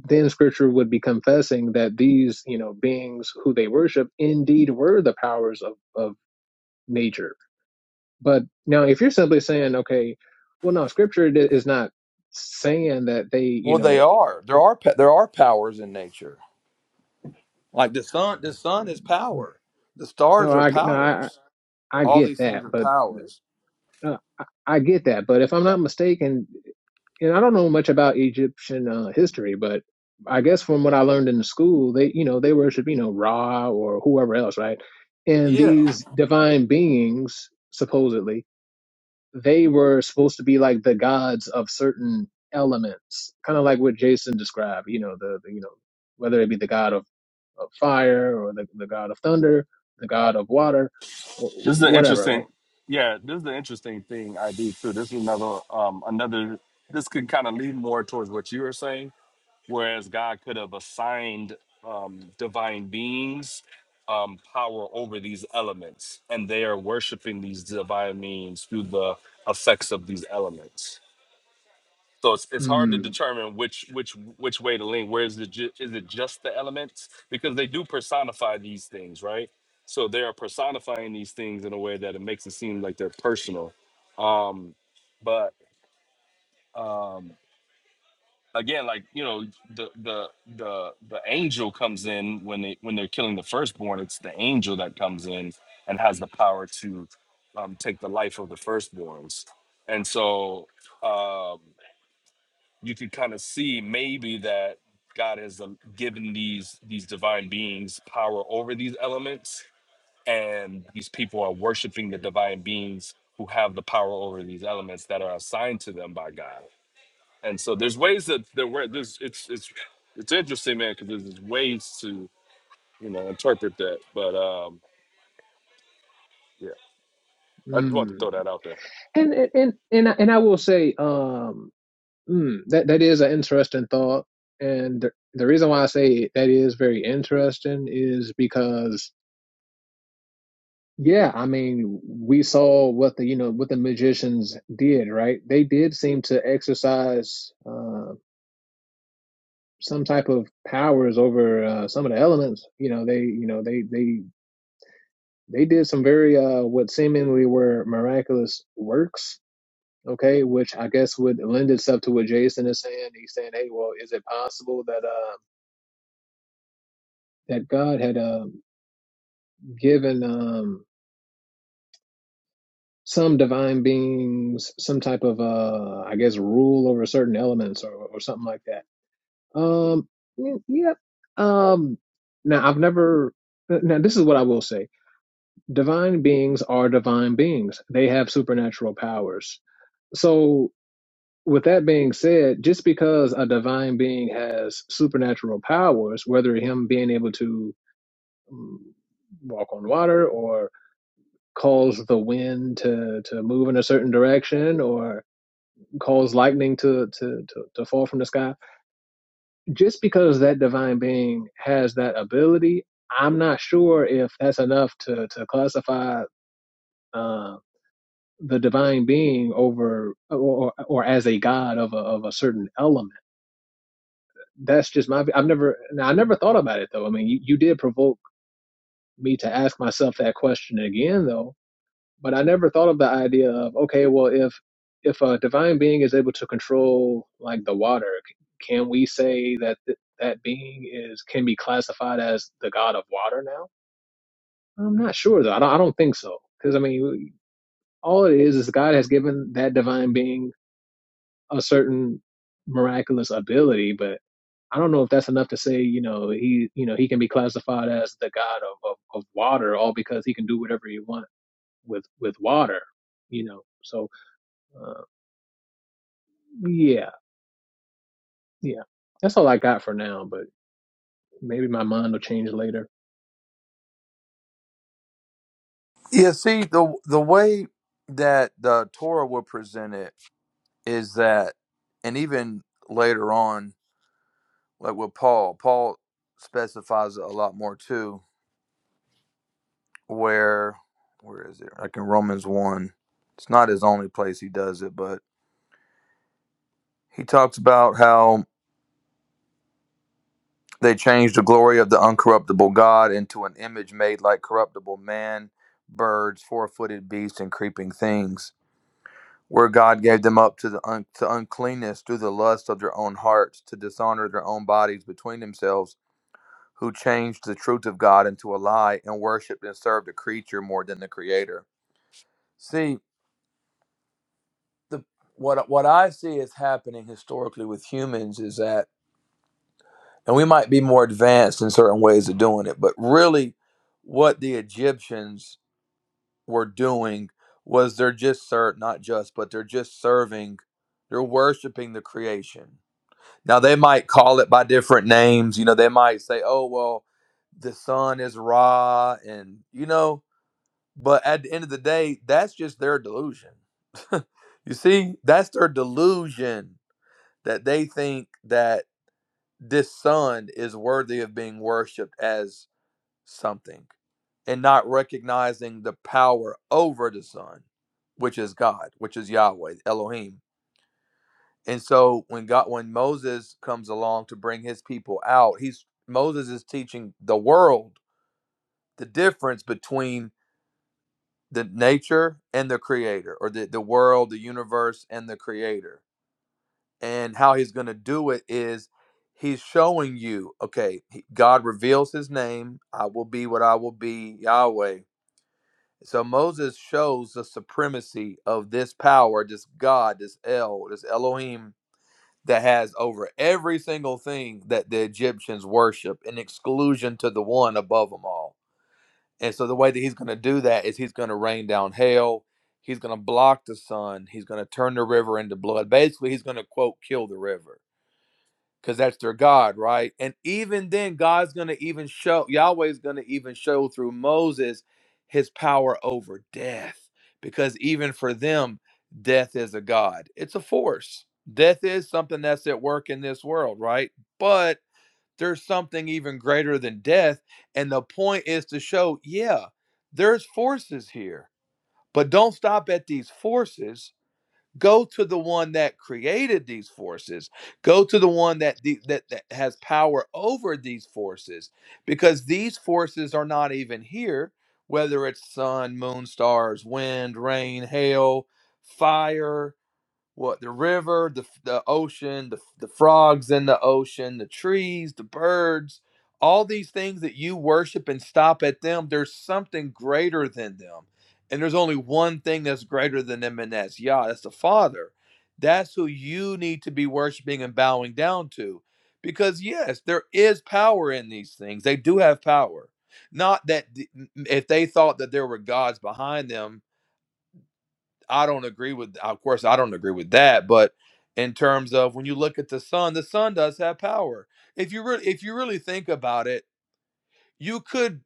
then scripture would be confessing that these you know beings who they worship indeed were the powers of of nature but now if you're simply saying okay well no scripture di- is not saying that they you
Well, they
know
are. There are pa- there are powers in nature. Like the sun, the sun is power. The
no
stars are
i no i
powers.
i
All
get
these
that
things are
but
powers.
uh, I I get that, but if I'm not mistaken, and I don't know much about Egyptian uh, history, but I guess from what I learned in the school, they you know they worship you know Ra or whoever else, right? And
Yeah.
these divine beings, supposedly, they were supposed to be like the gods of certain elements, kind of like what Jason described. You know the, the you know whether it be the god of, of fire or the, the god of thunder, the god of water, or
this is the
whatever, right?
interesting yeah this is the interesting thing i do too this is another um another this could kind of lead more towards what you were saying whereas God could have assigned um, divine beings um, power over these elements, and they are worshiping these divine beings through the effects of these elements. So it's, it's hard to
Mm,
determine which which which way to lean. Where is it? Ju- is it just the elements because they do personify these things, right? So they are personifying these things in a way that it makes it seem like they're personal. Um, but um, again, like you know, the the the the angel comes in when they when they're killing the firstborn. It's the angel that comes in and has the power to um, take the life of the firstborns. And so um, you could kind of see maybe that God has um, given these these divine beings power over these elements, and these people are worshiping the divine beings who have the power over these elements that are assigned to them by God. And so there's ways that there were there's it's it's it's interesting, man, because there's ways to you know interpret that. But um, yeah, I just wanted to
mm.
throw that out there.
And and and and I, and I will say, um, Mm, that that is an interesting thought, and the, the reason why I say that is very interesting is because yeah, I mean we saw what the you know what the magicians did, right? They did seem to exercise uh, some type of powers over uh, some of the elements. You know they you know they they they did some very uh, what seemingly were miraculous works. Okay, which I guess would lend itself to what Jason is saying. He's saying, "Hey, well, is it possible that uh." that God had uh, given um, some divine beings some type of, uh, I guess, rule over certain elements or, or something like that. Um, yep. Um, now, I've never. uh, Now, this is what I will say: divine beings are divine beings. They have supernatural powers. So, with that being said, just because a divine being has supernatural powers, whether him being able to mm, walk on water or cause the wind to, to move in a certain direction or cause lightning to, to, to, to fall from the sky. Just because that divine being has that ability, I'm not sure if that's enough to, to classify uh, the divine being over or, or as a god of a, of a certain element. That's just my, I've never, I never thought about it though. I mean, you, you did provoke me to ask myself that question again though But I never thought of the idea of okay, well, if if a divine being is able to control like the water, c- can we say that th- that being is can be classified as the god of water now? I'm not sure though. I don't, I don't think so because I mean, all it is is God has given that divine being a certain miraculous ability, but I don't know if that's enough to say, you know, he, you know, he can be classified as the god of, of, of water, all because he can do whatever he wants with with water, you know. So uh, Yeah, yeah. That's all I got for now, but maybe my mind will change later.
Yeah, see the the way that the Torah will present it is that, and even later on, like with Paul, Paul specifies it a lot more too. Where, where is it? Like in Romans one, it's not his only place he does it, but he talks about how they changed the glory of the uncorruptible God into an image made like corruptible man, birds, four footed beasts, and creeping things. where God gave them up to the un- to uncleanness through the lust of their own hearts to dishonor their own bodies between themselves, who changed the truth of God into a lie and worshipped and served the creature more than the Creator. See, the what what I see is happening historically with humans is that, and we might be more advanced in certain ways of doing it, but really, what the Egyptians were doing was they're just served not just, but they're just serving, they're worshiping the creation Now they might call it by different names. You know, they might say, "Oh, well, the sun is Ra," and you know. But at the end of the day, that's just their delusion. you see, that's their delusion that they think that this sun is worthy of being worshipped as something, and not recognizing the power over the sun, which is God, which is Yahweh, Elohim and so when God when Moses comes along to bring his people out, he's Moses is teaching the world the difference between the nature and the creator or the, the world, the universe and the creator. And how he's going to do it is he's showing you, okay, he- God reveals his name, I will be what I will be, Yahweh. So Moses shows the supremacy of this power, this God, this El, this Elohim that has over every single thing that the Egyptians worship, in exclusion to the one above them all. And so the way that he's going to do that is he's going to rain down hail. He's going to block the sun. He's going to turn the river into blood. Basically, he's going to, quote, kill the river because that's their God, right? And even then, God's going to even show, Yahweh's going to even show through Moses his power over death, because even for them, death is a God. It's a force. Death is something that's at work in this world, right? But there's something even greater than death. And the point is to show, yeah, there's forces here, but don't stop at these forces go to the one that created these forces go to the one that the, that, that has power over these forces because these forces are not even here whether it's sun moon stars wind rain hail fire what the river, the the ocean, the the frogs in the ocean, the trees, the birds, all these things that you worship and stop at them, there's something greater than them. And there's only one thing that's greater than them and that's Yah, that's the Father. That's who you need to be worshiping and bowing down to. Because yes, there is power in these things. They do have power. Not that th- if they thought that there were gods behind them, I don't agree with. Of course, I don't agree with that. But in terms of when you look at the sun, the sun does have power. If you really, if you really think about it, you could.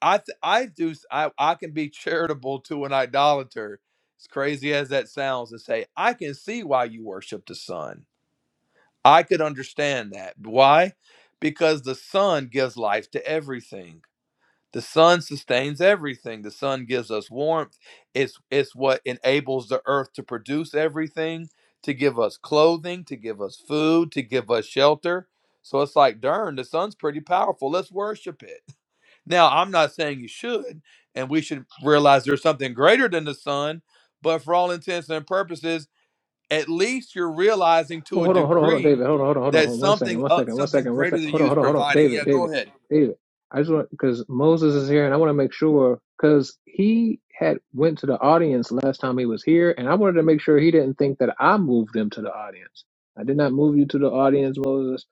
I th- I do. s- I I can be charitable to an idolater. As crazy as that sounds, to say I can see why you worship the sun. I could understand that. Why? Because the sun gives life to everything the sun sustains everything. The sun gives us warmth. It's it's what enables the earth to produce everything, to give us clothing, to give us food, to give us shelter. So it's like, darn, the sun's pretty powerful. Let's worship it. Now, I'm not saying you should, and we should realize there's something greater than the sun, but for all intents and purposes, at least you're realizing to
Well,
a
hold on, hold on, hold on,
degree
David. Hold on, hold on, hold on,
that
hold on. One second,
something
one
up
second, one
something
second, one
greater
second.
than
Hold
you
on,
is
hold on, hold on.
providing.
David,
Yeah,
David,
go ahead.
David. I just want because Moses is here, and I want to make sure because he had went to the audience last time he was here, and I wanted to make sure he didn't think that I moved him to the audience. I did not move you to the audience, Moses.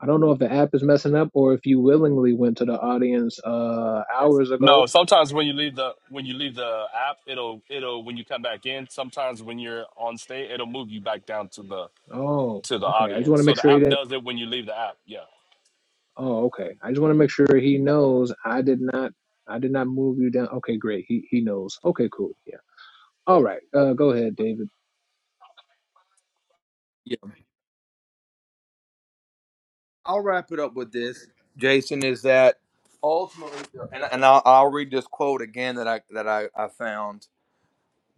I don't know if the app is messing up or if you willingly went to the audience uh hours
No,
ago.
sometimes when you leave the when you leave the app, it'll it'll when you come back in. Sometimes when you're on stage, it'll move you back down to the
Oh,
to the
okay. I just want
audience.
to
So
make
the
sure he
app
didn't
does it when you leave the app. Yeah,
Oh, okay. I just want to make sure he knows I did not I did not move you down. Okay, great. He he knows. Okay, cool. Yeah. All right. Uh go ahead, David.
I'll wrap it up with this, Jason, is that ultimately, and, and I'll, I'll read this quote again that I that I, I found.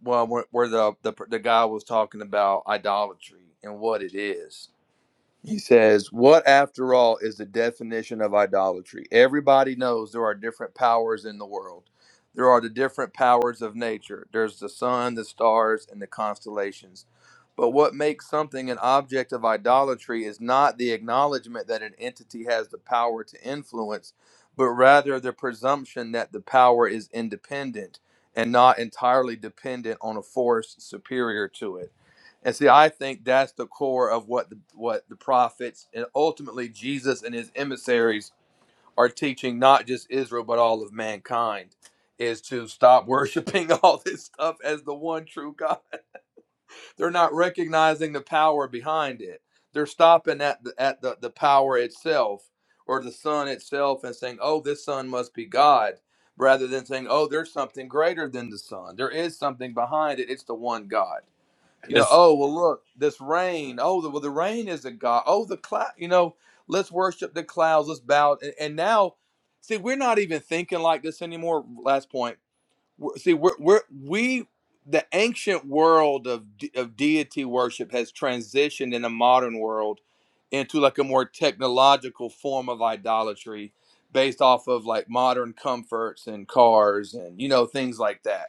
Well, where, where the, the the guy was talking about idolatry and what it is, he says, What after all is the definition of idolatry? Everybody knows there are different powers in the world. There are the different powers of nature. There's the sun, the stars, and the constellations. But what makes something an object of idolatry is not the acknowledgement that an entity has the power to influence, but rather the presumption that the power is independent and not entirely dependent on a force superior to it. And see, I think that's the core of what the, what the prophets and ultimately Jesus and his emissaries are teaching, not just Israel but all of mankind, is to stop worshiping all this stuff as the one true God. They're not recognizing the power behind it. They're stopping at the, at the, the power itself or the sun itself and saying, "Oh, this sun must be God," rather than saying, "Oh, there's something greater than the sun. There is something behind it. It's the one God." You know,
it's
oh well, look, this rain. Oh, the, well, the rain is a god. Oh, the cloud. You know, let's worship the clouds. Let's bow. And, and now, see, we're not even thinking like this anymore. Last point. We're, see, we're, we're we the ancient world of de- of deity worship has transitioned in a modern world into like a more technological form of idolatry based off of like modern comforts and cars and you know things like that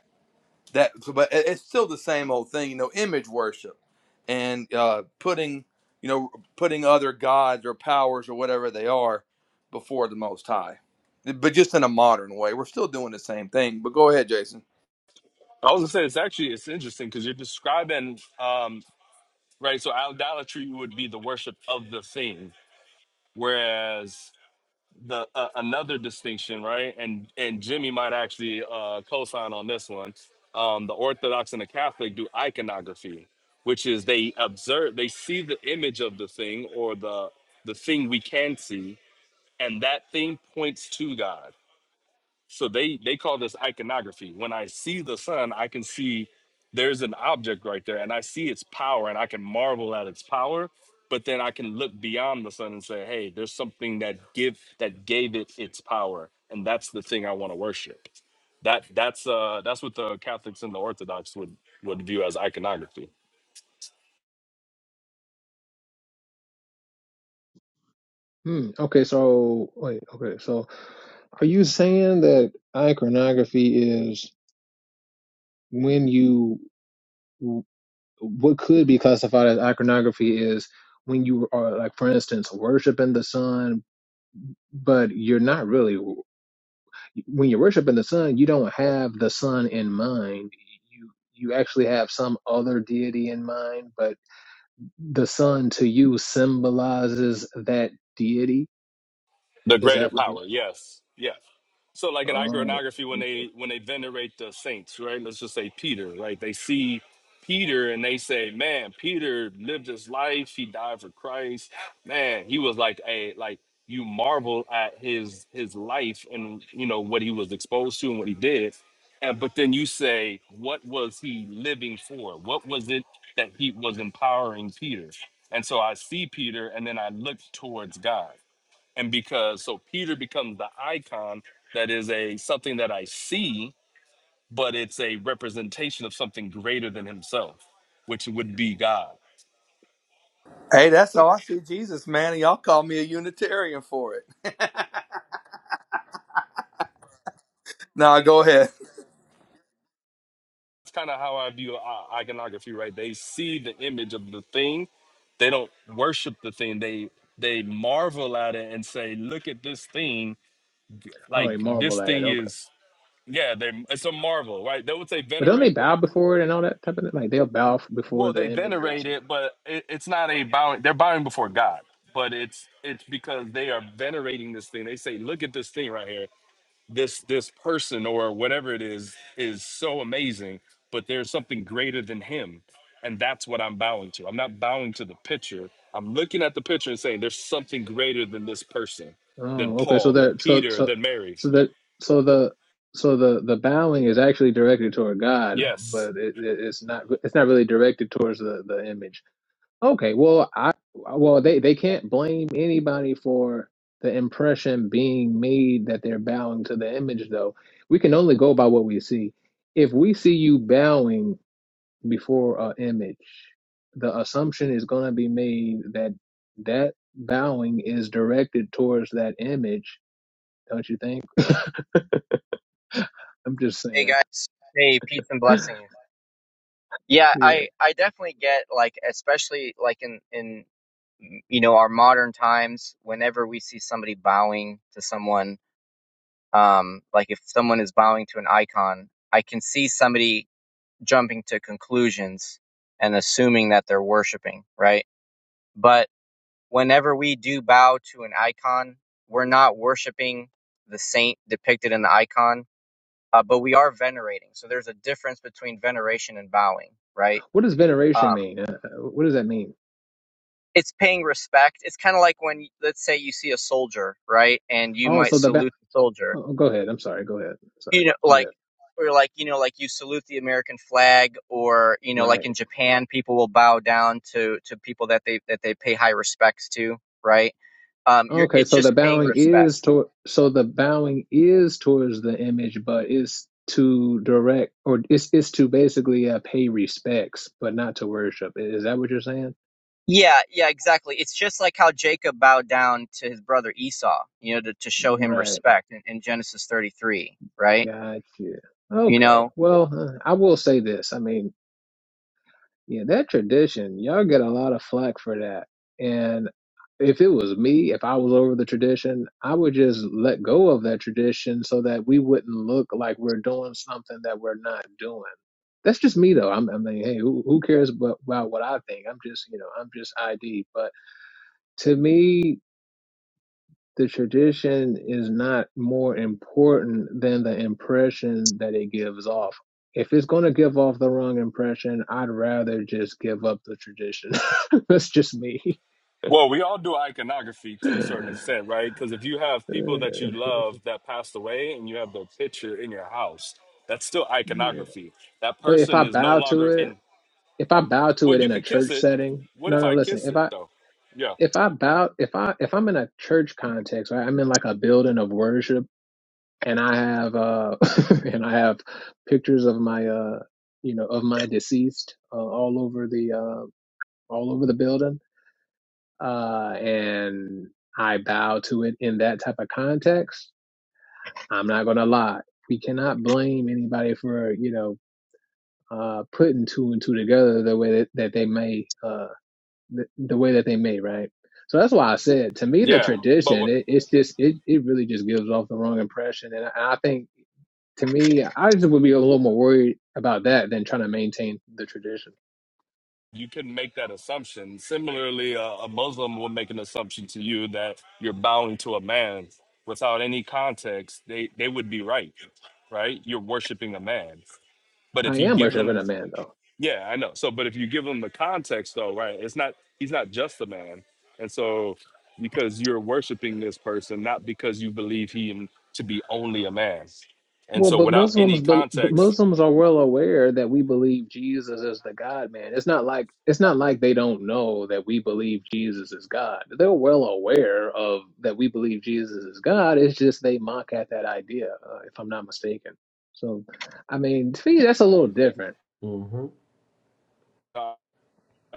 that so, but it- it's still the same old thing you know image worship and uh putting you know putting other gods or powers or whatever they are before the most high but just in a modern way we're still doing the same thing but go ahead jason
I was gonna say it's actually it's interesting because you're describing um right. So idolatry would be the worship of the thing, whereas the uh, another distinction, right? And and Jimmy might actually uh, co-sign on this one. Um, the Orthodox and the Catholic do iconography, which is they observe, they see the image of the thing or the the thing we can see, and that thing points to God. So they they call this iconography. When I see the sun, I can see there's an object right there, and I see its power, and I can marvel at its power. But then I can look beyond the sun and say, "Hey, there's something that give that gave it its power, and that's the thing I want to worship." That that's uh that's what the Catholics and the Orthodox would would view as iconography.
Hmm. Okay, so wait, okay. So are you saying that iconography is when you what could be classified as iconography is when you are like for instance worshiping the sun but you're not really when you're worshiping the sun, you don't have the sun in mind. You you actually have some other deity in mind, but the sun to you symbolizes that deity.
The
Is
greater
that what? it?
power, yes, yes. So, like in
oh,
iconography, when
okay.
they when they venerate the saints, right? Let's just say Peter, right? They see Peter and they say, "Man, Peter lived his life. He died for Christ. Man, he was like a like you marvel at his his life and you know what he was exposed to and what he did, and but then you say, what was he living for? What was it that he was empowering Peter? And so I see Peter, and then I look towards God and because so peter becomes the icon that is a something that i see but it's a representation of something greater than himself which would be god
hey that's how i see jesus man and y'all call me a unitarian for it Nah, go ahead
it's kind of how i view i- iconography right they see the image of the thing they don't worship the thing they they marvel at it and say look at this thing
oh, they
like
marvel
this
at it.
thing
Okay,
is yeah they it's a marvel right they would say
but don't they
venerate
bow before it and all that type of thing? Like they'll bow f- before
Well, they
the image or
venerate
something.
it, but it, it's not a bowing. They're bowing before God, but it's it's because they are venerating this thing. They say, "Look at this thing right here. This this person or whatever it is is so amazing, but there's something greater than him, and that's what I'm bowing to. I'm not bowing to the picture. I'm looking at the picture and saying, "There's something greater than this person, than
Oh, okay. So
Paul, than
that so
Peter,
so
than Mary."
so that so the so the the bowing is actually directed toward God,
Yes,
but it, it, it's not it's not really directed towards the the image. Okay, well, I well they they can't blame anybody for the impression being made that they're bowing to the image, though. We can only go by what we see. If we see you bowing before an image, the assumption is going to be made that that bowing is directed towards that image, don't you think? I'm just
hey
saying.
guys, hey peace and blessings. Yeah,
Yeah.
I I definitely get like especially like in in you know our modern times whenever we see somebody bowing to someone um like if someone is bowing to an icon, I can see somebody jumping to conclusions and assuming that they're worshiping, right? But whenever we do bow to an icon, we're not worshiping the saint depicted in the icon uh, but we are venerating. So there's a difference between veneration and bowing, right?
What does veneration
Um,
mean? Uh, uh, what does that mean?
it's paying respect. It's kind of like when, let's say, you see a soldier, right, and you
Oh,
might
so the ba-
salute the soldier,
oh, go ahead. I'm sorry. Go ahead. Sorry.
you know,
Go
like
ahead.
or like you know, like you salute the American flag, or you know,
Right.
like in Japan, people will bow down to to people that they that they pay high respects to, right? Um, you're
Okay,
it's
so the
just paying
bowing
respect
is to so the bowing is towards the image, but it's to direct or it's it's to basically uh, pay respects, but not to worship. I- Is that what you're saying?
Yeah, yeah, exactly. It's just like how Jacob bowed down to his brother Esau, you know, to, to show him
Right.
respect in, in Genesis 33, right?
Gotcha.
You
Okay.
know,
Well, uh, I will say this. I mean, Yeah, that tradition, y'all get a lot of flack for that. And if it was me, if I was over the tradition, I would just let go of that tradition so that we wouldn't look like we're doing something that we're not doing. That's just me though. I'm, I mean, hey, who, who cares about, about what I think? I'm just, you know, I'm just ID. But to me, the tradition is not more important than the impression that it gives off. If it's going to give off the wrong impression, I'd rather just give up the tradition. That's just me.
Well, we all do iconography to a certain extent, right? Because if you have people
Uh,
that you love that passed away and you have their picture in your house, that's still
yeah.
iconography. That
But if
person
I
is no
bow to
longer
it,
in.
if I bow to
Well,
it
you
in a
could kiss
church
it.
setting,
What
no,
if
no,
I
listen.
kiss
If
it
I
though? Yeah,
if I bow, if I if I'm in a church context, right? I'm in like a building of worship and I have uh and I have pictures of my uh you know of my deceased uh, all over the uh all over the building uh and I bow to it in that type of context. I'm not going to lie. We cannot blame anybody for, you know, uh putting two and two together the way that, that they may uh the, the way that they may, right? So that's why I said to me the
yeah. But
tradition
what
it, it's just it, it really just gives off the wrong impression and I, I think to me, I just would be a little more worried about that than trying to maintain the tradition.
you can make that assumption. Similarly, uh, a Muslim will make an assumption to you that you're bowing to a man without any context. They they would be right, right? You're worshiping a man. But
I
if you
am
give
worshiping
them
a man, though.
Yeah, I know. So, but if you give him the context, though, right? It's not he's not just a man, and so because you're worshiping this person, not because you believe him to be only a man, and
Well,
so
but
without
Muslims,
any
but
context,
Muslims are well aware that we believe Jesus is the God man. It's not like it's not like they don't know that we believe Jesus is God. They're well aware of that we believe Jesus is God. It's just they mock at that idea, uh, if I'm not mistaken. So, I mean, to me, that's a little different,
uh,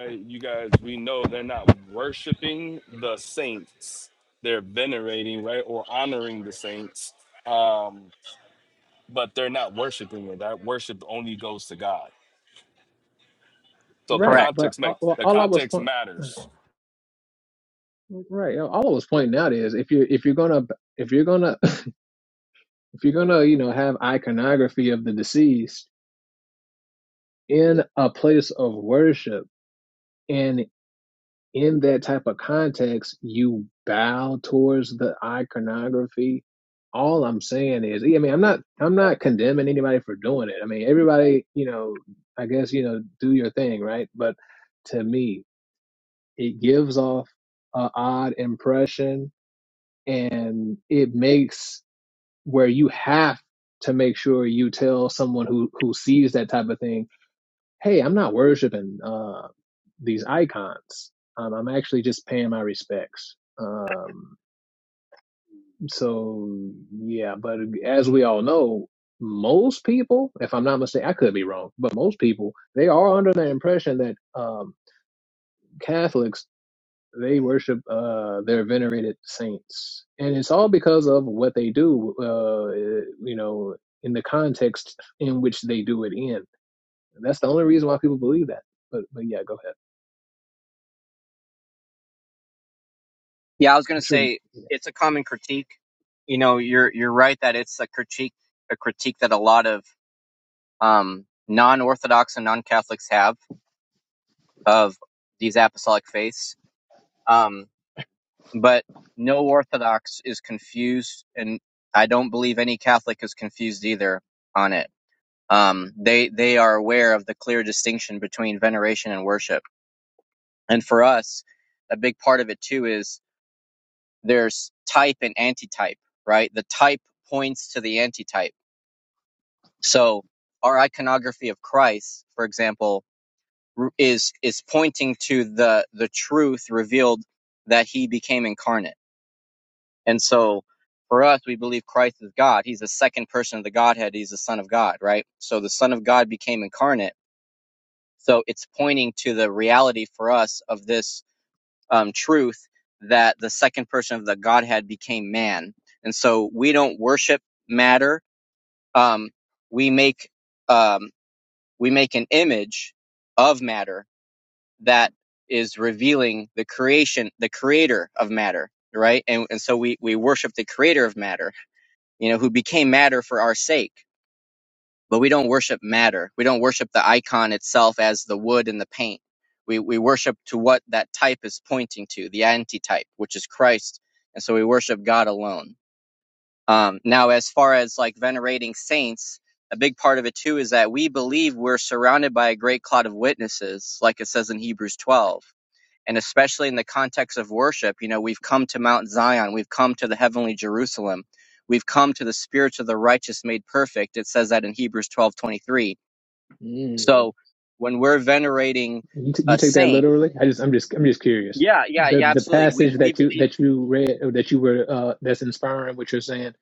you guys, we know they're not worshiping the saints; they're venerating, right, or honoring the saints, um, but they're not worshiping it. That worship only goes to God. So the
right?
correct.
But
context
uh,
makes
well,
the
all I was
context
point.
matters
Right. All I was pointing out is if you if you're gonna if you're gonna if you're gonna you know have iconography of the deceased in a place of worship and in that type of context, you bow towards the iconography. All I'm saying is, yeah, I mean, I'm not I'm not condemning anybody for doing it. I mean, everybody, you know, I guess you know, do your thing, right? But to me, it gives off a odd impression and it makes where you have to make sure you tell someone who who sees that type of thing, hey, I'm not worshiping uh, these icons. Um, I'm actually just paying my respects. Um, so yeah, but as we all know, most people, if I'm not mistaken, I could be wrong, but most people they are under the impression that um, Catholics they worship uh, their venerated saints, and it's all because of what they do. Uh, you know, in the context in which they do it in. That's the only reason why people believe that. But but yeah, go ahead.
Yeah, I was going
I'm
to
sure.
say it's a common critique. You know, you're you're right that it's a critique a critique that a lot of um non-orthodox and non-catholics have of these apostolic faiths. Um but
Yeah.
no orthodox is confused and I don't believe any catholic is confused either on it um, they they are aware of the clear distinction between veneration and worship. And for us, a big part of it too is there's type and antitype, right? The type points to the antitype. So our iconography of Christ, for example, is is pointing to the the truth revealed that he became incarnate. And so for us, we believe Christ is God. He's the second person of the Godhead. He's the Son of God, right? So the Son of God became incarnate So it's pointing to the reality for us of this um, truth that the second person of the Godhead became man. And so we don't worship matter. Um, we make um, we make an image of matter that is revealing the creation, the creator of matter, right? And, and so we, we worship the creator of matter, you know, who became matter for our sake. but we don't worship matter. We don't worship the icon itself as the wood and the paint. We we worship to what that type is pointing to, the antitype, which is Christ, and so we worship God alone. Um, now, as far as like venerating saints, a big part of it too is that we believe we're surrounded by a great cloud of witnesses, like it says in Hebrews 12 and especially in the context of worship, you know, we've come to Mount Zion, we've come to the heavenly Jerusalem, we've come to the spirits of the righteous made perfect. It says that in Hebrews twelve twenty three.
Mm.
So when we're venerating
You t- you
a
take that
saint,
literally? I just I'm just I'm just curious.
yeah, yeah,
The
yeah,
the
absolutely. We
passage
we
that you
believe.
that you read or that you were uh, that's inspiring what you're saying.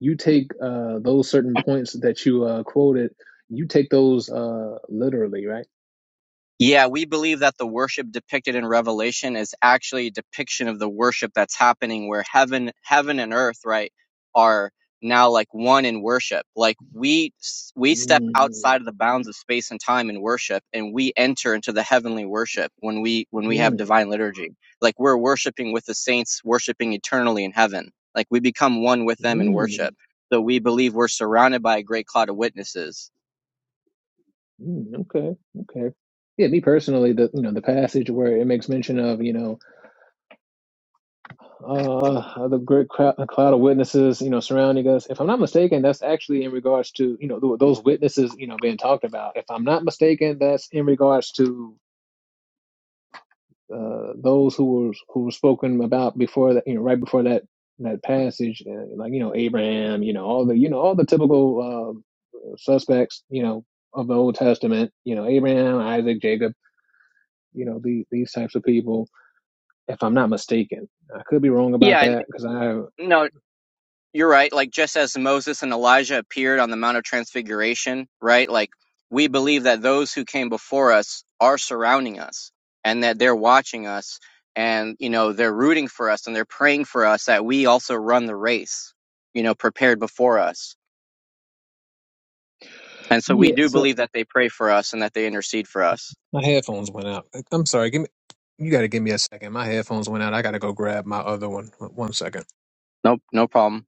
you take uh, those certain points that you uh, quoted, you take those uh, literally, right?
Yeah, we believe that the worship depicted in Revelation is actually a depiction of the worship that's happening where heaven heaven and earth, right, are now like one in worship. Like we we step
Mm,
outside of the bounds of space and time in worship and we enter into the heavenly worship when we when we have
mm,
divine liturgy. Like we're worshiping with the saints worshiping eternally in heaven. Like we become one with them in
mm,
worship. So we believe we're surrounded by a great cloud of witnesses.
mm, okay, okay. Yeah, me personally, the you know the passage where it makes mention of you know uh, the great crowd, cloud of witnesses you know surrounding us. If I'm not mistaken, that's actually in regards to you know th- those witnesses you know being talked about. If I'm not mistaken, that's in regards to uh, those who were who were spoken about before that, you know, right before that that passage, uh, like you know Abraham, you know all the you know all the typical uh, suspects, you know, of the Old Testament, you know Abraham, Isaac, Jacob, you know these these types of people. If I'm not mistaken, I could be wrong about
Yeah, and,
that because I
no, You're right. Like just as Moses and Elijah appeared on the Mount of Transfiguration, right? Like we believe that those who came before us are surrounding us and that they're watching us and, you know, they're rooting for us and they're praying for us that we also run the race, you know, prepared before us. And so we
yeah.
do
So
believe that they pray for us and that they intercede for us.
my headphones went out. I'm sorry. Give me. You got to give me a second. My headphones went out. I got to go grab my other one. One second.
Nope, no problem.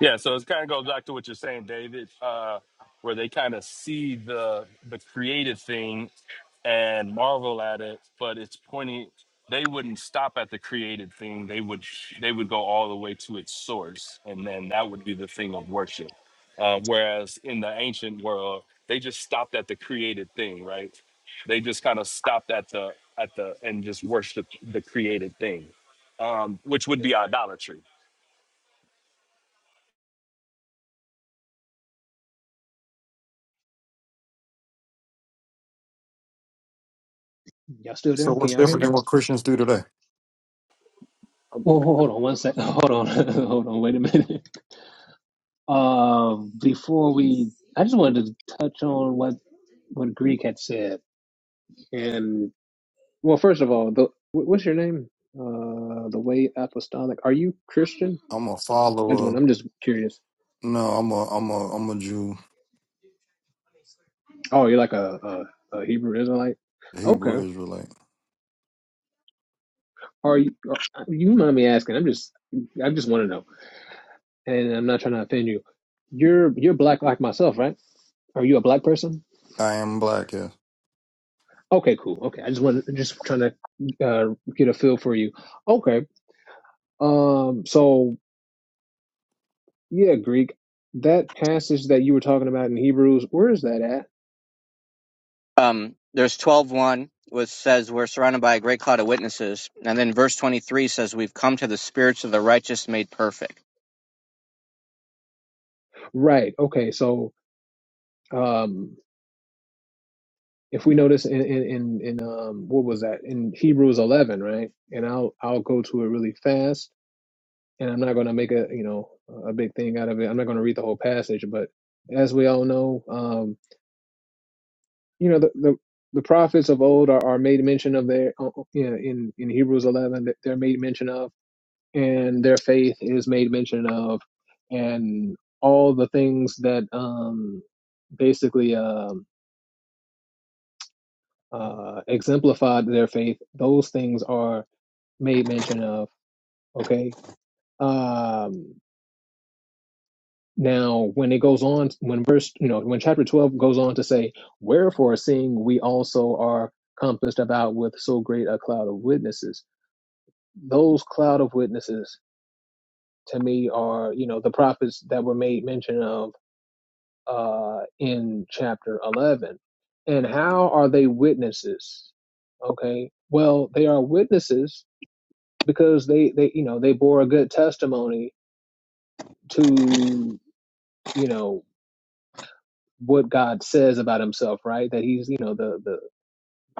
Yeah, so it kind of goes back to what you're saying, David, uh, where they kind of see the the created thing and marvel at it, but it's pointing. They wouldn't stop at the created thing. They would they would go all the way to its source, and then that would be the thing of worship. Uh, whereas in the ancient world, they just stopped at the created thing, right? They just kind of stopped at the at the and just worshiped the created thing, um, which would be idolatry.
Y'all still there?
So
Can
what's
y'all hear
different
me?
than what Christians do today?
Whoa, hold on one sec. Hold on. hold on. Wait a minute. Um, before we, I just wanted to touch on what what Greek had said. And well, first of all, the wh- what's your name? Uh, the way apostolic. Are you Christian?
I'm a
That's
follower.
one. I'm just curious.
No, I'm a I'm a I'm a Jew,
Oh, you're like a, a, a Hebrew Israelite. Okay.
Hebrew Israelite.
Are you? Are, you mind me asking? I'm just. I just want to know, and I'm not trying to offend you. You're you're black like myself, right? Are you a black person?
I am black, yes.
Okay, cool. Okay, I just want just trying to uh, get a feel for you. Okay, Um, so yeah, Greek, that passage that you were talking about in Hebrews, where is that at?
Um, there's 12 one, which says we're surrounded by a great cloud of witnesses. And then verse 23 says we've come to the spirits of the righteous made perfect
Right. Okay. So, um, if we notice in, in, in, in um, what was that in Hebrews 11, right? And I'll, I'll go to it really fast and I'm not going to make a, you know, a big thing out of it. I'm not going to read the whole passage, but as we all know, um, you know, the, the, the prophets of old are, are made mention of their, uh, uh, yeah, in, in Hebrews 11, that they're made mention of and their faith is made mention of, and all the things that um, basically um uh, exemplified their faith, those things are made mention of. Okay. Um, now, when it goes on, when verse, you know, when chapter 12 goes on to say, Wherefore, seeing we also are compassed about with so great a cloud of witnesses, those cloud of witnesses to me are, you know, the prophets that were made mention of uh, in chapter 11. And how are they witnesses? Okay. Well, they are witnesses because they, they, you know, they bore a good testimony to, you know, what God says about himself, right? That he's, you know, the, the,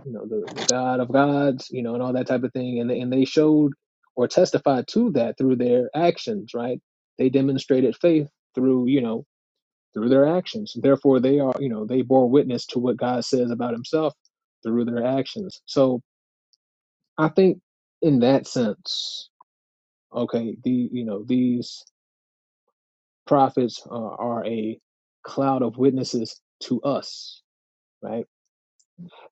you know, the, the God of gods, you know, and all that type of thing. And, they- and they showed or testified to that through their actions, right? They demonstrated faith through, you know, through their actions. Therefore, they are, you know, they bore witness to what God says about himself through their actions. So I think in that sense, okay, the, you know, these prophets uh, are a cloud of witnesses to us, right?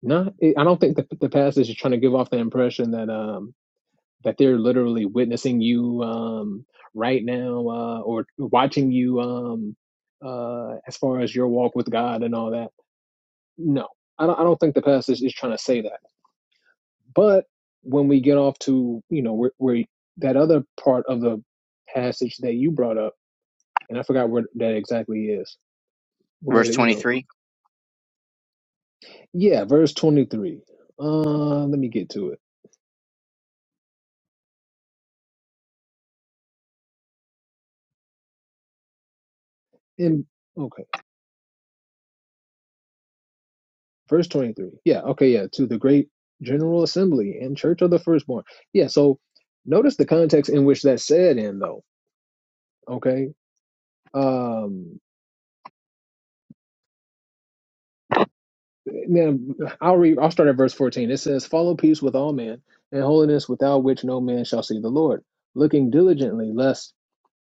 Not, I don't think the, the passage is trying to give off the impression that, um, that they're literally witnessing you, um, right now, uh, or watching you, um, uh, as far as your walk with God and all that No, I don't. I don't think the passage is trying to say that. But when we get off to you know where, where that other part of the passage that you brought up, and I forgot where that exactly is.
verse
Where you know,
23
yeah, verse twenty three. Uh, let me get to it. And okay, verse twenty three. Yeah, okay, yeah. To the great general assembly and church of the firstborn. Yeah. So notice the context in which that's said in, though. Okay. Um. Man, I'll read. I'll start at verse fourteen. It says, "Follow peace with all men, and holiness, without which no man shall see the Lord. Looking diligently, lest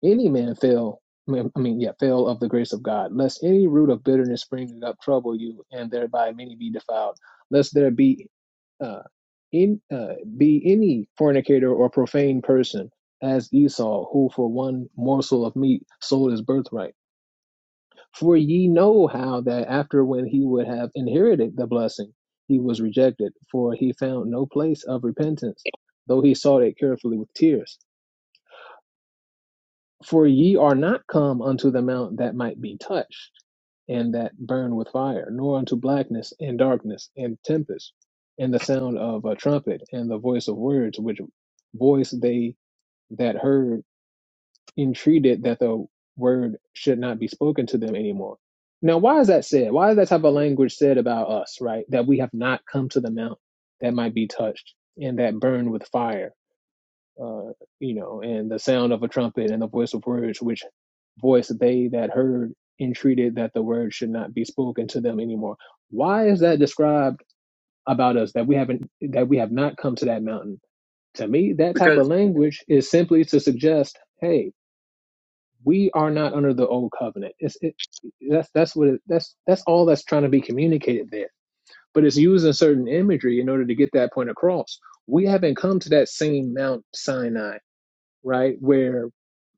any man fail. I mean, I mean, yeah, fail of the grace of God. Lest any root of bitterness springing up trouble you, and thereby many be defiled. Lest there be uh, in uh, be any fornicator or profane person, as Esau, who for one morsel of meat sold his birthright." For ye know how that after when he would have inherited the blessing, he was rejected, for he found no place of repentance, though he sought it carefully with tears. For ye are not come unto the mount that might be touched, and that burned with fire, nor unto blackness, and darkness, and tempest, and the sound of a trumpet, and the voice of words, which voice they that heard entreated that the word should not be spoken to them anymore. Now, why is that said? Why is that type of language said about us, right? That we have not come to the mount that might be touched and that burned with fire, uh, you know, and the sound of a trumpet and the voice of words, which voice they that heard entreated that the word should not be spoken to them anymore. Why is that described about us that we haven't, that we have not come to that mountain? To me, that type of language is simply to suggest, hey, we are not under the old covenant. It's it, that's that's what it, that's that's all that's trying to be communicated there. But it's using certain imagery in order to get that point across. We haven't come to that same Mount Sinai, right, where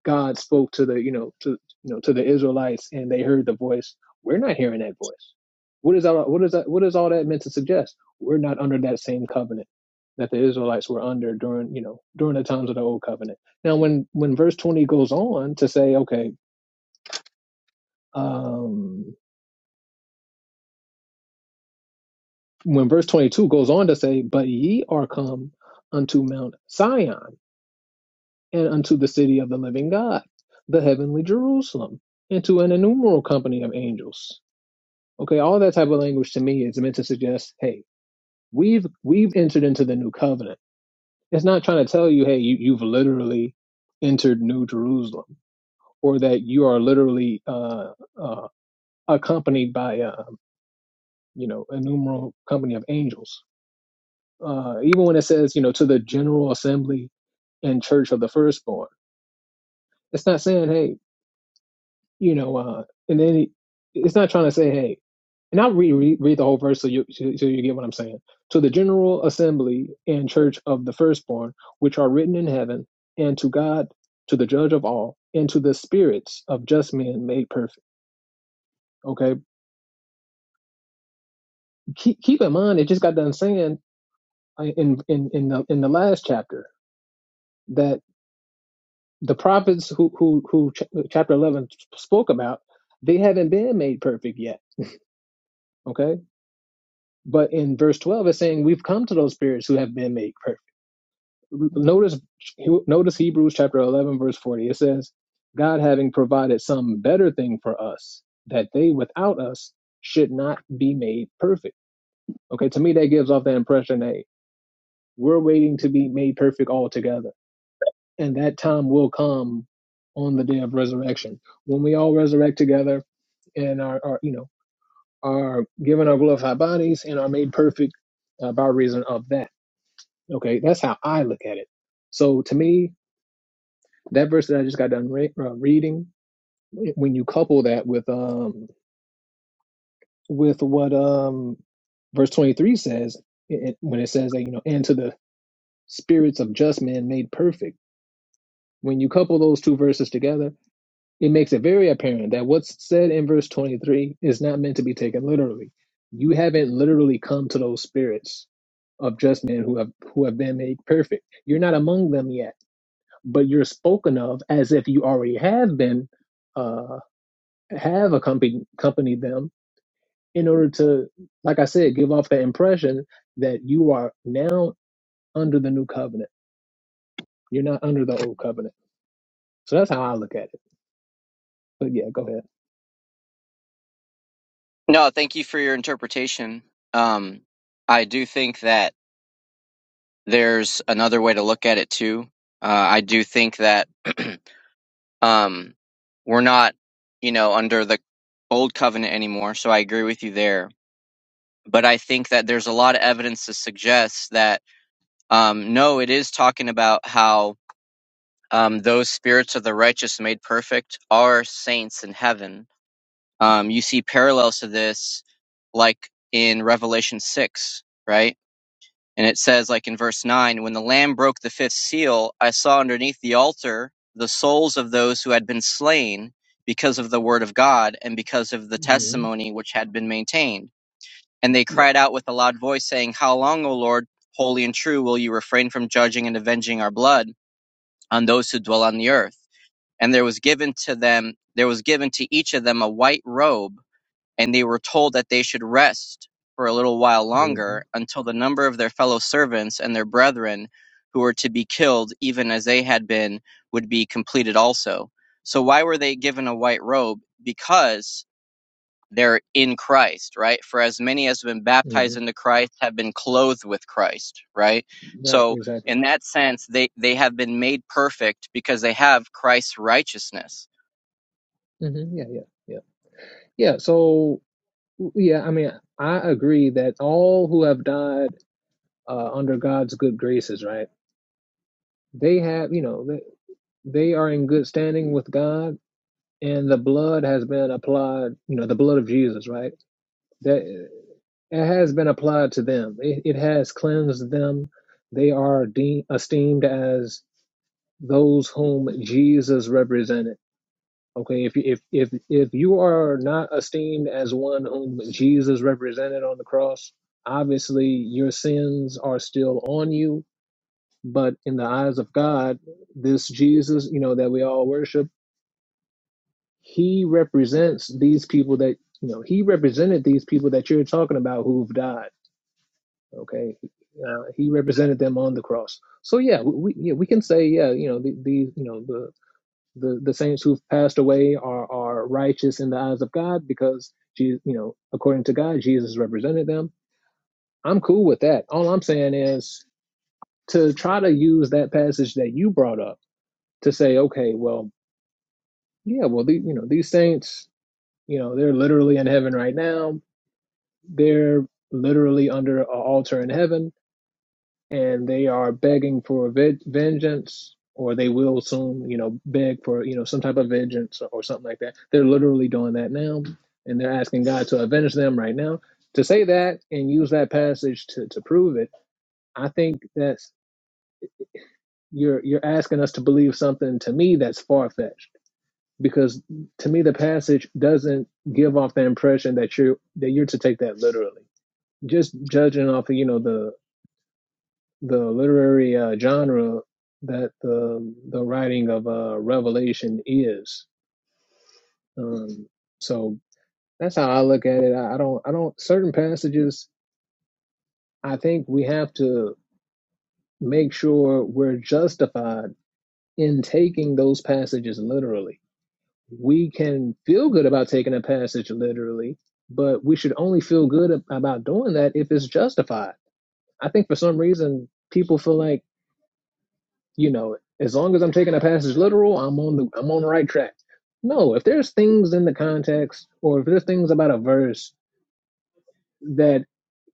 God spoke to the you know to you know to the Israelites and they heard the voice. We're not hearing that voice. What is all what is that what is all that meant to suggest? We're not under that same covenant that the Israelites were under during you know during the times of the old covenant. Now when when verse twenty goes on to say, okay, um, when verse 22 goes on to say, But ye are come unto Mount Sion and unto the city of the living God, the heavenly Jerusalem, and to an innumerable company of angels. Okay, all that type of language to me is meant to suggest, hey, we've we've entered into the new covenant. It's not trying to tell you, hey, you, you've literally entered New Jerusalem, or that you are literally uh, uh, accompanied by, uh, you know, innumerable company of angels Uh, even when it says, you know, to the general assembly and church of the firstborn, it's not saying, hey, you know, uh, and then it- it's not trying to say, hey, and I'll re- re- read the whole verse so you so so you get what I'm saying. To the general assembly and church of the firstborn, which are written in heaven, and to God, to the judge of all, and to the spirits of just men made perfect. Okay, keep keep in mind, it just got done saying uh, in in in the in the last chapter that. the prophets who who who ch- chapter 11 spoke about they haven't been made perfect yet okay but in verse 12 it's saying we've come to those spirits who have been made perfect notice notice hebrews chapter 11 verse 40 it says god having provided some better thing for us that they without us should not be made perfect okay to me that gives off the impression that we're waiting to be made perfect altogether and that time will come on the day of resurrection when we all resurrect together and are, are you know are given our glorified bodies and are made perfect uh, by reason of that. Okay, that's how I look at it. So to me, that verse that I just got done re- uh, reading, when you couple that with um with what um verse twenty three says, it, it- when it says that you know and to the spirits of just men made perfect, when you couple those two verses together It makes it very apparent that what's said in verse 23 is not meant to be taken literally. You haven't literally come to those spirits of just men who have who have been made perfect. You're not among them yet, but you're spoken of as if you already have been uh, have accompanied accompanied them in order to, like I said, give off the impression that you are now under the new covenant. You're not under the old covenant. So that's how I look at it. But yeah, go ahead.
no thank you for your interpretation um i do think that there's another way to look at it too uh, i do think that um we're not you know under the old covenant anymore so i agree with you there but i think that there's a lot of evidence to suggest that um no it is talking about how um those spirits of the righteous made perfect are saints in heaven Um, you see parallels to this, like in Revelation 6, right? And it says, like in verse 9, when the Lamb broke the fifth seal, I saw underneath the altar the souls of those who had been slain because of the word of God and because of the
hmm
testimony which had been maintained. And they
Yeah.
cried out with a loud voice, saying, How long, O Lord, holy and true, will you refrain from judging and avenging our blood on those who dwell on the earth? And there was given to them, there was given to each of them a white robe and they were told that they should rest for a little while
hmm
longer until the number of their fellow servants and their brethren who were to be killed even as they had been would be completed also so why were they given a white robe because they're in Christ right for as many as have been
hmm
baptized into Christ have been clothed with Christ right
Right,
so
exactly.
in that sense they they have been made perfect because they have Christ's righteousness
hmm Yeah, yeah, yeah. Yeah, so w- yeah, I mean, I agree that all who have died uh, under God's good graces, right? They have, you know, they, they are in good standing with God, and the blood has been applied, you know, the blood of Jesus, right? That it has been applied to them. It, it has cleansed them. They are de- esteemed as those whom Jesus represented Okay, if you- if if if you are not esteemed as one whom Jesus represented on the cross, obviously your sins are still on you. But in the eyes of God, this Jesus, you know, that we all worship, he represents these people that you know. He represented these people that you're talking about who've died. Okay, uh, he represented them on the cross. So yeah, we we- yeah we can say yeah, you know the, the you know the the, the saints who've passed away are, are righteous in the eyes of God because you know, according to God, Jesus represented them. I'm cool with that. All I'm saying is to try to use that passage that you brought up to say, okay, well, yeah, well, the, you know, these saints, you know, they're literally in heaven right now. They're literally under an altar in heaven and they are begging for ve- vengeance or they will soon you know beg for you know some type of vengeance or or something like that they're literally doing that now and they're asking god to avenge them right now to say that and use that passage to, to prove it i think that's you're you're asking us to believe something to me that's far-fetched because to me the passage doesn't give off the impression that you're that you're to take that literally just judging off you know the the literary uh, genre that the the writing of uh, Revelation is. Um, so that's how I look at it. I, I don't I don't certain passages. I think we have to make sure we're justified in taking those passages literally. We can feel good about taking a passage literally, but we should only feel good ab- about doing that if it's justified. I think for some reason people feel like you know, as long as I'm taking a passage literal, I'm on the I'm on the right track. No, if there's things in the context or if there's things about a verse that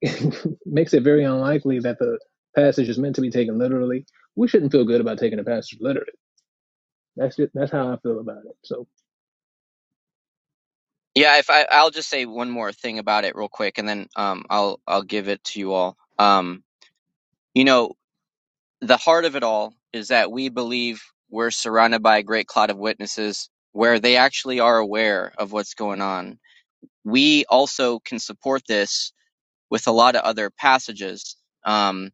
makes it very unlikely that the passage is meant to be taken literally, we shouldn't feel good about taking a passage literally. That's just, that's how I feel about it. So,
Yeah, if I I'll just say one more thing about it real quick and then um I'll I'll give it to you all. Um you know, the heart of it all is that we believe we're surrounded by a great cloud of witnesses where they actually are aware of what's going on. We also can support this with a lot of other passages. Um,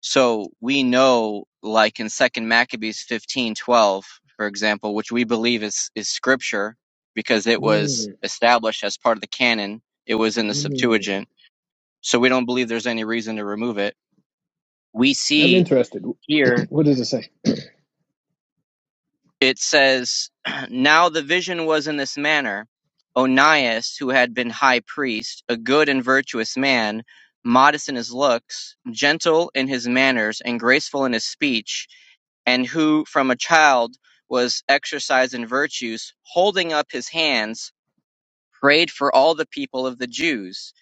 so we know, like in Second Maccabees fifteen twelve, for example, which we believe is is scripture because it was
mm,
established as part of the canon. It was in the
mm,
Septuagint, so we don't believe there's any reason to remove it. We
I'm
see
interested.
here
what does it say?
it says, Now the vision was in this manner Onias, who had been high priest, a good and virtuous man, modest in his looks, gentle in his manners, and graceful in his speech, and who from a child was exercised in virtues, holding up his hands prayed for all the people of the Jews.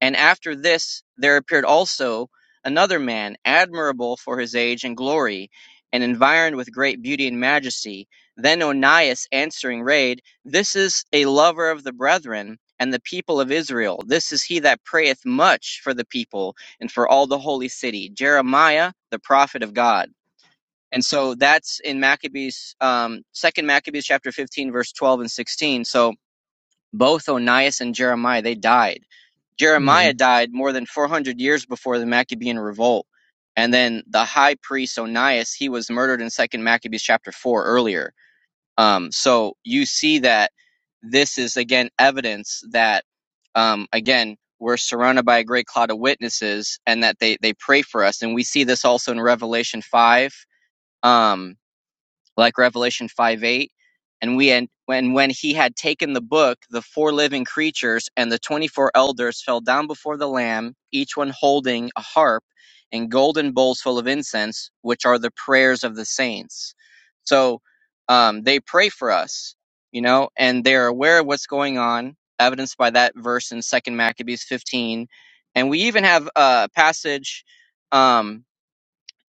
And after this there appeared also another man, admirable for his age and glory, and environed with great beauty and majesty. Then Onias answering raid, This is a lover of the brethren and the people of Israel. This is he that prayeth much for the people and for all the holy city. Jeremiah, the prophet of God. And so that's in Maccabees, um, second Maccabees chapter 15, verse 12 and 16. So both Onias and Jeremiah, they died. Jeremiah
Mm.
died more than 400 years before the Maccabean revolt. And then the high priest Onias, he was murdered in Second Maccabees chapter 4 earlier. Um, so you see that this is, again, evidence that, um, again, we're surrounded by a great cloud of witnesses and that they, they pray for us. And we see this also in Revelation 5. Um, like Revelation 5 8. And we and when when he had taken the book, the four living creatures and the twenty four elders fell down before the Lamb, each one holding a harp and golden bowls full of incense, which are the prayers of the saints. So um, they pray for us, you know, and they are aware of what's going on, evidenced by that verse in Second Maccabees fifteen, and we even have a passage. Um,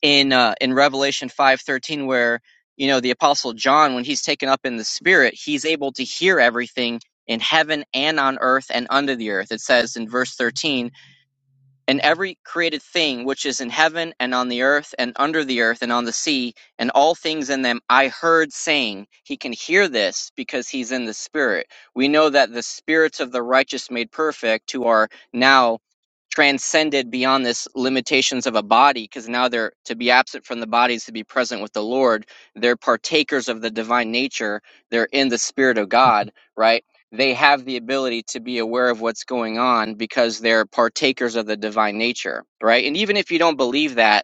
in uh, in Revelation five thirteen, where you know the apostle John, when he's taken up in the spirit, he's able to hear everything in heaven and on earth and under the earth. It says in verse thirteen and every created thing which is in heaven and on the earth and under the earth and on the sea and all things in them I heard saying, He can hear this because He's in the Spirit. We know that the spirits of the righteous made perfect who are now transcended beyond this limitations of a body because now they're to be absent from the bodies to be present with the lord they're partakers of the divine nature they're in the spirit of god right they have the ability to be aware of what's going on because they're partakers of the divine nature, right? And even if you don't believe that,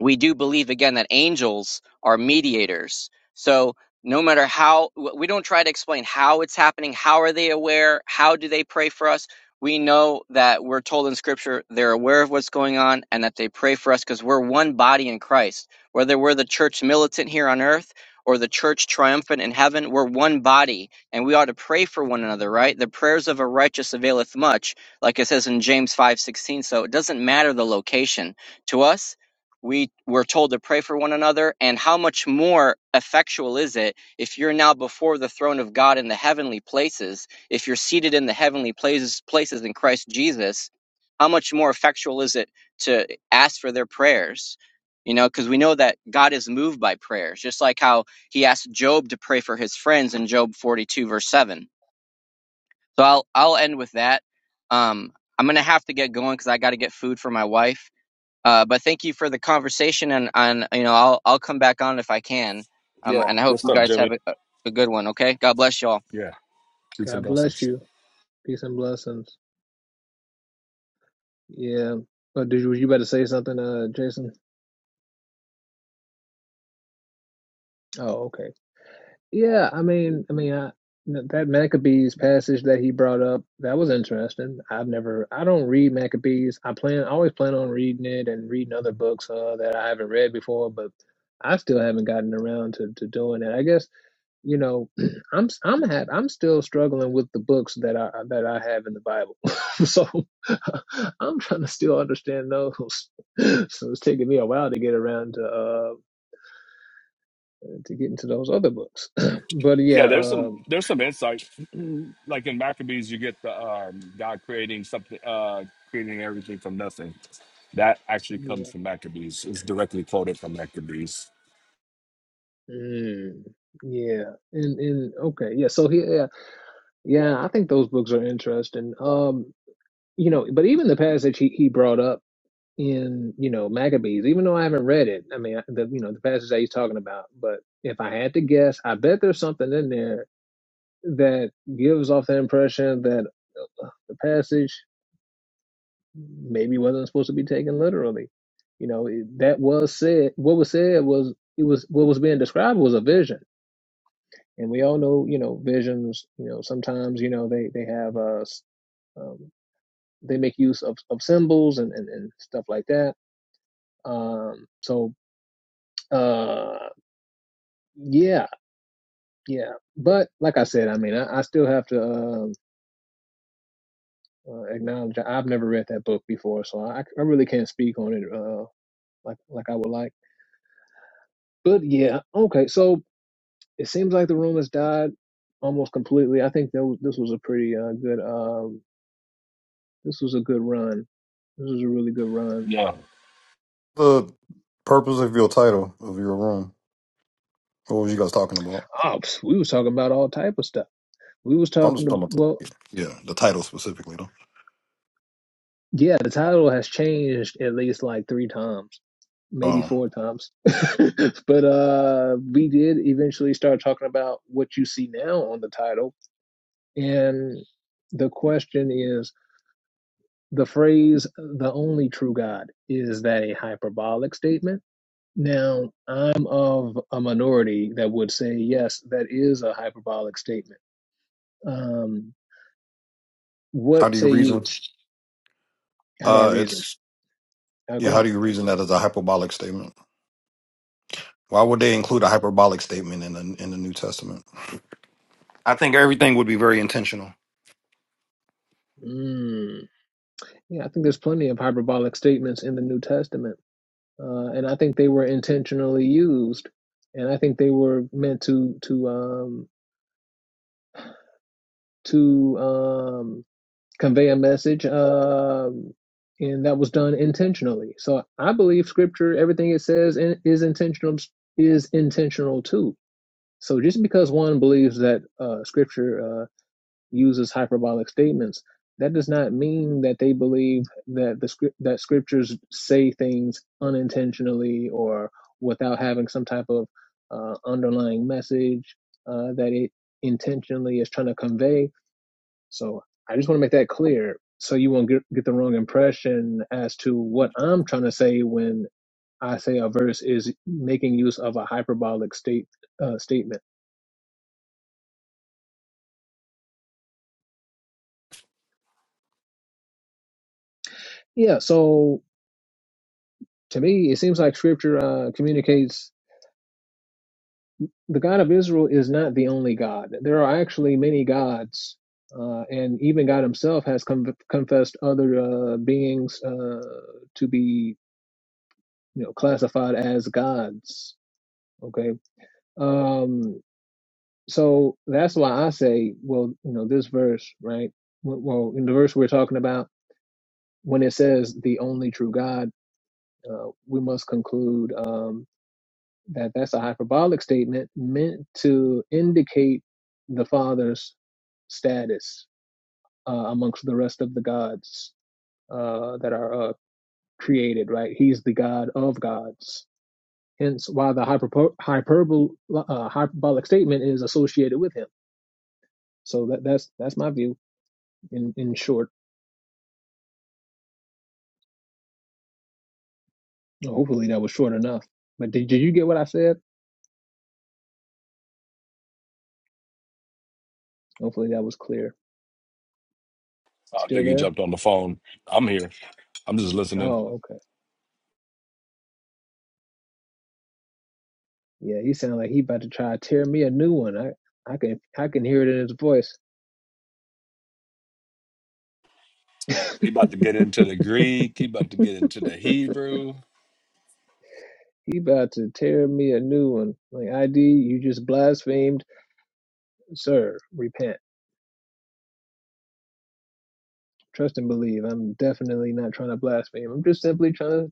we do believe again that angels are mediators. So no matter how we don't try to explain how it's happening, how are they aware, how do they pray for us? We know that we're told in scripture they're aware of what's going on and that they pray for us because we're one body in Christ. Whether we're the church militant here on earth or the church triumphant in heaven, we're one body and we ought to pray for one another, right? The prayers of a righteous availeth much, like it says in James 5:16. So it doesn't matter the location to us we were told to pray for one another and how much more effectual is it if you're now before the throne of God in the heavenly places if you're seated in the heavenly places places in Christ Jesus how much more effectual is it to ask for their prayers you know because we know that God is moved by prayers just like how he asked Job to pray for his friends in Job 42 verse 7 so I'll I'll end with that um I'm going to have to get going cuz I got to get food for my wife uh, but thank you for the conversation, and and you know I'll I'll come back on if I can. Um,
Yeah,
and I hope
good
you
stuff,
guys have
Jimmy.
a, a good one. Okay, God bless y'all.
Yeah. Peace and
God bless
blessings.
you. Peace and blessings. Yeah. But did you, you better say something, uh, Jason? Oh, okay. Yeah, I mean, I mean, I, that Maccabees passage that he brought up, that was interesting. I've never, I don't read Maccabees. I plan, I always plan on reading it and reading other books uh, that I haven't read before, but I still haven't gotten around to, to doing it. I guess, you know, I'm, I'm ha I'm still struggling with the books that I, that I have in the Bible. So I'm trying to still understand those. So it's taking me a while to get around to, uh, to get into those other books. But yeah,
Yeah, there's
uh,
some there's some insight. Like in Maccabees, you get the um, God creating something, uh, creating everything from nothing. That actually comes
Yeah.
from Maccabees. It's directly quoted from Maccabees.
Mm. Yeah. And and okay. Yeah. So he, yeah, yeah. I think those books are interesting. Um, you know, but even the passage he he brought up in you know Maccabees, even though I haven't read it, I mean, I- the you know the passage that he's talking about. But if I had to guess, I bet there's something in there that gives off the impression that uh, the passage maybe wasn't supposed to be taken literally. You know, it, that was said. What was said was it was what was being described was a vision and we all know you know visions you know sometimes you know they they have uh um, they make use of, of symbols and, and and stuff like that um so uh yeah yeah but like i said i mean i, I still have to um uh, acknowledge i've never read that book before so i i really can't speak on it uh like like i would like but yeah okay so it seems like the room has died almost completely i think that was, this was a pretty uh good um, This was a good run. This was a really good run.
Yeah,
The purpose of your title of your room. What was you guys talking about?
Ops, we was talking about all type of stuff. We was
I'm
talking
just
to
talking about
well,
the, yeah, the title specifically though.
yeah, the title has changed at least like three times, maybe
Um
four times. but uh we did eventually start talking about what you see now on the title. And the question is the phrase the only true God, is that a hyperbolic statement? Now, I'm of a minority that would say yes, that is a hyperbolic statement Um, what
how do you
say you?
reason?
How do I
Uh
reason?
it's
Uh,
yeah,
go
how
ahead.
do you reason that as a hyperbolic statement? Why would they include a hyperbolic statement in the in the New Testament? I think everything would be very intentional.
Mm. Yeah, I think there's plenty of hyperbolic statements in the New Testament, uh, and I think they were intentionally used, and I think they were meant to to um, to um, convey a message, um, and that was done intentionally. So I believe Scripture, everything it says, in, is intentional is intentional too. So just because one believes that uh, Scripture uh, uses hyperbolic statements, that does not mean that they believe that the script that scriptures say things unintentionally or without having some type of uh, underlying message uh, that it intentionally is trying to convey. So I just want to make that clear, so you won't get, get the wrong impression as to what I'm trying to say when I say a verse is making use of a hyperbolic state uh, statement. Yeah. So to me, it seems like scripture uh, communicates the God of Israel is not the only God. There are actually many gods, uh, and even God Himself has con- confessed other uh, beings uh, to be, you know, classified as gods. Okay, um, so that's why I say, well, you know, this verse, right? w- Well, in the verse we're talking about, when it says the only true God, uh, we must conclude. Um, that that's a hyperbolic statement meant to indicate the father's status uh, amongst the rest of the gods uh, that are uh, created right he's the god of gods hence why the hyperbo- hyperbol- uh, hyperbolic statement is associated with him so that, that's that's my view in in short hopefully that was short enough but did, did you get what i said hopefully that was clear
I
still
think he
there
jumped on the phone. I'm here. I'm just listening.
oh okay. Yeah, he sound like he about to try to tear me a new one. I I can I can hear it in his voice. he
He about to get into the Greek. He about to get into the Hebrew.
about to tear me a new one. Like ID, you just blasphemed, sir. Repent, trust and believe. I'm definitely not trying to blaspheme. I'm just simply trying to.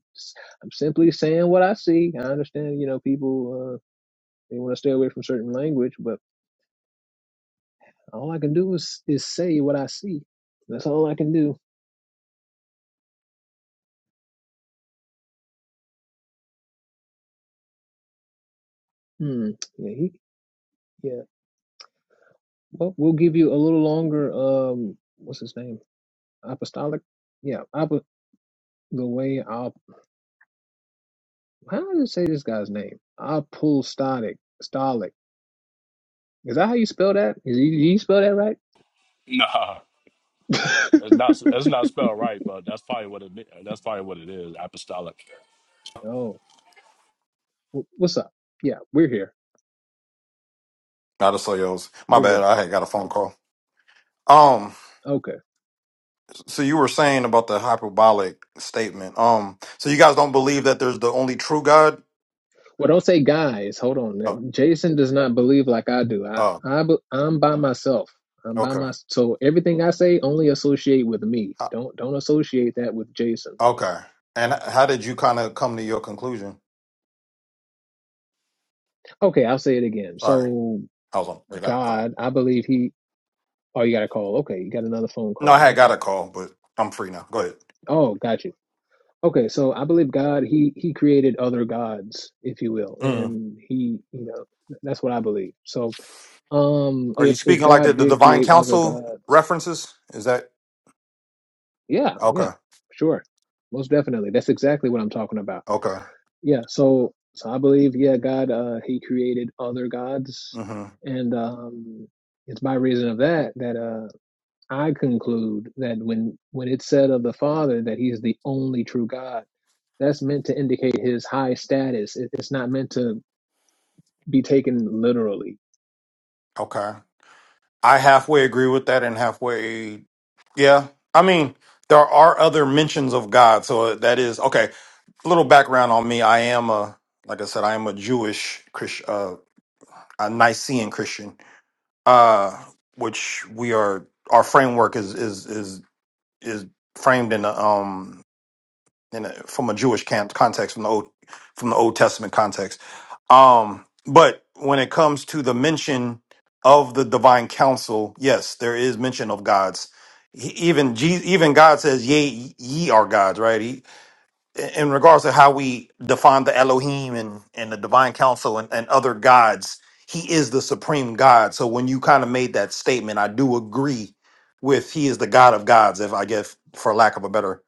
I'm simply saying what I see. I understand, you know, people uh, they want to stay away from certain language, but all I can do is is say what I see. That's all I can do. Hmm. Yeah. He. Yeah. Well, we'll give you a little longer. Um. What's his name? apostolic. Yeah, apo- the way I'll. How do you say this guy's name? Apostolic. Stolic. Is that how you spell that? Is you, you spell that right?
Nah, it's not. It's not spelled right, but that's probably what it. That's probably what it is. Apostolic.
oh, w- what's up? Yeah, we're here.
Not to say else. My
We're
bad,
here.
I had got a phone call. Um,
Okay.
So you were saying about the hyperbolic statement. Um, so you guys don't believe that there's the only true God?
Well, don't say guys. Hold
Oh,
on. Jason does not believe like I do. I,
oh,
I be- I'm by myself. I'm by
okay,
my. So everything I say, only associate with me.
Uh,
Don't don't associate that with Jason.
okay. And how did you kind of come to your conclusion?
Okay, I'll say it again.
Sorry,
So
I was on. I got a call.
God, I believe he. Oh, you got a call. Okay, you got another phone
No, I had
call.
got
Okay.
a call, but I'm free now. Go ahead.
Oh, got you. Okay, so I believe God, he he created other gods, if you will,
Mm.
and he, you know, that's what I believe. So, um,
Are you
if if
speaking like the,
God
the
did
divine
create other
council
gods,
references? Is that
yeah, yeah,
okay?
sure, most definitely. That's exactly what I'm talking about.
Okay.
Yeah. So, so I believe, yeah, God, uh, he created other gods,
hmm
and um, it's by reason of that that uh. I conclude that when when it's said of the Father that He's the only true God, that's meant to indicate His high status. It- It's not meant to be taken literally.
Okay. I halfway agree with that and halfway, yeah. I mean, there are other mentions of God, so that is okay. A little background on me: I am a, like I said, I am a Jewish Christian, uh, a Nicene Christian, uh, which we are. Our framework is is is is framed in a um in a, from a Jewish can- context from the old from the Old Testament context. Um, but when it comes to the mention of the divine counsel, yes, there is mention of gods. He, even Je- even God says, "Yea, ye are gods." Right? He, in regards to how we define the Elohim and and the divine counsel and, and other gods, He is the supreme God. So when you kind of made that statement, I do agree with He is the God of gods. If I guess for lack of a better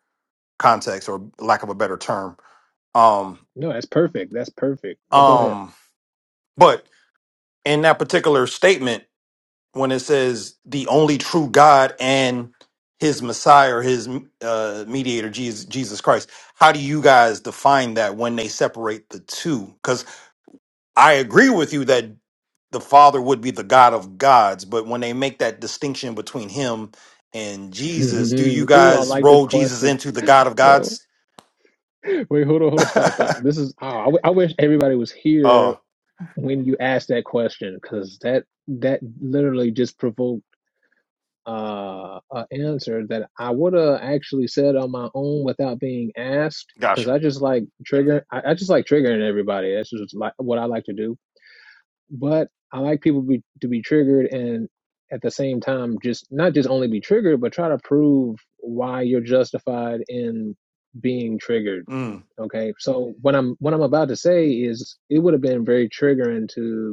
context or lack of a better term, um,
No, that's perfect. That's perfect. But go ahead.
um, but in that particular statement when it says the only true God and his Messiah or his uh, mediator, Jesus, Jesus Christ. How do you guys define that when they separate the two? Because I agree with you that the Father would be the God of gods, but when they make that distinction between him and Jesus, do you
Ooh, I
guys
like this
roll Jesus
question,
into the God of
bro.
gods?
Wait, hold on, hold on, stop, stop. This is. Oh, I, w- I wish everybody was here
oh,
when you asked that question because that that literally just provoked. uh, a answer that I would have actually said on my own without being asked, because
gotcha.
I just like trigger. I, I just like triggering everybody. That's just like what I like to do. But I like people be, to be triggered, and at the same time, just not just only be triggered, but try to prove why you're justified in being triggered.
Mm,
Okay, so what I'm what I'm about to say is it would have been very triggering to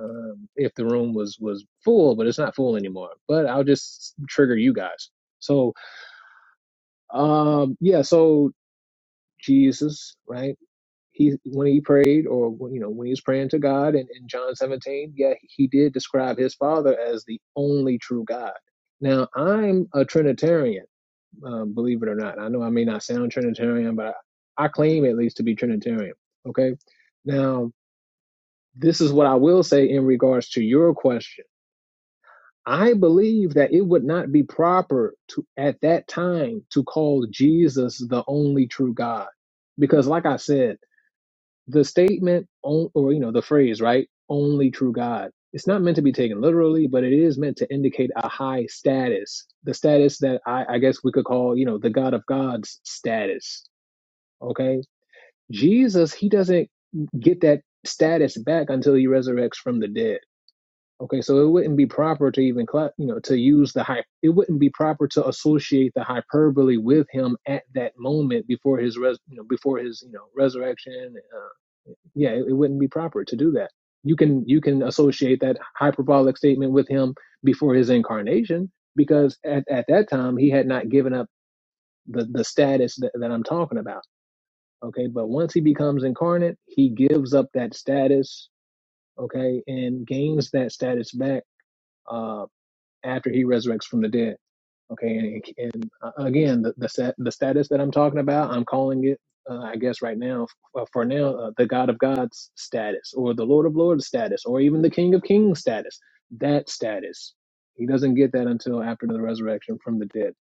um, if the room was was full, but it's not full anymore. But I'll just trigger you guys. So um, yeah, so Jesus, right? He when he prayed, or you know, when he was praying to God, in, in John 17, yeah, he did describe his Father as the only true God. Now I'm a Trinitarian, um, believe it or not. I know I may not sound Trinitarian, but I, I claim at least to be Trinitarian. Okay, now this is what I will say in regards to your question I believe that it would not be proper to at that time to call Jesus the only true God. Because like I said, the statement on, or you know the phrase, right? Only true God. It's not meant to be taken literally, but it is meant to indicate a high status. The status that I, I guess we could call, you know, the God of God's status. Okay? Jesus, he doesn't get that status back until he resurrects from the dead Okay, so it wouldn't be proper to even, you know, to use the high. It wouldn't be proper to associate the hyperbole with him at that moment before his, res, you know, before his, you know, resurrection. Uh, yeah, it, it wouldn't be proper to do that. You can you can associate that hyperbolic statement with him before his incarnation because at, at that time he had not given up the the status that, that I'm talking about. Okay, but once he becomes incarnate, he gives up that status. Okay, and gains that status back Uh after he resurrects from the dead. Okay, and, and uh, again, the the, the status that I'm talking about, I'm calling it, uh, I guess, right now, f- for now, uh, the God of God's status, or the Lord of Lords status, or even the King of Kings status. That status, he doesn't get that until after the resurrection from the dead.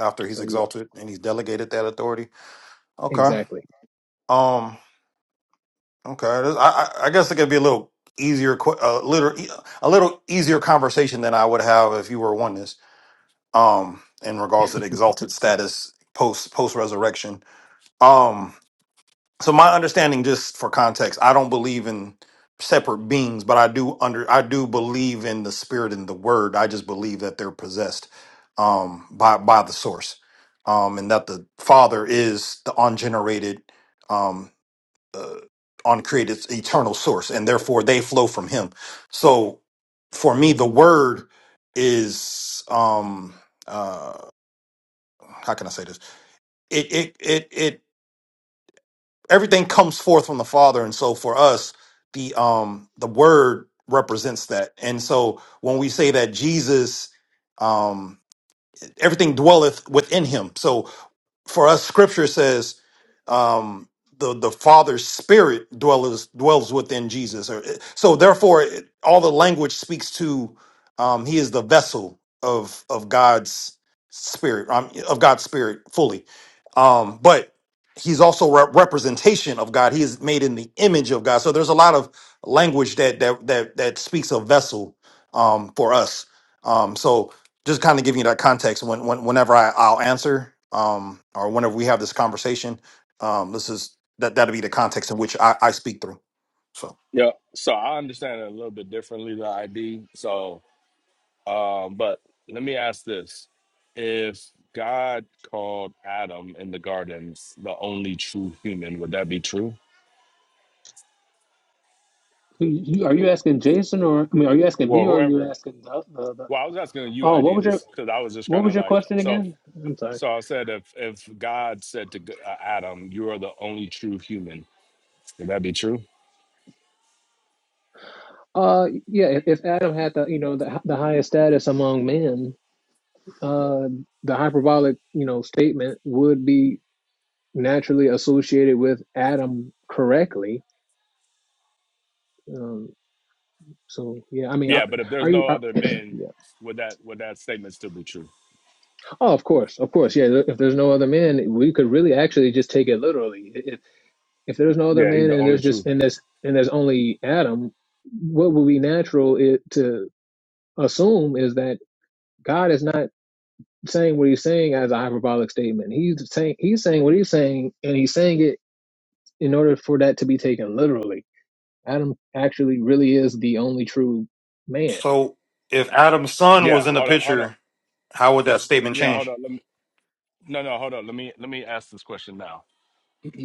after he's
So yeah,
exalted and he's delegated that authority. Okay.
exactly.
um. Okay, I, I I guess it could be a little easier, que- a little, e, a little easier conversation than I would have if you were oneness. Um, in regards to the exalted status post post resurrection. Um, so my understanding, just for context, I don't believe in separate beings, but I do under I do believe in the spirit and the word. I just believe that they're possessed, um, by by the source, um, and that the Father is the ungenerated. um, uh, on created eternal source, and therefore they flow from Him. So, for me, the
Mm.
Word is um uh how can I say this? It it it it everything comes forth from the Father, and so for us, the um the Word represents that, and so when we say that Jesus um everything dwelleth within him. So for us scripture says um the the father's spirit dwells dwells within jesus Or- so therefore it- all the language speaks to um he is the vessel of of god's spirit um, of god's spirit fully um but he's also a representation of god he is made in the image of god so there's a lot of language that that that that speaks of vessel um for us um so just kind of giving you that context when, when whenever I, I'll answer um, or whenever we have this conversation, um, this is that that'll be the context in which I, I speak through. So,
Yeah. So I understand it a little bit differently. The ID. So Um, but let me ask this: If God called Adam in the garden the only true human, would that be true?
Who- you- Are you asking Jason or I mean, are you asking
Well,
me or are you
whoever.
asking the, the, the
Well, I was asking you
Oh, what
ID
was your
this because I was just
what
kind
was
of
your
like
question
so.
again? I'm sorry.
So I said, if if God said to G- uh, Adam, "You are the only true human," would that be true?
Uh, yeah, if, if Adam had the, you know, the the highest status among men, uh, the hyperbolic, you know, statement would be naturally associated with Adam correctly. Um, so yeah, I mean, are,
Yeah, but if
are
there's
you?
no
Are,
other men,
yeah.
would that would that statement still be true?
Oh, of course, of course. Yeah. If there's no other man, we could really actually just take it literally. If if there's no other
Yeah, he's
man
the
and
only
there's just
true.
and there's and there's only Adam, what would be natural it, to assume is that God is not. saying what he's saying as a hyperbolic statement. He's saying he's saying what he's saying, and he's saying it in order for that to be taken literally. Adam actually really is the only true man,
so if Adam's son was
Yeah,
in the
hold up, hold up.
picture, how would that statement
Yeah, hold
change?
up. Let me. No, no, hold up. Let me let me ask this question now.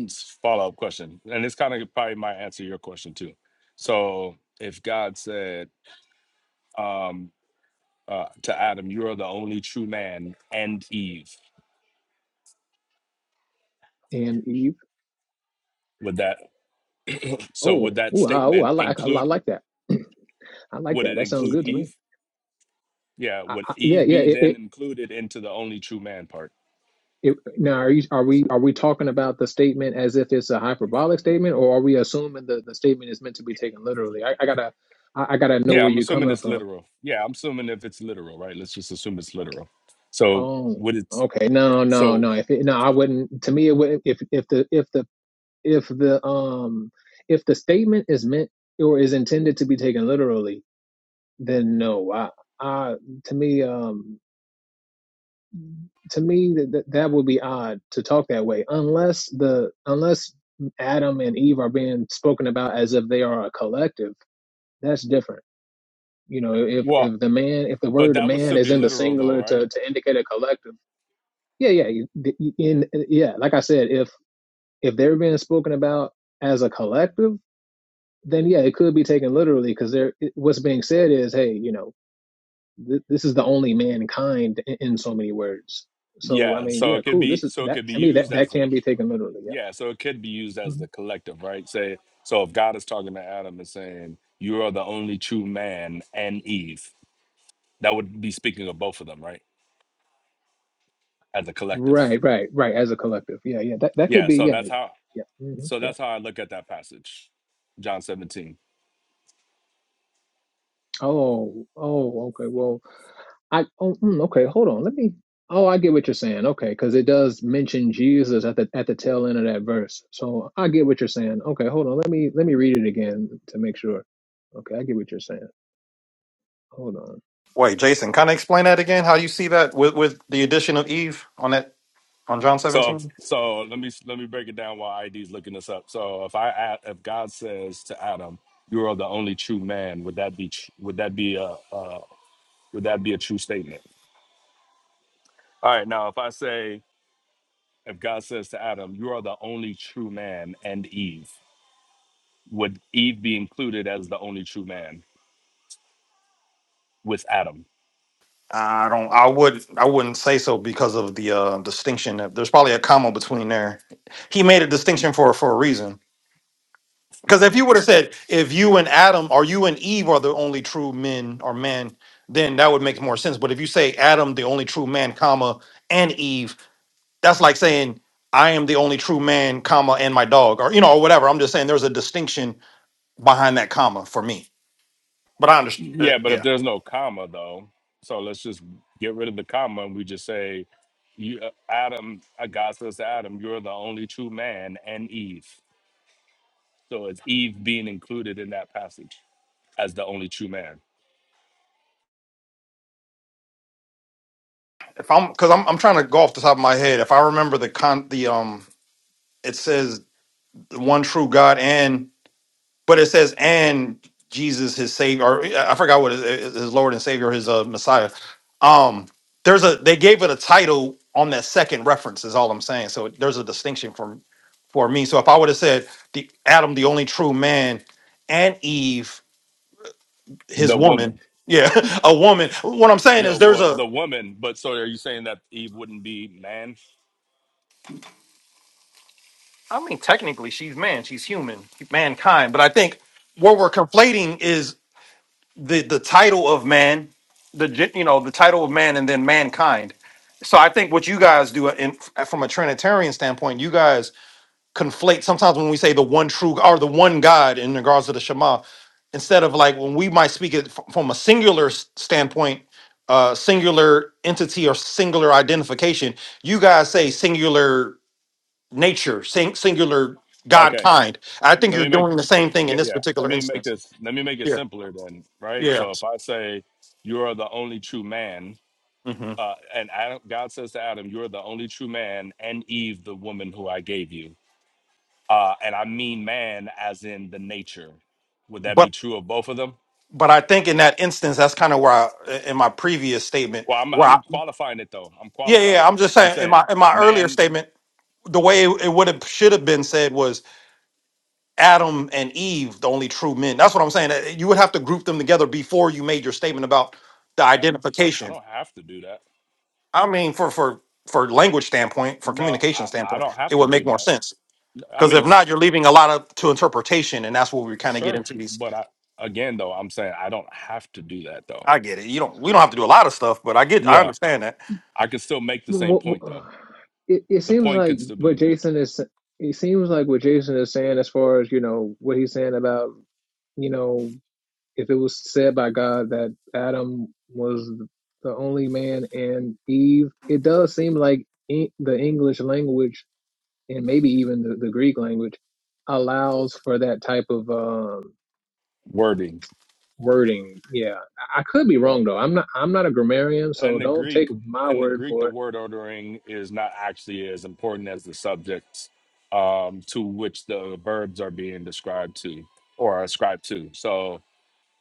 follow up question, and it's kind of probably might answer your question too. So, if God said um, uh, to Adam, "You are the only true man," and Eve,
and Eve.
would that so would
Oh,
that
ooh, ah, ooh, I
statement
like I,
include?
like that. I like
Would
that.
it
That sounds
include
good to me.
Eve? Yeah.
I,
Would
I, yeah,
Eve
yeah.
be
It,
then
it,
included into the only true man part?
it, now, are you are we are we talking about the statement as if it's a hyperbolic statement, or are we assuming the the statement is meant to be taken literally? I, I gotta I, I gotta know
Yeah,
where
I'm
you're
assuming
coming
it's
from
literal. Yeah, I'm assuming if it's literal, right? Let's just assume it's literal. So
Oh,
would it?
okay. No, no,
So
no. If it, no, I wouldn't. To me, it wouldn't. If if the if the if the um if the statement is meant or is intended to be taken literally, then no. I, I to me um to me that that that would be odd to talk that way unless the unless Adam and Eve are being spoken about as if they are a collective. That's different. You know, if
well,
if the man if the
but
word
that would
man
still
is
be
in the
literal though,
singular
right?
to to indicate a collective Yeah, yeah. you- th- you- In uh, yeah, like I said, if if they're being spoken about as a collective, then yeah, it could be taken literally because there it- what's being said is, hey, you know, th- this is the only mankind in, in so many words. So I
Yeah,
mean,
so
yeah,
it could
cool. This
be
is
so it
that
could be
to me
used
that that
as a
can be taken literally. Yeah.
Yeah, so it could be used as the
Mhm.
collective, right? Say, so if God is talking to Adam and saying, "You are the only true man," and Eve, that would be speaking of both of them, right? As a collective.
Right, right, right. As a collective. Yeah, yeah. That that could
Yeah,
be.
so
Yeah,
that's how.
yeah. hmm
So
yeah.
that's how I look at that passage, John 17.
Oh, oh. Okay. Well. I oh mm, okay, hold on. Let me. Oh, I get what you're saying. Okay, because it does mention Jesus at the at the tail end of that verse. So I get what you're saying. Okay, hold on. Let me let me read it again to make sure. Okay, I get what you're saying. Hold on.
Wait, Jason, kind of explain that again. How you see that with, with the addition of Eve on that on John
So,
seventeen?
so let me let me break it down while ID's looking this up. So if I a- if God says to Adam, "You are the only true man," would that be tr- would that be a uh, would that be a true statement? All right, now if I say if God says to Adam, You are the only true man and Eve, would Eve be included as the only true man with Adam?
I don't. I would. I wouldn't say so because of the uh, distinction. There's probably a comma between there. He made a distinction for for a reason Because if you would have said, if you and Adam or you and Eve are the only true men or man, then that would make more sense. But if you say Adam, the only true man, comma, and Eve, that's like saying I am the only true man, comma, and my dog, or you know, or whatever. I'm just saying there's a distinction behind that comma for me. But I understand. Uh,
Yeah, but if
yeah,
there's no comma though, so let's just get rid of the comma and we just say, you, uh, Adam, uh, God says to Adam, You're the only true man and Eve. So is Eve being included in that passage as the only true man?
if I'm because I'm I'm trying to go off the top of my head. If I remember the con the um, it says the one true God and. But it says, and Jesus, his savior, or uh, I forgot what his, his Lord and Savior, his uh, Messiah. Um, there's a they gave it a title on that second reference. Is all I'm saying. So there's a distinction from for me. So if I would have said the Adam, the only true man, and Eve, his
The
woman,
woman.
yeah, a woman. What I'm saying
Yeah,
is there's
well,
a.
the woman, but so are you saying that Eve wouldn't be man?
I mean, technically, she's man, she's human, mankind. But I think what we're conflating is the the title of man, the gen- you know the title of man, and then mankind. So I think what you guys do in, from a Trinitarian standpoint, you guys conflate sometimes when we say the one true or the one God in regards to the Shema, instead of like when we might speak it f- from a singular s- standpoint, uh, singular entity or singular identification, you guys say singular nature, sing, singular God
Okay.
kind. I think
Let
you're
me make
doing the same thing in
yeah,
this
yeah. Let
particular
me make
instance.
this let me make it
Yeah,
simpler then, right?
yeah.
So if I say you are the only true man,
Mhm
uh, and Adam, God says to Adam, You are the only true man, and Eve, the woman who I gave you. Uh, and I mean man as in the nature. Would that be true of both of them?
but I think in that instance, that's kind of where I, in my previous statement,
Well, I'm
where I,
I'm qualifying it though. I'm
yeah, yeah,
qualifying
I'm
it.
just
I'm
saying in
saying
my in my earlier
man,
statement, the way it, it would have should have been said was Adam and Eve, the only true men. That's what I'm saying. that You would have to group them together before you made your statement about the
uh, I
identification.
don't have to do that.
I mean, for for for language standpoint, for
No,
communication
I, I
standpoint,
don't have
it
to
would
do
make more
that.
sense.
I
Because if
mean,
not, you're leaving a lot of to interpretation, and that's where we kind of get
Sure,
into these.
but I again though, I'm saying I don't have to do that
I
though.
get it. You don't. We don't have to do a lot of stuff, but I get. I
Yeah,
understand that.
I could still make the same
Wh- wh-
point though.
wh- It it
The
seems
point
like
could still be
what
made.
Jason is. It seems like what Jason is saying as far as you know what he's saying about you know if it was said by God that Adam was the only man and Eve. It does seem like en- the English language and maybe even the, the Greek language allows for that type of um,
Wording.
wording. Yeah, I could be wrong though. I'm not. I'm not a grammarian,
In
so
the
don't take
Greek,
my
in the
word
Greek, the
for it.
word ordering is not actually as important as the subjects um, to which the verbs are being described to or ascribed to. So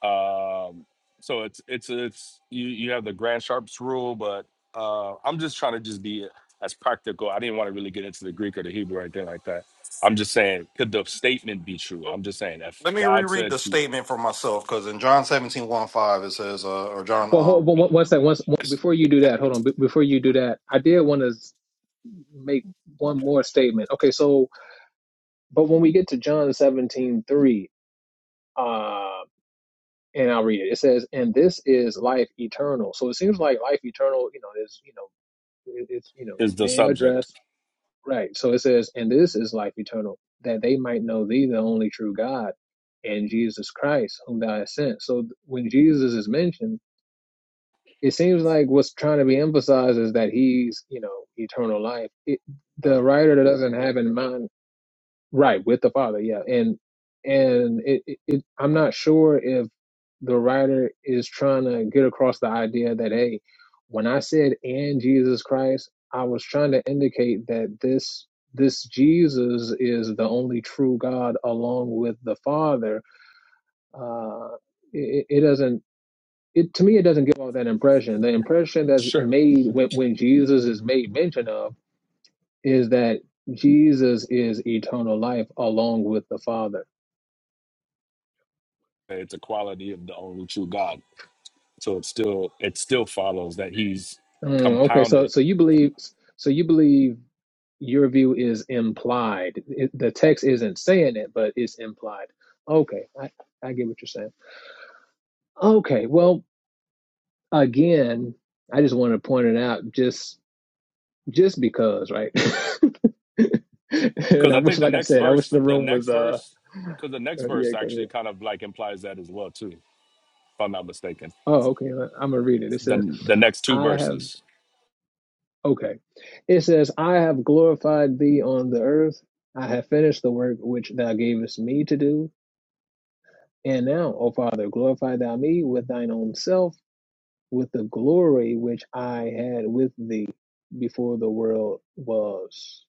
Um, so it's it's it's you you have the Grand Sharps rule, but uh, I'm just trying to just be as practical. I didn't want to really get into the Greek or the Hebrew or anything like that. I'm just saying, could the statement be true? I'm just saying, if
Let me
God
reread
said
the
to
statement for myself because in John seventeen one, 5, it says, uh, or John,
Well, hold
um,
one, one second. Once before you do that, hold on. Be- Before you do that, I did want to make one more statement. Okay, so but when we get to John seventeen three, uh, and I'll read it. It says, "And this is life eternal." So it seems like life eternal, you know, is you know, it, it's you know, is
is the
being
subject,
addressed Right. So it says, and this is life eternal, that they might know thee, the only true God, and Jesus Christ, whom thou hast sent. So th- when Jesus is mentioned, it seems like what's trying to be emphasized is that he's, you know, eternal life. It, the
or
writer doesn't have in mind. Right, with the father, yeah, and and it, it, it I'm not sure if the writer is trying to get across the idea that hey, when I said and Jesus Christ, I was trying to indicate that this this Jesus is the only true God, along with the Father. Uh, it, it doesn't. It, to me, it doesn't give off that impression. The impression that's
sure,
made when, when Jesus is made mention of is that Jesus is eternal life along with the Father
it's a quality of the only true God. So it still it still follows that He's
Mm, okay, so
compounded.
so you believe so you believe your view is implied. It, the text isn't saying it, but it's implied. Okay, I, I get what you're saying. Okay, well, again, I just want to point it out just just because, right? and
Because
I
I
wish,
think the
like I
next
said, I wish
verse,
the
the
room was
next
uh
verse, because the next
uh,
verse
yeah, go ahead.
actually kind of like implies that as well too, if I'm not mistaken.
Oh, okay, I'm gonna read it. It says.
the the next two
I have.
verses.
Okay. It says, I have glorified thee on the earth. I have finished the work which thou gavest me to do. And now, O Father, glorify thou me with thine own self, with the glory which I had with thee before the world was.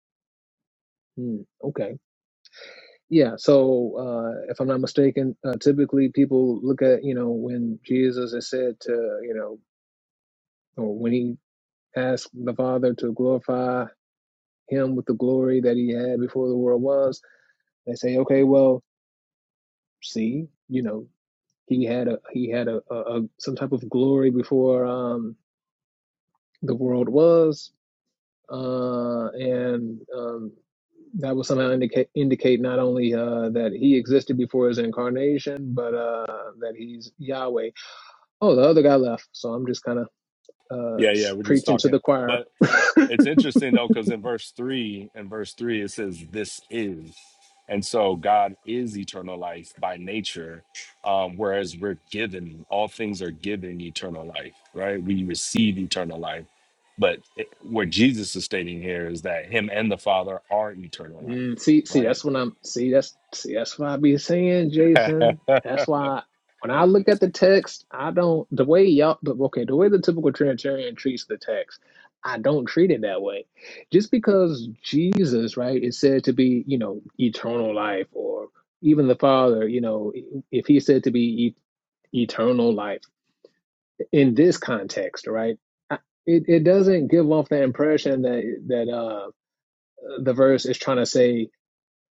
Hmm, okay. Yeah. So, uh, if I'm not mistaken, uh, typically people look at, you know, when Jesus is said to, you know, or when he asked the Father to glorify him with the glory that he had before the world was They say, okay, well, see, you know, he had a he had a, a, a some type of glory before um, the world was, uh, and um, that would somehow indicate indicate not only uh, that he existed before his incarnation, but uh, that he's Yahweh. Oh, the other guy left, so I'm just kind of uh,
Yeah, yeah,
s-
we're just
preaching to
talking.
the choir.
But it's interesting though, because in verse three, in verse three, it says, "This is," and so God is eternal life by nature. Um, whereas we're given, all things are given eternal life, right? We receive eternal life. But it, what Jesus is stating here is that Him and the Father are eternal life,
Mm, see, see,
right?
that's what I'm. See, that's see, that's what I be saying, Jason. That's why when I look at the text, I don't the way y'all. the- Okay, the way the typical Trinitarian treats the text, I don't treat it that way. Just because Jesus, right, is said to be, you know, eternal life, or even the Father, you know, if he's said to be e- eternal life in this context, right. I- It, it doesn't give off the impression that that uh, the verse is trying to say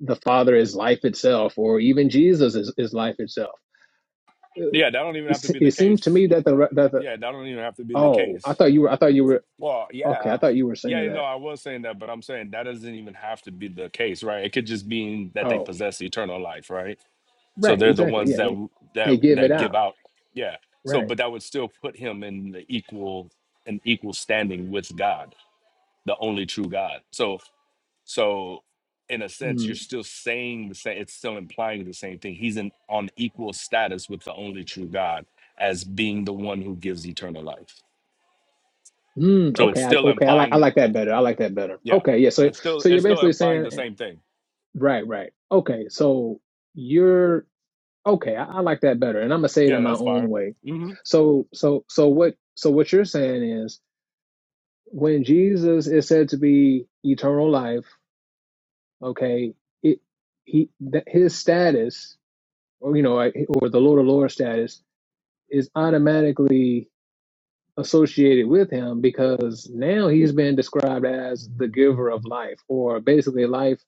the Father is life itself, or even Jesus is, is life itself. Uh,
yeah, that don't even
It,
have to be the
it seems to
case.
me that the that the
Yeah, that don't even have to be the
oh, I
case.
thought you were I thought you were
Well,
okay.
yeah.
I thought you were
Yeah,
saying
no,
that.
I was saying that, but I'm saying that doesn't even have to be the case, right? It could just mean that they
Oh,
possess eternal life, right? So
right,
they're the
exactly.
ones
Yeah,
that
they
w-
they
that
give it
that give
out.
out. Yeah. So,
Right.
but that would still put him in the equal an equal standing with God, the only true God. So, so in a sense, you're
Mm,
still saying the same. It's still implying the same thing. He's in on equal status with the only true God as being the one who gives eternal life.
mm,
So it's
okay. I,
still
okay. I like
implying
I
that.
like that better. I like that better.
Yeah,
Okay. Yeah. So
it's still
so you're
it's still
basically
implying the
saying
same thing.
right, right. Okay. So you're okay. I, I like that better, and I'm gonna say it
Yeah,
in my
that's
own
fine.
way.
hmm
So so so what so what you're saying is when Jesus is said to be eternal life, okay, it he that his status or you know or the Lord of Lords status is automatically associated with him because now he's been described as the giver of life or basically life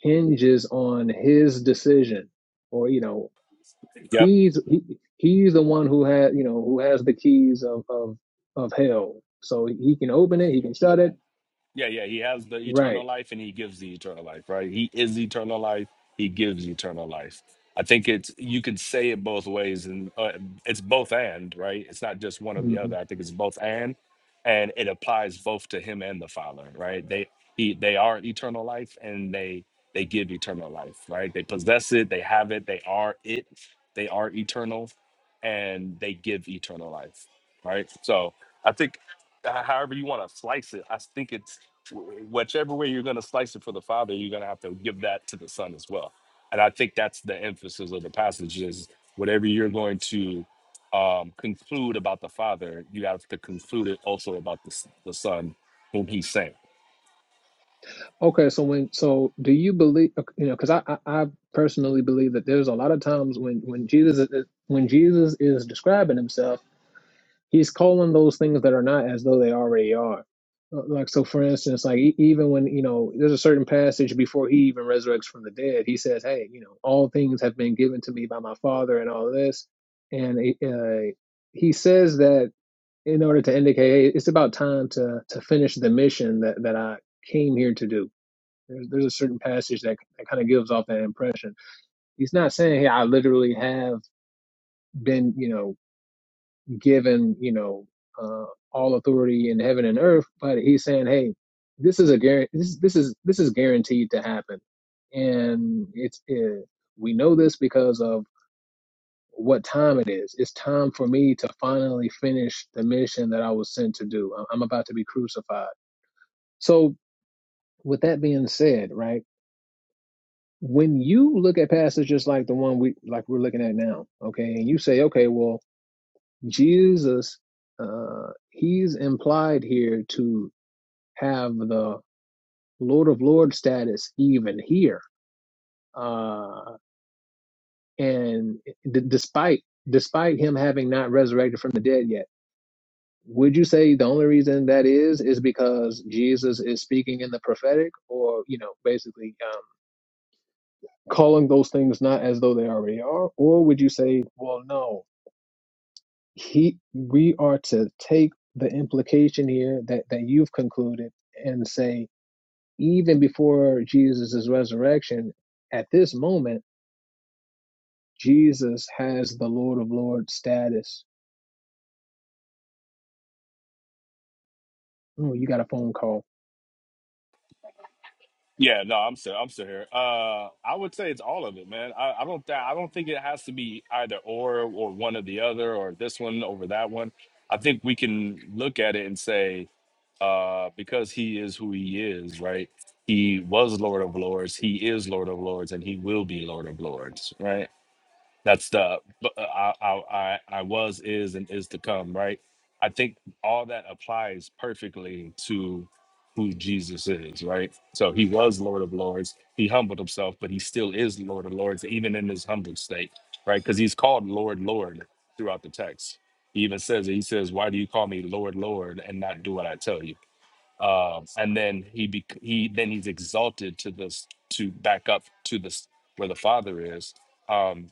hinges on his decision or you know
Yep.
he's he, he's the one who has you know who has the keys of of of hell so he can open it he can shut it
Yeah, yeah, he has the
right
eternal life and he gives the eternal life, right? He is eternal life, he gives eternal life. I think it's you can say it both ways and uh, it's both and, right? It's not just one or the
Mm-hmm.
other. I think it's both and and it applies both to him and the Father, right? They he they are eternal life and they they give eternal life, right? They possess it, they have it, they are it, they are eternal and they give eternal life, right? So, I think h- however you want to slice it. I think it's wh- whichever way you're going to slice it for the Father, you're going to have to give that to the Son as well. And I think that's the emphasis of the passage is whatever you're going to um, conclude about the Father, you have to conclude it also about the, s- the Son whom He sent.
Okay, so when so do you believe uh, you know because I, I I personally believe that there's a lot of times when when Jesus is, when Jesus is describing himself, he's calling those things that are not as though they already are. Uh, Like so, for instance, like e- even when you know there's a certain passage before he even resurrects from the dead, he says, "Hey, you know, all things have been given to me by my Father, and all this," and uh, he says that in order to indicate, hey, it's about time to to finish the mission that that I came here to do there's, there's a certain passage that, that kind of gives off that impression. He's not saying, hey, I literally have been, you know, given, you know, uh, all authority in heaven and earth, but he's saying, hey, this is a guarantee. This, this is this is guaranteed to happen, and it's it, we know this because of what time it is. It's time for me to finally finish the mission that I was sent to do. I'm I'm about to be crucified. So, with that being said, right? when you look at passages like the one we like we're looking at now okay and you say okay well jesus uh he's implied here to have the lord of lords status even here uh and d- despite despite him having not resurrected from the dead yet would you say the only reason that is is because jesus is speaking in the prophetic or you know basically um calling those things not as though they already are or would you say well no he we are to take the implication here that that you've concluded and say even before Jesus' resurrection at this moment Jesus has the Lord of Lords status oh you got a phone call
Yeah, no, I'm still, I'm still here. Uh, I would say it's all of it, man. I, I don't, th- I don't think it has to be either or, or one or the other, or this one over that one. I think we can look at it and say, uh, because he is who he is, right? He was Lord of Lords, he is Lord of Lords, and he will be Lord of Lords, right? That's the but, uh, I, I I I was is and is to come, right? I think all that applies perfectly to who Jesus is, right? So he was Lord of Lords. He humbled himself, but he still is Lord of Lords, even in his humbled state, right? Because he's called Lord, Lord throughout the text. He even says it. He says, "Why do you call me Lord, Lord, and not do what I tell you?" um, and then he be, he then he's exalted to this to back up to this where the father is Um,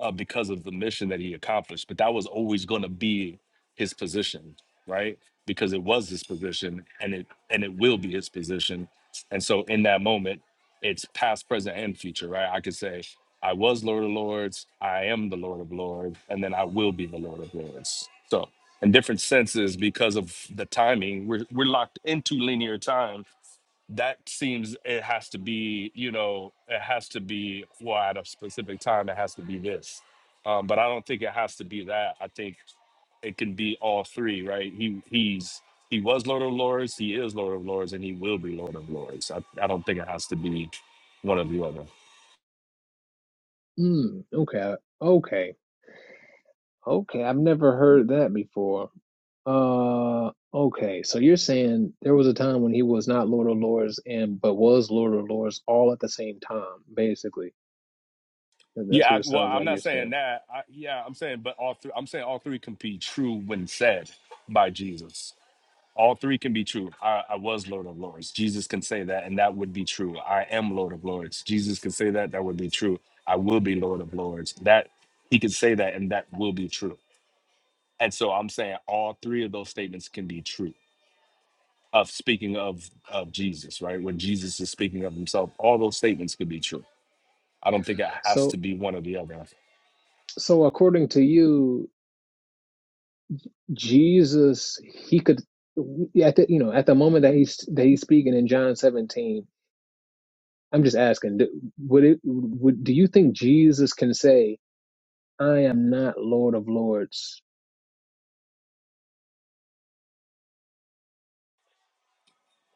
uh, because of the mission that he accomplished. But that was always going to be his position, right? Because it was his position, and it and it will be his position. And so in that moment, it's past, present, and future, right? I could say, I was Lord of Lords, I am the Lord of Lords, and then I will be the Lord of Lords. So in different senses, because of the timing, we're we're locked into linear time that seems it has to be you know it has to be well at a specific time it has to be this um, but i don't think it has to be that i think it can be all three right he he's he was lord of lords he is lord of lords and he will be lord of lords i, I don't think it has to be one or the other
mm, okay okay okay I've never heard that before uh okay so you're saying there was a time when he was not Lord of Lords and but was Lord of Lords all at the same time basically And that's
yeah
what
I,
it
well
sounds
i'm
like
not
you're
saying
saying
that I, yeah i'm saying but all three i'm saying all three can be true when said by jesus All three can be true. I, I was Lord of Lords. Jesus can say that, and that would be true. I am Lord of Lords. Jesus can say that, that would be true. I will be Lord of Lords. That he could say that, and that will be true. And so I'm saying all three of those statements can be true. Of speaking of of Jesus, right? When Jesus is speaking of himself, all those statements could be true. I don't think it has
so
to be one or the other.
So according to you, Jesus, he could at the, you know at the moment that he's that he's speaking in John 17. I'm just asking, do- would it would do you think Jesus can say, "I am not Lord of Lords"?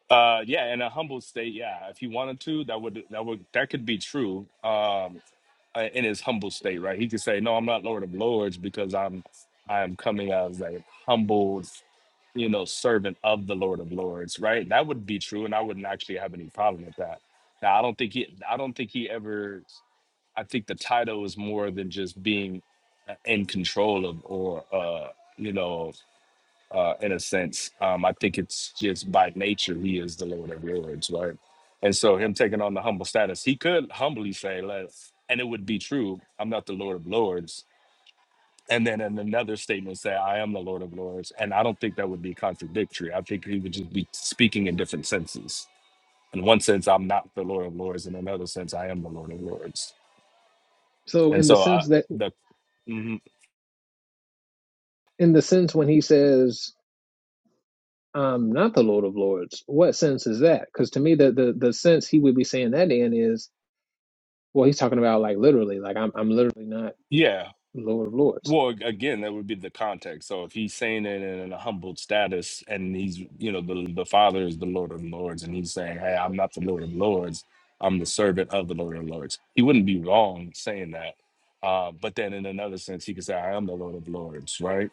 Uh, yeah, in a humble state, yeah. If he wanted to, that would that would that could be true. Um, uh, in his humble state, right? He could say, "No, I'm not Lord of Lords because I'm I am coming as a humbled, you know, servant of the Lord of Lords," right? That would be true, and I wouldn't actually have any problem with that. Now, I don't think he I don't think he ever. I think the title is more than just being uh, in control of or uh, you know uh, in a sense. Um, I think it's just by nature he is the Lord of Lords, right? And so him taking on the humble status, he could humbly say, "Let," and it would be true. I'm not the Lord of Lords. And then in another statement, say, "I am the Lord of Lords," and I don't think that would be contradictory. I think he would just be speaking in different senses. In one sense, I'm not the Lord of Lords. In another sense, I am the Lord of Lords.
So
And
in the
so I,
sense that
the mhm.
in the sense when he says, "I'm not the Lord of Lords," what sense is that? Because to me, the, the the sense he would be saying that in is, well, he's talking about like literally, like I'm I'm literally not
yeah,
Lord of Lords.
Well, ag- again, that would be the context. So if he's saying it in a humbled status, and he's, you know, the the Father is the Lord of Lords, and he's saying, "Hey, I'm not the Lord of Lords. I'm the servant of the Lord of Lords." He wouldn't be wrong saying that. Uh, but then, in another sense, he could say, "I am the Lord of Lords," right?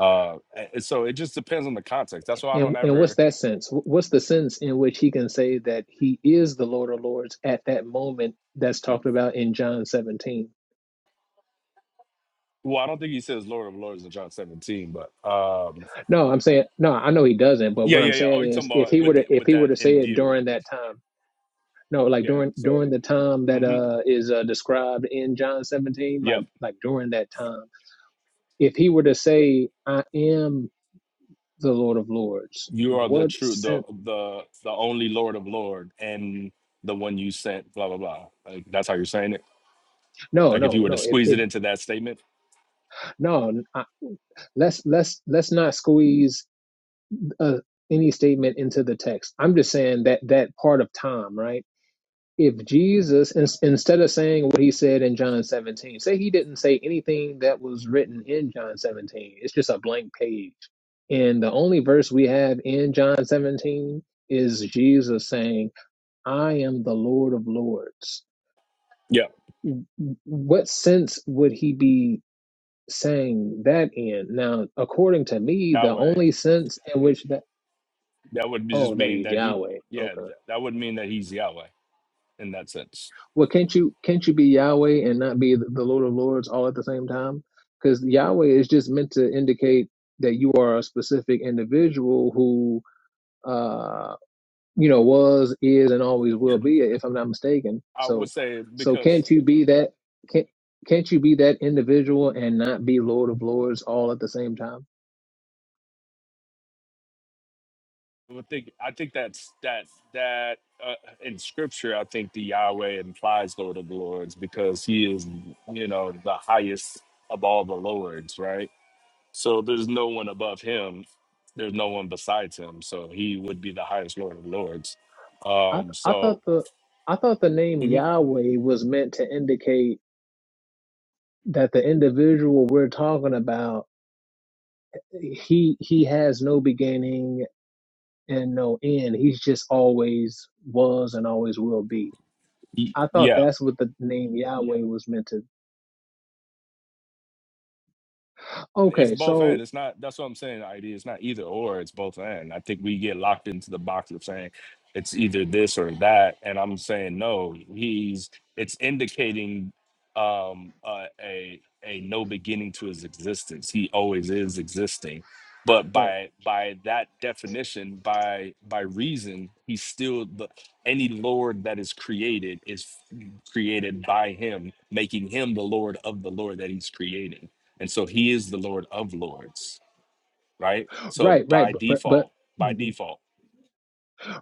Uh, a- and so it just depends on the context. That's why I don't
And and what's
ever.
that sense? What's the sense in which he can say that he is the Lord of Lords at that moment that's talked about in John 17?
Well, I don't think he says Lord of Lords in John 17, but um,
No, I'm saying no, I know he doesn't, but
yeah,
what I'm
yeah, yeah. Oh, you
saying is
talking
if he
about
were
with it,
to if
with
he were
that
to
in
say it
view?
during that time, no, like
Yeah.
during
So,
during the time that
mm-hmm.
uh is uh, described in John 17, like
Yep.
like during that time, if he were to say I am the Lord of Lords,
you are the
what
true the
sense?
the the only lord of lord and the one you sent blah blah blah like that's how you're saying it
No,
like if you
no,
were to
no. If
squeeze
if
it into that statement
no, I, let's let's let's not squeeze uh, any statement into the text. I'm just saying that that part of time, right? If Jesus, in, instead of saying what he said in John 17, say he didn't say anything that was written in John 17, it's just a blank page. And the only verse we have in John 17 is Jesus saying, I am the Lord of Lords.
yeah
What sense would he be saying that in? Now, according to me, the
yahweh
only sense in which that,
that would be-
oh,
just
that
mean
he's
that he
Yahweh.
yeah
Okay.
th- that would mean that he's yahweh in that sense
Well, can't you can't you be Yahweh and not be the the Lord of Lords all at the same time? Because Yahweh is just meant to indicate that you are a specific individual who uh, you know, was, is, and always will be, if I'm not mistaken.
i would
So,
say
so
because
can't you be that? Can't can't you be that individual and not be Lord of Lords all at the same time?
i would think i think that's that that uh, in scripture i think the yahweh implies lord of lords because he is you know the highest of all the lords right So there's no one above him. There's no one besides him. So he would be the highest Lord of Lords.
I th-
Um,
I
so
thought the I thought the name
mhm,
Yahweh was meant to indicate that the individual we're talking about he he has no beginning and no end. He's just always was and always will be.
y-
I thought
yeah.
that's what the name Yahweh was meant to.
It's
Okay,
both and.
so
It's not. That's what I'm saying. ID. It's not either or. It's both and. I think we get locked into the box of saying it's either this or that, and I'm saying no. He's. It's indicating um uh, a a no beginning to his existence. He always is existing, but
right,
by by that definition, by by reason, he's still the any lord that is created is created by him, making him the lord of the lord that he's creating. And so he is the Lord of Lords, right? So
right, right,
by
but but
default, by
mhm.
default.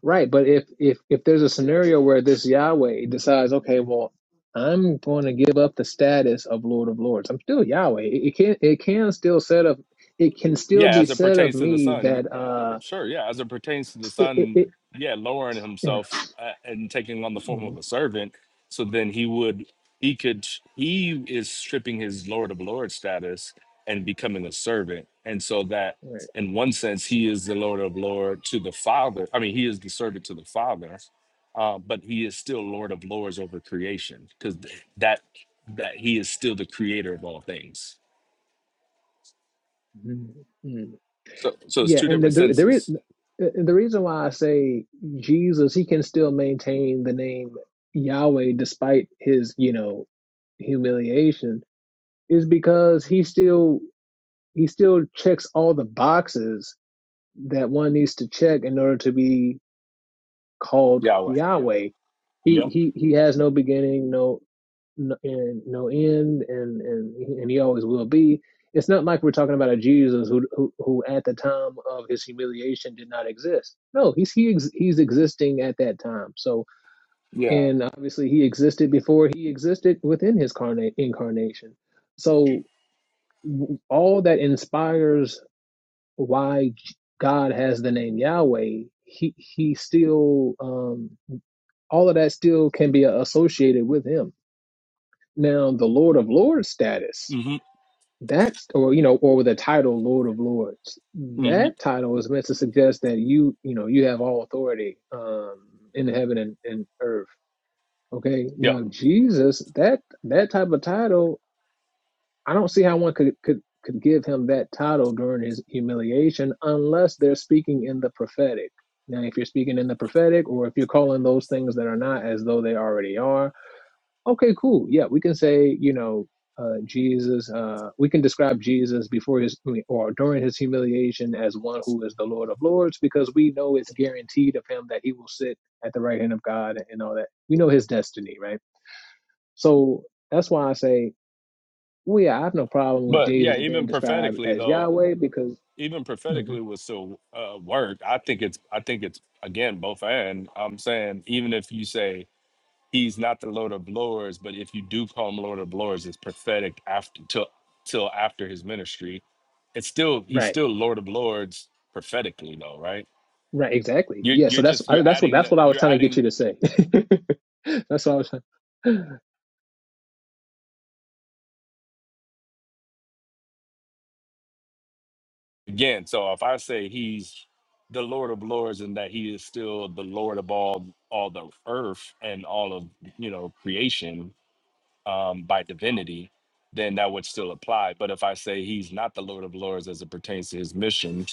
right, but if if if there's a scenario where this Yahweh decides, okay, well, I'm going to give up the status of Lord of Lords. I'm still Yahweh. It, it can it can still set up. It can still
Yeah,
be
as it
said of
pertains to the
me
Son,
that uh,
Sure, yeah. As it pertains to the
it, it,
son,
it
yeah, lowering
yeah.
himself uh, and taking on the form of
Mhm.
a servant, so then he would, he could, he is stripping his Lord of Lord status and becoming a servant, and so that,
right.
in one sense, he is the Lord of Lord to the Father. I mean, he is the servant to the Father, uh, but he is still Lord of Lords over creation because that that he is still the Creator of all things.
Mhm.
So, so it's
Yeah,
two
and the,
different
the there is
senses.
the reason why I say Jesus, he can still maintain the name Yahweh despite his, you know, humiliation, is because he still he still checks all the boxes that one needs to check in order to be called
Yahweh.
Yahweh. He
Yep.
he he has no beginning, no no, and no end and and and he always will be it's not like we're talking about a jesus who who, who at the time of his humiliation did not exist no he's he ex, he's existing at that time so
Yeah.
and obviously he existed before he existed within his carnate incarnation so all that inspires why god has the name yahweh he he still um all of that still can be associated with him now the lord of lords status That's or you know, or with the title Lord of Lords.
hmm
That title is meant to suggest that you, you know, you have all authority um in heaven and, and earth. Okay.
Yeah.
Now Jesus, that that type of title, I don't see how one could could could give him that title during his humiliation unless they're speaking in the prophetic. Now, if you're speaking in the prophetic or if you're calling those things that are not as though they already are, Okay, cool. Yeah, we can say, you know, uh, Jesus, uh, we can describe Jesus before his I mean, or during his humiliation as one who is the Lord of Lords because we know it's guaranteed of him that he will sit at the right hand of God and all that. We know his destiny, right? So that's why I say, well, yeah, I have no problem with
But yeah,
Jesus being
even
described
prophetically
as
though,
Yahweh because,
even
Mhm.
prophetically would still uh, work. I think it's I think it's again both and I'm saying even if you say he's not the Lord of Lords, but if you do call him Lord of Lords, it's prophetic after till till after his ministry. It's still he's
right,
still Lord of Lords prophetically though, right?
right, exactly.
You're
Yeah, so
you're
that's
just
I,
you're
that's what
adding
that's
that
what I was
you're
trying to get
adding
you to say. that's what I was trying.
again, so if I say he's the Lord of Lords and that he is still the Lord of all all the earth and all of you know creation um, by divinity, then that would still apply. But if I say he's not the Lord of Lords as it pertains to his mission,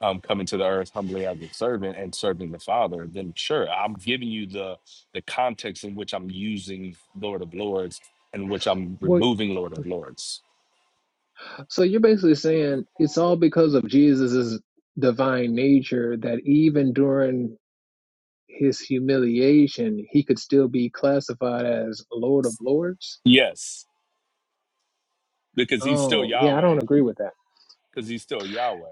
um, coming to the earth humbly as a servant and serving the Father, then sure, I'm giving you the the context in which I'm using Lord of Lords and which I'm
Well,
removing Lord of Lords.
So you're basically saying it's all because of Jesus's divine nature that even during his humiliation, he could still be classified as Lord of Lords?
Yes, because he's still
Oh, yeah, I
Yahweh
don't agree with that.
because he's still Yahweh.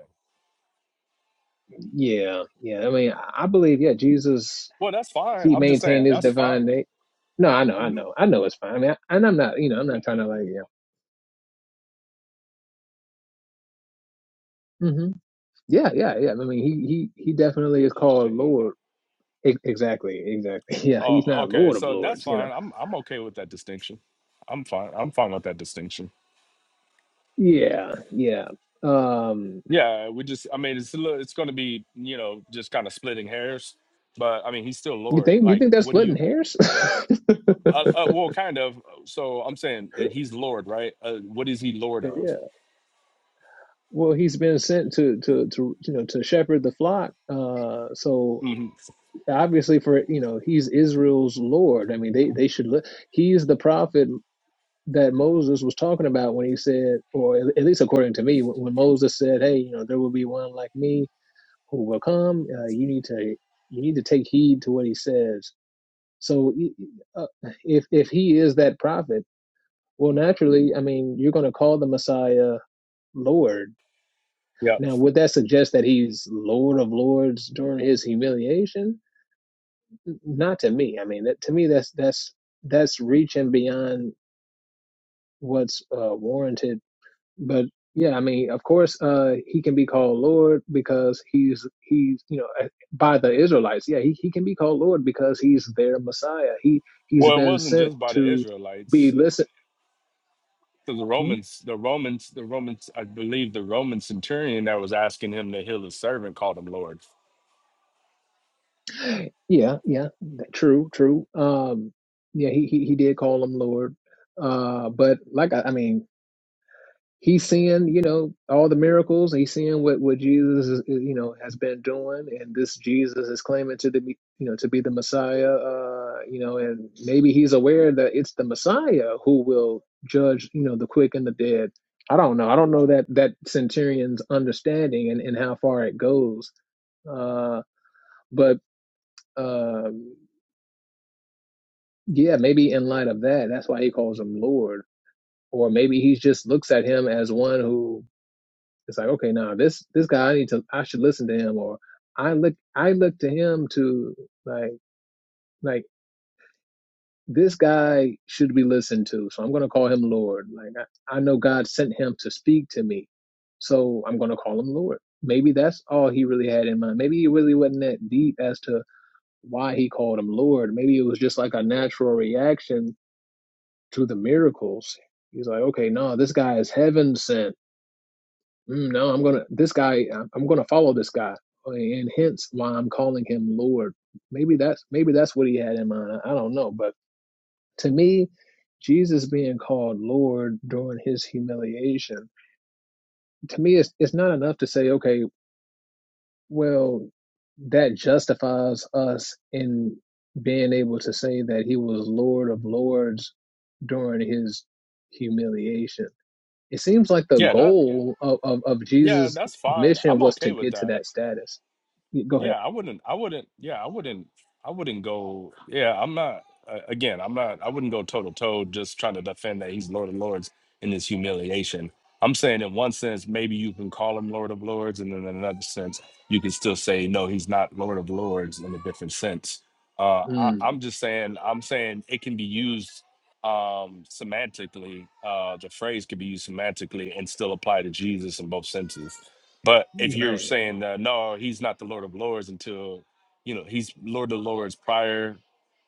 Yeah, yeah. I mean, I I believe, yeah, Jesus,
Well, that's fine.
he
I'm just
maintained
saying
his
that's
divine
fine.
nature. No, I know, I
hmm
know, I know it's fine. I mean, I, and I'm not, you know, I'm not trying to like, yeah. hmm Yeah, yeah, yeah. I mean, he, he, he definitely is called Lord. E- Exactly, exactly. Yeah,
Oh,
he's not
okay.
Lord of
So that's
Lords, you know
fine. I'm I'm okay with that distinction. I'm fine. I'm fine with that distinction.
Yeah, yeah. Um,
Yeah, we just I mean it's a little, it's going to be, you know, just kind of splitting hairs, but I mean he's still
you
Lord.
think you
Like
think that's
what do
splitting
you
hairs?
uh, uh, well kind of so I'm saying uh, he's Lord, right? Uh, what is he Lord of?
Yeah. Well, he's been sent to to to you know to shepherd the flock. Uh, so
hmm
obviously, for you know, he's Israel's Lord. I mean, they they should look. He's the prophet that Moses was talking about when he said, or at at least according to me, when when Moses said, "Hey, you know, there will be one like me who will come." Uh, you need to you need to take heed to what he says. So, e- e- uh, if if he is that prophet Well, naturally, I mean, you're going to call the Messiah Lord.
Yeah.
Now, would that suggest that he's Lord of Lords during his humiliation? Not to me. I mean, that, to me, that's that's that's reaching beyond what's uh, warranted. But yeah, I mean, of course, uh, he can be called Lord because he's he's you know uh, by the Israelites. Yeah, he, he can be called Lord because he's their Messiah. He he's
Well, it
been
wasn't
sent
just by the
to be
Israelites.
listened.
So the Romans, the Romans, the Romans, I believe the Roman centurion that was asking him to heal his servant called him Lord.
Yeah, yeah, th- true, true. Um, yeah, he he, he did call him Lord. Uh, but like I, I mean, he's seeing you know all the miracles. He's seeing what what Jesus is, is, you know has been doing, and this Jesus is claiming to the you know to be the Messiah. Uh, you know, and maybe he's aware that it's the Messiah who will judge you know the quick and the dead. I don't know. I don't know that that centurion's understanding and and how far it goes. Uh, but. Um, Yeah, maybe in light of that, that's why he calls him Lord. Or maybe he just looks at him as one who is like, okay, now this this guy, I need to, I should listen to him, or I look, I look to him to like, like this guy should be listened to, so I'm going to call him Lord. Like I, I know God sent him to speak to me, so I'm going to call him Lord. Maybe that's all he really had in mind. Maybe he really wasn't that deep as to why he called him Lord. Maybe it was just like a natural reaction To the miracles, he's like, okay, no, this guy is heaven sent. Mm, no, I'm gonna this guy. I'm gonna follow this guy, uh, and hence why I'm calling him Lord. Maybe that's maybe that's what he had in mind. I don't know, but to me, Jesus being called Lord during his humiliation, to me, it's it's not enough to say, okay, well, that justifies us in being able to say that he was Lord of Lords during his humiliation It seems like the
Yeah, that
goal of, of, of
yeah,
Jesus'
that's fine.
mission
I'm
was to
okay with
get to
that.
that status. Yeah, Go ahead.
Yeah, I wouldn't I wouldn't yeah, I wouldn't I wouldn't go yeah, I'm not uh, again, I'm not I wouldn't go toe to toe just trying to defend that he's Lord of Lords in this humiliation. I'm saying in one sense maybe you can call him Lord of Lords and then in another sense you can still say no, he's not Lord of Lords in a different sense. Uh I,
Mm,
I'm just saying I'm saying it can be used um semantically uh the phrase could be used semantically and still apply to jesus in both senses but if you're
right.
saying that no, he's not the Lord of Lords until you know he's Lord of Lords prior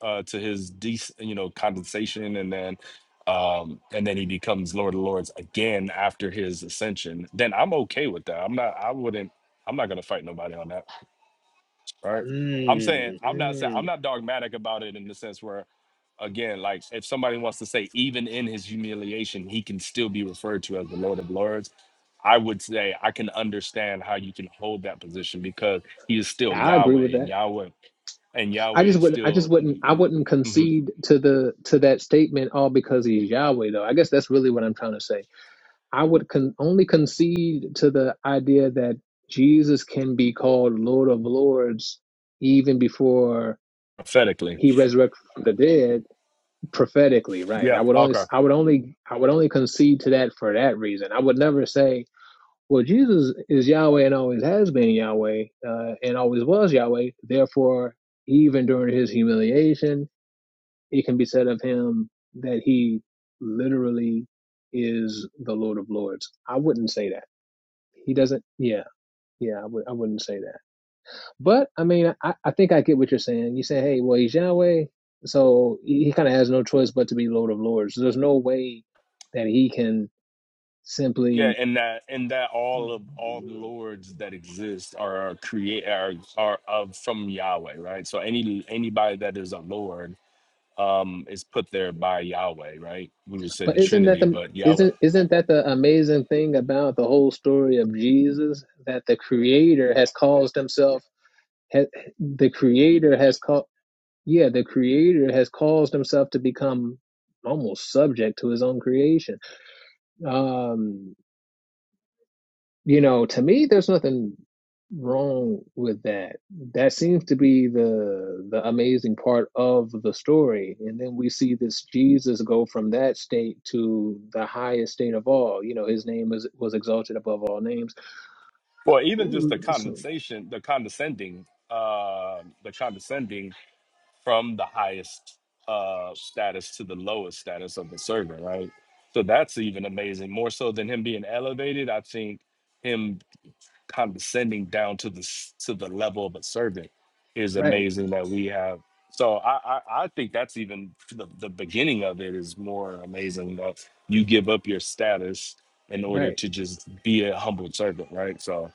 uh, to his de- you know condensation, and then um, and then he becomes Lord of Lords again after his ascension. Then I'm okay with that. I'm not. I wouldn't. I'm not gonna fight nobody on that right? I'm saying
Mm,
I'm not saying I'm
mm.
not dogmatic about it in the sense where, again, like if somebody wants to say even in his humiliation he can still be referred to as the Lord of Lords, I would say I can understand how you can hold that position because he is still
I agree with
Yahweh and
that.
Yahweh and
I
Yahweh
just
is
wouldn't. I just
still
wouldn't. I wouldn't
Mhm.
concede to the to that statement all because he's Yahweh. Though I guess that's really what I'm trying to say. I would con- only concede to the idea that Jesus can be called Lord of Lords even before
prophetically.
he resurrected from the dead prophetically right i
Yep.
would only
Okay.
i would only i would only concede to that for that reason i would never say well jesus is yahweh and always has been yahweh uh, and always was yahweh therefore even during his humiliation it can be said of him that he literally is the lord of lords i wouldn't say that he doesn't yeah yeah i, would, I wouldn't say that but I mean, I, I think I get what you're saying. You say, hey, well, he's Yahweh, so he, he kind of has no choice but to be Lord of Lords. So, There's no way that he can
Yeah,
simply.
and that and that all of all lords that exist are create are are of from Yahweh, right? So any anybody that is a lord um, is put there by Yahweh, right? We would say
But
the
isn't that
Trinity,
the
but Yahweh.
isn't isn't that the amazing thing about the whole story of Jesus that the Creator has caused himself ha, the Creator has called yeah the Creator has caused himself to become almost subject to his own creation. Um, You know, to me, there's nothing wrong with that. That seems to be the the amazing part of the story. And then we see this Jesus go from that state to the highest state of all. You know, his name is was exalted above all names.
Well, even just the
So-
condensation, the condescending, uh, the condescending from the highest uh, status to the lowest status of the servant, right? So that's even amazing. More so than him being elevated, I think him condescending down to the s- to the level of a servant is
Right,
amazing that we have. So I I, I think that's even the, the beginning of it is more amazing that you give up your status in order
right,
to just be a humble servant, right? So,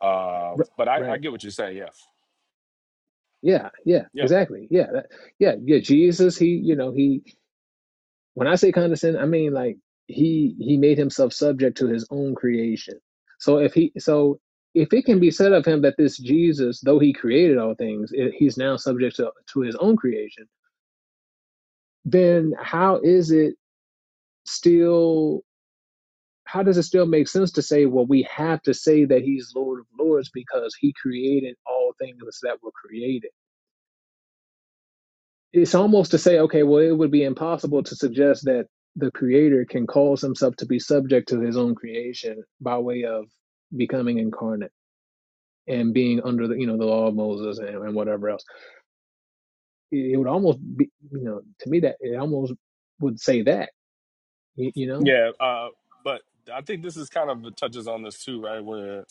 um,
r-
but I, I
right.
get what you're saying. Yeah,
Yeah, yeah,
yeah,
exactly. Yeah, that, yeah, yeah. Jesus, he, you know, he When I say condescend, I mean like he he made himself subject to his own creation. So if he so if it can be said of him that this Jesus, though he created all things, i- he's now subject to, to his own creation, then how is it still how does it still make sense to say, well, we have to say that he's Lord of Lords because he created all things that were created? it's almost to say, okay, well, it would be impossible to suggest that the creator can cause himself to be subject to his own creation by way of becoming incarnate and being under the you know the law of Moses and, and whatever else. It, would almost be you know to me that it almost would say that you, you know
yeah. Uh, but I think this is kind of touches on this too, right? Where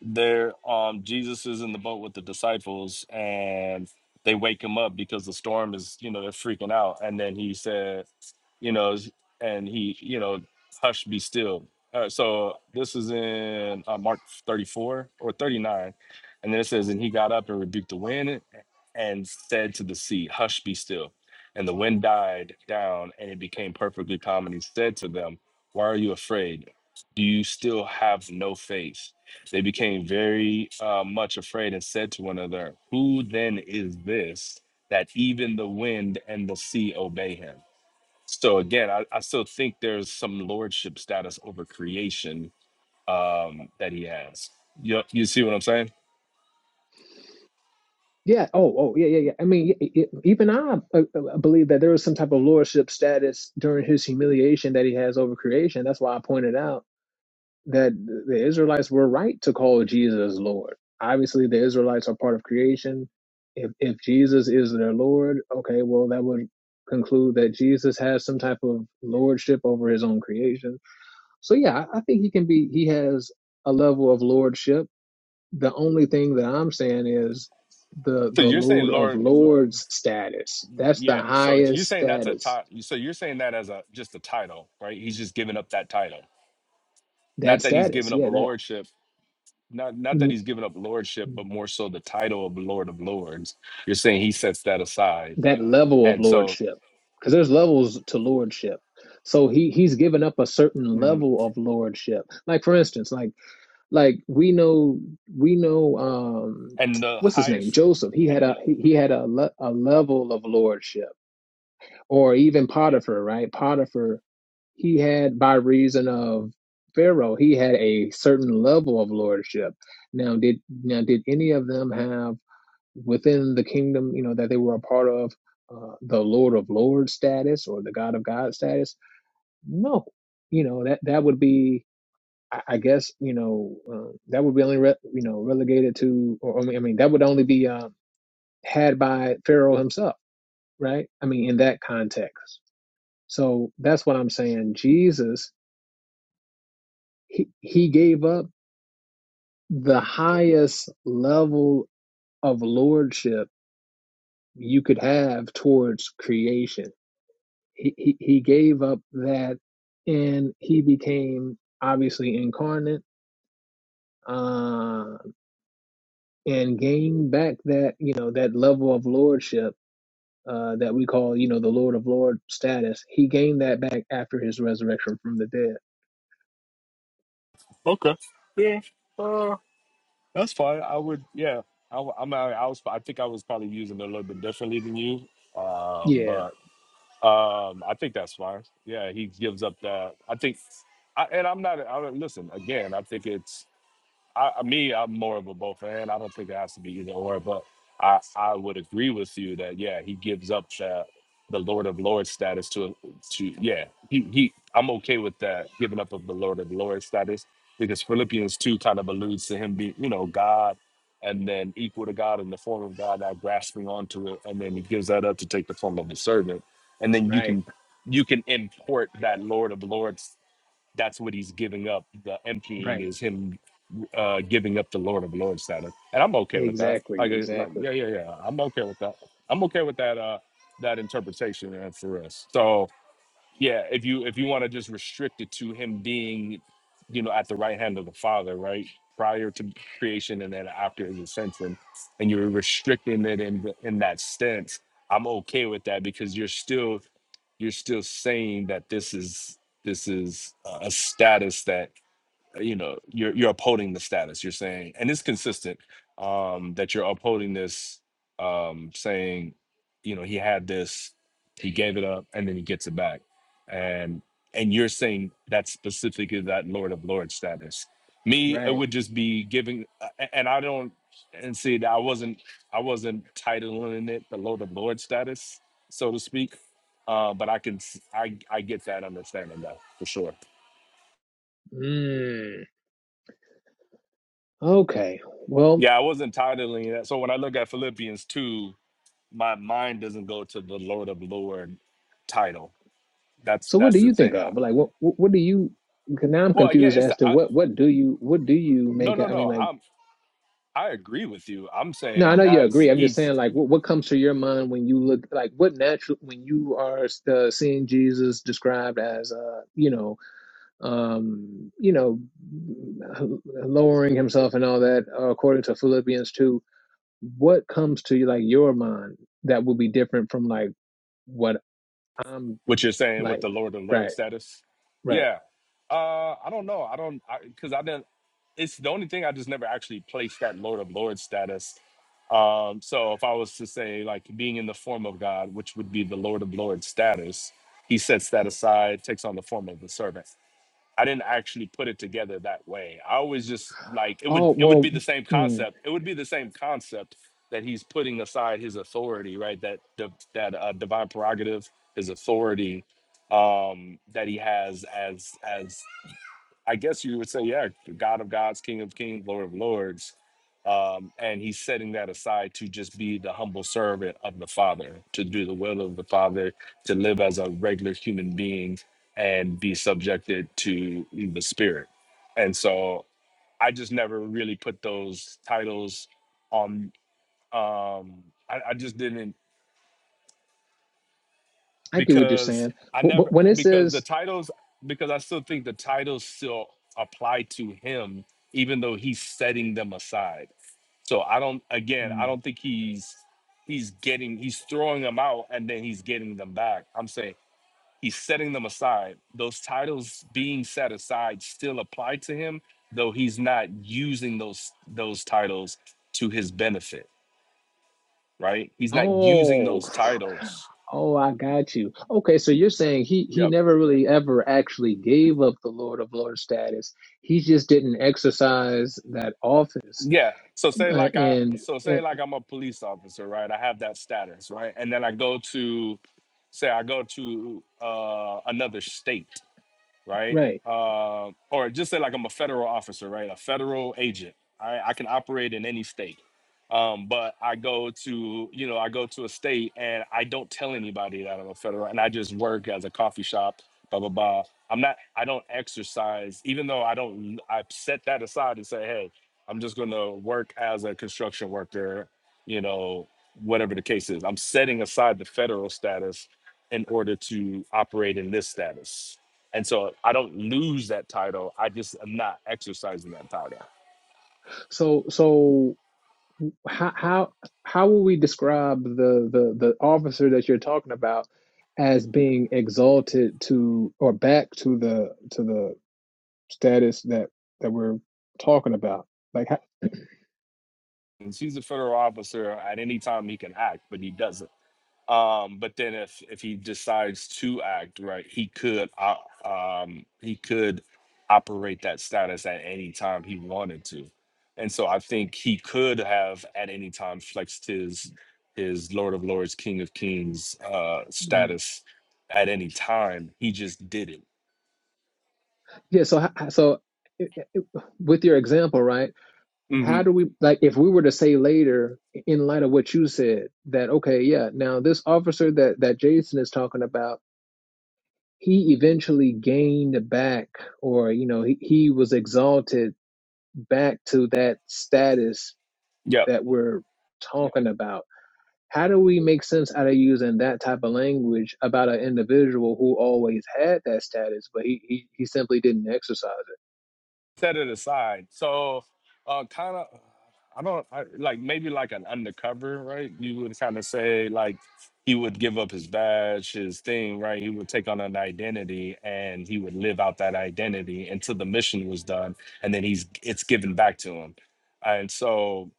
there um jesus is in the boat with the disciples and they wake him up because the storm is you know they're freaking out and then he said you know, s- and he, you know, hush, be still. Uh, so this is in uh, Mark 34 or 39. And then it says, and he got up and rebuked the wind and said to the sea, hush, be still. And the wind died down and it became perfectly calm. And he said to them, why are you afraid? Do you still have no faith? They became very uh, much afraid and said to one another, Who then is this that even the wind and the sea obey him? So again, I, I still think there's some lordship status over creation um, that he has. You you see what I'm saying?
yeah oh oh yeah yeah yeah. I mean y y even I, uh uh, believe that there was some type of lordship status during his humiliation that he has over creation. That's why I pointed out that the Israelites were right to call Jesus Lord. Obviously, the Israelites are part of creation. If if Jesus is their Lord, okay, well that would conclude that Jesus has some type of lordship over his own creation. So yeah, I I think he can be he has a level of lordship. The only thing that I'm saying is the
So
the
you're saying
Lord of
Lord,
Lords status. That's the
yeah. So you're
highest
saying that's a
status.
title. So you're saying that as a just a title, right? He's just giving up that title.
That
Not that he's
status,
giving up
yeah,
lordship. Not not that
that.
he's giving up lordship, but more so the title of Lord of Lords. You're saying he sets that aside,
that level of
and so
lordship because there's levels to lordship so he he's given up a certain
mm,
level of lordship like for instance like like we know we know um
and the
what's his name
highest.
joseph he had a he he had a, le- a level of lordship or even potiphar right potiphar he had by reason of pharaoh he had a certain level of lordship now did now did any of them have within the kingdom, you know, that they were a part of, uh, the Lord of Lords status or the God of God status. No, you know that that would be, I, I guess, you know, uh, that would be only, re- you know, relegated to, or I mean, I mean, that would only be um, had by Pharaoh himself, right? I mean, in that context. So that's what I'm saying. Jesus, he he gave up the highest level of lordship you could have towards creation he, he he gave up that and he became obviously incarnate uh, and gained back that you know that level of lordship uh, that we call you know the Lord of Lord status. He gained that back after his resurrection from the dead.
Okay. Yeah. That's fine. I would, yeah. I, w- I am I I was, I think I was probably using it a little bit differently than you, um,
Yeah,
but um, I think that's fine. Yeah, he gives up that. I think, I, and I'm not. I, don't- listen again. I think it's I, I- me, I'm more of a both fan. I don't think it has to be either or, but I, I would agree with you that yeah, he gives up that the Lord of Lords status to to yeah, he he I'm okay with that giving up of the Lord of Lords status because Philippians two kind of alludes to him being, you know, God and then equal to God in the form of God, now grasping onto it, and then he gives that up to take the form of a servant. And then you
right,
can you can import that Lord of Lords that's what he's giving up. The emptying
right,
is him uh, giving up the Lord of Lords status, and I'm okay with that.
exactly,
Like, uh, like, yeah,
exactly,
yeah, yeah. I'm okay with that. I'm okay with that. Uh, that interpretation uh, for us. So, yeah if you if you want to just restrict it to him being you know at the right hand of the father right prior to creation and then after his ascension and you're restricting it in th- in that sense i'm okay with that because you're still you're still saying that this is this is uh, a status that uh, you know you're you're upholding the status you're saying and it's consistent um that you're upholding this um saying you know he had this he gave it up and then he gets it back and and you're saying that's specifically that lord of lords status me it
right.
would just be giving uh, a- and i don't and see that i wasn't i wasn't titling it the lord of lords status so to speak uh but i can s- i i get that understanding though for sure
Mm. Okay, well,
Yeah, I wasn't titling that. So when I look at Philippians 2, my mind doesn't go to the Lord of Lord title. That's
so what do
that's the
you think
thing. I,
of like what what what do you 'Cause now I'm
well, yeah,
confused
it's
as
the,
to
I,
what what do you what do you
no,
make?
no,
I mean,
no.
like.
I'm I agree with you. I'm
No, I
saying
know you
that's
agree. I'm just
he's
saying, like, what, what comes to your mind when you look, like, what natural when you are uh, seeing Jesus described as, uh, you know, um, you know, mm, lowering himself and all that, uh, according to Philippians two. What comes to you, like, your mind that will be different from like what I'm
What you're saying with
like?
the Lord of Lord
Right,
status?
right.
Yeah. Uh, I don't know. I don't because I, 'cause I didn't. It's the only thing I just never actually placed that Lord of Lord status. Um, so if I was to say like being in the form of God, which would be the Lord of Lord status, He sets that aside, takes on the form of the servant. I didn't actually put it together that way. I always just like it would
Oh
it would
well,
be the same
mm,
concept. It would be the same concept that he's putting aside his authority, right? That the that uh, divine prerogative, his authority um, that he has as as I guess you would say, yeah, the God of gods, King of kings, Lord of lords. Um, and he's setting that aside to just be the humble servant of the Father, to do the will of the Father, to live as a regular human being and be subjected to the Spirit. And so I just never really put those titles on. Um, I, I just didn't.
I get what you're
because
saying.
I
But, but
never
when it
because
says,
the titles because I still think the titles still apply to him even though he's setting them aside. So I don't again, I don't think he's he's getting he's throwing them out and then he's getting them back. I'm saying he's setting them aside. Those titles being set aside still apply to him though he's not using those those titles to his benefit, right? He's not using
oh.
those titles.
Oh, I got you. Okay, so you're saying he he
Yep.
never really ever actually gave up the Lord of Lords status. He just didn't exercise that office.
Yeah. So say
Uh,
like I
and,
so say
and
like I'm a police officer, right? I have that status, right? And then I go to say I go to uh another state right?
right.
Uh, or just say like I'm a federal officer, right? A federal agent. I, I can operate in any state. Um, but I go to, you know, I go to a state and I don't tell anybody that I'm a federal and I just work as a coffee shop, blah, blah, blah. I'm not, I don't exercise, even though I don't, I set that aside and say, hey, I'm just going to work as a construction worker, you know, whatever the case is. I'm setting aside the federal status in order to operate in this status. And so I don't lose that title. I just am not exercising that title.
So so how how how will we describe the the the officer that you're talking about as being exalted to or back to the to the status that that we're talking about? Like how,
And he's a federal officer at any time he can act, but he doesn't. Um, but then if if he decides to act right, he could op- um he could operate that status at any time he wanted to. And so I think he could have at any time flexed his his Lord of Lords, King of Kings uh
Right.
status at any time. He just didn't.
Yeah. So, h- so i- i- with your example, right?
Mm-hmm.
How do we like if we were to say later, in light of what you said, that okay, yeah, now this officer that that Jason is talking about, he eventually gained back, or you know, he he was exalted back to that status that we're talking about How do we make sense out of using that type of language about an individual who always had that status, but he, he, he simply didn't exercise
set it aside. So, uh, kind of, I don't I, like maybe like an undercover, right? You would kind of say like he would give up his badge, his thing, right? He would take on an identity and he would live out that identity until the mission was done, and then he's it's given back to him. And so,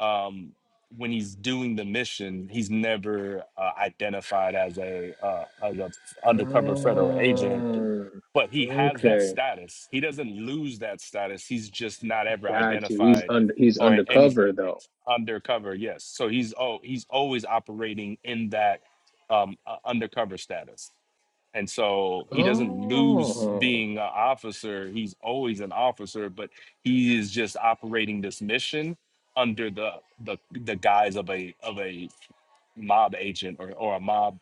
um, when he's doing the mission, he's never uh, identified as a uh, as a
it?
undercover federal agent
Mm,
but he has that
okay,
status. He doesn't lose that status. He's just not ever
got you. He's
identified
under he's
or in any
undercover though.
undercover. Yes. So he's oh he's always operating in that um uh, undercover status. And so he doesn't lose
Oh,
being an officer. He's always an officer, but he is just operating this mission under the the the guise of a of a mob agent or, or a mob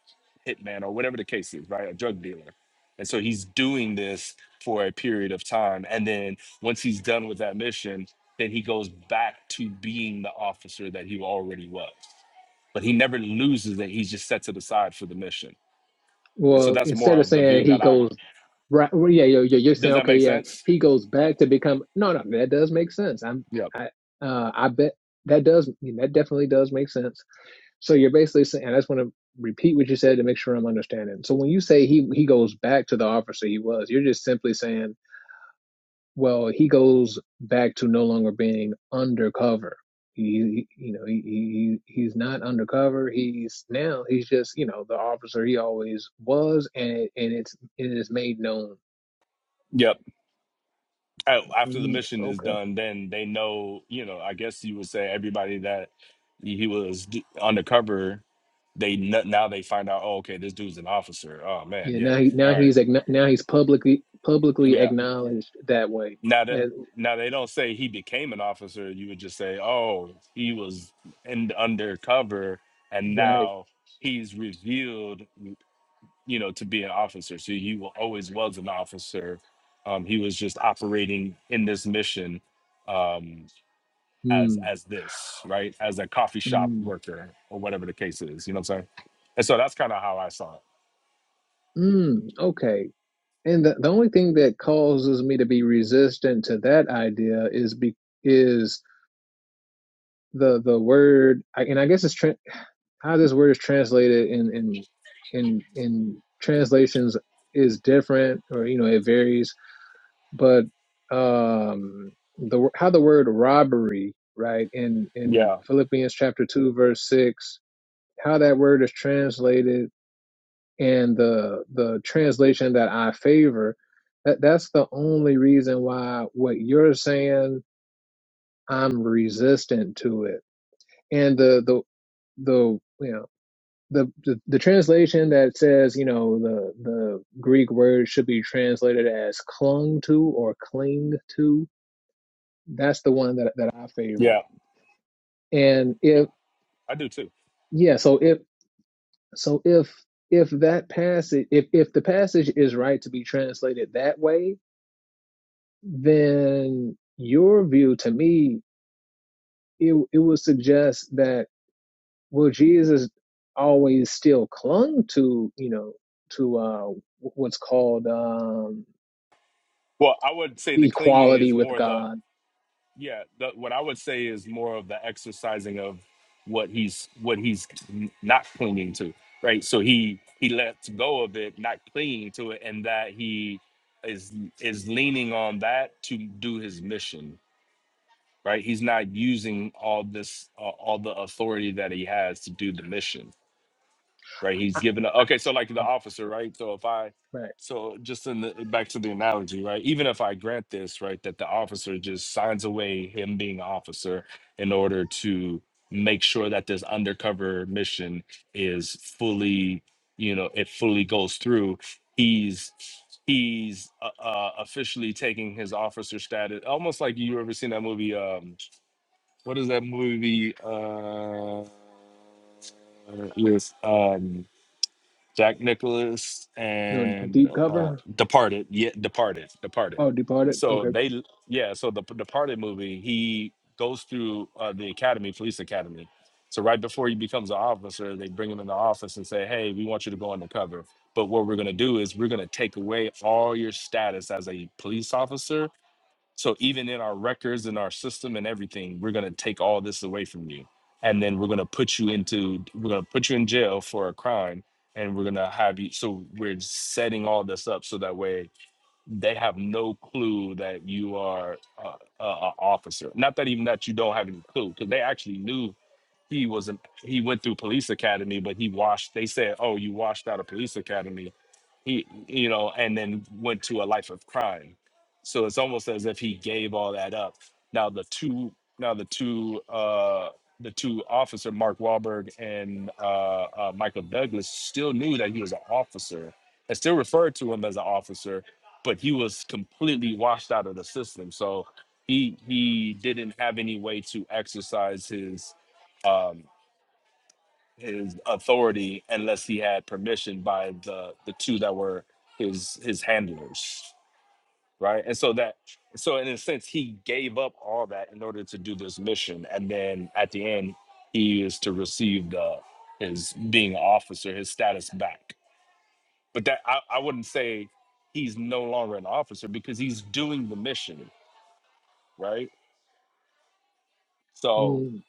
hitman or whatever the case is, right? A drug dealer. And so he's doing this for a period of time. And then once he's done with that mission, then he goes back to being the officer that he already was. But he never loses it. He's just sets it aside for the mission. And so
well,
that's more
instead of
of the view
saying he
that I have.
goes right, well, yeah, you're, you're
Does
saying
that
okay,
make
yeah,
sense?
he goes back to become. No, no, that does make sense. I'm
Yep.
I uh I bet that does that definitely does make sense So you're basically saying, and I just want to repeat what you said to make sure I'm understanding. So when you say he he goes back to the officer he was, you're just simply saying, well, he goes back to no longer being undercover. He, you know, he, he he's not undercover. He's now he's just you know the officer he always was, and it, and it's it's made known.
Yep. oh, after the
Mm,
mission is
okay.
done, then they know, you know, I guess you would say everybody that he was d- undercover, they kn- now they find out, oh, okay, this dude's an officer. Oh man,
Yeah.
yeah.
Now he
All
now
right.
he's now he's publicly publicly
Yeah.
acknowledged that way.
Now that
And,
now they don't say he became an officer, you would just say, oh, he was in undercover and
right.
now he's revealed, you know, to be an officer. So he wa- always was an officer. Um, he was just operating in this mission Um, as
Mm,
as this, right? As a coffee shop
mm.
worker or whatever the case is. You know what I'm saying? And so that's kind of how I saw it.
Mm, okay. And the, the only thing that causes me to be resistant to that idea is be, is the the word, and I guess it's tra- how this word is translated in in in in translations is different, or you know it varies. But um, the how the word robbery, right, in in
Yeah,
Philippians chapter two verse six, how that word is translated and the the translation that I favor, that that's the only reason why what you're saying I'm resistant to it. And the the the you know the the, the translation that says you know the the Greek word should be translated as clung to or cling to. That's the one that that I favor.
yeah,
And if
I do too.
yeah, so if so if if that passage if if the passage is right to be translated that way then your view to me it it would suggest that well Jesus always still clung to you know to uh what's called um
Well, I would say the clinging
equality
is
with
more the
God
yeah. The, what I would say is more of the exercising of what he's what he's n- not clinging to, right? So he he lets go of it, not clinging to it, and that he is is leaning on that to do his mission right? He's not using all this, uh, all the authority that he has to do the mission, right? He's
I,
given up.
I,
Okay, so like the officer, right? So if I,
right
so just in the back to the analogy, right? Even if I grant this, right, that the officer just signs away him being an officer in order to make sure that this undercover mission is fully, you know, it fully goes through. He's he's uh, uh, officially taking his officer status, almost like you ever seen that movie. Um, what is that movie uh, with um, Jack Nicholas
no
and
deep
uh,
cover
Departed? Yeah, Departed, Departed.
oh departed
So
okay
they, yeah, so the Departed movie, he goes through uh, the academy, police academy. So right before he becomes an officer, they bring him in the office and say, "Hey, we want you to go undercover." But what we're going to do is we're going to take away all your status as a police officer so even in our records and our system and everything, we're going to take all this away from you. And then we're going to put you into, we're going to put you in jail for a crime. And we're going to have you. So we're setting all this up so that way they have no clue that you are a, a, a officer. Not that even that you don't have any clue, because they actually knew he wasn't, he went through police academy, but he washed, they said, oh, you washed out of police academy he you know and then went to a life of crime so it's almost as if he gave all that up now the two now the two uh the two officer Mark Wahlberg and uh, uh Michael Douglas still knew that he was an officer and still referred to him as an officer but he was completely washed out of the system so he he didn't have any way to exercise his um, his authority unless he had permission by the the two that were his his handlers right and so that so in a sense he gave up all that in order to do this mission and then at the end he is to receive the his being an officer his status back but that i, I wouldn't say he's no longer an officer because he's doing the mission right so
mm,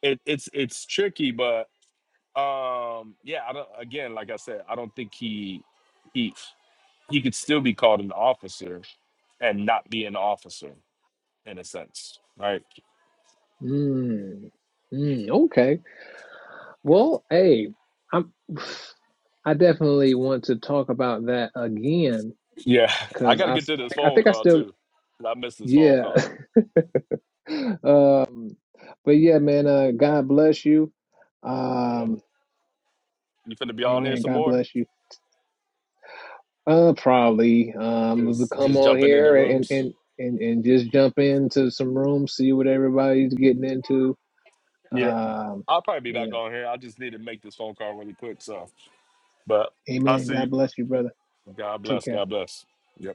it, it's it's tricky but um yeah i don't again like i said i don't think he he he could still be called an officer and not be an officer in a sense, right?
mm, mm, okay well hey I'm I definitely want to talk about that again
Yeah, I
because
got to
I
get to this
I
phone
think I
call
still
too. 'cause I missed this phone
yeah
call.
Um, but yeah, man, uh, God bless you. Um,
You finna be on here
amen.
some
God
more?
bless you. Uh, probably, um, to
Just
come
just
on
jumping in the
here and,
rooms.
and, and, and just jump into some rooms, see what everybody's getting into.
Yeah,
Um,
I'll probably be back
yeah.
on here. I just need to make this phone call really quick. So, but I
Amen.
see you.
God bless you, brother.
God
Take
bless.
care.
God bless. Yep.